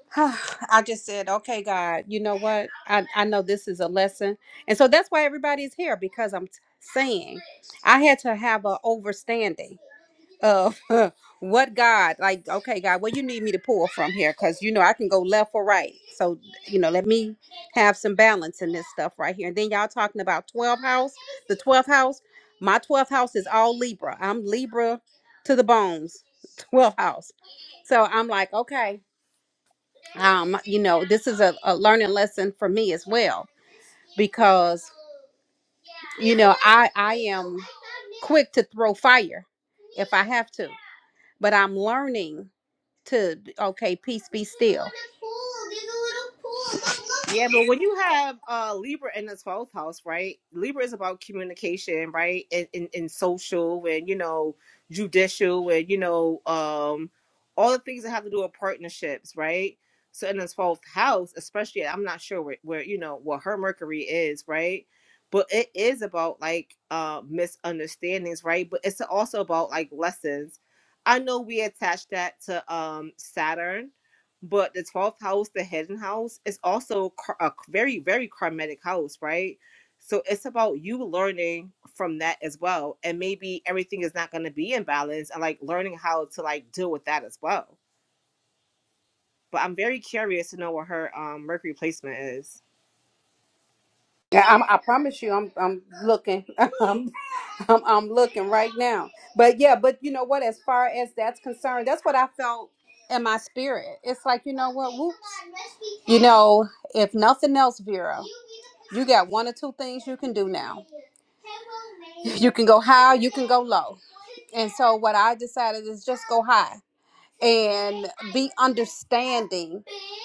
I just said, okay, God, you know what? I I know this is a lesson, and so that's why everybody's here because I'm t- saying I had to have a overstanding. of what God, like, okay, God, what you need me to pull from here? Because, you know, I can go left or right. So, you know, let me have some balance in this stuff right here. And then y'all talking about 12 house, the 12th house. My 12th house is all Libra. I'm Libra to the bones, 12th house. So I'm like, okay, um, you know, this is a, a learning lesson for me as well because, you know, I, I am quick to throw fire if I have to, but I'm learning to okay, peace be still. Yeah, but when you have uh Libra in the twelfth house, right? Libra is about communication, right? And and, and social and you know, judicial and you know, um all the things that have to do with partnerships, right? So in the twelfth house, especially I'm not sure where, where you know what her Mercury is, right? But it is about like uh misunderstandings, right? But it's also about like lessons. I know we attach that to um Saturn but the 12th house, the hidden house, is also kar- a very, very karmic house, right? So it's about you learning from that as well. And maybe everything is not going to be in balance and like learning how to like deal with that as well. But I'm very curious to know what her um, Mercury placement is. Yeah, I'm, I promise you, I'm I'm looking, I'm, I'm I'm looking right now. But yeah, but you know what? As far as that's concerned, that's what I felt in my spirit. It's like you know what? Whoop. You know, if nothing else, Vera, you got one or two things you can do now. You can go high, you can go low. And so what I decided is just go high. and be understanding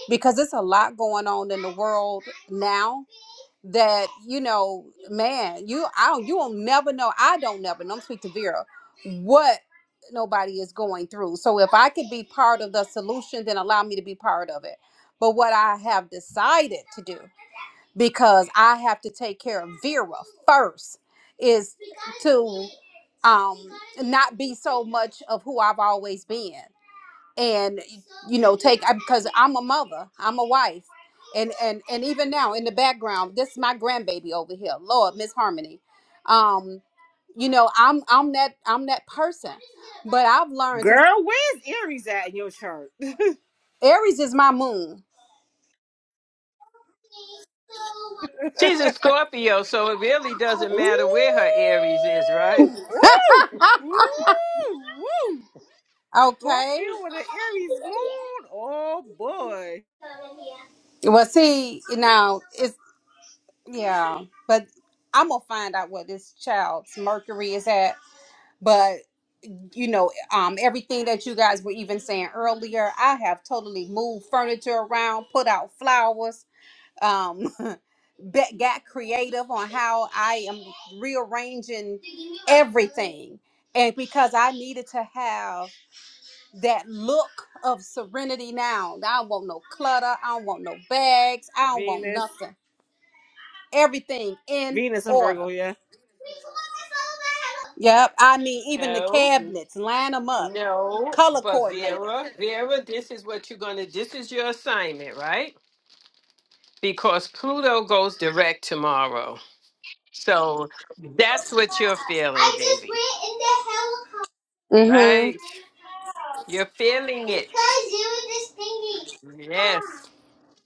because it's a lot going on in the world now that you know man you i don't you will never know i don't never know i'm speak to vera what nobody is going through so if i could be part of the solution then allow me to be part of it but what i have decided to do because i have to take care of vera first is to um not be so much of who i've always been and you know take I- because i'm a mother i'm a wife and and and even now in the background this is my grandbaby over here lord miss harmony um you know i'm i'm that i'm that person but i've learned to Girl, where's Aries at in your chart? aries is my moon She's a Scorpio, so it really doesn't ooh, matter where her Aries is, right? ooh, ooh, ooh. okay Scorpio with an Aries moon. Oh boy. well see now it's yeah but i'm gonna find out where this child's mercury is at but. you know, um, everything that you guys were even saying earlier. I have totally moved furniture around, put out flowers, um, bet, got creative on how I am rearranging everything. And because I needed to have that look of serenity now, I don't want no clutter, I don't want no bags, I don't want Venus. nothing. Everything in Venus and order. Virgo, yeah. Yep. I mean, even the No, cabinets, line them up, no, color but coordinated. Vera, Vera, this is what you're gonna. This is your assignment, right? Because Pluto goes direct tomorrow. So that's what you're feeling, baby, Mm-hmm. right? You're feeling it. Yes.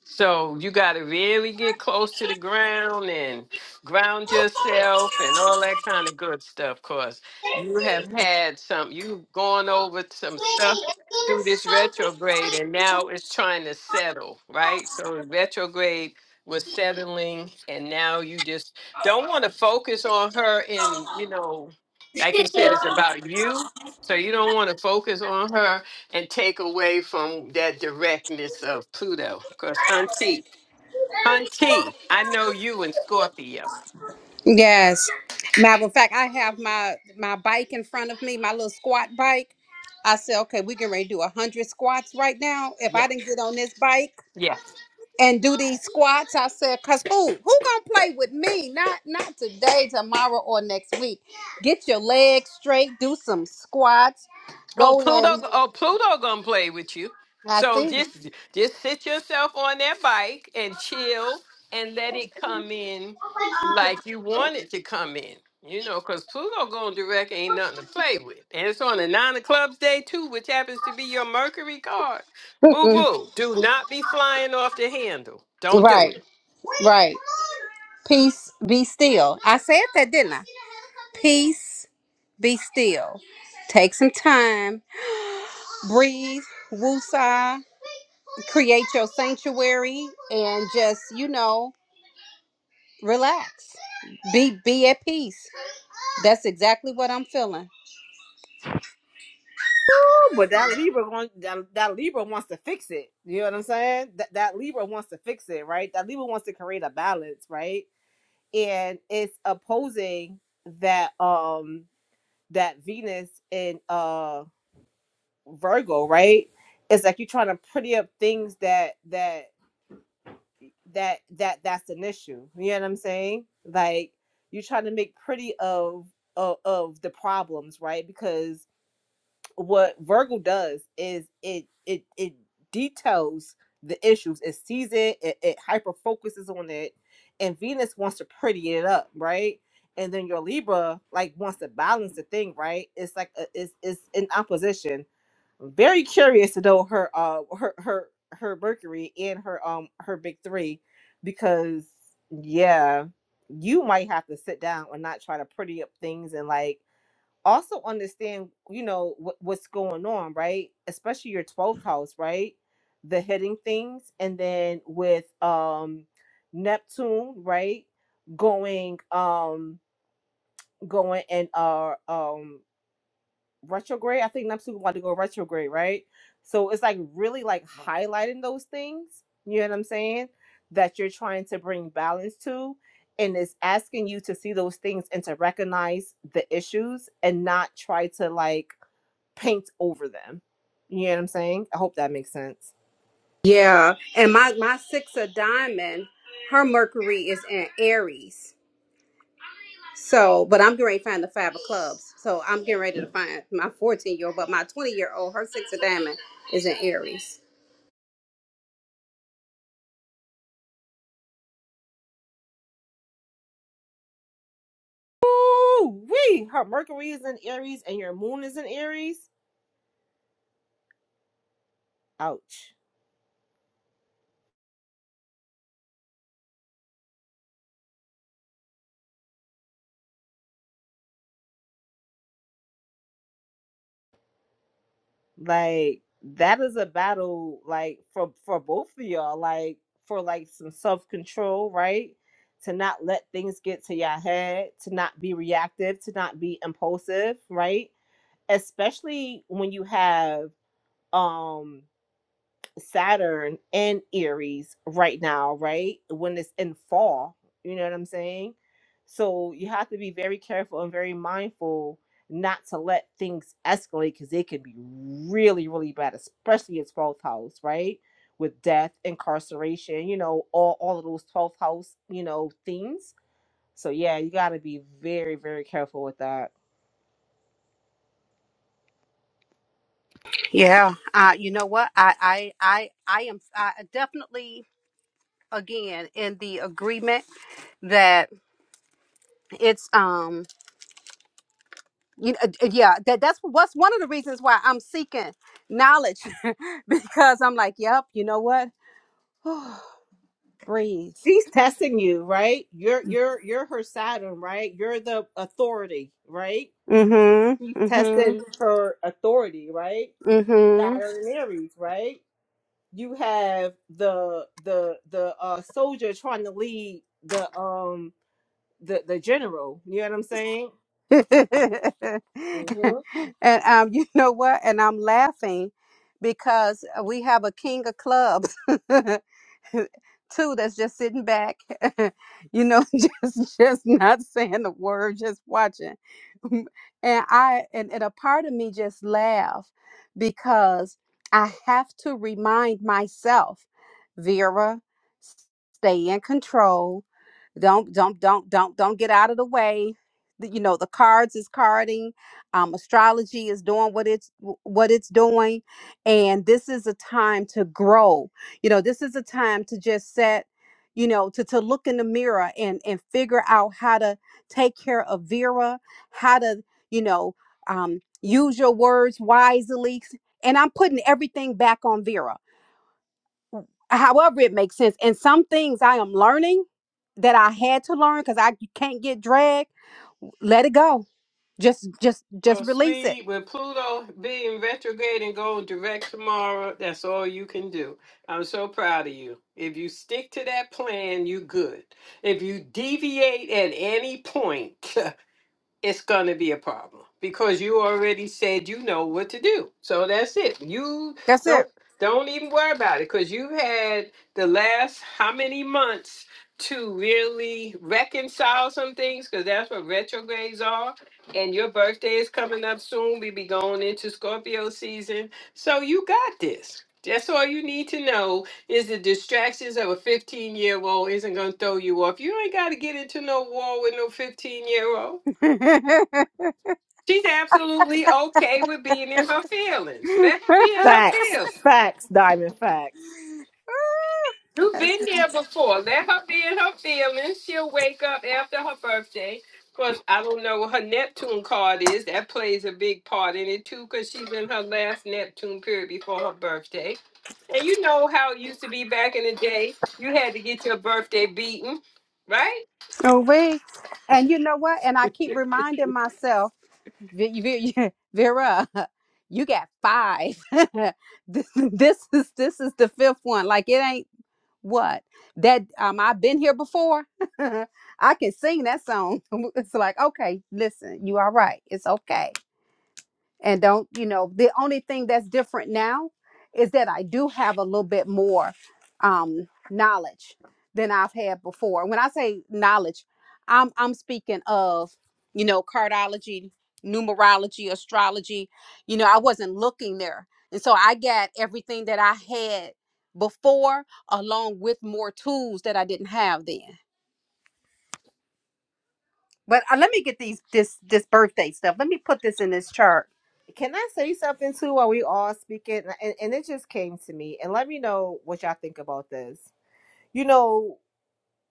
So you got to really get close to the ground and ground yourself and all that kind of good stuff. Cause you have had some, you've gone over some stuff through this retrograde, and now it's trying to settle, right? So retrograde was settling, and now you just don't want to focus on her. In you know, like you said, it's about you. So you don't want to focus on her and take away from that directness of Pluto. Because Hunty, Hunty, I know you and Scorpio. Yes. Matter of fact, I have my my bike in front of me, my little squat bike. I said, okay, we can ready to do a hundred squats right now. If Yeah. I didn't get on this bike Yeah. and do these squats, I said, cause who who gonna play with me? Not not today, tomorrow, or next week. Get your legs straight, do some squats, Oh, go Pluto. in. Oh, Pluto gonna play with you. I So see. just just sit yourself on that bike and chill and let it come in like you want it to come in. You know, because Pluto going direct ain't nothing to play with. And it's on the nine of clubs day too, which happens to be your Mercury card. Boo Mm-mm. boo. Do not be flying off the handle. Don't do it. right, right. Peace, be still. I said that, didn't I? Peace, be still. Take some time breathe, woosah, create your sanctuary, and just you know relax. Be be at peace. That's exactly what I'm feeling. Oh, But that Libra going that, that Libra wants to fix it. You know what I'm saying? That that Libra wants to fix it, right? That Libra wants to create a balance, right? And it's opposing that um that Venus and uh Virgo, right? It's like you're trying to pretty up things that that that that that's an issue. You know what I'm saying? Like you're trying to make pretty of of, of the problems, right? Because what Virgo does is it it it details the issues. It sees it. It, it hyper focuses on it, and Venus wants to pretty it up, right? And then your Libra like wants to balance the thing, right? It's like a, it's it's in opposition. I'm very curious to know her uh her her her Mercury and her um her big three, because yeah, you might have to sit down and not try to pretty up things and like also understand, you know, what, what's going on, right? Especially your 12th house, right? The hitting things. And then with um Neptune, right? Going um going in uh um retrograde. I think Neptune about to go retrograde, right? So it's like really like highlighting those things, you know what I'm saying? That you're trying to bring balance to and it's asking you to see those things and to recognize the issues and not try to like paint over them. You know what I'm saying? I hope that makes sense. Yeah, and my my six of diamond, her Mercury is in Aries. So, but I'm getting ready to find the five of clubs. So I'm getting ready to find my 14 year old, but my 20 year old, her six of diamond is in Aries. Ooh, wee! Her Mercury is in Aries and your moon is in Aries. Ouch. Like that is a battle, like for for both of y'all, like for like some self control, right? To not let things get to your head, to not be reactive, to not be impulsive, right? Especially when you have um Saturn and Aries right now, right? When it's in fall, you know what I'm saying? So you have to be very careful and very mindful not to let things escalate because they can be really, really bad, especially its 12th house, right? With death, incarceration, you know, all, all of those 12th house, you know, themes. So yeah, you gotta be very, very careful with that. Yeah, uh, you know what? I, I, I, I am I definitely again in the agreement that it's um you know, yeah that that's what's one of the reasons why I'm seeking knowledge because I'm like yep you know what breathe She's testing you, right? You're you're you're her Saturn, right? You're the authority, right? mhm mhm testing her authority, right? mhm Saturn and Aries, right? You have the the the uh soldier trying to lead the um the the general. You know what I'm saying? hmm and um you know what and I'm laughing because we have a king of clubs two that's just sitting back, you know, just just not saying a word, just watching. And I and, and a part of me just laugh because I have to remind myself, Vera, s- stay in control. Don't don't don't don't don't get out of the way. The- You know, the cards is carding, um, astrology is doing what it's wh- what it's doing, and this is a time to grow you know this is a time to just set you know to to look in the mirror and and figure out how to take care of vera how to you know um use your words wisely and i'm putting everything back on vera however it makes sense and some things i am learning that i had to learn because i can't get dragged let it go just just Well, just release it. sweetie, with Pluto being retrograde and going direct tomorrow, that's all you can do. I'm so proud of you. If you stick to that plan, you good. If you deviate at any point, it's going to be a problem because you already said you know what to do. So that's it. You That's it. don't don't even worry about it because you have had the last how many months to really reconcile some things because that's what retrogrades are. And your birthday is coming up soon. We be going into Scorpio season, so you got this. That's all you need to know is the distractions of a 15 year old isn't going to throw you off. You ain't got to get into no war with no 15 year old She's absolutely okay with being in her feelings. Let her be in her Facts, feelings. facts, diamond facts. You've That's been there before. Let her be in her feelings. She'll wake up after her birthday. Of course, I don't know what her Neptune card is. That plays a big part in it too, because she's in her last Neptune period before her birthday. And you know how it used to be back in the day. You had to get your birthday beaten, right? Oh, we. And you know what? And I keep reminding myself, Vi- Vi- Vera, you got five. this, this is this is the fifth one. Like it ain't what that um I've been here before. I can sing that song. It's like okay, listen, you all right? It's okay and don't you know the only thing that's different now is that i do have a little bit more um knowledge than i've had before when i say knowledge i'm i'm speaking of you know cardiology numerology astrology you know i wasn't looking there and so i got everything that i had before along with more tools that i didn't have then but uh, let me get these this this birthday stuff let me put this in this chart Can I say something too while we all speaking? And, and it just came to me. And let me know what y'all think about this. You know,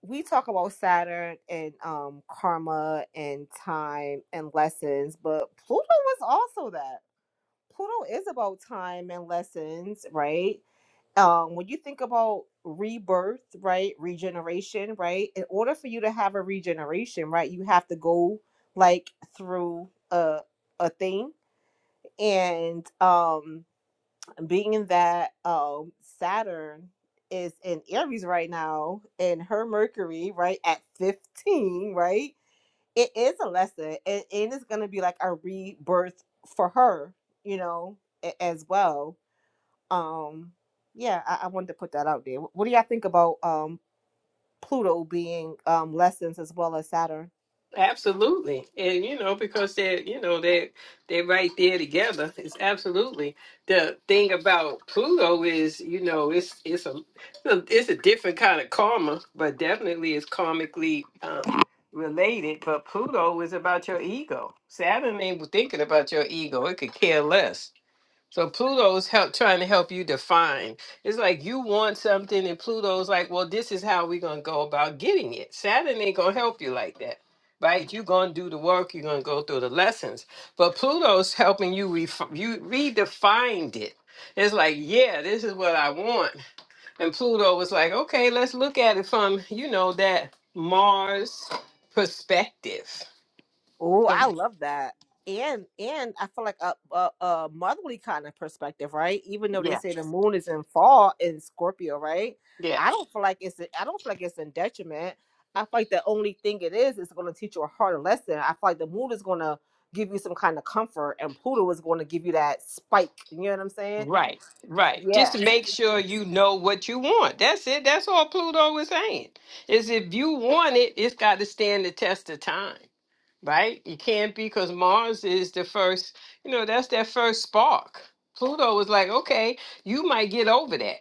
we talk about Saturn and um karma and time and lessons, but Pluto was also that. Pluto is about time and lessons, right? Um, when you think about rebirth, right, regeneration, right, in order for you to have a regeneration, right, you have to go like through a a thing, and um, being that um Saturn is in Aries right now, and her Mercury, right, at fifteen, right it is a lesson and, and it's going to be like a rebirth for her you know a- as well um yeah I, I wanted to put that out there what do y'all think about um pluto being um lessons as well as saturn Absolutely. And you know, because they're you know, they're they're right there together. It's absolutely the thing about Pluto is, you know, it's it's a well, it's a different kind of karma, but definitely it's karmically um, related. But Pluto is about your ego. Saturn ain't thinking about your ego. It could care less. So Pluto's help trying to help you define. It's like you want something, and Pluto's like, well, this is how we're gonna go about getting it. Saturn ain't gonna help you like that. Right, you're gonna do the work. You're gonna go through the lessons, but Pluto's helping you. Ref- you redefined it. It's like, yeah, this is what I want, and Pluto was like, okay, let's look at it from you know that Mars perspective. Oh, I love that. And and I feel like a, a a motherly kind of perspective, right? Even though they Yeah, say the moon is in fall in Scorpio, right? yeah. I don't feel like it's I don't feel like it's in detriment. I feel like the only thing it is is going to teach you a harder lesson. I feel like the moon is going to give you some kind of comfort, and Pluto is going to give you that spike. You know what I'm saying? Right, right. Just Yeah, to make sure you know what you want. That's it. That's all Pluto is saying. Is if you want it, it's got to stand the test of time, right? It can't be because Mars is the first, you know, that's that first spark. Pluto was like, okay, you might get over that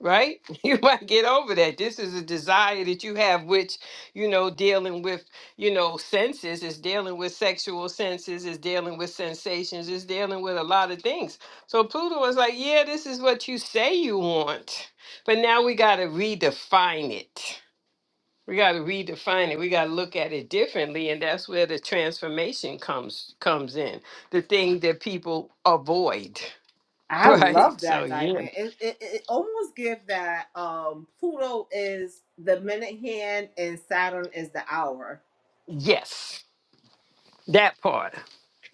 right? You might get over that. This is a desire that you have, which, you know, dealing with, you know, senses, is dealing with sexual senses, is dealing with sensations, is dealing with a lot of things. So Pluto was like, yeah, this is what you say you want. But now we got to redefine it. We got to redefine it. We got to look at it differently, and that's where the transformation comes comes in. The thing that people avoid, I right? love So that yeah, diamond. It it, it almost gives that um Pluto is the minute hand and Saturn is the hour yes, that part.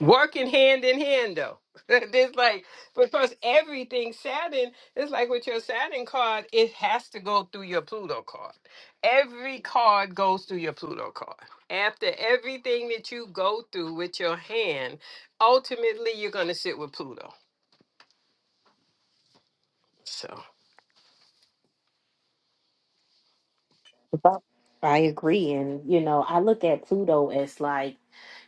working hand in hand though. It's like because everything Saturn it's like with your Saturn card, it has to go through your Pluto card. Every card goes through your Pluto card. After everything that you go through with your hand, ultimately you're gonna sit with Pluto. So. I agree. And, you know, I look at Pluto as like,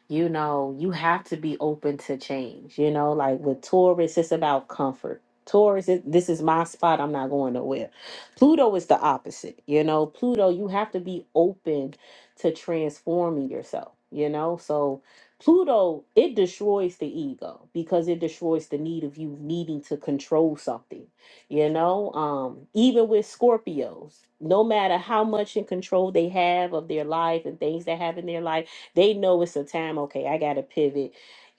you know, you have to be open to change. You know, like with Taurus, it's about comfort. Taurus, it- this is my spot. I'm not going nowhere. Pluto is the opposite. You know, Pluto, you have to be open to transforming yourself. You know, so Pluto, it destroys the ego because it destroys the need of you needing to control something. You know, um, even with Scorpios, no matter how much in control they have of their life and things that happen in their life they know it's a time, okay, I got to pivot.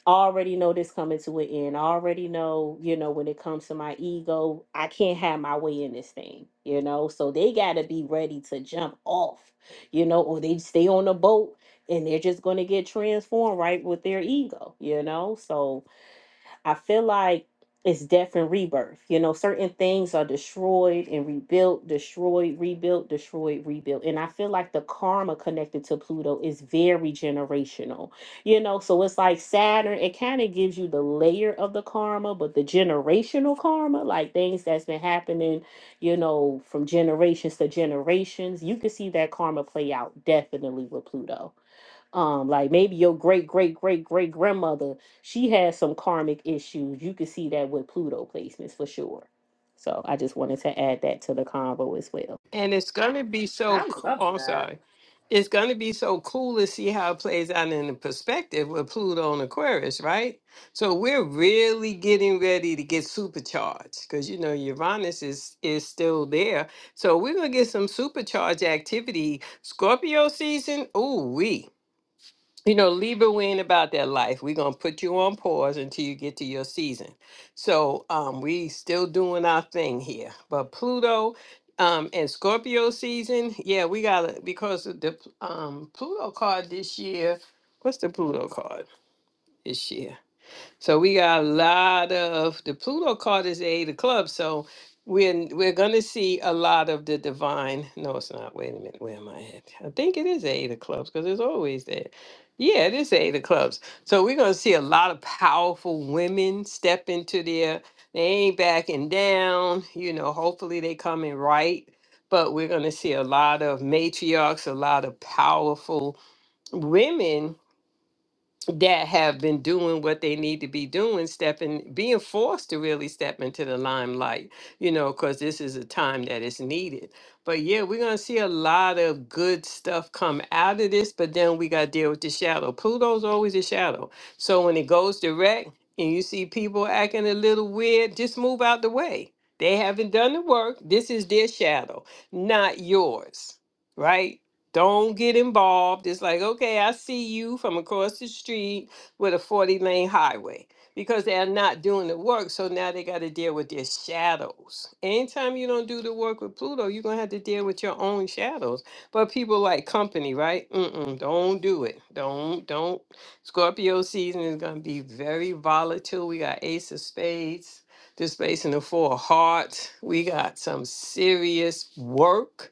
Already know this coming to an end. I Already know, you know, when it comes to my ego, I can't have my way in this thing, you know? So they got to be ready to jump off, you know, or they stay on the boat and they're just going to get transformed right with their ego, you know? So, I feel like it's death and rebirth. You know, certain things are destroyed and rebuilt, destroyed, rebuilt, destroyed, rebuilt. And I feel like the karma connected to Pluto is very generational. You know, so it's like Saturn, it kind of gives you the layer of the karma, but the generational karma, like things that's been happening, you know, from generations to generations, you can see that karma play out definitely with Pluto um like maybe your great great great great grandmother she has some karmic issues you can see that with pluto placements for sure so i just wanted to add that to the convo as well And it's going to be so, I co- love oh, I'm that. sorry. It's going to be so cool to see how it plays out in the perspective with Pluto and Aquarius, right? So we're really getting ready to get supercharged because, you know, Uranus is, is still there. So we're going to get some supercharged activity. Scorpio season, ooh, we you know, Libra, we ain't about that life. We're gonna put you on pause until you get to your season. So um, we still doing our thing here. But Pluto um, and Scorpio season, yeah, we gotta because of the um, Pluto card this year. What's the Pluto card this year? So we got a lot of the Pluto card is the eight of clubs. So we're we're gonna see a lot of the divine. No, it's not. Wait a minute. Where am I at? I think it is the eight of clubs because it's always there. Yeah, it is the eight of clubs. So we're gonna see a lot of powerful women step into their. They ain't backing down. You know, hopefully they come in right. But we're gonna see a lot of matriarchs, a lot of powerful women that have been doing what they need to be doing, stepping, being forced to really step into the limelight, you know, because this is a time that is needed. But yeah, we're going to see a lot of good stuff come out of this, but then we got to deal with the shadow. Pluto's always a shadow. So when it goes direct and you see people acting a little weird, just move out the way. They haven't done the work. This is their shadow, not yours, right? Don't get involved. It's like, okay, I see you from across the street with a 40 lane highway because they're not doing the work. So now they got to deal with their shadows. Anytime you don't do the work with Pluto, you're going to have to deal with your own shadows. But people like company, right? Mm-mm, don't do it. Don't, don't. Scorpio season is going to be very volatile. We got Ace of Spades, this space in the Four of Hearts. We got some serious work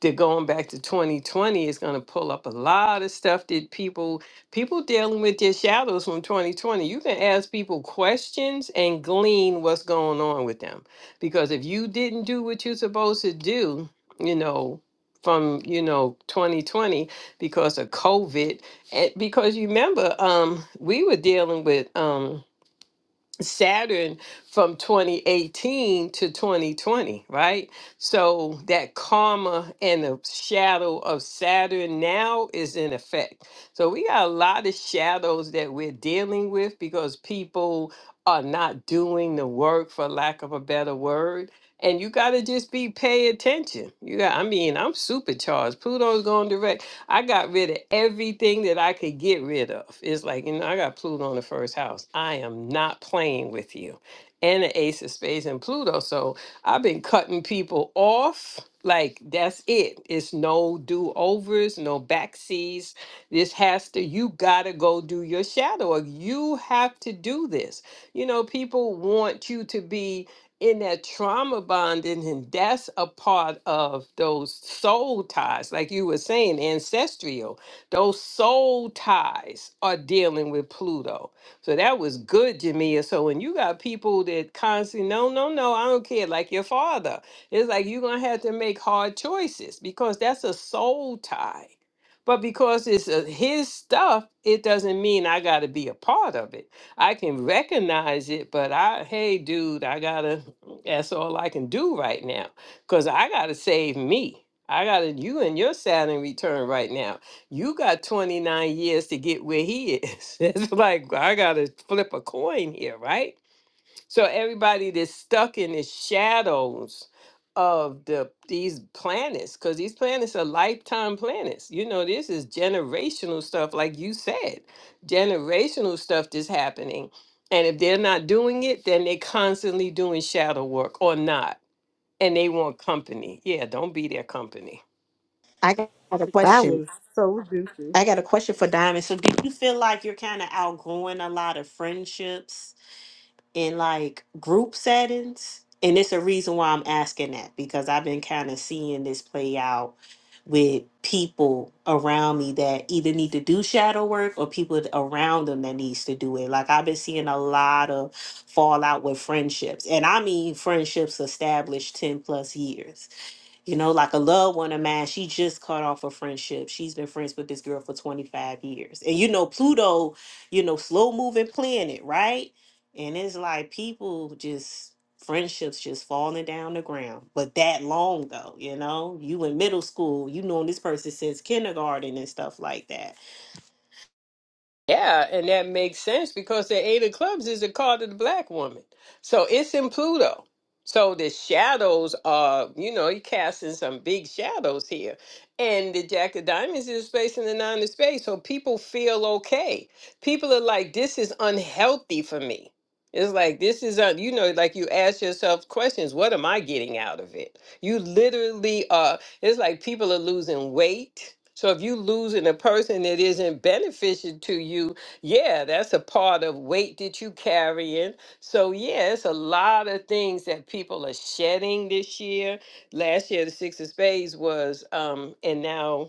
to going back to 2020 is going to pull up a lot of stuff that people people dealing with their shadows from 2020 you can ask people questions and glean what's going on with them because if you didn't do what you're supposed to do you know from you know 2020 because of covid and because you remember um we were dealing with um Saturn from 2018 to 2020, right? So that karma and the shadow of Saturn now is in effect. So we got a lot of shadows that we're dealing with because people are not doing the work for lack of a better word. And you got to just be pay attention. You got I mean, I'm supercharged. Pluto's going direct. I got rid of everything that I could get rid of. It's like, you know, I got Pluto in the first house. I am not playing with you. And the ace of spades and Pluto. So I've been cutting people off. Like that's it. It's no do overs, no backseas. This has to, you gotta go do your shadow. work. You have to do this. You know, people want you to be in that trauma bonding, and that's a part of those soul ties, like you were saying, ancestral. Those soul ties are dealing with Pluto. So that was good, Jamia. So when you got people that constantly, no, no, no, I don't care, like your father, it's like you're gonna have to make hard choices because that's a soul tie. But because it's uh his stuff, it doesn't mean I got to be a part of it. I can recognize it, but I, hey, dude, I gotta. That's all I can do right now because I got to save me. I got to, you and your Saturn return right now. You got 29 years to get where he is. It's like, I got to flip a coin here, right? So everybody that's stuck in the shadows of the these planets, because these planets are lifetime planets. You know, this is generational stuff, like you said, generational stuff that's happening. And if they're not doing it, then they're constantly doing shadow work or not. And they want company. Yeah, don't be their company. I got a That question. was so juicy. I got a question for Diamond. So, do you feel like you're kind of outgrowing a lot of friendships? in like group settings. And it's a reason why I'm asking that because I've been kind of seeing this play out with people around me that either need to do shadow work or people th- around them that needs to do it. Like I've been seeing a lot of fallout with friendships. And I mean friendships established 10 plus years you know, like a loved one of mine, she just cut off a friendship. She's been friends with this girl for 25 years. And you know, Pluto, you know, slow moving planet, right? And it's like people just friendships just falling down the ground. But that long though, you know, you in middle school, you known this person since kindergarten and stuff like that. Yeah, and that makes sense because the Eight of Clubs is a card of the black woman. So it's in Pluto. So the shadows are, you know, you're casting some big shadows here. And the Jack of Diamonds is a space and the Nine of Space. So people feel okay. People are like, this is unhealthy for me. It's like, this is, un-, you know, like you ask yourself questions what am I getting out of it? You literally uh, it's like people are losing weight. So if you losing a person that isn't beneficial to you, yeah, that's a part of weight that you carrying. So yeah, it's a lot of things that people are shedding this year. Last year, the six of spades was, um, and now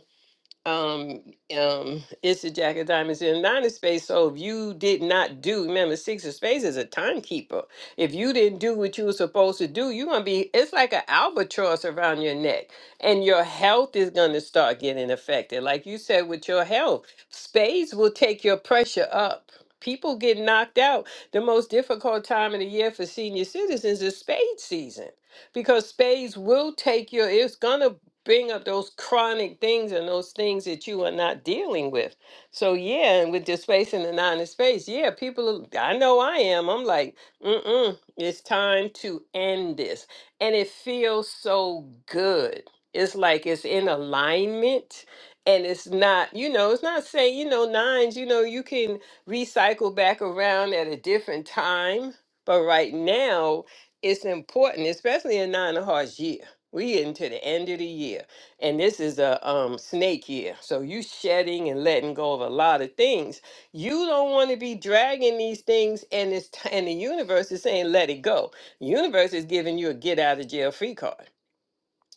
um um it's a jack of diamonds and nine of spades so if you did not do remember six of spades is a timekeeper if you didn't do what you were supposed to do you're gonna be it's like an albatross around your neck and your health is gonna start getting affected like you said with your health spades will take your pressure up people get knocked out the most difficult time of the year for senior citizens is spade season because spades will take your it's gonna bring up those chronic things and those things that you are not dealing with. So yeah, and with the space and the nine in space, yeah, people. are- I know I am. I'm like, mm-mm. It's time to end this, and it feels so good. It's like it's in alignment. And it's not, you know, it's not saying, you know, nines, you know, you can recycle back around at a different time. But right now, it's important, especially in nine of hearts year we into the end of the year, and this is a um, snake year. So you shedding and letting go of a lot of things. You don't want to be dragging these things, and it's t- and the universe is saying let it go. Universe is giving you a get out of jail free card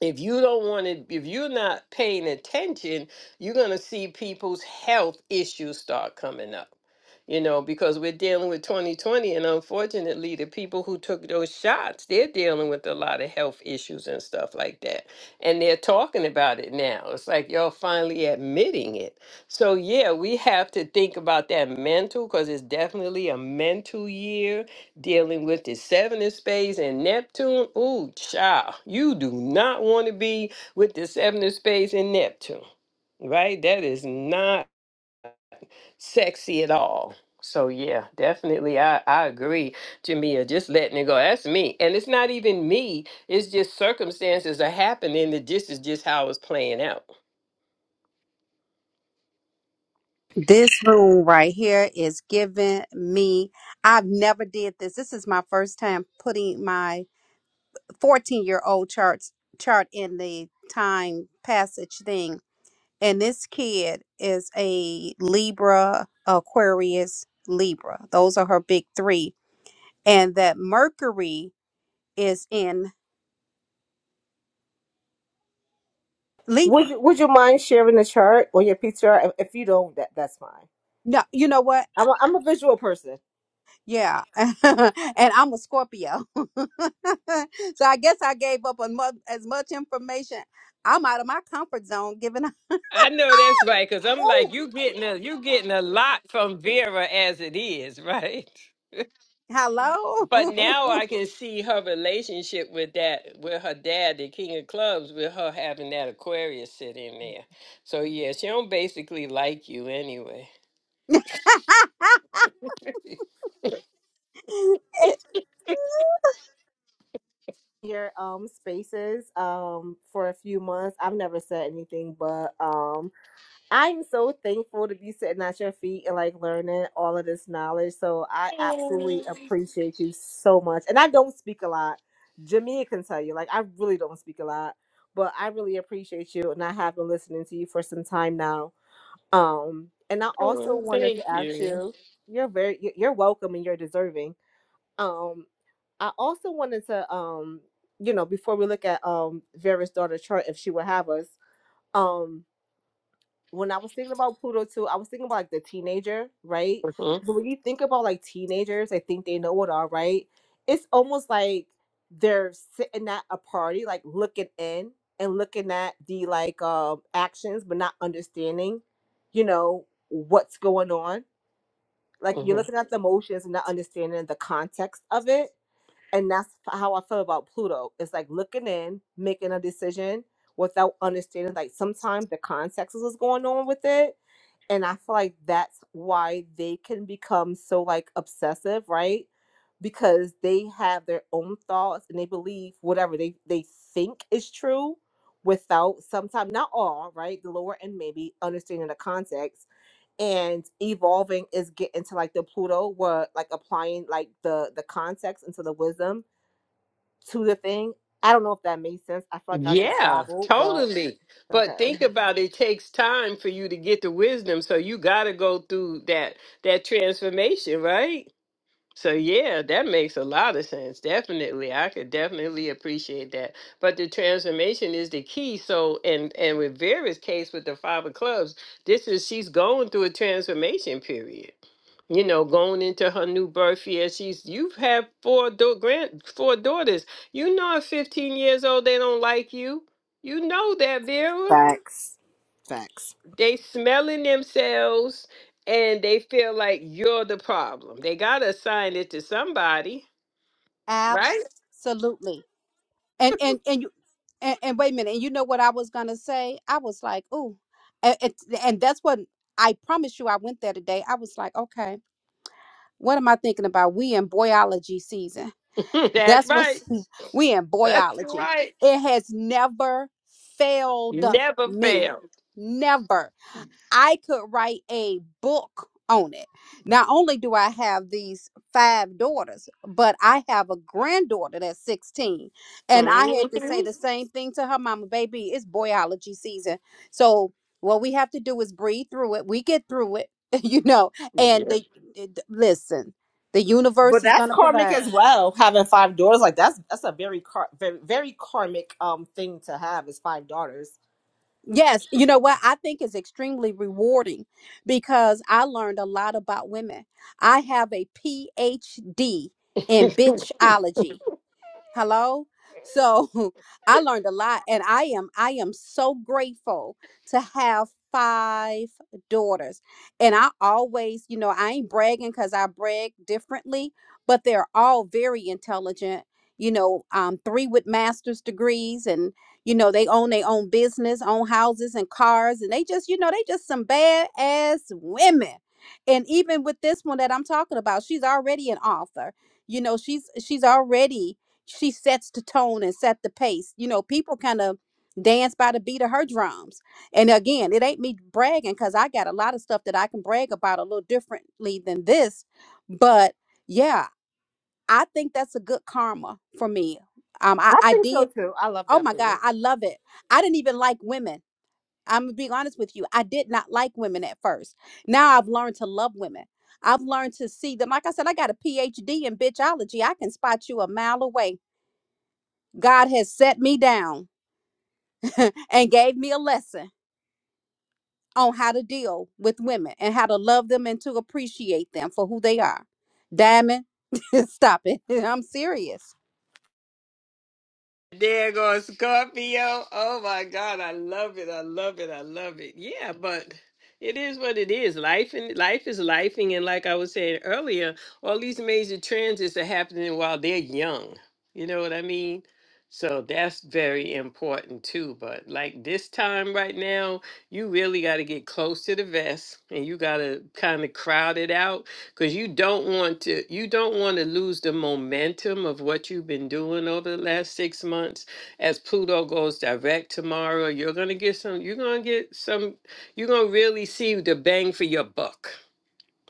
if you don't want to if you're not paying attention you're going to see people's health issues start coming up you know because we're dealing with 2020 and unfortunately the people who took those shots they're dealing with a lot of health issues and stuff like that and they're talking about it now it's like y'all finally admitting it so yeah we have to think about that mental because it's definitely a mental year dealing with the seven of spades and Neptune. Ooh, child, you do not want to be with the seven of spades and Neptune, right? That is not sexy at all. So yeah, definitely I, I agree, Jamia, just letting it go. That's me. And it's not even me. It's just circumstances are happening that this is just how it's playing out. This room right here is giving me. I've never did this. This is my first time putting my 14 year old charts chart in the time passage thing. And this kid is a Libra, Aquarius, Libra. Those are her big three. And that Mercury is in Would Libra. you Would you mind sharing the chart or your PTR? If, if you don't, that that's fine. No, you know what? I'm a, I'm a visual person. Yeah, and I'm a Scorpio, so I guess I gave up on mu- as much information. I'm out of my comfort zone. Giving up. I know that's right, because I'm Ooh, like, you getting a you getting a lot from Vera as it is, right? hello. But now I can see her relationship with that, with her dad, the King of Clubs, with her having that Aquarius sitting there. So yeah, she don't basically like you anyway. It- Your um spaces um for a few months. I've never said anything, but um I'm so thankful to be sitting at your feet and like learning all of this knowledge. So I Oh, absolutely appreciate you so much. And I don't speak a lot. Jamia can tell you, like I really don't speak a lot, but I really appreciate you, and I have been listening to you for some time now Um, and I also oh, wanted to thank ask you. you, you're very, you- you're welcome and you're deserving. Um, I also wanted to, um, you know, before we look at um Vera's daughter chart, if she would have us, Um when I was thinking about Pluto too, I was thinking about like the teenager, right? Mhm, But when you think about like teenagers, I think they know it all, right? It's almost like they're sitting at a party, like looking in and looking at the like um actions, but not understanding, you know, what's going on. Like you're mhm. looking at the emotions and not understanding the context of it and that's how I feel about Pluto. It's like looking in, making a decision without understanding. Like sometimes the context is what's going on with it, and I feel like that's why they can become so like obsessive, right? Because they have their own thoughts and they believe whatever they they think is true, without sometimes not all right, the lower end maybe understanding the context and evolving is getting to like the Pluto where like applying like the the context into the wisdom to the thing. I don't know if that made sense. I feel like I just Yeah, babbled, but totally. But okay. think about it, it takes time for you to get the wisdom, so you got to go through that that transformation, right? So yeah, that makes a lot of sense. Definitely. I could definitely appreciate that. But the transformation is the key. So and and with Vera's case with the five of clubs, this is she's going through a transformation period. You know, going into her new birth year. She's you've had four do- grand four daughters. You know at 15 years old they don't like you. You know that, Vera. Facts. Facts. They smelling themselves and they feel like you're the problem. They gotta assign it to somebody Right? Absolutely. and and and you and, and wait a minute and you know what i was gonna say i was like ooh and, and and that's what i promise you i went there today i was like okay what am i thinking about we in boyology season That's that's what's right. we in That's boyology right. it has never failed Never me fail. never I could write a book on it. Not only do I have these five daughters, but I have a granddaughter that's 16. And I hmm had to say the same thing to her mama, baby, it's boyology season. So what we have to do is breathe through it. We get through it, you know. And the, Yeah. the- listen, the But universe is going that's to karmic provide. as well. Having five daughters, like that's that's a very car- very very karmic um thing to have is five daughters. Yes, you know what I think is extremely rewarding because I learned a lot about women. I have a PhD in bitchology hello so i learned a lot and i am i am so grateful to have five daughters and i always you know i ain't bragging because i brag differently but they're all very intelligent you know um, three with master's degrees and you know they own their own business own houses and cars and they just you know they just some bad ass women and even with this one that i'm talking about she's already an author you know she's she's already she sets the tone and set the pace. You know, people kind of dance by the beat of her drums. And again, it ain't me bragging because I got a lot of stuff that I can brag about a little differently than this. But yeah, I think that's a good karma for me. Um, I, I I think so did. too. I love Oh that my for you. God, I love it. I didn't even like women. I'm gonna be honest with you. I did not like women at first. Now I've learned to love women. I've learned to see them. Like I said, I got a PhD in bitchology. I can spot you a mile away God has set me down and gave me a lesson on how to deal with women and how to love them and to appreciate them for who they are. Diamond, stop it. I'm serious. There goes Scorpio. Oh my God, I love it. I love it. I love it. Yeah, but it is what it is. Life and life is lifing, and like I was saying earlier, all these major transits are happening while they're young. You know what I mean? So that's very important too. But like this time right now, you really got to get close to the vest, and you got to kind of crowd it out because you don't want to you don't want to lose the momentum of what you've been doing over the last six months as pluto goes direct tomorrow you're going to get some you're going to get some you're going to really see the bang for your buck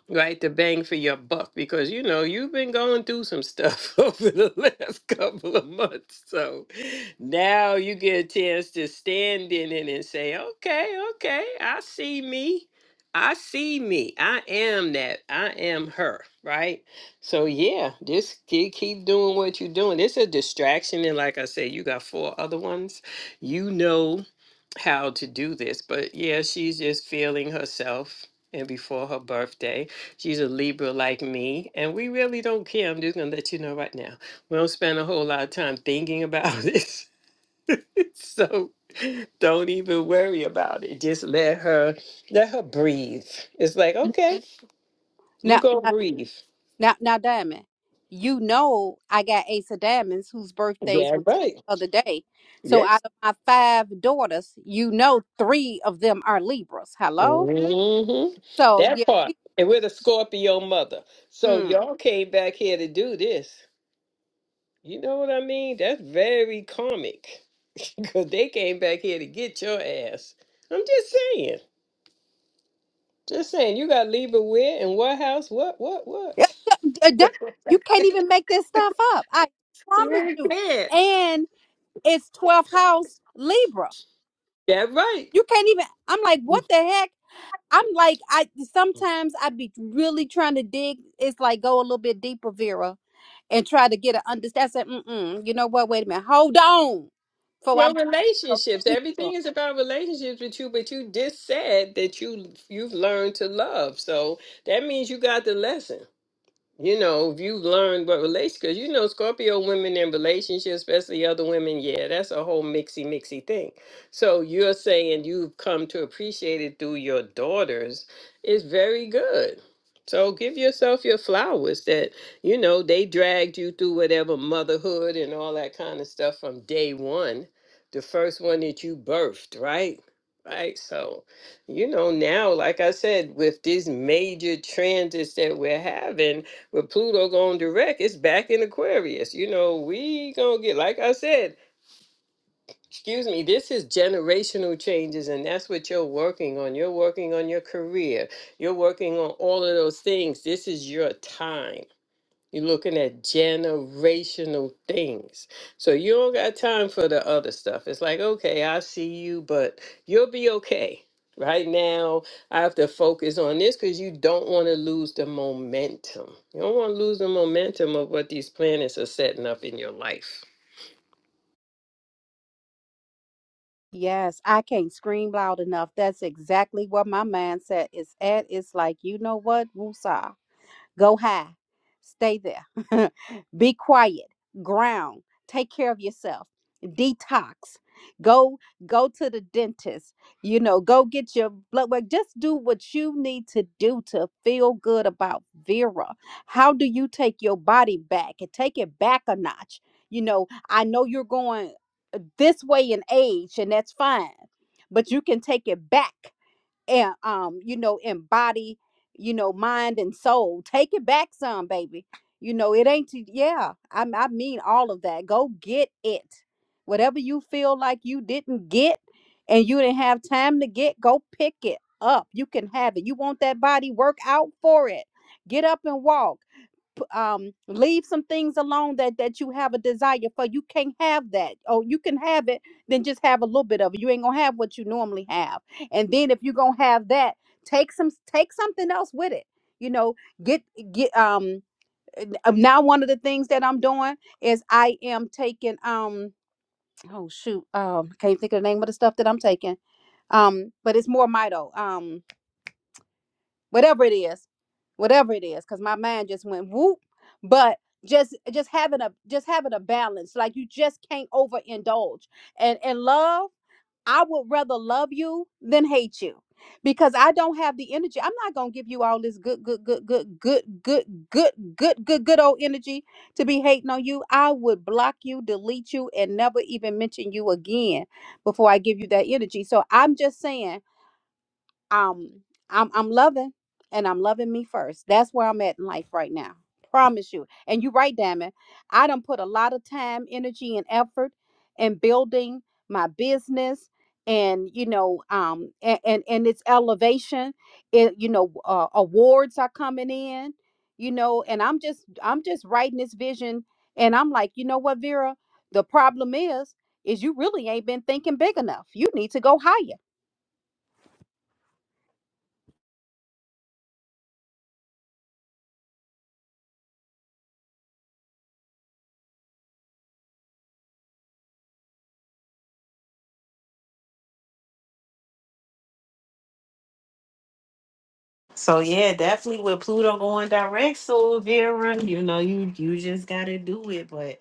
right? The bang for your buck because you know you've been going through some stuff over the last couple of months. So now you get a chance to stand in it and say, okay, okay, I see me. I see me. I am that. I am her, right? So yeah, just keep, keep doing what you're doing. It's a distraction, and like I said, you got four other ones. You know how to do this, but yeah, she's just feeling herself, and before her birthday, She's a Libra like me, and we really don't care. I'm just going to let you know right now. We don't spend a whole lot of time thinking about this. so don't even worry about it. Just let her let her breathe. It's like, okay, you Now, go now, breathe. now, now, Diamond, you know I got Ace of Diamonds whose birthdays Yeah, was just right. the other day. So Yes. out of my five daughters, you know three of them are Libras. Hello? hmm So, yeah. That part. And we're the Scorpio mother. So Mm. y'all came back here to do this. You know what I mean? That's very comic. Because they came back here to get your ass. I'm just saying. Just saying. You got to leave it where and what house? What, what, Yeah, what? D- Diamond, you can't even make this stuff up. I You promise really you. can't. And It's 12th house Libra. That right. You can't even I'm like, what the heck? I'm like, I sometimes I be really trying to dig. It's like go a little bit deeper, Vera, and try to get an understand. I said, mm-mm, you know what? Wait a minute. Hold on. For Well, I'm talking relationships. deeper. Everything is about relationships with you, but you just said that you you've learned to love. So that means you got the lesson. you know, if you learn what relates, because you know, Scorpio women in relationships, especially other women, yeah, that's a whole mixy, mixy thing. So you're saying you've come to appreciate it through your daughters is very good. So give yourself your flowers that, you know, they dragged you through whatever motherhood and all that kind of stuff from day one, the first one that you birthed, right? Right. So, you know, now, like I said, with these major transits that we're having, when Pluto going direct, it's back in Aquarius. You know, we gonna get like I said. Excuse me. This is generational changes, and that's what you're working on. You're working on your career. You're working on all of those things. This is your time. You're looking at generational things. So you don't got time for the other stuff. It's like, okay, I see you, but you'll be okay. Right now, I have to focus on this because you don't want to lose the momentum. You don't want to lose the momentum of what these planets are setting up in your life. Yes, I can't scream loud enough. That's exactly what my mindset is at. It's like, you know what? Woosah. Go high. Stay there. Be quiet. Ground. Take care of yourself. Detox. Go go to the dentist. You know, go get your blood work. Just do what you need to do to feel good about Vera. How do you take your body back and take it back a notch? You know, I know you're going this way in age and that's fine but you can take it back and um you know in body you know mind and soul take it back some baby you know it ain't to- yeah I, I mean all of that go get it whatever you feel like you didn't get and you didn't have time to get go pick it up you can have it you want that body work out for it get up and walk um leave some things alone that that you have a desire for you can't have that oh you can have it then just have a little bit of it you ain't gonna have what you normally have and then if you're gonna have that take some take something else with it you know get get um eh, n- uh, now one of the things that i'm doing is i am taking um oh shoot um I can't think of the name of the stuff that i'm taking um but it's more mito Um whatever it is whatever it is because my mind just went whoop but just just having a just having a balance like you just can't overindulge and and love i would rather love you than hate you because i don't have the energy i'm not gonna give you all this good good good good good good good good good good old energy to be hating on you i would block you delete you and never even mention you again before i give you that energy so i'm just saying um I'm I'm loving and I'm loving me first. That's where I'm at in life right now. Promise you. And you're right, Damon. I done put a lot of time, energy, and effort in building my business and you know um and and, and its elevation it you know uh, awards are coming in you know and i'm just i'm just writing this vision and i'm like you know what vera the problem is is you really ain't been thinking big enough you need to go higher So yeah, definitely with Pluto going direct, so Vera, you know, you you just gotta do it. But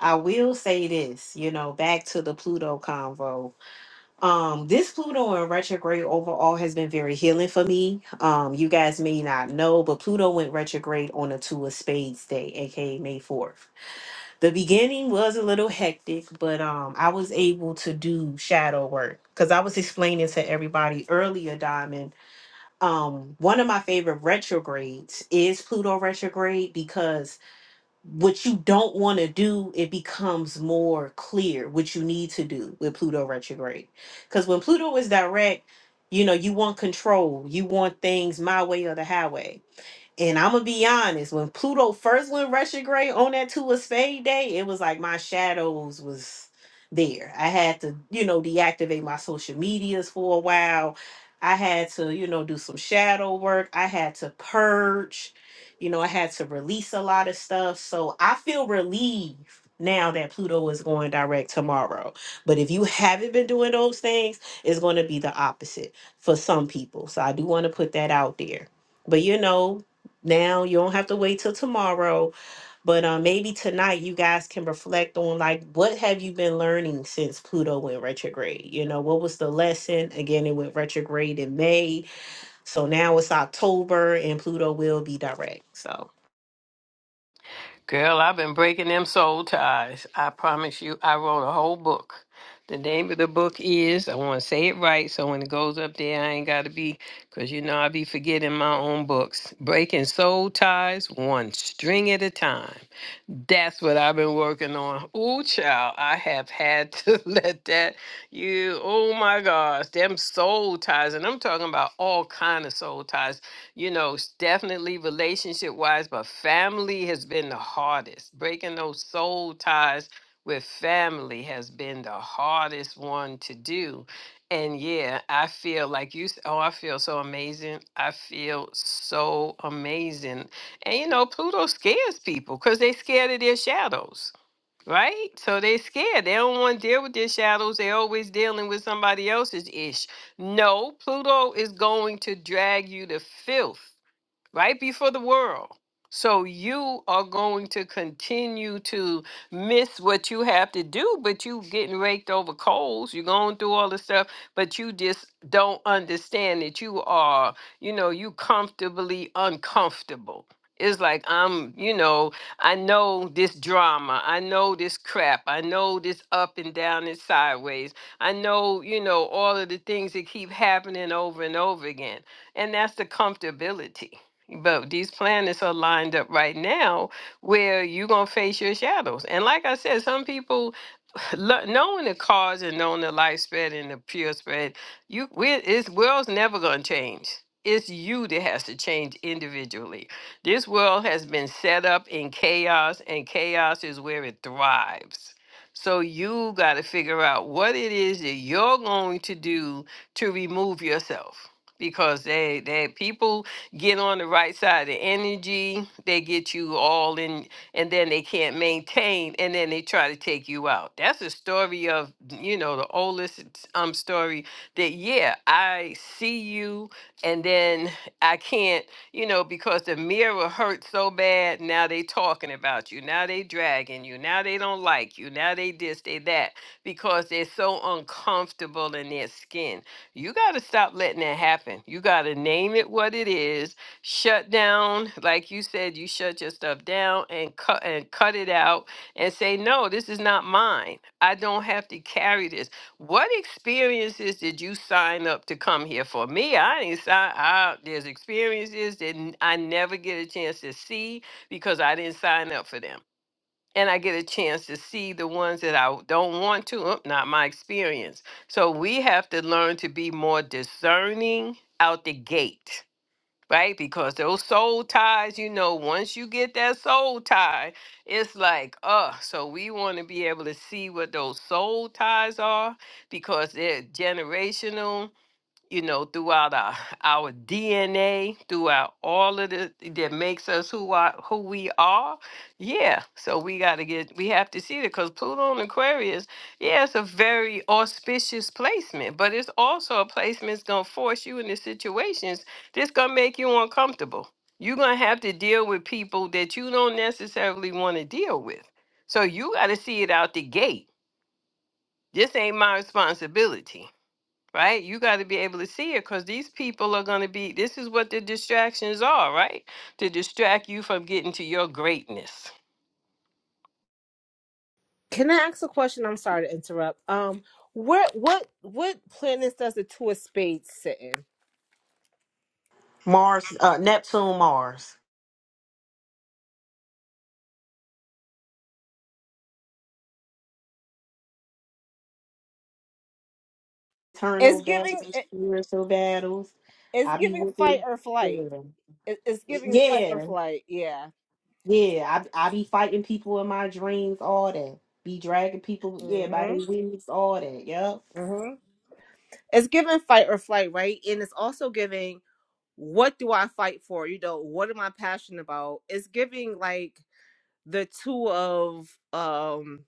I will say this, you know, back to the Pluto convo Um, this Pluto in retrograde overall has been very healing for me. Um, you guys may not know, but Pluto went retrograde on a Two of Spades day, aka May 4th. The beginning was a little hectic, but um, I was able to do shadow work because I was explaining to everybody earlier, Diamond. Um, one of my favorite retrogrades is Pluto retrograde because what you don't want to do, it becomes more clear what you need to do with Pluto retrograde. Because when Pluto is direct, you know, you want control, you want things my way or the highway and I'm gonna be honest, when Pluto first went retrograde on that two of spade day, it was like my shadows was there. I had to, you know, deactivate my social medias for a while. I had to, you know, do some shadow work. I had to purge. You know, I had to release a lot of stuff. So I feel relieved now that Pluto is going direct tomorrow. But if you haven't been doing those things, it's going to be the opposite for some people. So I do want to put that out there. But you know, now you don't have to wait till tomorrow but um, maybe tonight you guys can reflect on like what have you been learning since pluto went retrograde you know what was the lesson again it went retrograde in may so now it's october and pluto will be direct so Girl, I've been breaking them soul ties. I promise you, I wrote a whole book. The name of the book is, I want to say it right, so when it goes up there, I ain't got to be, because you know I be forgetting my own books. Breaking Soul Ties, One String at a Time. That's what I've been working on. Oh, child, I have had to let that, you, oh my gosh, them soul ties, and I'm talking about all kind of soul ties you know, s- definitely relationship wise, but family has been the hardest. Breaking those soul ties with family has been the hardest one to do. And yeah, I feel like you, s- oh, I feel so amazing. I feel so amazing. And you know, Pluto scares people because they're scared of their shadows Right? So they scared. They don't want to deal with their shadows. They're always dealing with somebody else's ish. No, Pluto is going to drag you to filth right before the world. So you are going to continue to miss what you have to do, but you getting raked over coals. You're going through all the stuff, but you just don't understand that you are, you know, you comfortably uncomfortable. It's like I'm, you know, I know this drama. I know this crap. I know this up and down and sideways. I know, you know, all of the things that keep happening over and over again. And that's the comfortability but these planets are lined up right now where you're going to face your shadows. And like I said, some people lo- knowing the cause and knowing the life spread and the pure spread, you we it's world's never gonna change. It's you that has to change individually. This world has been set up in chaos, and chaos is where it thrives. So you got to figure out what it is that you're going to do to remove yourself, because they they people get on the right side of energy. They get you all in and then they can't maintain and then they try to take you out. That's a story of, you know, the oldest um story that yeah, I see you and then I can't, you know, because the mirror hurt so bad, now they talking about you. Now they dragging you. Now they don't like you. Now they this, they that because they're so uncomfortable in their skin. You got to stop letting that happen. You got to name it what it is shut down like you said you shut your stuff down and cut and cut it out and say no this is not mine i don't have to carry this what experiences did you sign up to come here for me i didn't sign out there's experiences that n- i never get a chance to see because i didn't sign up for them and i get a chance to see the ones that i don't want to uh, not my experience so we have to learn to be more discerning out the gate right? Because those soul ties, you know, once you get that soul tie, it's like, uh, so we want to be able to see what those soul ties are because they're generational you know, throughout our, our DNA, throughout all of the that makes us who are who we are. Yeah. So we gotta get we have to see that because Pluto and Aquarius, yeah, it's a very auspicious placement, but it's also a placement that's gonna force you into situations that's gonna make you uncomfortable. You're gonna have to deal with people that you don't necessarily want to deal with. So you gotta see it out the gate. This ain't my responsibility right? You got to be able to see it because these people are going to be, this is what the distractions are, right? To distract you from getting to your greatness. Can I ask a question? I'm sorry to interrupt. Um, where what what planets does the two of spades sit in? Mars, uh, Neptune, Mars. eternal It's battles giving it, spiritual battles it's i be giving fight whooping or flight. yeah It, it's giving fight or Yeah. flight. Yeah. Yeah, I I be fighting people in my dreams, all that. Be dragging people, yeah, by their Mhm. wings, all that. Yep. Mhm. It's giving fight or flight, right? And it's also giving what do I fight for? You know, what am I passionate about? It's giving like the two of um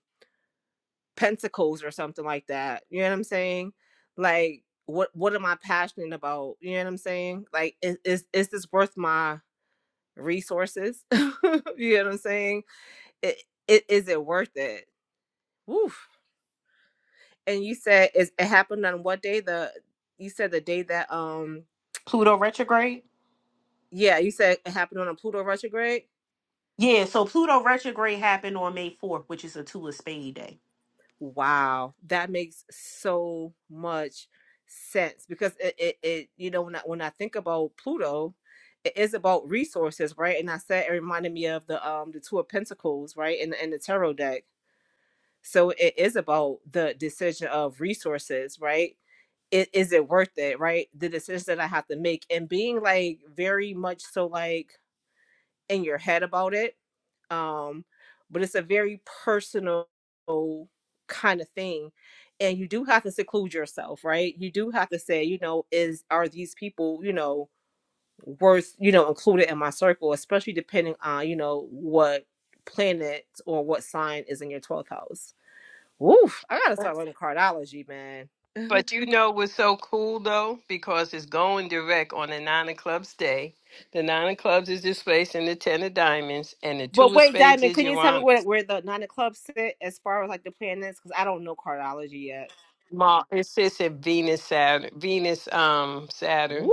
pentacles or something like that. You know what I'm saying? Like what what am I passionate about? You know what I'm saying? Like is is, is this worth my resources? you know what I'm saying? It, it is it worth it? Woof. And you said is it happened on what day? The you said the day that um Pluto retrograde. Yeah, you said it happened on a Pluto retrograde. Yeah, so Pluto retrograde happened on May fourth, which is a two of spade day. Wow, that makes so much sense because it, it, it you know when I when I think about Pluto, it is about resources, right? And I said it reminded me of the um the two of Pentacles, right, and and the tarot deck. So it is about the decision of resources, right? It, is it worth it, right? The decisions that I have to make and being like very much so like in your head about it um but it's a very personal kind of thing and you do have to seclude yourself right you do have to say you know is are these people you know worth you know included in my circle especially depending on you know what planet or what sign is in your 12th house Woof, i gotta start Yes. learning cardology man But you know what's so cool though? Because it's going direct on the nine of clubs day. The nine of clubs is this place in the ten of diamonds, and the two but of wait spades diamond is can you tell me where, Uranus. where the nine of clubs sit as far as like the planets because i don't know cardology yet Ma- it sits in Venus, Saturn, Venus, um, Saturn. Woo!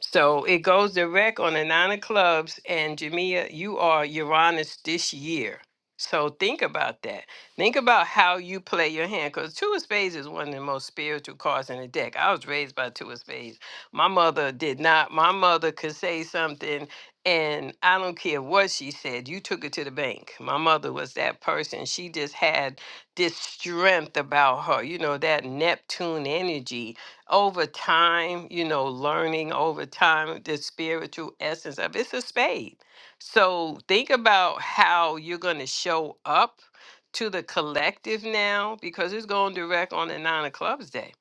So it goes direct on the nine of Clubs, and Jamia, you are Uranus this year. So think about that. Think about how you play your hand, because two of spades is one of the most spiritual cards in the deck. I was raised by two of spades. My mother did not. My mother could say something, and I don't care what she said. You took it to the bank. My mother was that person. She just had this strength about her, you know, that Neptune energy over time, you know, learning over time the spiritual essence of it's a spade. So think about how you're going to show up to the collective now because it's going direct on the nine of clubs day.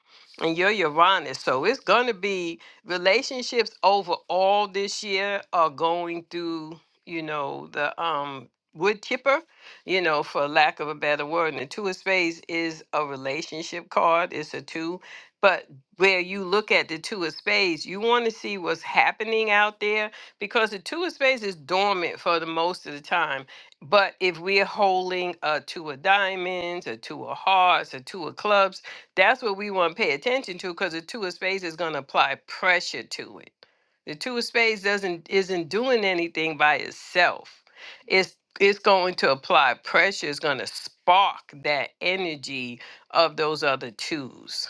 And you're Uranus. So it's going to be relationships overall this year are going through, you know, the um wood chipper you know, for lack of a better word. And the two of spades is a relationship card. It's a two. But where you look at the two of spades, you want to see what's happening out there because the two of spades is dormant for the most of the time. But if we're holding a two of diamonds, a two of hearts, a two of clubs, that's what we want to pay attention to because the two of spades is going to apply pressure to it. The two of spades doesn't isn't doing anything by itself. It's it's going to apply pressure. It's going to spark that energy of those other twos.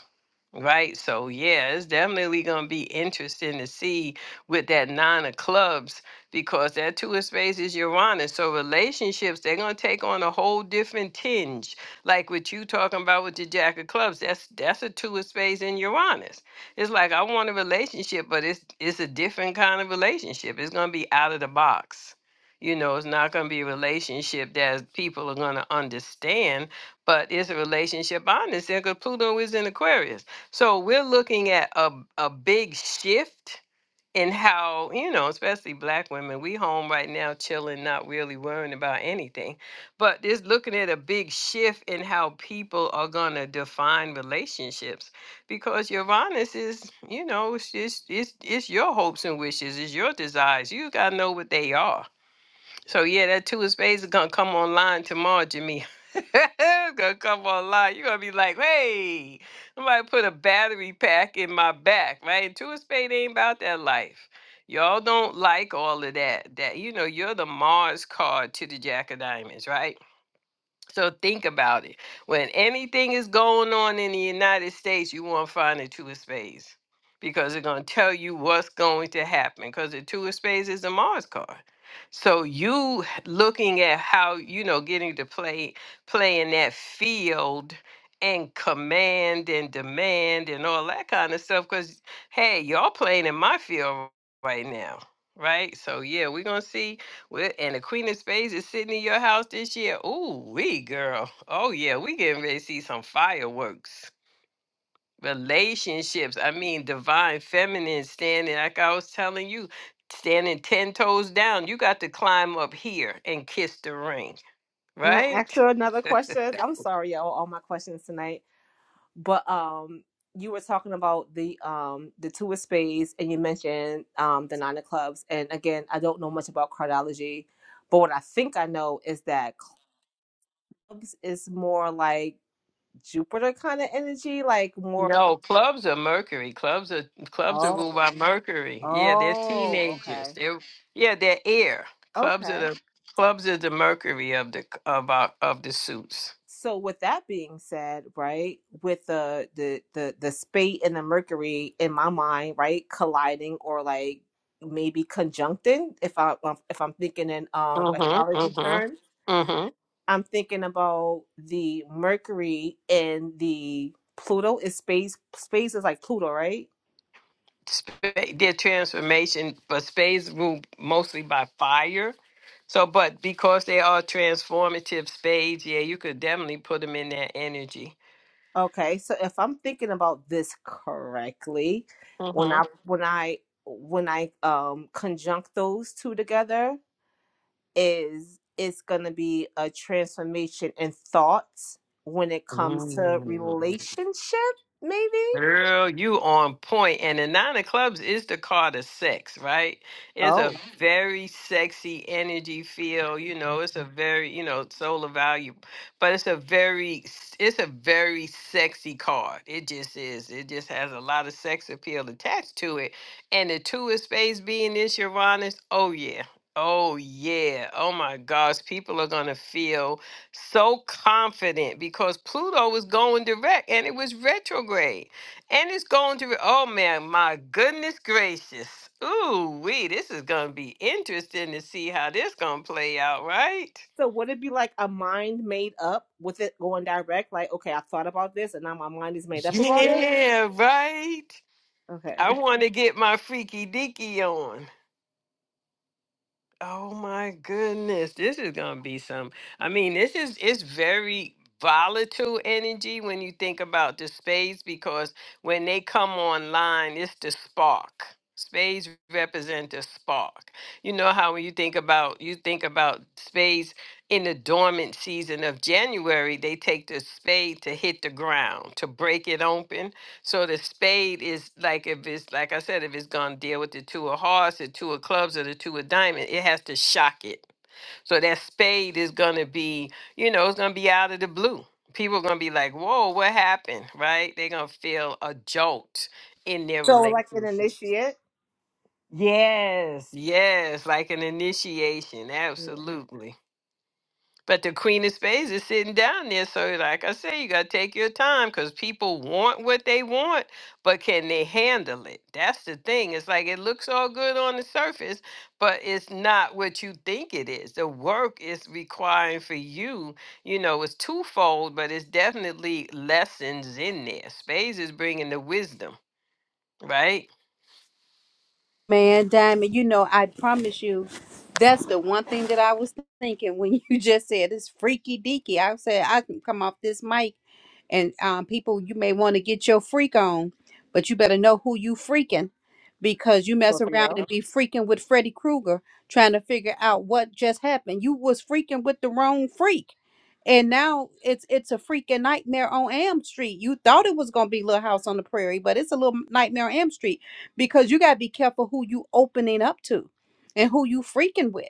Right. So yeah, it's definitely gonna be interesting to see with that nine of clubs because that two of spades is Uranus. So relationships, they're gonna take on a whole different tinge. Like what you talking about with the jack of clubs, that's that's a two of spades in Uranus. It's like I want a relationship, but it's it's a different kind of relationship. It's gonna be out of the box. You know, it's not gonna be a relationship that people are gonna understand, but it's a relationship honest. And 'cause Pluto is in Aquarius. So we're looking at a a big shift in how, you know, especially black women, we home right now chilling, not really worrying about anything. But just looking at a big shift in how people are gonna define relationships. Because your honest is, you know, it's just it's it's your hopes and wishes, it's your desires. You gotta know what they are so yeah, that two of spades is gonna come online tomorrow, Jimmy. it's gonna come online. You're gonna be like, hey, somebody put a battery pack in my back, right? Two of spades ain't about that life. Y'all don't like all of that. That you know, you're the Mars card to the Jack of Diamonds, right? So think about it. When anything is going on in the United States, you won't find a two of spades because it's going to tell you what's going to happen because the two of spades is a Mars card. So you h- looking at how, you know, getting to play, play in that field and command and demand and all that kind of stuff because, hey, y'all playing in my field right now, right? So, yeah, we're going to see well, and the Queen of Spades is sitting in your house this year. Ooh, we girl. Oh yeah, we getting ready to see some fireworks. Relationships. I mean, divine feminine standing. Like I was telling you, standing ten toes down. You got to climb up here and kiss the ring, Can I ask right? you another question? I'm sorry, y'all, all my questions tonight. But um, you were talking about the um the two of spades, and you mentioned um the nine of clubs. And again, I don't know much about cardology, but what I think I know is that clubs is more like Jupiter kind of energy, like more. No, clubs are Mercury. Clubs are clubs are ruled Oh, by Mercury. Yeah, they're oh, teenagers. okay, They're yeah, they're air. Clubs are okay, the clubs are the Mercury of the of our, of the suits. so with that being said right with the the the the spate and the mercury in my mind right colliding or like maybe conjuncting if i um, if i'm thinking in um Mm-hmm. astrology terms Mm-hmm. Mm-hmm. i'm thinking about the mercury and the pluto is space space is like pluto right Sp- their transformation, but spades rule mostly by fire. So, but because they are transformative spades, yeah, you could definitely put them in that energy. okay so if i'm thinking about this correctly when i Mm-hmm. when i when i um conjunct those two together is it's going to be a transformation in thoughts when it comes to relationship maybe Girl, you on point. And the nine of clubs is the card of sex, right? It's a Oh, Mhm. very sexy energy feel. You know, it's a very, you know, solar value, but it's a very, it's a very sexy card. It just is. It just has a lot of sex appeal attached to it. And the two of spades being this Uranus, oh yeah. Oh yeah. Oh my gosh. People are gonna feel so confident because Pluto was going direct and it was retrograde. And it's going to, oh man, my goodness gracious. Ooh, wee, this is going to be interesting to see how this going to play out, right? so would it be like a mind made up with it going direct like okay i thought about this and now my mind is made up about it Yeah, right. I okay want to get my freaky deaky on. Oh my goodness, this is gonna be some. I mean, this is it's very volatile energy when you think about the spades because when they come online, it's the spark. Spades represent the spark. You know how when you think about you think about spades in the dormant season of January, they take the spade to hit the ground, to break it open so the spade is like if it's like I said, if it's gonna deal with the two of hearts, the two of clubs, or the two of diamond, it has to shock it. So that spade is gonna be, you know, it's gonna be out of the blue. People are gonna be like, "Whoa, what happened?" Right? They're gonna feel a jolt in their so like an relationship. initiate Yes, yes, like an initiation. yeah. Absolutely. But the Queen of Spades is sitting down there. So, like I say, you got to take your time because people want what they want, but can they handle it? That's the thing. It's like it looks all good on the surface, but it's not what you think it is. The work is requiring for you, you know, it's twofold, but it's definitely lessons in there. Spades is bringing the wisdom, right? Man, Diamond, you know, I promise you, that's the one thing that I was thinking when you just said it's freaky deaky. I said I can come off this mic and um, people, you may want to get your freak on, but you better know who you freaking because you mess around scorpio and be freaking with Freddy Krueger trying to figure out what just happened. You was freaking with the wrong freak. And now it's it's a freaking nightmare on Am Street. You thought it was gonna be Little House on the Prairie, but it's a little nightmare on Am Street because you gotta be careful who you opening up to and who you freaking with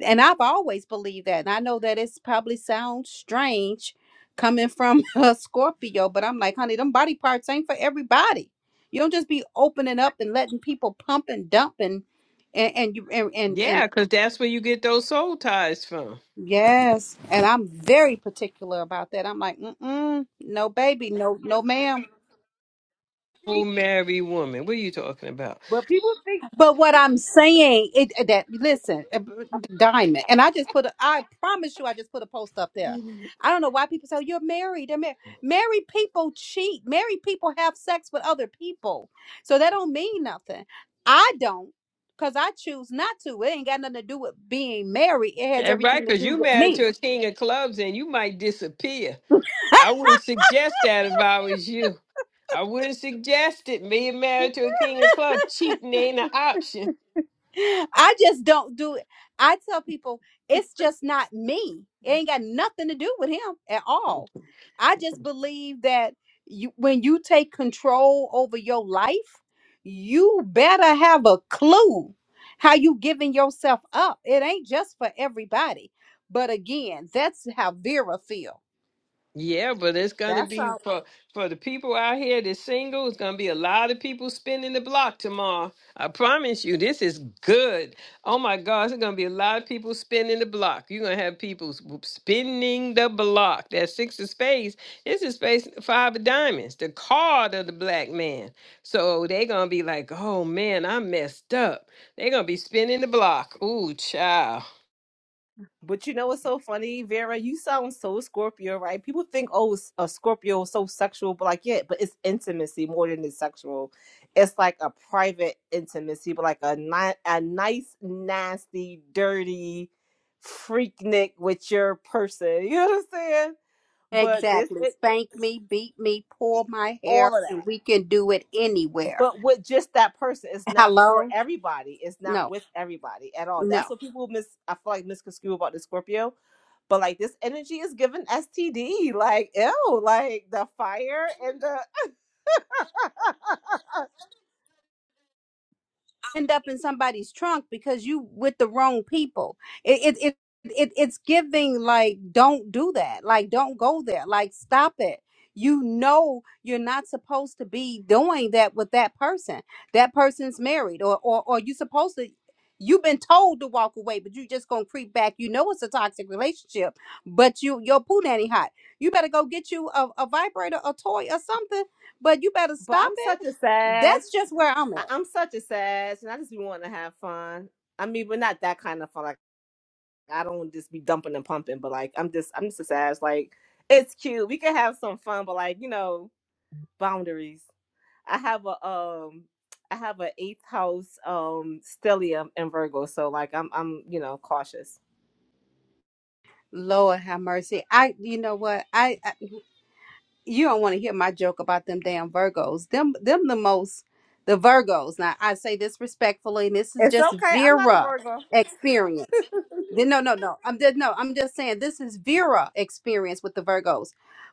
and I've always believed that. And I know that it's probably sounds strange coming from a Scorpio, but I'm like, honey, them body parts ain't for everybody. You don't just be opening up and letting people pump and dump and and, and you and, and and Yeah, because that's where you get those soul ties from. yes. And I'm very particular about that. I'm like, mm mm, no, baby, no, no, ma'am. Oh, married woman. What are you talking about? but people think But what I'm saying, it uh, that listen, uh, diamond, and I just put, a, I promise you, I just put a post up there. I don't know why people say you're married. They're married. Married people cheat. Married people have sex with other people, so that don't mean nothing. I don't, cause I choose not to. It ain't got nothing to do with being married. It has That's right, everything to because do you with married me. to a king of clubs and you might disappear. I wouldn't suggest that if I was you. I wouldn't suggest it. Being married to a king of clubs, cheating ain't an option. I just don't do it. I tell people it's just not me. It ain't got nothing to do with him at all. I just believe that you when you take control over your life, you better have a clue how you giving yourself up. It ain't just for everybody. But again, that's how Vera feel. Yeah, but it's gonna that's be a. for for the people out here that's single. It's gonna be a lot of people spinning the block tomorrow. I promise you, this is good. Oh my gosh, it's gonna be a lot of people spinning the block. You're gonna have people s- spinning the block. That six of spades. This is space five of diamonds, the card of the black man. So they gonna be like, oh man, I messed up. they are gonna be spinning the block. Ooh, child. But you know what's so funny, Vera? You sound so Scorpio, right? People think, oh, s- a Scorpio is so sexual, but like, yeah, but it's intimacy more than it's sexual. It's like a private intimacy, but like a ni- a nice, nasty, dirty freaknik with your person. You know what I'm saying? But this, Exactly. it, Spank me, beat me, pull my hair, all of and that, we can do it anywhere. but with just that person, it's not for Hello? everybody. It's No. not with everybody at all. That's No what people miss. I feel like misconstrue about the Scorpio But like this energy is giving STD. Like, ew, like the fire and the end up in somebody's trunk because you with the wrong people. It it it, it it's giving like don't do that. Like don't go there. Like stop it. You know you're not supposed to be doing that with that person. That person's married or or or you supposed to you've been told to walk away, but you just gonna creep back. You know it's a toxic relationship, but you your poo nanny hot. You better go get you a, a vibrator, a toy, or something, but you better but stop I'm it. such a sad. That's just where I'm I- at. I'm such a sad, and I just be wanting to have fun. I mean, but not that kind of fun. Like I don't just be dumping and pumping, but like I'm just, I'm just a sad. Like it's cute. We can have some fun, but like you know, boundaries. I have a um, I have a eighth house um stellium in Virgo, so like I'm, I'm you know cautious. Lord have mercy. I, you know what? I, I you don't want to hear my joke about them damn Virgos. Them, them the most, the Virgos. Now I say this respectfully, and this is It's just okay. I'm not a Vera Virgo. experience. Then no, no, no. I'm just no. I'm just saying this is Vera experience with the Virgos,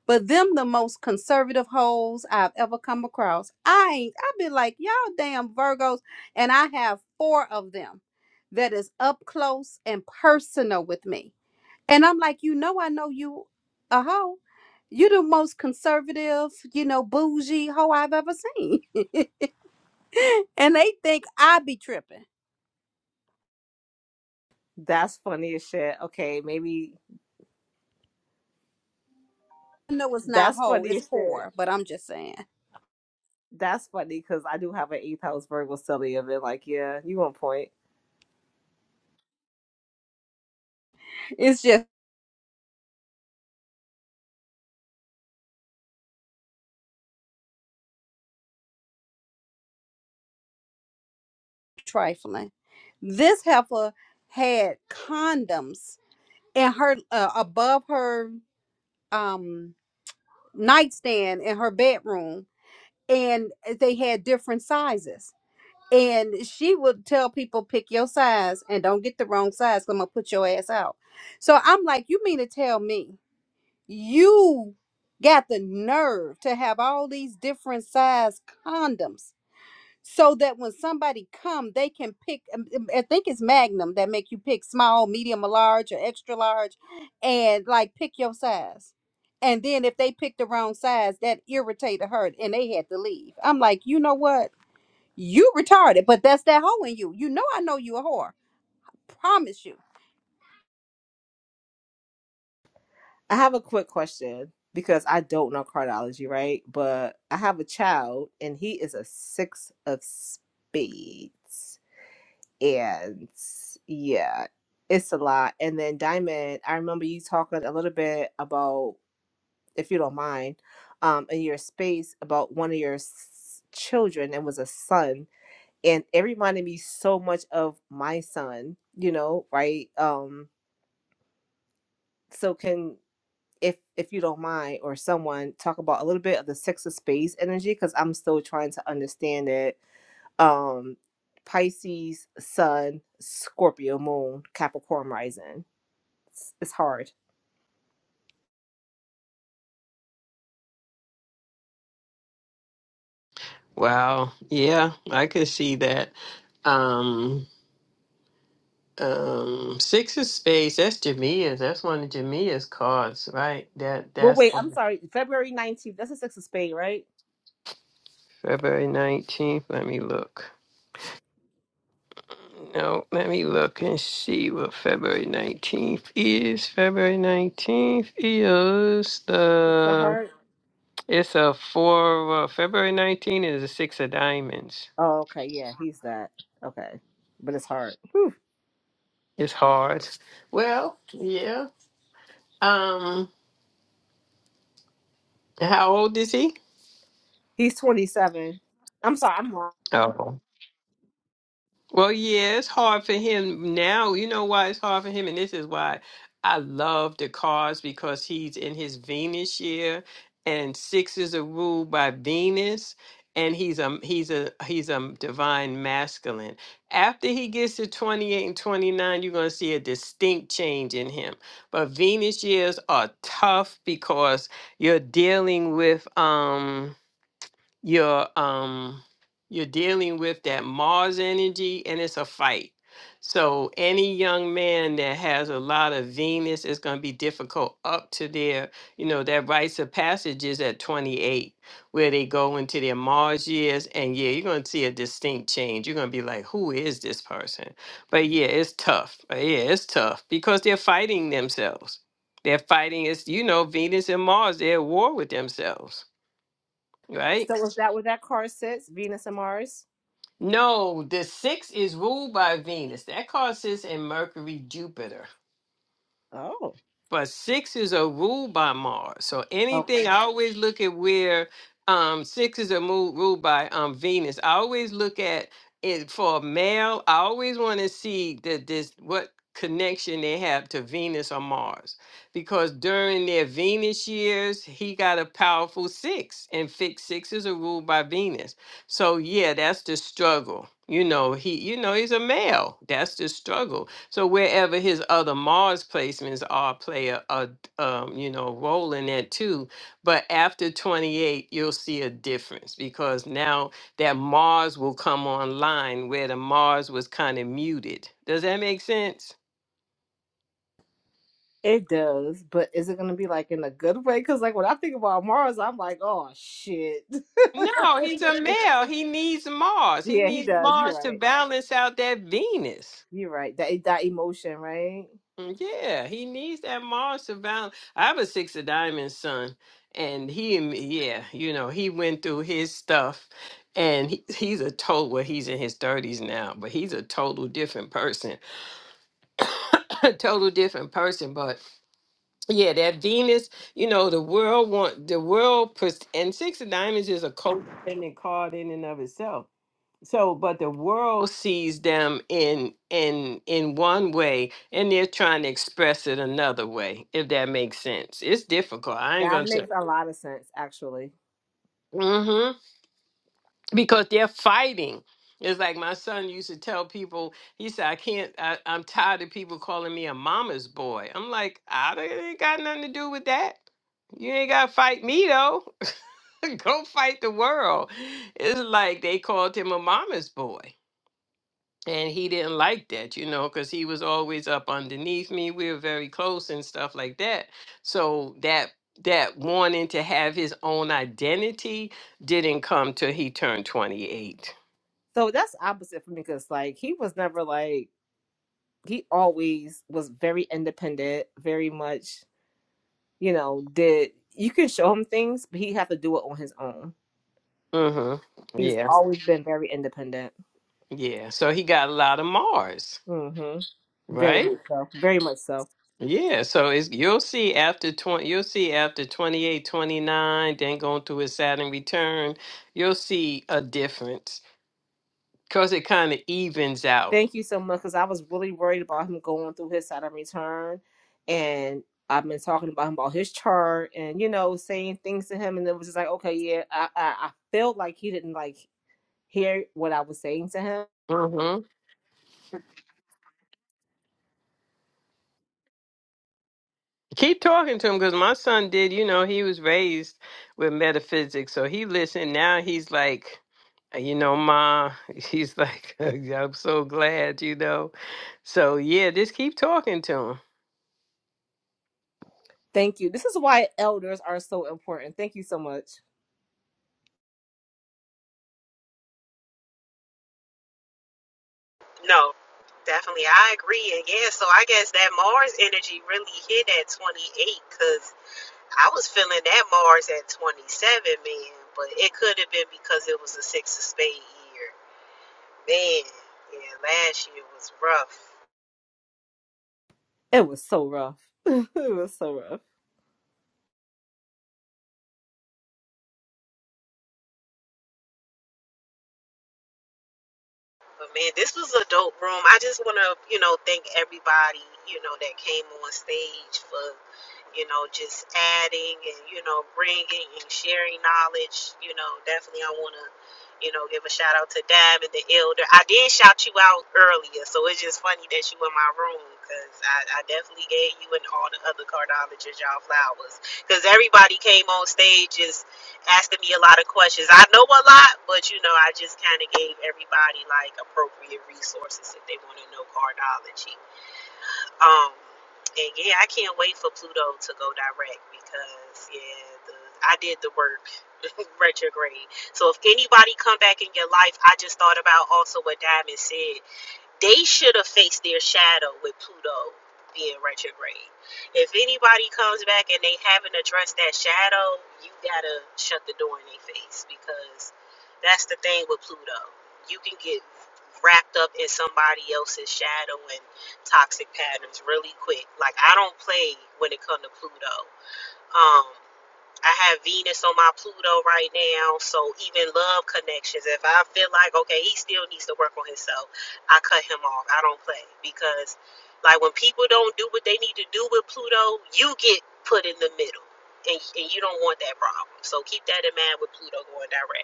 but them the most conservative hoes I've ever come across. I ain't. I've been like y'all damn Virgos, and I have four of them that is up close and personal with me and I'm like, you know, I know you a hoe. You the most conservative, you know, bougie hoe I've ever seen. and they think I be tripping. That's funny as shit. Okay, maybe I know it's not that's hoe, funny it's as whore, shit. but I'm just saying. That's funny because I do have an eighth house Virgo study of it. Like, yeah, you on point. It's just trifling. This heifer had condoms in her uh, above her um nightstand in her bedroom and eh, they had different sizes and she would tell people pick your size and don't get the wrong size 'cause i'm gonna put your ass out so i'm like you mean to tell me you got the nerve to have all these different size condoms so that when somebody come they can pick um, um, i think it's magnum that make you pick small medium or large or extra large and like pick your size and then if they pick the wrong size that irritated her and they had to leave i'm like you know what you retarded, but that's that hoe in you. You know I know you a whore. Promise you. I have a quick question because I don't know cardiology, right? But I have a child and he is a six of spades. And yeah, it's a lot. And then Diamond, I remember you talking a little bit about, if you don't mind, um, in your space about one of your s- children. It was a son and it reminded me so much of my son you know right um so can if if you don't mind or someone talk about a little bit of the six of space energy because i'm still trying to understand it um pisces sun scorpio moon capricorn rising it's, it's hard Wow. Yeah, I could see that. Um, Um, six of spades. That's Jamia's. That's one of Jamia's cards, right? That but that's wait i'm on sorry february 19th that's the six of spade right February nineteenth. Let me look. No, let me look and see what February nineteenth is. February nineteenth is it's the the. heart It's a four. Uh, February nineteenth is a six of diamonds. oh okay yeah he's that okay but it's hard It's hard. Well, yeah. Um, how old is he? he's 27 i'm sorry i'm wrong Oh. Well, yeah, it's hard for him now. You know why it's hard for him? And this is why I love the cards because he's in his Venus year and sixes are ruled by Venus and he's a he's a he's a divine masculine. After he gets to 28 and 29, you're going to see a distinct change in him. But Venus years are tough because you're dealing with um you're um you're dealing with that Mars energy and it's a fight. So any young man that has a lot of Venus is going to be difficult up to their, you know, that rites of passage is at 28 where they go into their Mars years and yeah, you're going to see a distinct change. You're going to be like, "Who is this person?" But yeah, it's tough. Uh, Yeah, it's tough because they're fighting themselves. They're fighting it's you know, Venus and Mars, they're at war with themselves, So right? is that what that card says? Venus and Mars? No, the six is ruled by Venus. That causes in Mercury, Jupiter. Oh. But sixes are ruled by Mars. So Okay. anything, I always look at where um, sixes are moved, ruled by um, Venus. I always look at it for a male. I always want to see that this what connection they have to Venus or Mars, because during their Venus years, he got a powerful six, and fixed sixes are ruled by Venus. So yeah, that's the struggle. You know, he, you know, he's a male. That's the struggle so wherever his other Mars placements are play a, a um, you know role in that too. But after 28, you'll see a difference because now that Mars will come online where the Mars was kind of muted. Does that make sense? It does, but is it gonna be like in a good way? Because like when I think about Mars, I'm like, oh shit. No, he's a male. He needs Mars. He yeah, he needs does. You're Mars to right. balance out that Venus. You're right. That that emotion, right? Mm, Yeah, he needs that Mars surveillance. I have a six of diamonds son, and he, and me- yeah, you know, he went through his stuff, and he, he's a total. Well, he's in his thirties now, but he's a total different person, a total different person. But yeah, that Venus, you know, the world want the world, pers- and six of diamonds is a codependent card in and of itself so but the world sees them in in in one way and they're trying to express it another way if that makes sense it's difficult i ain't That gonna say makes a lot of sense, actually. hmm because they're fighting it's like my son used to tell people he said i can't I, i'm tired of people calling me a mama's boy i'm like i don't- it ain't got nothing to do with that you ain't gotta fight me though go fight the world it's like they called him a mama's boy and he didn't like that you know because he was always up underneath me we were very close and stuff like that so that that wanting to have his own identity didn't come till he turned 28 So that's opposite for me because like he was never like he always was very independent, very much, you know, did you can show him things, but he have to do it on his own. mm-hmm He's yeah always been very independent. yeah so he got a lot of mars hmm Very right much so. Very much so. yeah so it's you'll see after 20 you'll see after 28, 29. then going through his saturn return you'll see a difference because it kind of evens out Thank you so much because I was really worried about him going through his side of return. And I've been talking about him about his chart and, you know, saying things to him. And it was just like, okay, yeah, I, I, I felt like he didn't like hear what I was saying to him. Keep talking to him because my son did, you know, he was raised with metaphysics. So he listened. Now he's like, uh, you know, Ma, he's like, "Uh, yeah, I'm so glad, you know. So yeah, just keep talking to him. Thank you. This is why elders are so important. Thank you so much. Korean, yeah. So I guess that Mars energy really hit at 28 because I was feeling that Mars at 27, man. But it could have been because it was a six of spade year. Man, yeah, last year was rough. It was so rough. it was so rough. But man, this was a dope room. I just want to, you know, thank everybody, you know, that came on stage for, you know, just adding and, you know, bringing and sharing knowledge. You know, definitely I want to, you know, give a shout out to Dab and the Elder. I did shout you out earlier, so it's just funny that you in my room because I, I definitely gave you and all the other cardiologists y'all flowers because everybody came on stage asking me a lot of questions. I know a lot, but you know, I just kind of gave everybody like appropriate resources if they want to know cardology. Um, and yeah, I can't wait for Pluto to go direct because yeah, the, I did the work retrograde. So if anybody come back in your life, I just thought about also what Diamond said they should have faced their shadow with Pluto being retrograde. If anybody comes back and they haven't addressed that shadow, you gotta shut the door in their face because that's the thing with Pluto. You can get wrapped up in somebody else's shadow and toxic patterns really quick. Like I don't play when it comes to Pluto. Um, I have Venus on my Pluto right now, so even love connections. If I feel like okay, he still needs to work on himself, I cut him off. I don't play because, like, when people don't do what they need to do with Pluto, you get put in the middle, and, and you don't want that problem. So keep that in mind with Pluto going direct.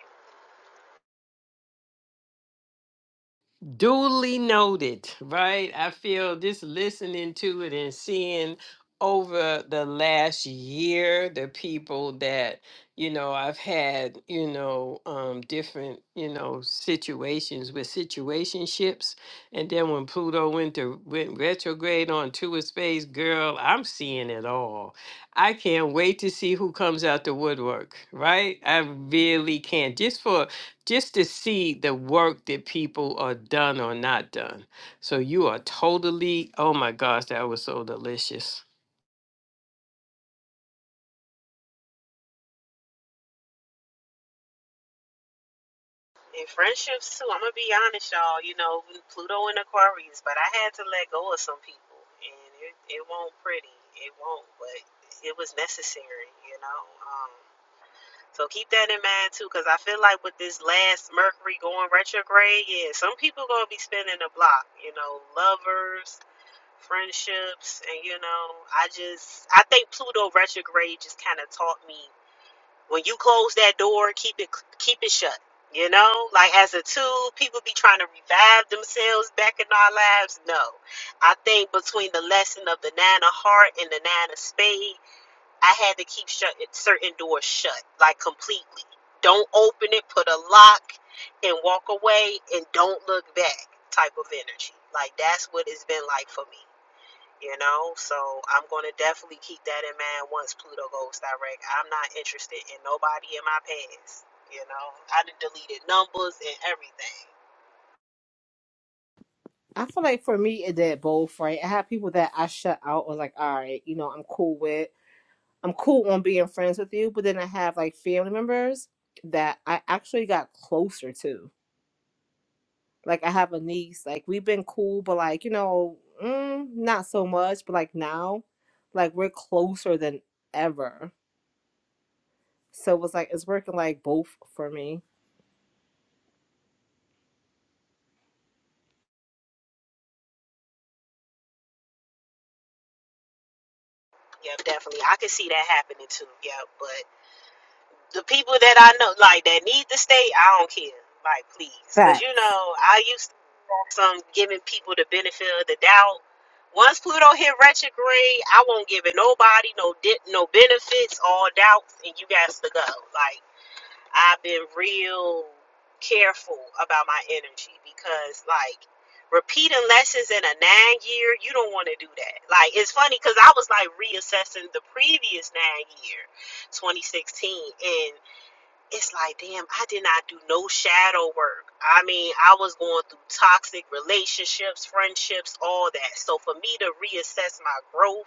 Duly noted, right? I feel just listening to it and seeing over the last year the people that you know I've had, you know, um different, you know, situations with situationships. And then when Pluto went to went retrograde on to a space, girl, I'm seeing it all. I can't wait to see who comes out the woodwork, right? I really can't. Just for just to see the work that people are done or not done. So you are totally, oh my gosh, that was so delicious. In friendships too, I'm gonna be honest, y'all. You know, we Pluto and Aquarius, but I had to let go of some people, and it it won't pretty, it won't, but it was necessary, you know. Um, so keep that in mind too, because I feel like with this last Mercury going retrograde, yeah, some people gonna be spinning the block, you know, lovers, friendships, and you know, I just I think Pluto retrograde just kind of taught me when you close that door, keep it keep it shut. You know, like as a tool, people be trying to revive themselves back in our lives. No, I think between the lesson of the nine of heart and the nine of spade, I had to keep shut certain doors shut, like completely. Don't open it, put a lock, and walk away, and don't look back. Type of energy, like that's what it's been like for me you know so i'm going to definitely keep that in mind once pluto goes direct i'm not interested in nobody in my past you know i done deleted numbers and everything I feel like for me, it did both, right? I have people that I shut out or like, all right, you know, I'm cool with I'm cool on being friends with you, but then I have like family members that I actually got closer to. Like I have a niece, like we've been cool, but like you know, mm, not so much. But like now, like we're closer than ever. So it was like it's working like both for me. yep definitely i can see that happening too yep but the people that i know like that need to stay i don't care like please because you know Facts, i used to have some giving people the benefit of the doubt once Pluto hit retrograde, I won't give it nobody no di- no benefits, all doubts, and you guys to go. Like I've been real careful about my energy because like repeating lessons in a nine year, you don't want to do that. Like it's funny because I was like reassessing the previous nine year, 2016, and it's like, damn, I did not do no shadow work. I mean, I was going through toxic relationships, friendships, all that. So for me to reassess my growth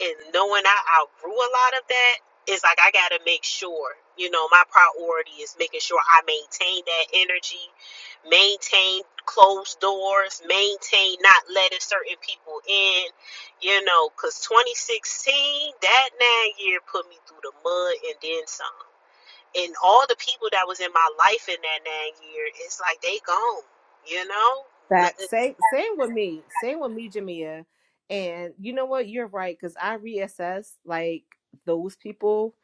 and knowing I outgrew a lot of that, it's like I gotta make sure, you know, my priority is making sure I maintain that energy, maintain closed doors, maintain not letting certain people in, you know, because 2016, that nine year put me through the mud and then some. And all the people that was in my life in that nine year, it's like they gone, you know? Nothing facts. Same, same with me. Same with me, Jamia. And you know what? You're right because I reassess like those people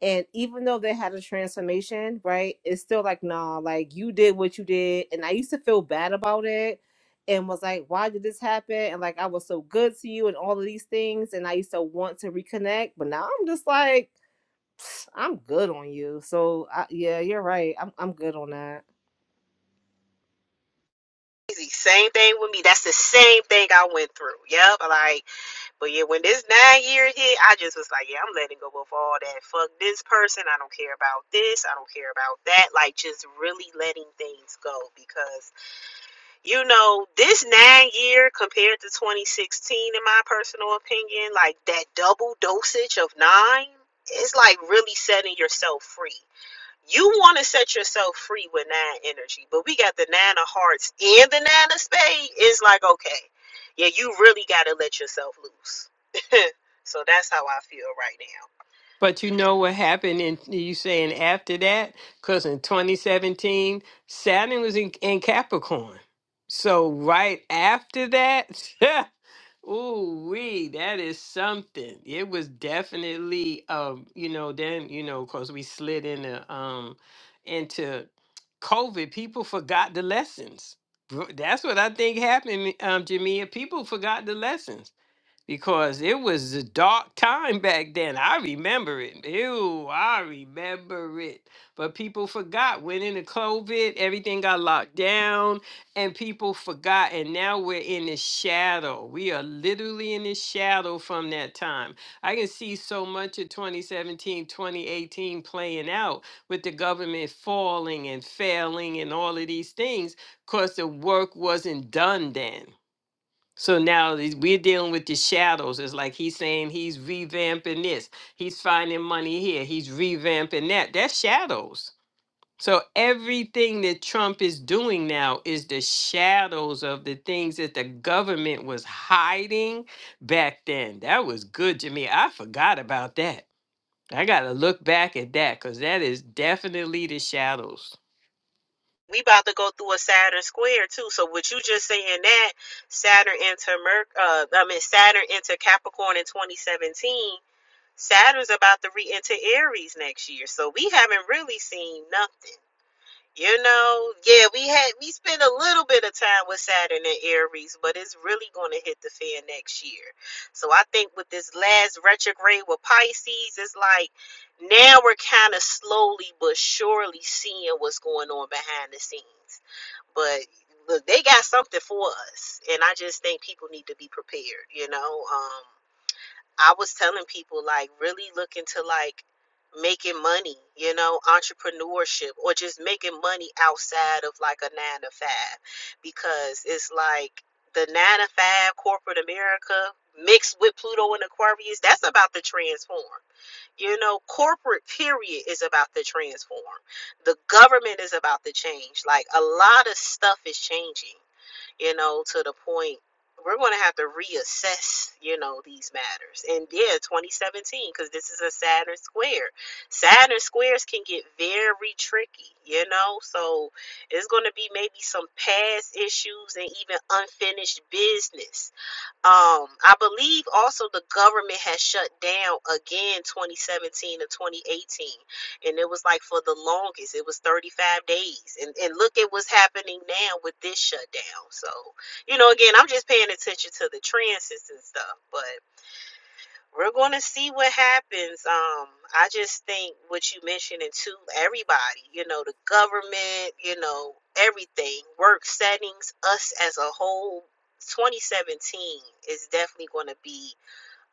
And even though they had a transformation, right, it's still like, nah, like you did what you did. And I used to feel bad about it and was like, why did this happen? And like, I was so good to you and all of these things. And I used to want to reconnect. But now I'm just like, "Pfft, I'm good on you. So I, yeah, you're right. I'm, I'm good on that. easy. Same thing with me. That's the same thing I went through. Yep. Like, But yeah, when this nine year hit, I just was like, yeah, I'm letting go of all that. Fuck this person. I don't care about this. I don't care about that. Like, just really letting things go because, you know, this nine year compared to 2016, in my personal opinion, like that double dosage of nine, it's like really setting yourself free. You want to set yourself free with nine energy, but we got the nine of hearts and the nine of spades. It's like, okay, yeah, you really got to let yourself loose. so that's how I feel right now. But you know what happened in you saying after that? Because in 2017, Saturn was in, in Capricorn. So right after that, ooh wee, that is something. It was definitely um, you know, then, you know, because we slid into um into COVID, people forgot the lessons. Bro- That's what I think happened, um, Jamia. People forgot the lessons because it was a dark time back then. I remember it. Ew, I remember it. But people forgot. Went into COVID, everything got locked down, and people forgot. And now we're in the shadow. We are literally in the shadow from that time. I can see so much of 2017, 2018 playing out with the government falling and failing and all of these things because the work wasn't done then. So now these- we're dealing with the shadows. It's like he's saying he's revamping this. He's finding money here. He's revamping that. That's shadows. So everything that Trump is doing now is the shadows of the things that the government was hiding back then. That was good to me. I forgot about that. I got to look back at that because that is definitely the shadows. We about to go through a Saturn square too. So what you just saying that Saturn into Merc, uh, I mean Saturn into Capricorn in 2017. Saturn's about to re-enter Aries next year. So we haven't really seen nothing. You know, yeah, we had we spent a little bit of time with Saturn and Aries, but it's really going to hit the fan next year. So I think with this last retrograde with Pisces, it's like now we're kind of slowly but surely seeing what's going on behind the scenes. But look, they got something for us, and I just think people need to be prepared. You know, um, I was telling people like really look into like making money, you know, entrepreneurship or just making money outside of like a nine to five because it's like the nine to five corporate America mixed with Pluto and Aquarius, that's about to transform. You know, corporate period is about to transform. The government is about to change. Like a lot of stuff is changing you know, to the point we're going to have to reassess, you know, these matters. And yeah, 2017, because this is a Saturn square. Saturn squares can get very tricky, you know, so it's going to be maybe some past issues and even unfinished business um, I believe also the government has shut down again 2017 to 2018. And it was like for the longest, it was 35 days. And, and look at what's happening now with this shutdown. So, you know, again, I'm just paying attention to the trends and stuff. but. We're going to see what happens. Um, I just think what you mentioned to everybody, you know, the government, you know, everything, work settings, us as a whole. 2017 is definitely going to be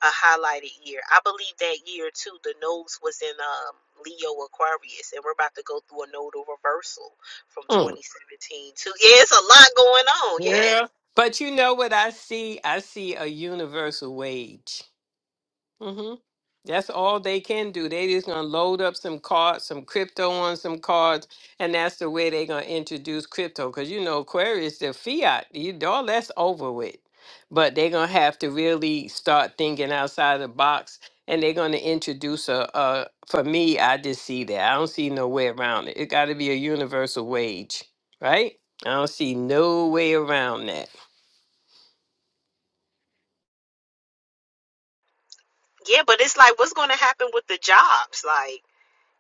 a highlighted year. I believe that year too. The nose was in um, Leo Aquarius, and we're about to go through a nodal reversal from Mm. 2017 to yeah, it's a lot going on. Yeah, Yeah. But you know what I see? I see a universal wage. hmm That's all they can do. They just gonna load up some cards, some crypto on some cards, and that's the way they gonna introduce crypto. Cause you know, Aquarius, the fiat, you all that's over with. But they gonna have to really start thinking outside the box, and they're gonna introduce a. a for me, I just see that. I don't see no way around it. It got to be a universal wage, right? I don't see no way around that. yeah, but it's like what's going to happen with the jobs, like.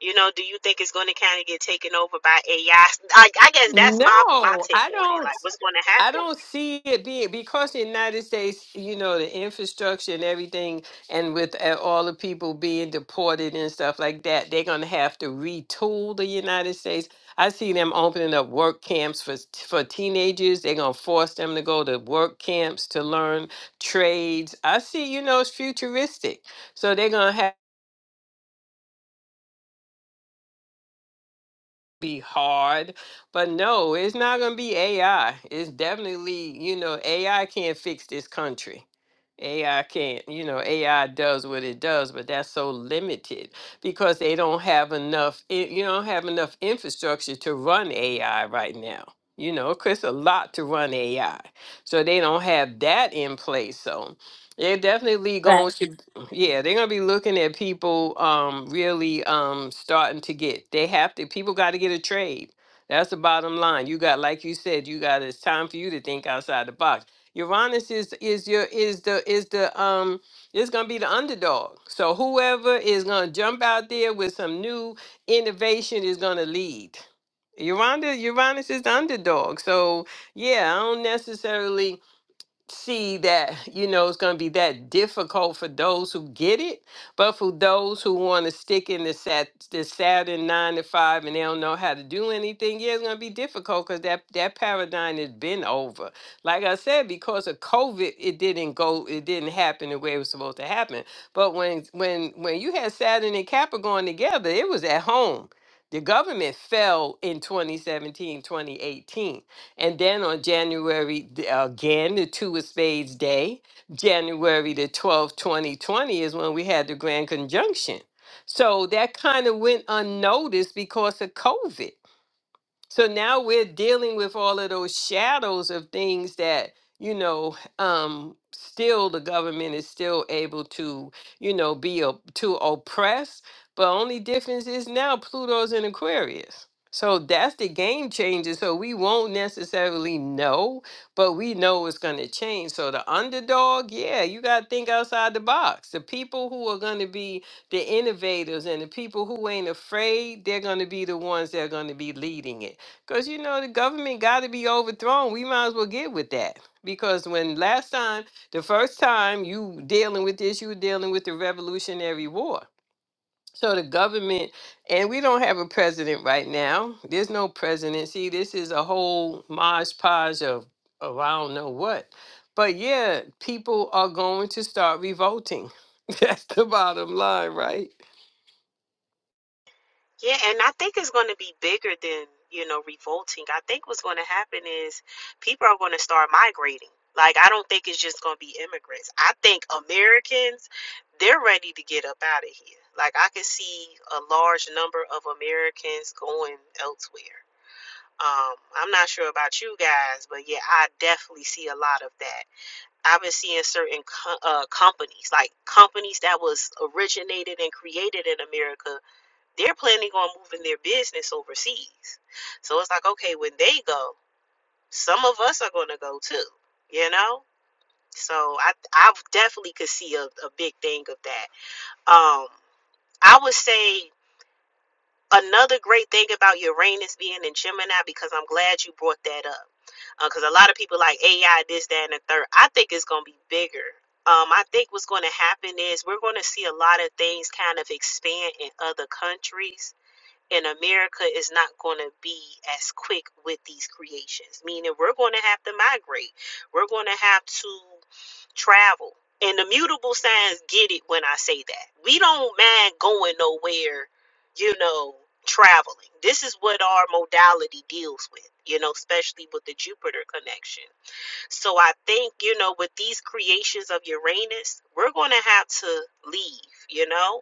You know, do you think it's going to kind of get taken over by AI? I, I I guess that's my my No, take I on it. don't. Like, what's going to I happen? don't see it being because the United States, you know, the infrastructure and everything, and with uh, all the people being deported and stuff like that, they're gonna have to retool the United States. I see them opening up work camps for for teenagers. They're gonna force them to go to work camps to learn trades. I see, you know, it's futuristic. So they're gonna have. be hard. But no, it's not going to be AI. It's definitely, you know, AI can't fix this country. AI can't, you know, AI does what it does, but that's so limited because they don't have enough, i- you don't have enough infrastructure to run AI right now. You know, 'cause it's a lot to run AI. So they don't have that in place. So they're definitely going Facts. to yeah, they're gonna be looking at people um really um starting to get they have to people gotta get a trade. That's the bottom line. You got like you said, you got it's time for you to think outside the box. Uranus is is your is the is the um It's gonna be the underdog. So whoever is gonna jump out there with some new innovation is gonna lead. Uranus, Uranus is the underdog. So yeah, I don't necessarily see that you know it's going to be that difficult for those who get it but for those who want to stick in the sat the saturn nine to five and they don't know how to do anything yeah it's going to be difficult because that that paradigm has been over like i said because of covid it didn't go it didn't happen the way it was supposed to happen but when when when you had saturn and capricorn together it was at home the government fell in 2017 2018. And then on January, th- again, the Two of Spades Day, January the 12th, 2020, is when we had the Grand Conjunction. So that kind of went unnoticed because of COVID so now we're dealing with all of those shadows of things that you know um still the government is still able to you know be op- to oppress but only difference is now pluto's in aquarius so that's the game changer so we won't necessarily know but we know it's going to change so the underdog yeah you got to think outside the box the people who are going to be the innovators and the people who ain't afraid they're going to be the ones that are going to be leading it because you know the government got to be overthrown. We might as well get with that. Because when last time, the first time you dealing with this, you were dealing with the Revolutionary War. So the government, and we don't have a president right now. There's no presidency. This is a whole mosh podge of, of I don't know what. But yeah, people are going to start revolting. That's the bottom line, right? Yeah, and I think it's going to be bigger than you know revolting. I think what's going to happen is people are going to start migrating. Like, I don't think it's just going to be immigrants. I think Americans, they're ready to get up out of here. Like, I can see a large number of Americans going elsewhere. Um, I'm not sure about you guys, but yeah, I definitely see a lot of that I've been seeing certain co- uh, companies, like companies that was originated and created in America, they're planning on moving their business overseas. So it's like, okay, when they go, some of us are going to go too, you know? So I, I definitely could see a, a big thing of that. Um, I would say Another great thing about Uranus being in Gemini, because I'm glad you brought that up, because a lot of people like AI, this, that, and the third. I think it's going to be bigger. Um, I think what's going to happen is we're going to see a lot of things kind of expand in other countries. And America is not going to be as quick with these creations, meaning we're going to have to migrate. We're going to have to travel. And the mutable signs get it when I say that. We don't mind going nowhere, you know, traveling. This is what our modality deals with, you know, especially with the Jupiter connection. So I think, you know, with these creations of Uranus, we're going to have to leave, you know?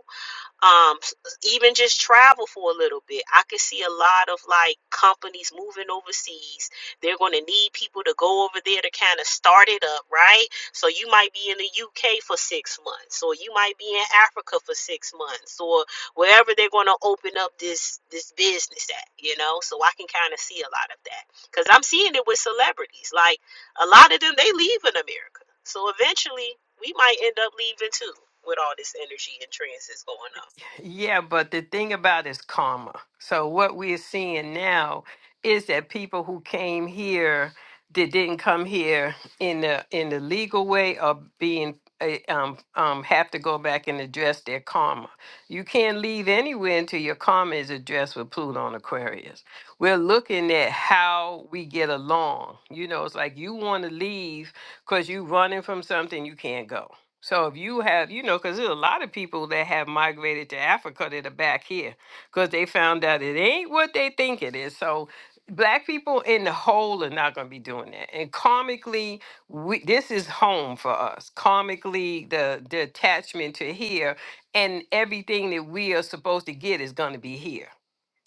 um s- even just travel for a little bit i can see a lot of like companies moving overseas they're going to need people to go over there to kind of start it up right so you might be in the uk for six months or you might be in africa for six months or wherever they're going to open up this this business at you know so i can kind of see a lot of that because i'm seeing it with celebrities like a lot of them they leave in america so eventually we might end up leaving too with all this energy and transits going on Yeah, but the thing about is karma. So what we're seeing now is that people who came here that didn't come here in the in the legal way are being eh, um um have to go back and address their karma. You can't leave anywhere until your karma is addressed with Pluto and Aquarius. We're looking at how we get along. You know, it's like you want to leave because you're running from something you can't go so if you have, you know, because there's a lot of people that have migrated to Africa that are back here because they found out it ain't what they think it is. So black people in the whole are not going to be doing that. And karmically, we, this is home for us. Karmically, the, the attachment to here and everything that we are supposed to get is going to be here.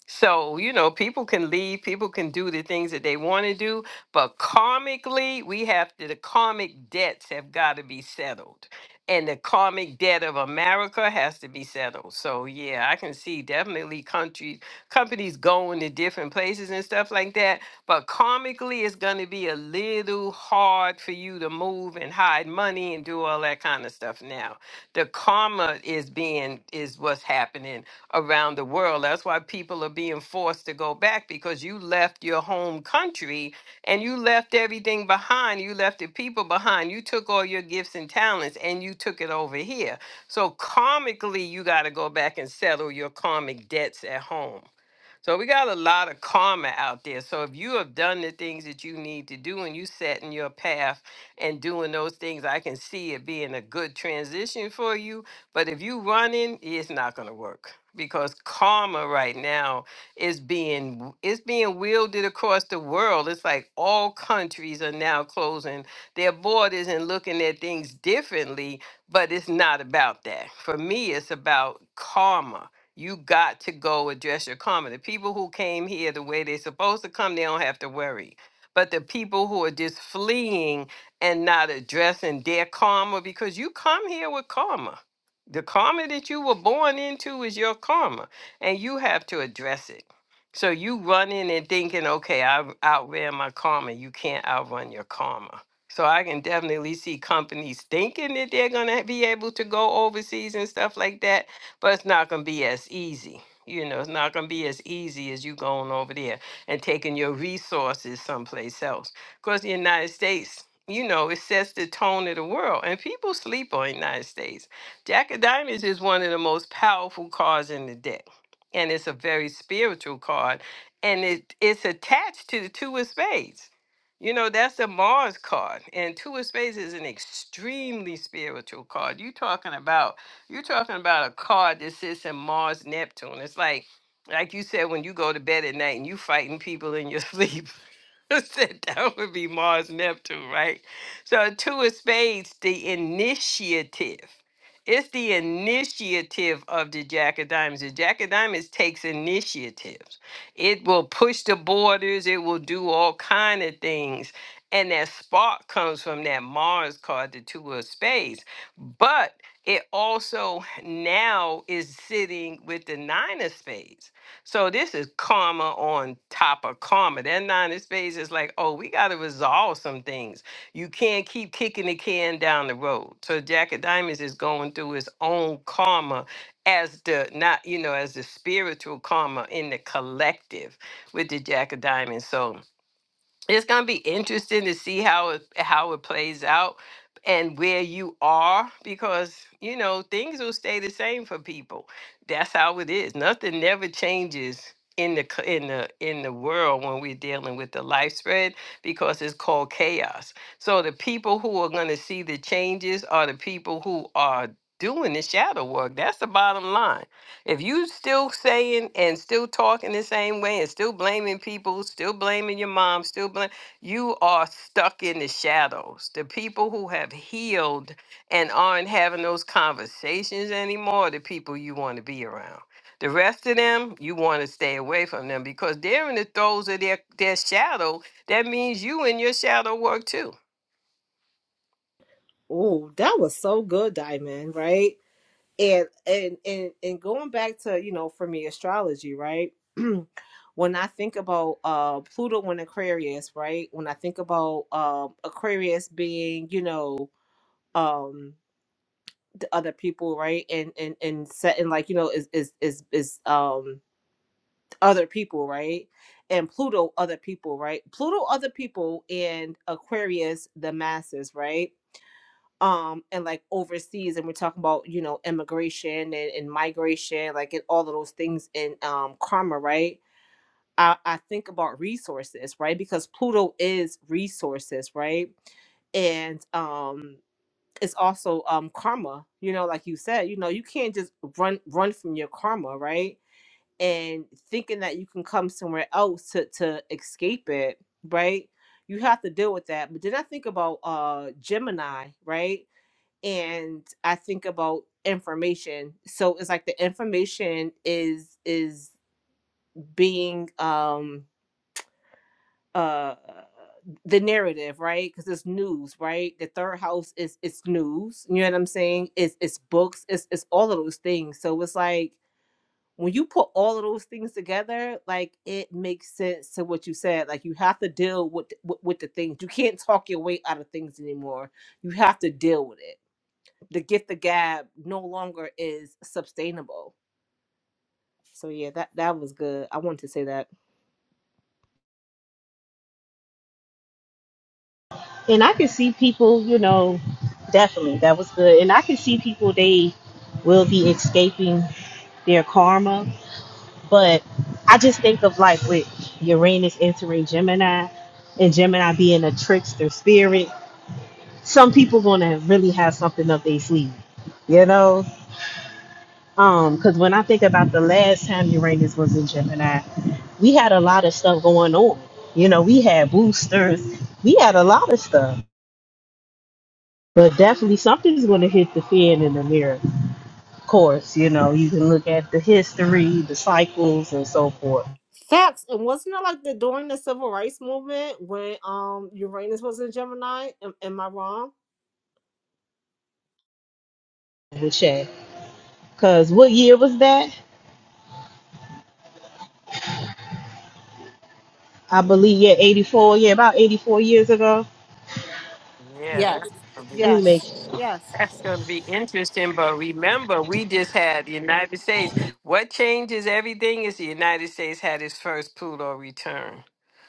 So, you know, people can leave, people can do the things that they want to do, but karmically, we have to, the karmic debts have got to be settled. And the karmic debt of America has to be settled. So, yeah, I can see definitely countries, companies going to different places and stuff like that. But karmically, it's going to be a little hard for you to move and hide money and do all that kind of stuff now. The karma is being, is what's happening around the world. That's why people are being forced to go back because you left your home country and you left everything behind. You left the people behind. You took all your gifts and talents and you took it over here. So karmically, you got to go back and settle your karmic debts at home. So we got a lot of karma out there. So if you have done the things that you need to do and you set in your path and doing those things, I can see it being a good transition for you but if you running, it's not going to work because karma right now is being it's being wielded across the world. It's like all countries are now closing their borders and looking at things differently, but it's not about that. For me, it's about karma. You got to go address your karma. The people who came here the way they're supposed to come, they don't have to worry. But the people who are just fleeing and not addressing their karma, because you come here with karma the karma that you were born into is your karma, and you have to address it. So you run in and thinking, okay, I outran my karma. You can't outrun your karma. So I can definitely see companies thinking that they're gonna be able to go overseas and stuff like that, but it's not gonna be as easy. You know, it's not gonna be as easy as you going over there and taking your resources someplace else. Because the United States, you know, it sets the tone of the world, and people sleep on the United States Jack of Diamonds is one of the most powerful cards in the deck, and it's a very spiritual card, and it it's attached to the Two of Spades. You know, that's the Mars card, and Two of Spades is an extremely spiritual card. You talking about you talking about a card that sits in Mars Neptune. It's like like you said when you go to bed at night and you fighting people in your sleep. that that would be Mars Neptune, right? So two of spades, the initiative. It's the initiative of the Jack of Diamonds. The Jack of Diamonds takes initiatives. It will push the borders. It will do all kind of things. And that spark comes from that Mars card, the two of Spades. But it also now is sitting with the nine of spades. So this is karma on top of karma. That nine of spades is like, oh, we got to resolve some things you can't keep kicking the can down the road. So Jack of Diamonds is going through his own karma as the not, you know, as the spiritual karma in the collective with the Jack of Diamonds. So it's going to be interesting to see how it how it plays out and where you are because you know things will stay the same for people that's how it is nothing never changes in the c- in the in the world when we're dealing with the life spread because it's called chaos so the people who are going to see the changes are the people who are doing the shadow work that's the bottom line if you still saying and still talking the same way and still blaming people, still blaming your mom, still blame, you are stuck in the shadows. The people who have healed and aren't having those conversations anymore, are the people you want to be around. The rest of them, you want to stay away from them because they're in the throes of their, their shadow. That means you in your shadow work too. Oh, that was so good, Diamond, right? and and and and going back to you know for me astrology right when i think about uh pluto in aquarius right when i think about um aquarius being you know um the other people right and and and setting like you know is is is is um other people right and pluto other people right pluto other people and aquarius the masses right um and like overseas and we're talking about you know immigration and, and migration like and all of those things in um karma right I, I think about resources right because pluto is resources right and um it's also um karma you know like you said you know you can't just run run from your karma right and thinking that you can come somewhere else to to escape it right you have to deal with that but then i think about uh gemini right and I think about information. So it's like the information is is being um uh the narrative, right? Because it's news, right? The third house is it's news. You know what I'm saying? It's it's books, it's it's all of those things. So it's like when you put all of those things together, like it makes sense to what you said. Like you have to deal with with, with the things. You can't talk your way out of things anymore. You have to deal with it the gift of gab no longer is sustainable. So yeah, that that was good. I wanted to say that. And I can see people, you know, definitely that was good. And I can see people they will be escaping their karma. But I just think of like with Uranus entering Gemini and Gemini being a trickster spirit, some people gonna really have something up their sleeve. You know? Um, because when I think about the last time Uranus was in Gemini, we had a lot of stuff going on. You know, we had boosters, we had a lot of stuff. But definitely something's going to hit the fan in the mirror. Of course, you know, you can look at the history, the cycles, and so forth Facts. And wasn't it like the during the civil rights movement when um Uranus was in Gemini? Am, am I wrong? with Shaq. Because what year was that? I believe, yeah, 84, yeah, about 84 years ago. Yeah, Yes. that's. I mean, make Yes. sure. Yes. That's going to be interesting, but remember, we just had the United States. What changes everything is the United States had its first Pluto return,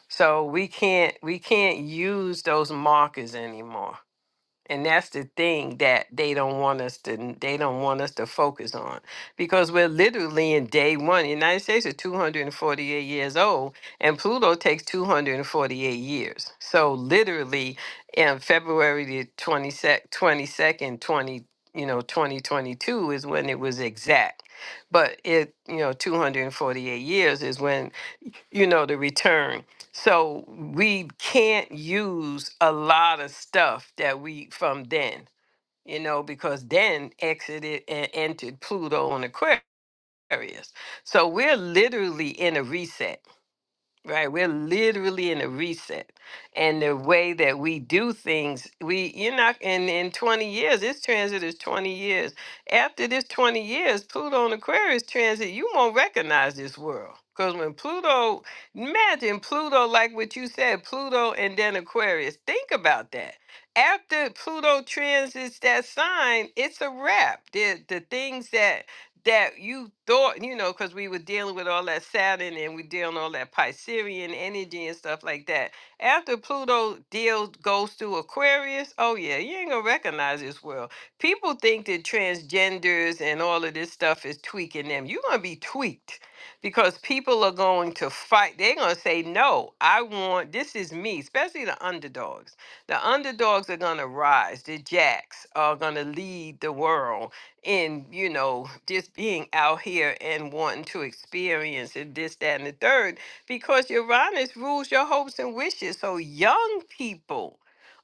so we can't we can't use those markers anymore. And that's the thing that they don't want us to they don't want us to focus on because we're literally in day one. The United States is 248 years old and Pluto takes 248 years. So literally in February the 20 22nd 20 second twenty you know 2022 is when it was exact. But it you know 248 years is when you know the return so we can't use a lot of stuff that we from then, you know, because then exited and entered Pluto on Aquarius. So we're literally in a reset right? We're literally in a reset. And the way that we do things, we you're not in in 20 years, this transit is 20 years. After this 20 years, Pluto and Aquarius transit, you won't recognize this world. Because when Pluto, imagine Pluto, like what you said, Pluto and then Aquarius. Think about that. After Pluto transits that sign, it's a wrap. The, the things that that you thought, you know, because we were dealing with all that Saturn and we're dealing all that Piscean energy and stuff like that. After Pluto deals goes through Aquarius, oh yeah, you ain't gonna recognize this world. People think that transgenders and all of this stuff is tweaking them. You're gonna be tweaked because people are going to fight. They're gonna say, No, I want this is me, especially the underdogs. The underdogs are gonna rise. The jacks are gonna lead the world in you know just being out here and wanting to experience and this that and the third because uranus rules your hopes and wishes so young people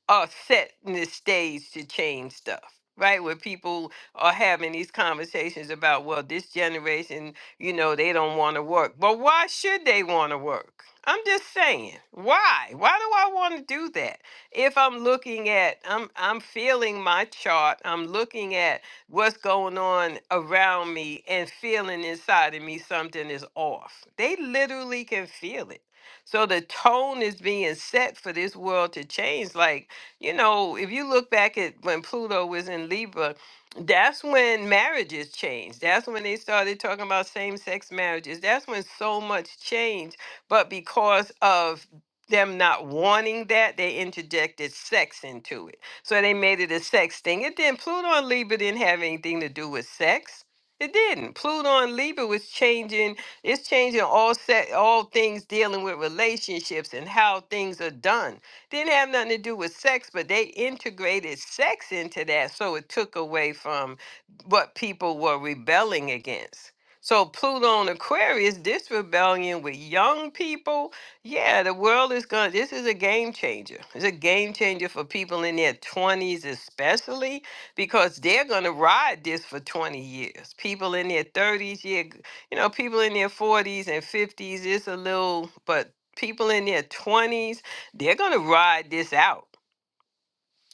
are setting the stage to change stuff right where people are having these conversations about well this generation you know they don't want to work but why should they want to work i'm just saying why why do i want to do that if i'm looking at i'm i'm feeling my chart i'm looking at what's going on around me and feeling inside of me something is off. They literally can feel it. So the tone is being set for this world to change. Like, you know, if you look back at when Pluto was in Libra, that's when marriages changed. That's when they started talking about same sex marriages. That's when so much changed. But because of them not wanting that, they interjected sex into it so they made it a sex thing. It didn't. Pluto and Libra didn't have anything to do with sex. It didn't. Pluto and Libra was changing. It's changing all set, all things dealing with relationships and how things are done. Didn't have nothing to do with sex, but they integrated sex into that, so it took away from what people were rebelling against. So Pluto and Aquarius, this rebellion with young people yeah, the world is going. to This is a game changer. It's a game changer for people in their twenties, especially because they're going to ride this for twenty years. People in their thirties, yeah, g- you know, people in their forties and fifties. It's a little, but people in their twenties, they're going to ride this out.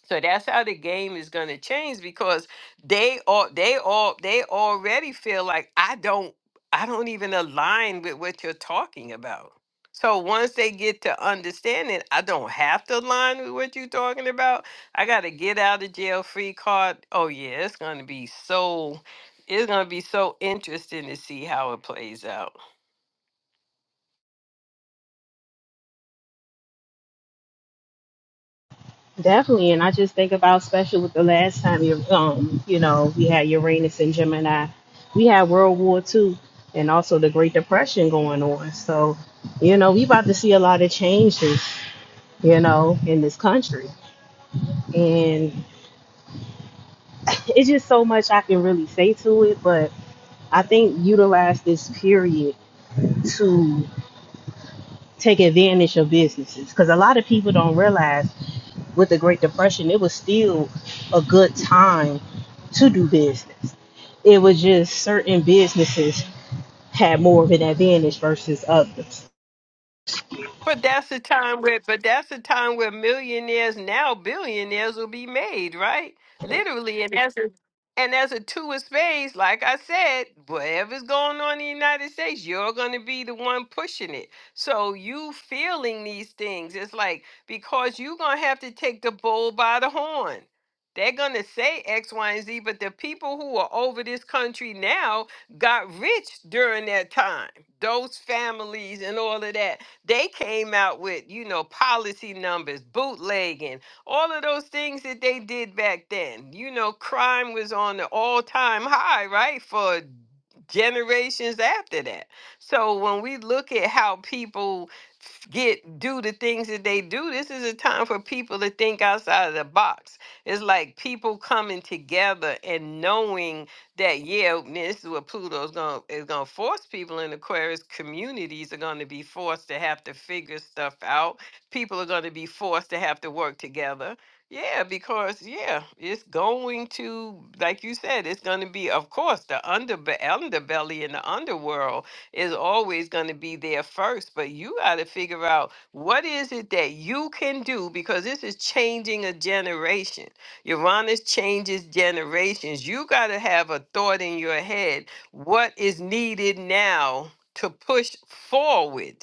So that's how the game is going to change because they all they all they already feel like I don't I don't even align with what you're talking about. So once they get to understanding, I don't have to align with what you're talking about. I got to get out of jail free card. Oh yeah, it's going to be so it's going to be so interesting to see how it plays out. Definitely, and I just think about special with the last time you um you know we had Uranus and Gemini, we had World War Two, and also the Great Depression going on. So, you know, we about to see a lot of changes, you know, in this country, and. it's just so much I can really say to it, but I think utilize this period to take advantage of businesses because a lot of people don't realize with the Great Depression, it was still a good time to do business. It was just certain businesses had more of an advantage versus others. But that's the time where but that's the time where millionaires now billionaires will be made, right? Literally and as a and as a two of spades, like I said, whatever's going on in the United States, you're gonna be the one pushing it. So you feeling these things, it's like because you're gonna have to take the bull by the horn. They're gonna say X, Y, and Z, but the people who are over this country now got rich during that time. Those families and all of that. They came out with, you know, policy numbers, bootlegging, all of those things that they did back then. You know, crime was on the all time high, right? For generations after that. So when we look at how people f- get do the things that they do, this is a time for people to think outside of the box. It's like people coming together and knowing that yeah, this is what Pluto is gonna is gonna force people in Aquarius. Communities are gonna be forced to have to figure stuff out. People are gonna be forced to have to work together. Yeah, because yeah, it's going to, like you said, it's gonna be, of course, the underbe- underbelly and the underworld is always gonna be there first. But you gotta figure out what is it that you can do because this is changing a generation Uranus changes generations. You got to have a thought in your head. What is needed now to push forward?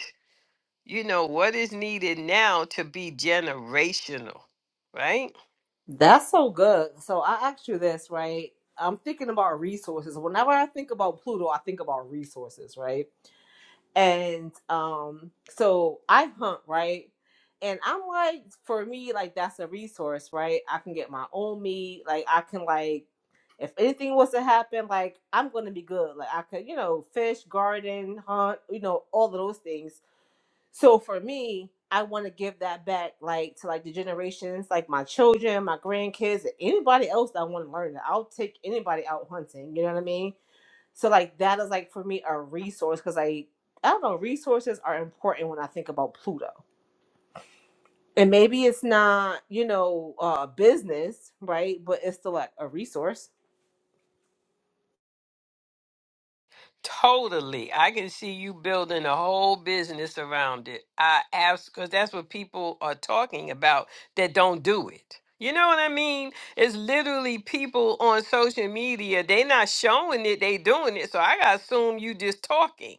You know, what is needed now to be generational, right? That's so good. So I asked you this, right? I'm thinking about resources. Whenever I think about Pluto, I think about resources, right? And um, so I hunt, right? And I'm like, for me, like that's a resource, right? I can get my own meat. Like I can like, if anything was to happen, like I'm gonna be good. Like I could, you know, fish, garden, hunt, you know, all of those things so for me, I want to give that back, like to like the generations, like my children, my grandkids, anybody else that want to learn it. I'll take anybody out hunting. You know what I mean? So like that is like for me a resource because I I don't know resources are important when I think about Pluto. And maybe it's not you know uh, business, right? But it's still like a resource. Totally. I can see you building a whole business around it. I ask because that's what people are talking about that don't do it. You know what I mean? It's literally people on social media, they not showing it, they doing it. So I gotta assume you just talking.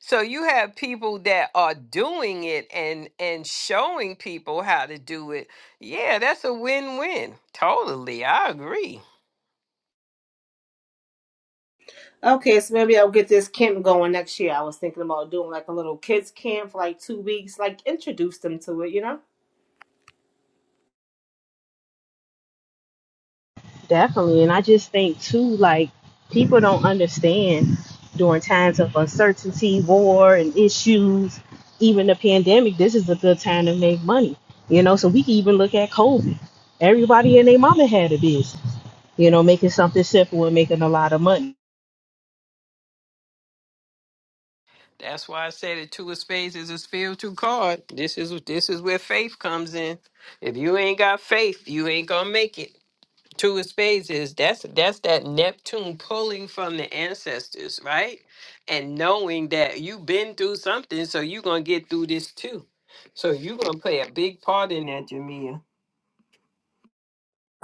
So you have people that are doing it and and showing people how to do it. Yeah, that's a win-win. Totally. I agree. Okay, so maybe I'll get this camp going next year. I was thinking about doing like a little kids camp for like two weeks, like introduce them to it, you know. Definitely. And I just think too, like people don't understand during times of uncertainty, war and issues, even the pandemic, this is a good time to make money. You know, so we can even look at COVID. Everybody and their mama had a business, you know, making something simple and making a lot of money. That's why I said the two of spades is a spiritual card. This is this is where faith comes in. If you ain't got faith, you ain't gonna make it. Two of spades is that's that's that Neptune pulling from the ancestors, right? And knowing that you've been through something, so you're gonna get through this too. So you're gonna play a big part in that, Jamia.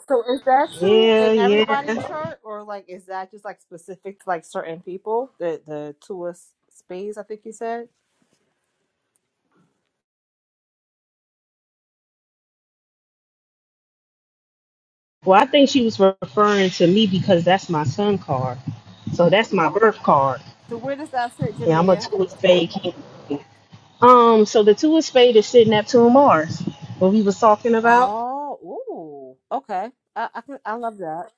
So is that true Yeah, in everybody yeah. chart, or like is that just like specific to like certain people? The the two of s- spades, I think you said. Well, I think she was referring to me because that's my son card. So that's my birth card. So where does that fit, Yeah, I'm a Jamia? Tulip Bay Um, so the two of spade is sitting at two of Mars, what we was talking about. Oh, ooh, okay. I I, can, I love that.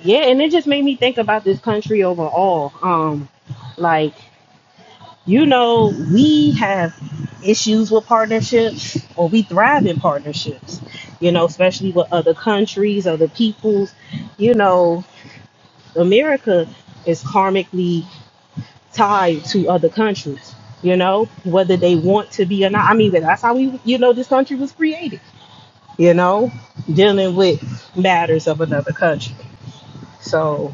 Yeah, and it just made me think about this country overall. Um, like, you know, we have issues with partnerships or we thrive in partnerships, you know, especially with other countries, other peoples. You know, America is karmically tied to other countries, you know, whether they want to be or not. I mean, that's how we you know this country was created you know, dealing with matters of another country. So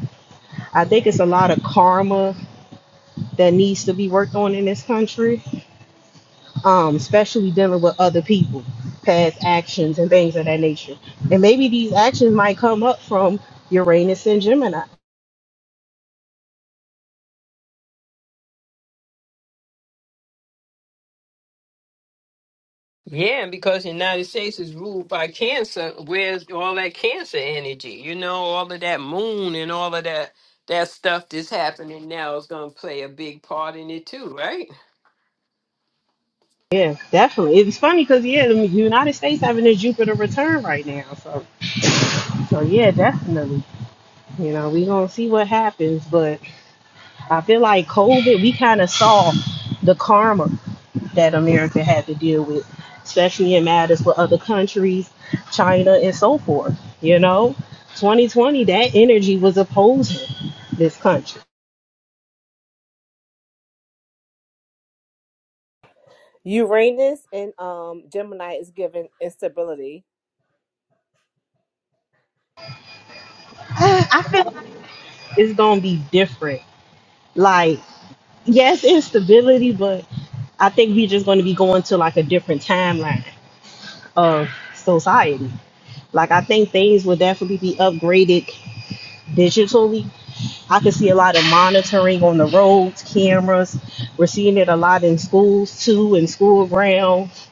I think it's a lot of karma that needs to be worked on in this country, um, especially dealing with other people, past actions and things of that nature. And maybe these actions might come up from Uranus and Gemini. Yeah, and because the United States is ruled by cancer, where's all that cancer energy? You know, all of that moon and all of that that stuff that's happening now is gonna play a big part in it too, right? Yeah, definitely. It's funny because yeah, the United States having a Jupiter return right now. So, so yeah, definitely. You know, we gonna see what happens, but I feel like COVID, we kind of saw the karma that America had to deal with, especially in matters with other countries, China, and so forth. You know, 2020, that energy was opposing this country. Uranus and um Gemini is given instability, I feel like it's going to be different. Like, yes, instability, but I think we're just going to be going to like a different timeline of society. Like, I think things will definitely be upgraded digitally. I can see a lot of monitoring on the roads, cameras. We're seeing it a lot in schools too, in school grounds.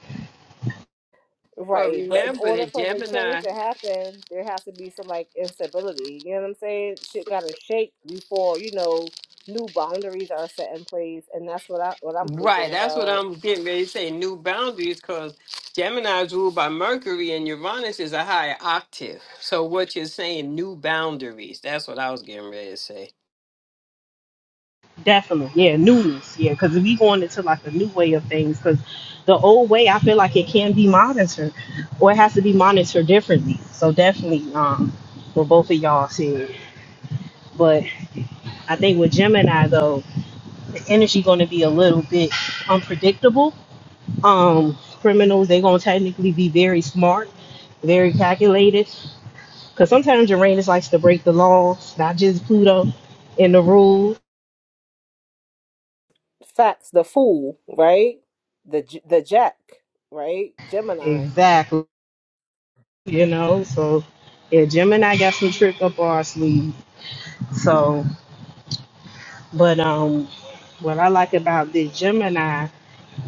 Well, right? But in order for the change I- to happen, there has to be some like instability. You know what I'm saying? Shit got to shake before you know new boundaries are set in place, and that's what I what I'm thinking right, that's what about. I'm getting ready to say. New boundaries, because Gemini is ruled by Mercury and Uranus is a higher octave. So what you're saying, new boundaries. That's what I was getting ready to say. Definitely, yeah, newness, yeah, because we going into like a new way of things. Because the old way, I feel like it can be monitored, or it has to be monitored differently. So definitely, um, what both of y'all said. But I think with Gemini though, the energy going to be a little bit unpredictable um, criminals, they're going to technically be very smart, very calculated. Because sometimes Uranus likes to break the laws, not just Pluto, and the rules. Facts, the fool, right? The J- the Jack, right? Gemini. Exactly. You know, so yeah, Gemini got some trick up our sleeve. So, but um, what I like about this Gemini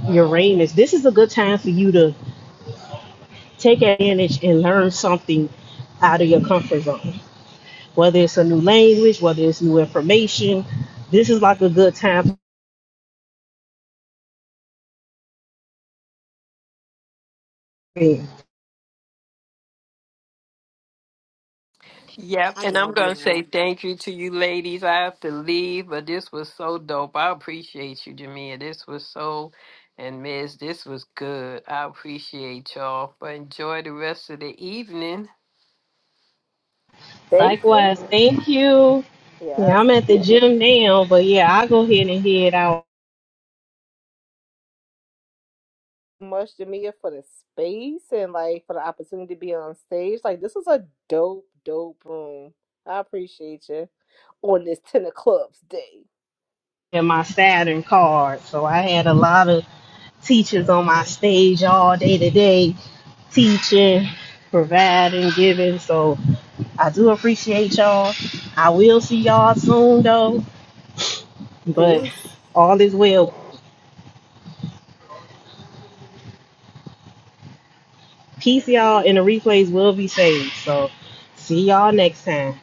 Uranus, this is a good time for you to take advantage and learn something out of your comfort zone. whether it's a new language, whether it's new information. This is like a good time for me. Yep, I and I'm love going to say y'all. thank you to you ladies. I have to leave, but this was so dope. I appreciate you, Jamia. This was so, and Miss, this was good. I appreciate y'all. But enjoy the rest of the evening. Thank you. Likewise, thank you. Yeah, Yes. I'm at the gym now, but yeah, I go ahead and head out Much to Mia for the space and like for the opportunity to be on stage. Like this was a dope, dope room. I appreciate you on this ten of clubs day. in my Saturn card. So I had a lot of teachers on my stage all day today, teaching, providing, giving. So I do appreciate y'all. I will see y'all soon though. Peace. But all is well. Peace, y'all, and the replays will be saved. So see y'all next time.